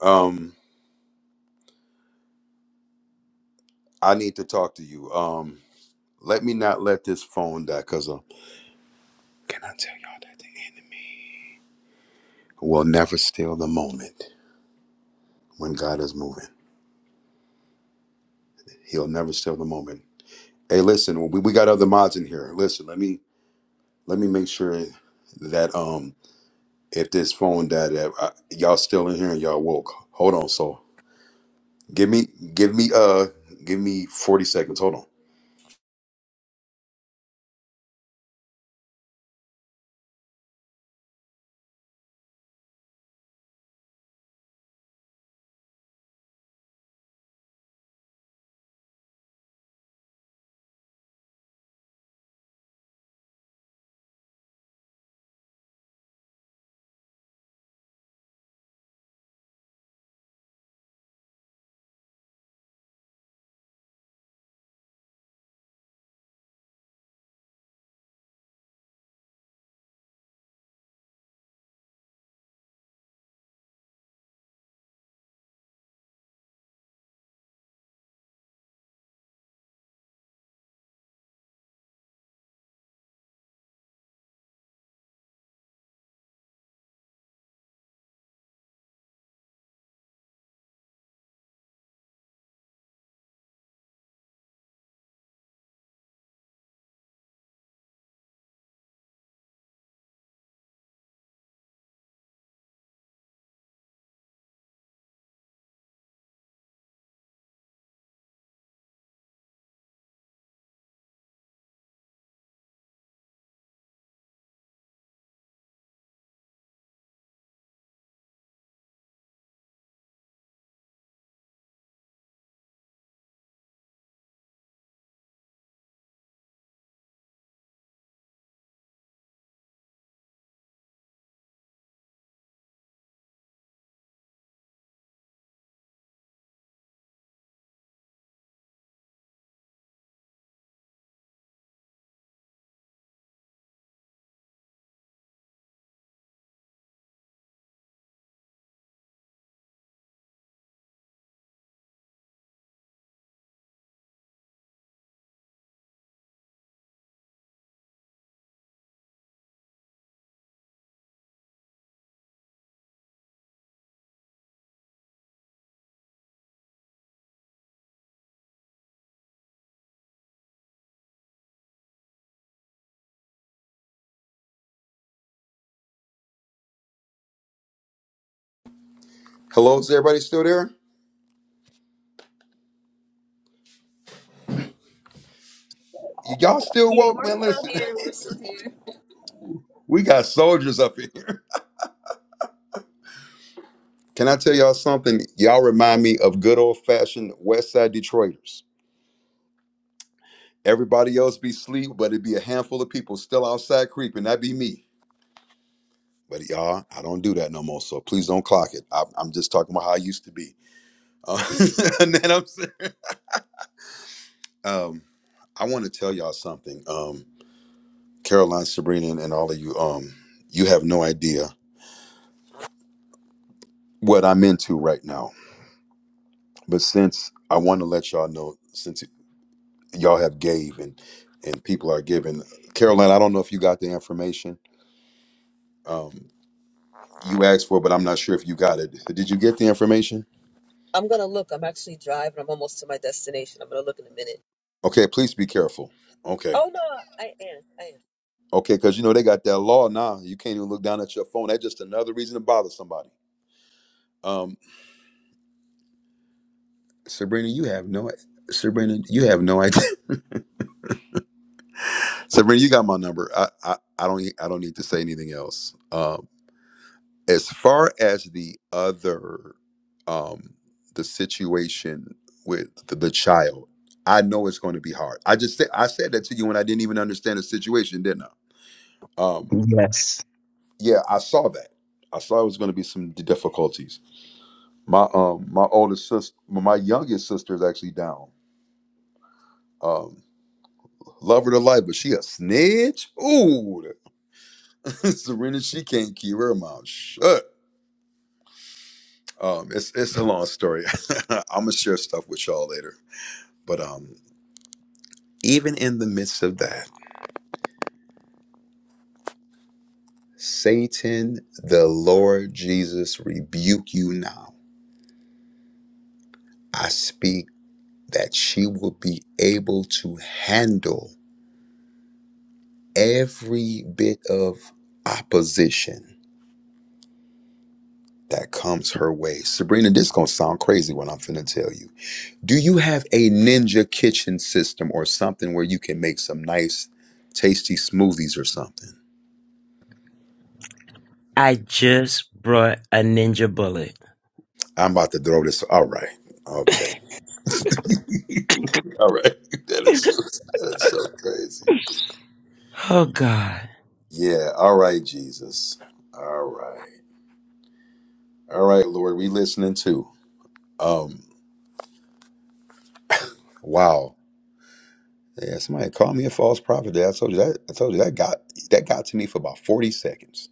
A: Um, I need to talk to you. Um, let me not let this phone die, cause uh, we'll never steal the moment when God is moving. He'll never steal the moment. Hey, listen, we, we got other mods in here. Listen, let me let me make sure that um, if this phone died, that I, y'all still in here and y'all woke. Hold on, so give me, give me, uh, give me forty seconds. Hold on. Hello, is everybody still there? Y- Y'all still
F: Yeah,
A: woke,
F: we're
A: man?
F: still
A: Listen,
F: here. We're still here.
A: we got soldiers up in here. Can I tell y'all something? Y'all remind me of good old fashioned West Side Detroiters. Everybody else be sleep, but it'd be a handful of people still outside creeping. That'd be me. But y'all, I don't do that no more. So please don't clock it. I, I'm just talking about how I used to be. Uh, and then I'm saying, um, I want to tell y'all something. Um, Caroline, Sabrina, and and all of you, um, you have no idea what I'm into right now. But since I want to let y'all know, since y'all have gave and and people are giving. Caroline, I don't know if you got the information um, you asked for, but I'm not sure if you got it. Did you get the information?
F: I'm gonna look. I'm actually driving. I'm almost to my destination. I'm gonna look in a minute.
A: Okay, please be careful. Okay,
F: Oh no, I am. I am.
A: okay, because you know they got that law now. You can't even look down at your phone. That's just another reason to bother somebody. Um, Sabrina, you have no. Sabrina, you have no idea. Sabrina, you got my number. I, I, I don't e, I don't need to say anything else. Um, as far as the other um the situation with the, the child i know it's going to be hard i just said i said that to you when i didn't even understand the situation didn't i um
J: Yes.
A: yeah i saw that i saw it was going to be some d- difficulties my um my oldest sister my youngest sister is actually down um love her to life but she a snitch ooh serena she can't keep her mouth shut um it's it's a long story i'm gonna share stuff with y'all later But um, even in the midst of that, Satan, the Lord Jesus, rebuke you now. I speak that she will be able to handle every bit of opposition that comes her way. Sabrina, this gonna sound crazy when I'm finna tell you. Do you have a ninja kitchen system or something where you can make some nice, tasty smoothies or something?
J: I just brought a ninja bullet.
A: I'm about to throw this. All right. Okay. All right. That is so, that is so crazy.
J: Oh God,
A: Yeah. All right, Jesus. All right. All right, Lord. We listening too. Um. Wow. Yeah. Somebody called me a false prophet. There. I told you that. I told you that got that got to me for about forty seconds.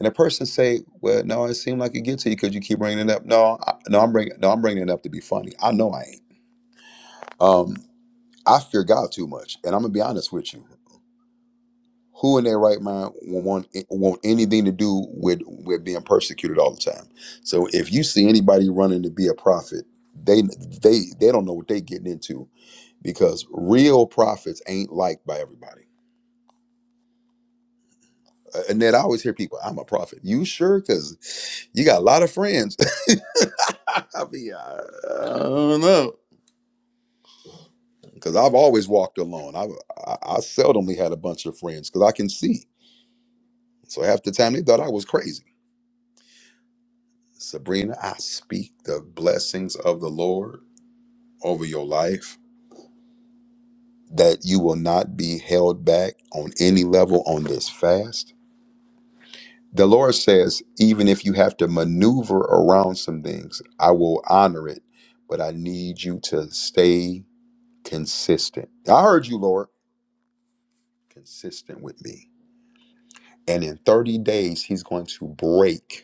A: And the person say, "Well, no, it seemed like it gets to you because you keep bringing it up." No, I, no, I'm bringing no, I'm bringing it up to be funny. I know I ain't. Um, I fear God too much, and I'm gonna be honest with you. Who in their right mind will want eh, want anything to do with with being persecuted all the time? So if you see anybody running to be a prophet, they they they don't know what they getting into because real prophets ain't liked by everybody. Uh, and then I always hear people, "I'm a prophet." You sure? Because you got a lot of friends. I mean, I, I don't know because I've always walked alone. i I I seldomly had a bunch of friends because I can see. So half the time they thought I was crazy. Sabrina, I speak the blessings of the Lord over your life that you will not be held back on any level on this fast. The Lord says, even if you have to maneuver around some things, I will honor it, but I need you to stay consistent. I heard you, Lord, consistent with me. And in 30 days, He's going to break.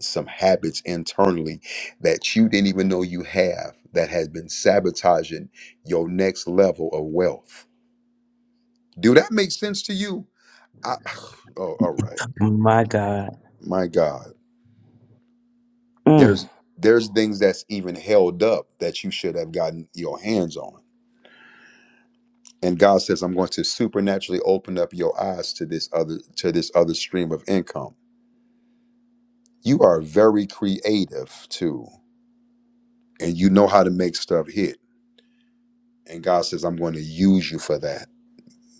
A: some habits internally that you didn't even know you have that has been sabotaging your next level of wealth. Do that make sense to you? I, oh, all right.
J: my.
A: My God,
J: Mm.
A: there's there's things that's even held up that you should have gotten your hands on. And God says, I'm going to supernaturally open up your eyes to this other to this other stream of income. You are very creative too, and you know how to make stuff hit. And God says, I'm going to use you for that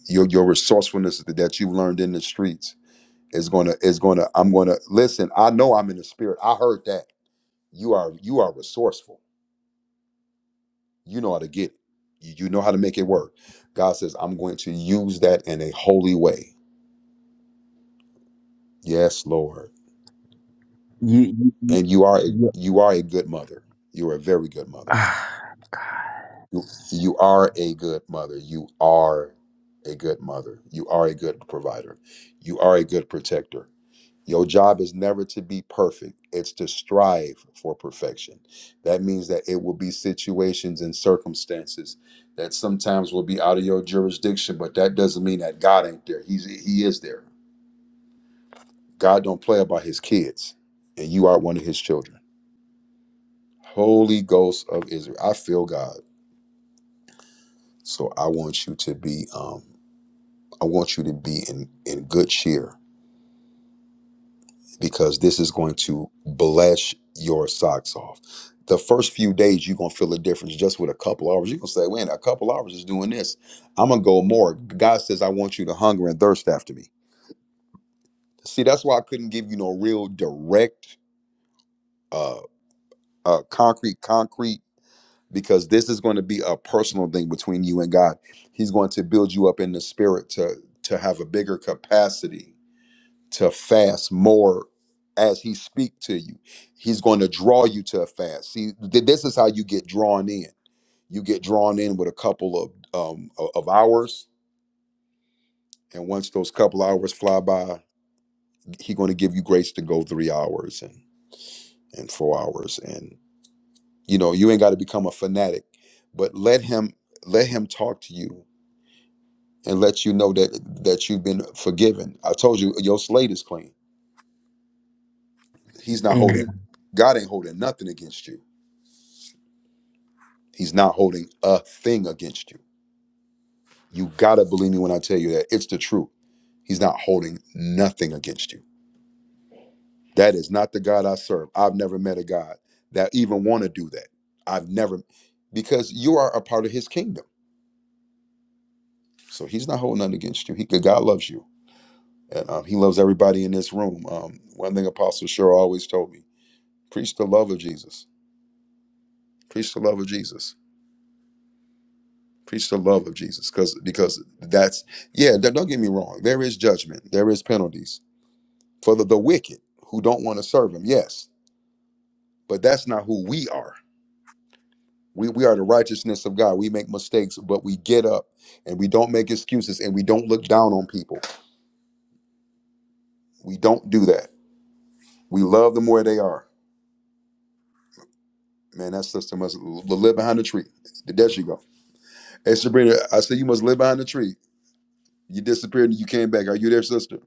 A: your your resourcefulness that you learned in the streets is gonna is gonna I'm gonna listen. I know I'm in the spirit. I heard that you are you are resourceful. You know how to get it. You, you know how to make it work. God says I'm going to use that in a holy way. Yes, Lord.
J: You,
A: And you are a,
J: you,
A: you are a good mother. You are a very good mother.
J: ah.
A: You, you are a good mother. You are a good mother. You are a good provider. You are a good protector Your job is never to be perfect, it's to strive for perfection. That means that it will be situations and circumstances that sometimes will be out of your jurisdiction, but that doesn't mean that God ain't there. He's he is there. God don't play about his kids, and you are one of his children. Holy Ghost of Israel. I feel God. So I want you to be um I want you to be in in good cheer because this is going to bless your socks off. The first few days, you're going to feel a difference just with a couple hours. You're going to say, "Wait, a couple hours is doing this. I'm going to go more. God says, I want you to hunger and thirst after me. See, that's why I couldn't give you no real direct, uh, uh, concrete, concrete, because this is going to be a personal thing between you and God. He's going to build you up in the spirit to, to have a bigger capacity to fast more as he speak to you he's going to draw you to a fast see th- this is how you get drawn in you get drawn in with a couple of um o- of hours and once those couple hours fly by he's going to give you grace to go three hours and and four hours and you know you ain't got to become a fanatic but let him let him talk to you and let you know that that you've been forgiven i told you your slate is clean he's not holding god ain't holding nothing against you He's not holding a thing against you. You gotta believe me when I tell you that it's the truth. He's not holding nothing against you. That is not the God I serve. I've never met a God that even want to do that. I've never, because you are a part of His kingdom. So He's not holding nothing against you. He, God loves you, and um, He loves everybody in this room. Um, one thing Apostle Cheryl always told me: preach the love of Jesus. Preach the love of Jesus. Preach the love of Jesus, because because that's yeah. Don't don't get me wrong. There is judgment. There is penalties for the, the wicked who don't want to serve him yes but that's not who we are we, we are the righteousness of god we make mistakes but we get up and we don't make excuses and we don't look down on people we don't do that we love them where they are man that sister must l- live behind the tree there she go hey sabrina i said you must live behind the tree you disappeared and you came back are you there sister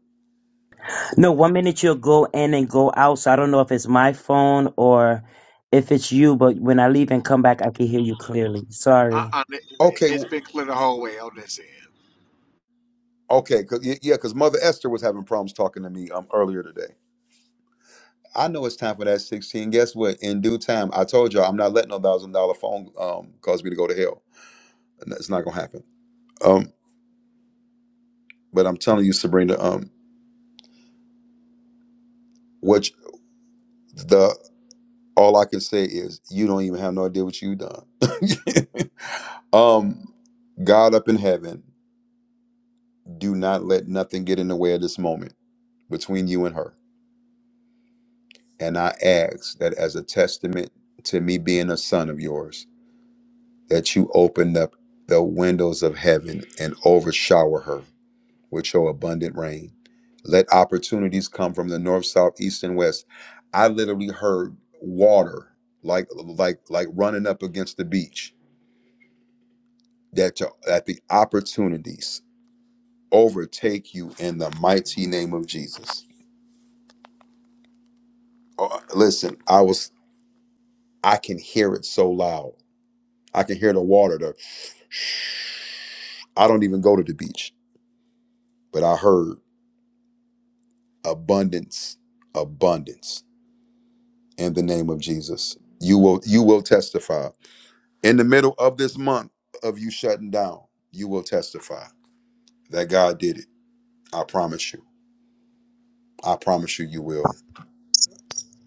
J: No, one minute you'll go in and go out. So I don't know if it's my phone or if it's you, but when I leave and come back, I can hear you clearly.
H: I,
J: Sorry.
H: I,
A: okay
H: it's
A: w-
H: been clear the whole way on this end.
A: okay 'cause- yeah because mother esther was having problems talking to me um, earlier today I know it's time for that 16. Guess what? In due time, I told y'all I'm not letting no thousand dollar phone um cause me to go to hell. And It's not gonna happen. Um, but I'm telling you, Sabrina, um, which the all I can say is you don't even have no idea what you done. um, God up in heaven, do not let nothing get in the way of this moment between you and her. And I ask that as a testament to me being a son of yours, that you open up the windows of heaven and overshower her Which show abundant rain. Let opportunities come from the north, south, east, and west. I literally heard water like like like running up against the beach. That your, that the opportunities overtake you in the mighty name of Jesus. Oh, listen, I was I can hear it so loud. I can hear the water. The I don't even go to the beach, but I heard abundance, abundance in the name of Jesus. You will you will testify in the middle of this month of you shutting down, you will testify that God did it. I promise you. I promise you, you will.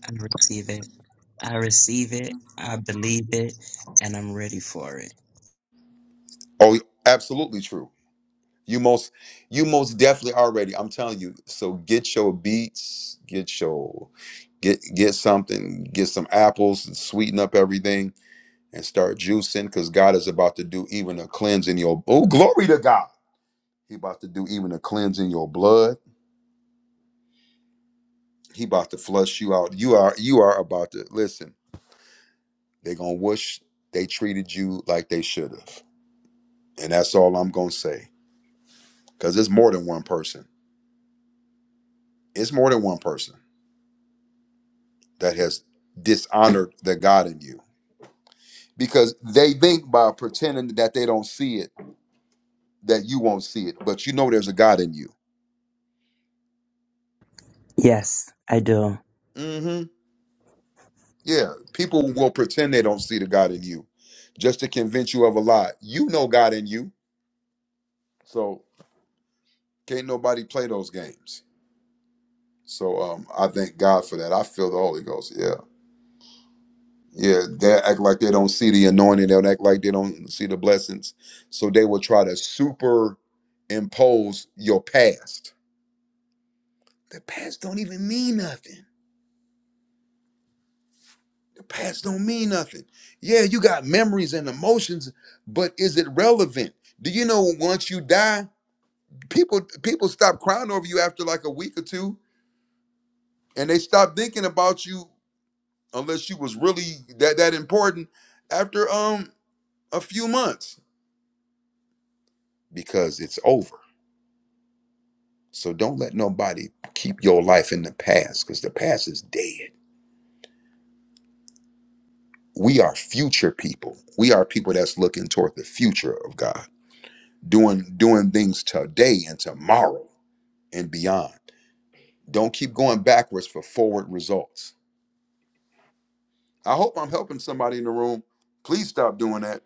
J: I receive it. I receive it. I believe it. And I'm ready for it.
A: Oh, absolutely true. You most, you most definitely already. I'm telling you. So get your beets, get your, get get something, get some apples, and sweeten up everything, and start juicing because God is about to do even a cleanse in your. Oh, glory to God! He about to do even a cleanse in your blood. He about to flush you out. You are you are about to listen. They're gonna wish they treated you like they should have. And that's all I'm gonna say. Cause it's more than one person. It's more than one person that has dishonored the God in you. Because they think by pretending that they don't see it, that you won't see it. But you know there's a God in you.
J: Yes, I do.
A: hmm Yeah. People will pretend they don't see the God in you just to convince you of a lie. You know God in you. So can't nobody play those games. So um I thank God for that. I feel the Holy Ghost. Yeah. Yeah, they act like they don't see the anointing. They'll act like they don't see the blessings. So they will try to superimpose your past. The past don't even mean nothing. The past don't mean nothing. Yeah, you got memories and emotions, but is it relevant? Do you know once you die, people people stop crying over you after like a week or two, and they stop thinking about you unless you was really that that important after um a few months because it's over So don't let nobody keep your life in the past because the past is dead. We are future people. We are people that's looking toward the future of God, doing doing things today and tomorrow and beyond. Don't keep going backwards for forward results. I hope I'm helping somebody in the room. Please stop doing that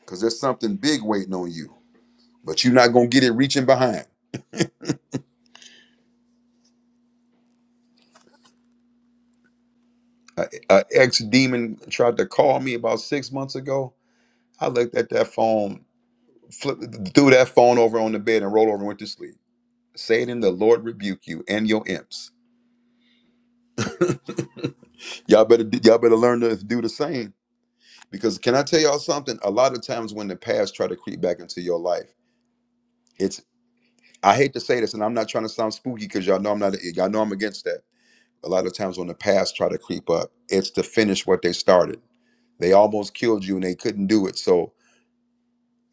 A: because there's something big waiting on you, but you're not gonna get it reaching behind. A, a ex demon tried to call me about six months ago. I looked at that phone flip, threw that phone over on the bed and rolled over and went to sleep. Saying, "In the Lord rebuke you and your imps." Y'all better, y'all better learn to do the same. Because can I tell y'all something? A lot of times when the past try to creep back into your life, it's I hate to say this, and I'm not trying to sound spooky because y'all know I'm not, y'all know I'm against that. A lot of times when the past try to creep up, it's to finish what they started. They almost killed you and they couldn't do it. So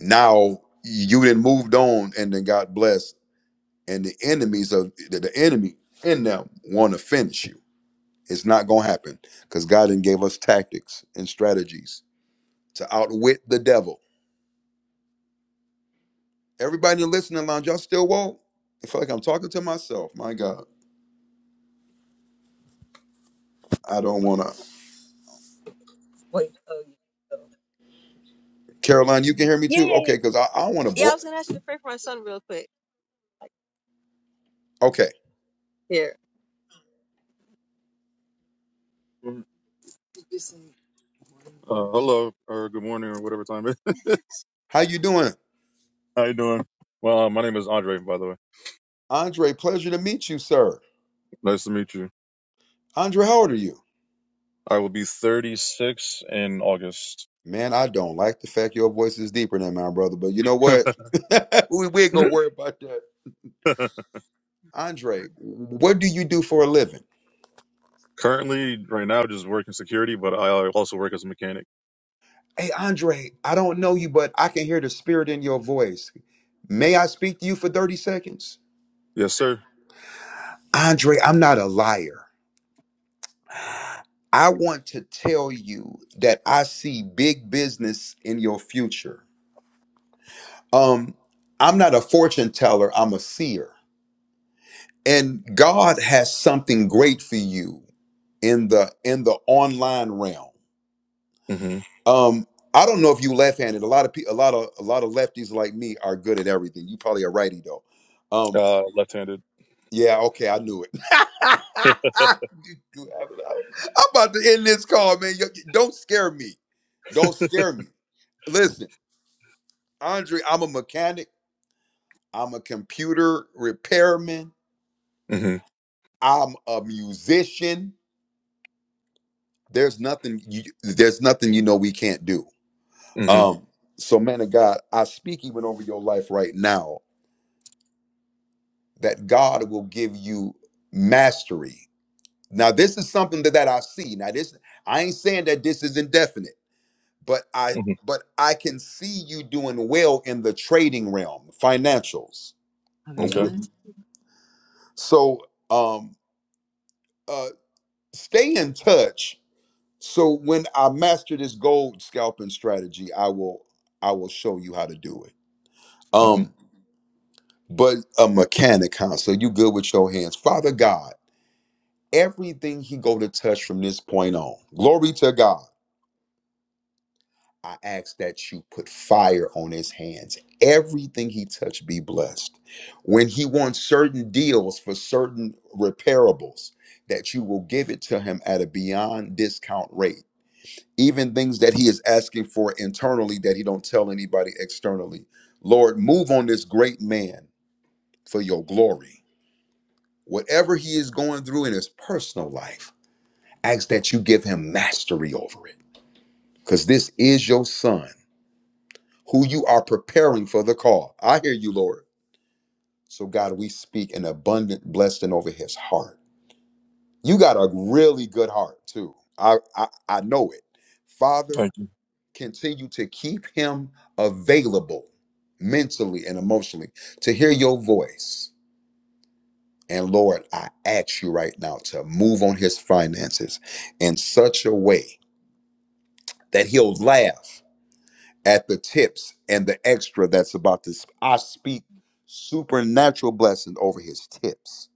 A: now you then moved on and then got blessed and the enemies of the, the enemy in them want to finish you. It's not gonna happen because God then gave us tactics and strategies to outwit the devil. Everybody in the listening lounge, y'all still woke? I feel like I'm talking to myself. My God, I don't wanna.
F: Wait. Oh, you go.
A: Caroline, you can hear me
F: yeah,
A: too.
F: yeah, yeah.
A: Okay, because I, I wanna
F: Yeah, I
A: bore.
F: was gonna ask you to pray for my son real quick. Like
A: Okay,
F: Here. Mhm. Uh, hello, or good morning, or whatever time it is.
A: how you doing,
F: How you doing? Well, uh, my name is Andre, by the way.
A: Andre? Pleasure to meet you, sir.
F: Nice to meet you.
A: Andre, how old are you?
F: I will be 36 in August.
A: Man, I don't like the fact your voice is deeper than mine, brother. But you know what? we we ain't gonna worry about that. Andre, what do you do for a living?
F: Currently, right now, just working security, but I also work as a mechanic.
A: Hey, Andre, I don't know you, but I can hear the spirit in your voice. May I speak to you for 30 seconds?
F: Yes, sir.
A: Andre, I'm not a liar. I want to tell you that I see big business in your future. Um, I'm not a fortune teller, I'm a seer. And God has something great for you in the in the online realm.
F: hmm
A: Um, I don't know if you left-handed. A lot of pe- a lot of a lot of lefties like me are good at everything. You probably a righty though. Um,
F: Uh, left-handed.
A: yeah, okay, I knew it. You- you- I'm about to end this call, man. You- you- Don't scare me. Don't scare me. Listen, Andre, I'm a mechanic. I'm a computer repairman.
F: hmm
A: I'm a musician. There's nothing. You, there's nothing you know we can't do.
F: hmm
A: Um. So, man of God, I speak even over your life right now that God will give you mastery. Now, this is something that, that I see. Now, this I ain't saying that this is indefinite, but I
F: hmm
A: but I can see you doing well in the trading realm, financials.
F: I was
A: Or
F: Okay.
A: with-
F: honest.
A: So um uh stay in touch. So when I master this gold scalping strategy, I will I will show you how to do it.
F: hmm
A: Um, but a mechanic, huh? So you good with your hands. Father God. everything he go to touch from this point on glory to god i ask that you put fire on his hands everything he touch be blessed when he wants certain deals for certain repairables that you will give it to him at a beyond discount rate even things that he is asking for internally that he don't tell anybody externally lord move on this great man for your glory whatever he is going through in his personal life ask that you give him mastery over it because this is your son who you are preparing for the call. I hear you, Lord. So, God, we speak an abundant blessing over his heart. You got a really good heart, too. I, I, I know it. Father,
F: Thank you.
A: continue to keep him available mentally and emotionally to hear your voice. And Lord, I ask you right now to move on his finances in such a way that he'll laugh at the tips and the extra that's about to. sp- I speak supernatural blessing over his tips,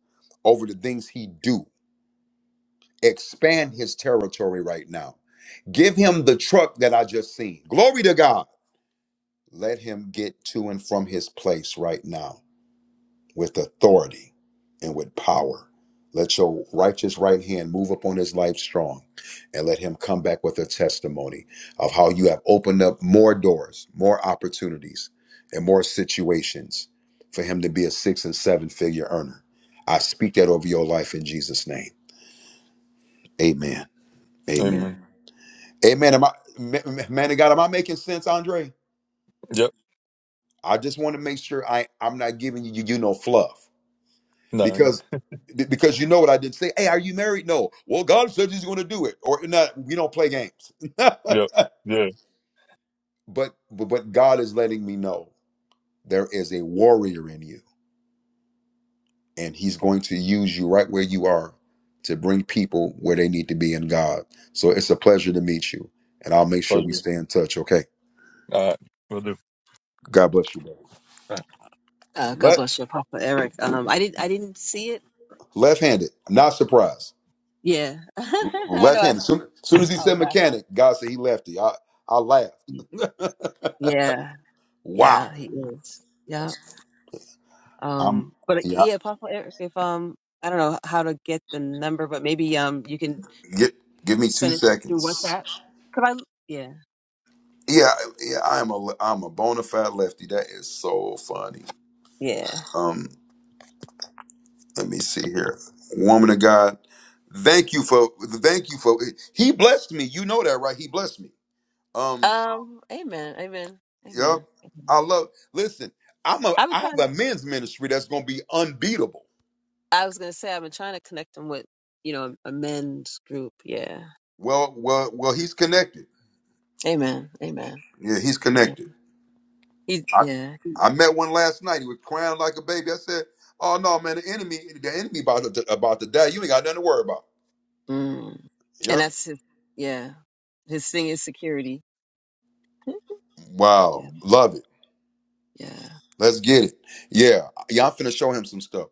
A: over the things he do. Expand his territory right now. Give him the truck that I just seen. Glory to God. Let him get to and from his place right now with authority and with power. Let your righteous right hand move upon his life strong and let him come back with a testimony of how you have opened up more doors, more opportunities, and more situations for him to be a six and seven figure earner. I speak that over your life in Jesus' name. Amen.
F: Amen.
A: Amen. Amen. Am I, ma- ma- man of God, am I making sense, Andre?
F: Yep.
A: I just want to make sure I, I'm not giving you, you know, fluff.
F: No. you-
A: because be- because you know what I did say. Hey, are you married? No. Well, God says He's going to do it, or not. We don't play games.
F: Yep.
A: but
F: Yeah.
A: but but God is letting me know there is a warrior in you, and He's going to use you right where you are to bring people where they need to be in God. So it's a pleasure to meet you, and I'll make sure we
F: Pleasure.
A: stay in touch. Okay.
F: All right. We'll do.
A: God bless you, brother.
F: All right. Uh, God
A: Left
F: bless you, Papa Eric. Um, I didn't, I didn't see it.
A: left-handed, not surprised.
F: Yeah, I know. I
A: Left-handed.
F: was,
A: Soon, soon as he
F: I was
A: said mechanic, God said he lefty. I I laughed.
F: laughing. Yeah,
A: Wow.
F: yeah, he is. Yeah.
A: I'm
F: Um, but uh,
A: yeah.
F: yeah, Papa Eric. If um, I don't know how to get the number, but maybe um, you can
A: Give, give me two
F: send it through
A: seconds.
F: WhatsApp. Could I? Yeah,
A: Yeah, yeah. I am a I'm a bona fide lefty. That is so funny.
F: yeah.
A: Um, let me see here. Woman of God, thank you for thank you for he blessed me. You know that, right? He blessed me. Um,
F: Um, amen, amen,
A: yep.
F: amen.
A: I
F: amen.
A: love. Listen, I'm a
F: I've been
A: I
F: trying to.
A: have a men's ministry that's going to be unbeatable.
F: I was gonna say I've been trying to connect him with, you know, a men's group. Yeah.
A: Well, well, well. He's connected.
F: Amen. Amen.
A: Yeah, he's
F: Yeah.
A: connected.
F: He,
A: I,
F: yeah.
A: I met one last night. He was crying like a baby. I said, "Oh no, man, the enemy, the enemy about to about to die. You ain't got nothing to worry about."
F: Mm. And
A: Yep.
F: that's his. Yeah. His thing is security. Yeah.
A: Wow, love it.
F: Yeah.
A: Let's get it. Yeah, yeah. I'm finna show him some stuff.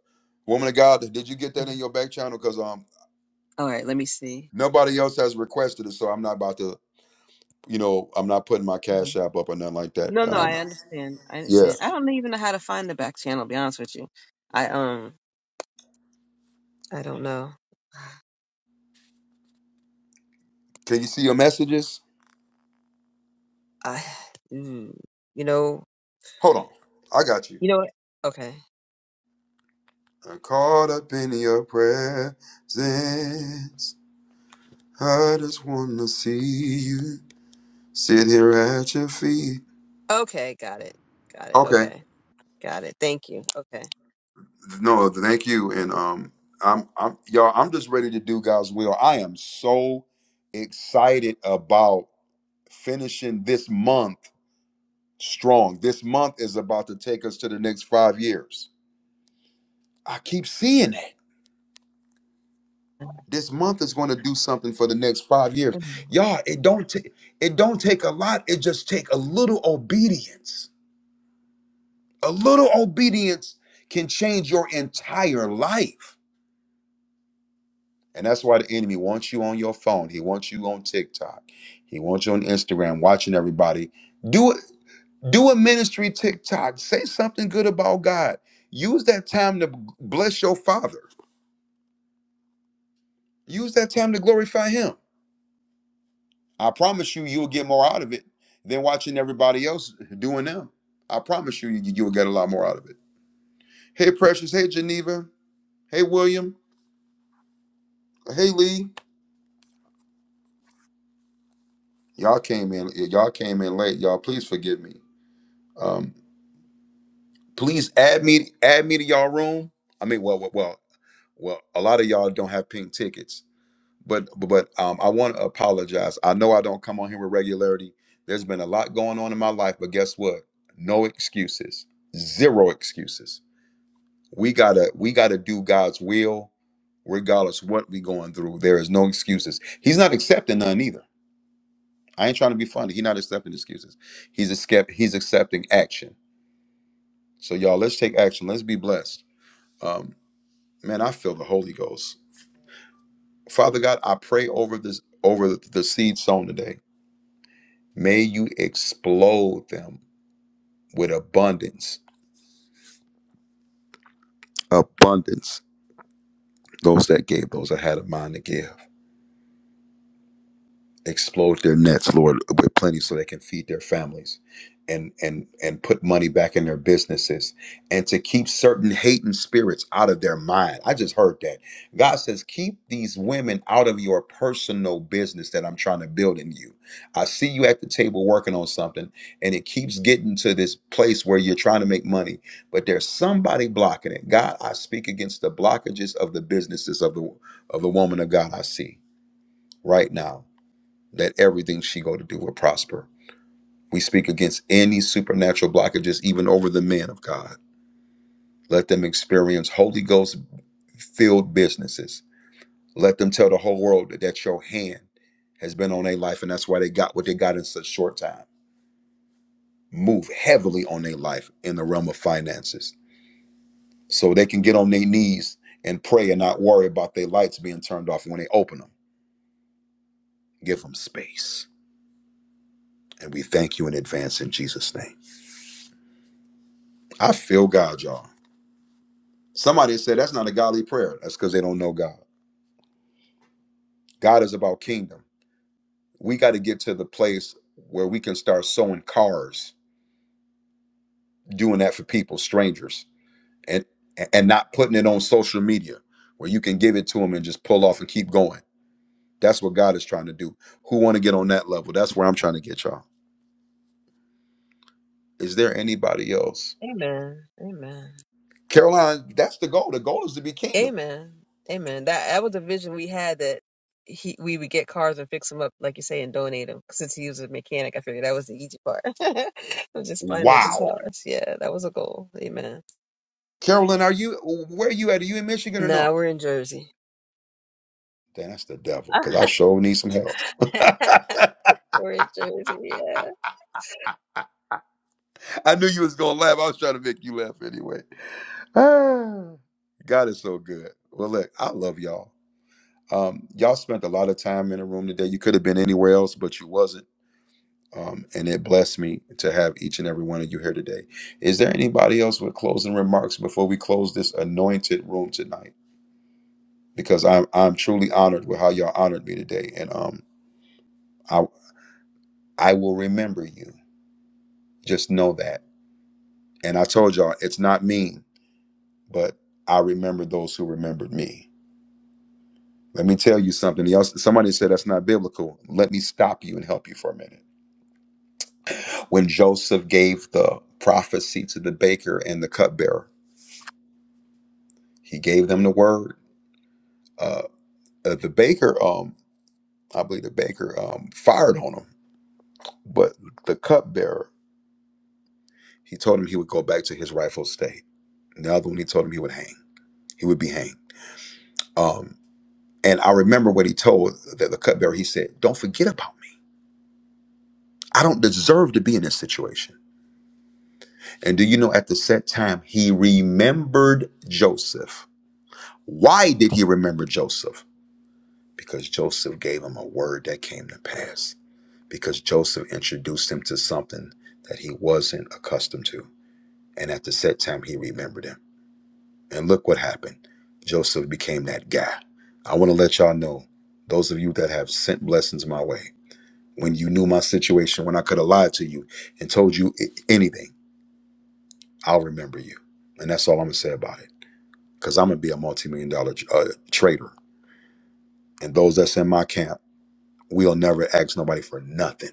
A: Woman of God, did you get that in
F: Mhm.
A: your back channel? Because um,
F: All right. Let me see.
A: nobody else has requested it, so I'm not about to. You know, I'm not putting my
F: Mhm.
A: cash app up or nothing like that.
F: No, no,
A: Um,
F: I understand. I
A: yeah.
F: understand. I don't even know how to find the back channel. To be honest with you, I um, I don't know.
A: Can you see your messages?
F: I, mm, you know,
A: Hold on. I got you.
F: you know what? Okay.
A: I'm caught up in your presence. I just wanna see you sit here at your feet.
F: Okay. Got it. Got it.
A: Okay.
F: Okay. Got it. Thank you. Okay.
A: No, thank you. And um I'm I'm y'all, I'm just ready to do God's will. I am so excited about finishing this month strong. This month is about to take us to the next five years. I keep seeing that. This month is going to do something for the next five years. Y'all, it don't take it don't take a lot. It just take a little obedience A little obedience can change your entire life. And that's why the enemy wants you on your phone. He wants you on TikTok. He wants you on Instagram watching everybody. Do it, do a ministry TikTok. Say something good about God. Use that time to bless your father. Use that time to glorify him. I promise you you'll get more out of it than watching everybody else doing them. I promise you you- you'll get a lot more out of it. Hey Precious, hey Geneva, hey William, hey Lee. Y'all came in. Y'all came in late. Y'all, please forgive me. Um, please add me. Add me to y'all room. I mean, well, well, well, well, a lot of y'all don't have pink tickets, but but um, I want to apologize. I know I don't come on here with regularity. There's been a lot going on in my life, but guess what? No excuses. Zero excuses. We gotta we gotta do God's will, regardless what we going through. There is no excuses. He's not accepting none either. I ain't trying to be funny. He's not accepting excuses. He's a skep- He's accepting action. So y'all, let's take action. Let's be blessed. Um, man, I feel the Holy Ghost. Father God, I pray over this over the seed sown today. May you explode them with abundance. Abundance. Those that gave, those that had a mind to give. explode their nets, Lord, with plenty so they can feed their families and and and put money back in their businesses and to keep certain hating spirits out of their mind. I just heard that. God says, keep these women out of your personal business that I'm trying to build in you. I see you at the table working on something, and it keeps getting to this place where you're trying to make money, but there's somebody blocking it. God, I speak against the blockages of the businesses of the of the woman of God I see right now that everything she go to do will prosper. We speak against any supernatural blockages, even over the men of God. Let them experience Holy Ghost filled businesses. Let them tell the whole world that, that your hand has been on their life and that's why they got what they got in such short time. Move heavily on their life in the realm of finances so they can get on their knees and pray and not worry about their lights being turned off when they open them. Give them space. And we thank you in advance in Jesus' name. I feel God, y'all. Somebody said that's not a godly prayer. That's because they don't know God. God is about kingdom. We got to get to the place where we can start sewing cars, doing that for people, strangers, and and not putting it on social media where you can give it to them and just pull off and keep going. That's what God is trying to do. Who want to get on that level? That's where I'm trying to get y'all. Is there anybody else?
F: Amen. Amen.
A: Caroline, that's the goal. The goal is to be kingdom.
F: Amen. Amen. That that was a vision we had that he we would get cars and fix them up, like you say, and donate them. Since he was a mechanic, I figured that was the easy part. It was just finding the
A: Wow.
F: cars. Yeah, that was a goal. Amen.
A: Carolyn, are you where are you at? Are you in Michigan or
F: Nah,
A: no?
F: we're in Jersey.
A: Damn, that's the devil. Cause I sure need some help.
F: we're in Jersey. yeah.
A: I knew you was gonna laugh. I was trying to make you laugh anyway. God is so good. Well, look, I love y'all. Um, y'all spent a lot of time in the room today. You could have been anywhere else, but you wasn't. Um, and it blessed me to have each and every one of you here today. Is there anybody else with closing remarks before we close this anointed room tonight? Because I'm I'm truly honored with how y'all honored me today, and um, I I will remember you. Just know that. And I told y'all it's not mean, but I remember those who remembered me Let me tell you something. Y'all, somebody said that's not biblical. Let me stop you and help you for a minute. When Joseph gave the prophecy to the baker and the cupbearer, he gave them the word. Uh, uh, the baker, um, I believe the baker um, fired on him, but the cupbearer, he told him he would go back to his rightful state. And the other one, he told him he would hang. He would be hanged. Um, and I remember what he told the, the cupbearer. He said, "Don't forget about me. I don't deserve to be in this situation." And do you know at the set time, he remembered Joseph. Why did he remember Joseph? Because Joseph gave him a word that came to pass, because Joseph introduced him to something that he wasn't accustomed to. And at the set time, he remembered him. And look what happened Joseph became that guy. I want to let y'all know, those of you that have sent blessings my way, when you knew my situation, when I could have lied to you and told you i- anything, I'll remember you. And that's all I'm going to say about it. because I'm gonna be a multi-million dollar uh, trader. And those that's in my camp, we'll never ask nobody for nothing.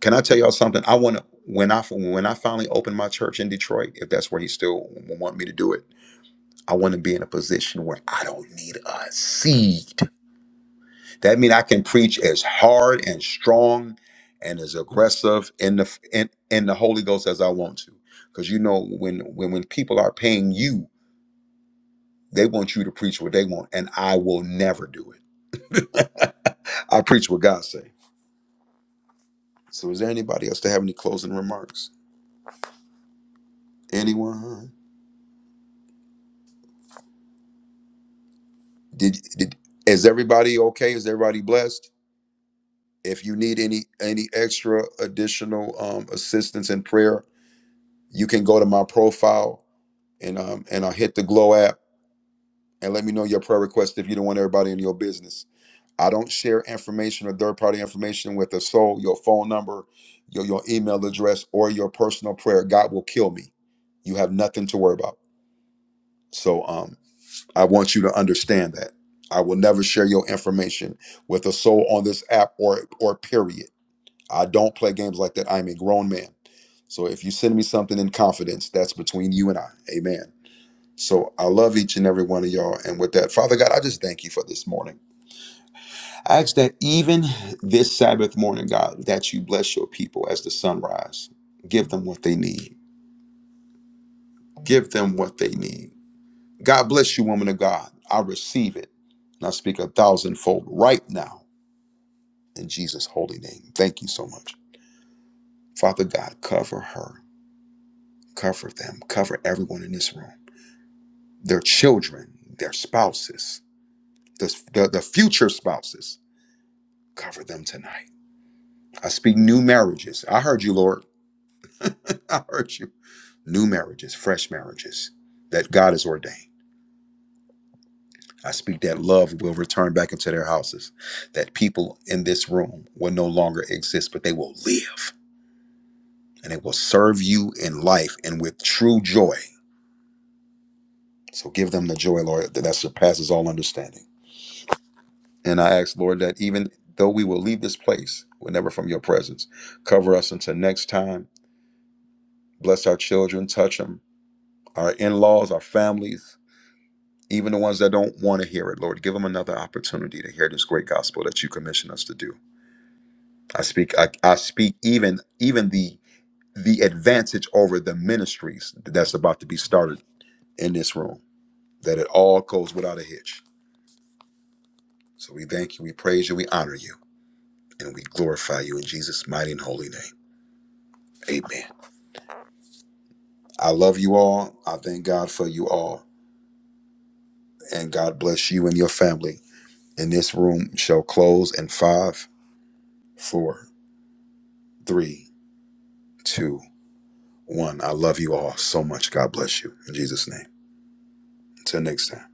A: Can I tell y'all something? I want to when I when I finally open my church in Detroit, if that's where he still want me to do it, I want to be in a position where I don't need a seed. That means I can preach as hard and strong and as aggressive in the in, in the Holy Ghost as I want to. Because you know when when when people are paying you, they want you to preach what they want, and I will never do it. I preach what God say. So is there anybody else to have any closing remarks? Anyone? Did did is everybody okay? Is everybody blessed? If you need any any extra additional um assistance in prayer, you can go to my profile and um and I hit the glow app and let me know your prayer request if you don't want everybody in your business. I don't share information or third party information with a soul, your phone number, your your email address, or your personal prayer. God will kill me. You have nothing to worry about. So um, I want you to understand that I will never share your information with a soul on this app or or period. I don't play games like that. I'm a grown man. So if you send me something in confidence, that's between you and I. Amen. So I love each and every one of y'all. And with that, Father God, I just thank you for this morning. I ask that even this Sabbath morning, God, that you bless your people as the sunrise. Give them what they need. Give them what they need. God bless you, woman of God. I receive it. And I speak a thousandfold right now in Jesus' holy name. Thank you so much. Father God, cover her, cover them, cover everyone in this room, their children, their spouses, the, the, the future spouses. Cover them tonight. I speak new marriages. I heard you, Lord. I heard you. New marriages, fresh marriages that God has ordained. I speak that love will return back into their houses, that people in this room will no longer exist, but they will live and they will serve you in life and with true joy. So give them the joy, Lord, that that surpasses all understanding. And I ask, Lord, that even though we will leave this place, we're never from your presence. Cover us until next time. Bless our children, touch them, our in laws, our families, even the ones that don't want to hear it, Lord. Give them another opportunity to hear this great gospel that you commission us to do. I speak I, I speak even even the the advantage over the ministries that's about to be started in this room that it all goes without a hitch. So we thank you, we praise you, we honor you, and we glorify you in Jesus' mighty and holy name. Amen. I love you all. I thank God for you all, and God bless you and your family. And this room shall close in five, four, three, two, one. I love you all so much. God bless you in Jesus' name. Until next time.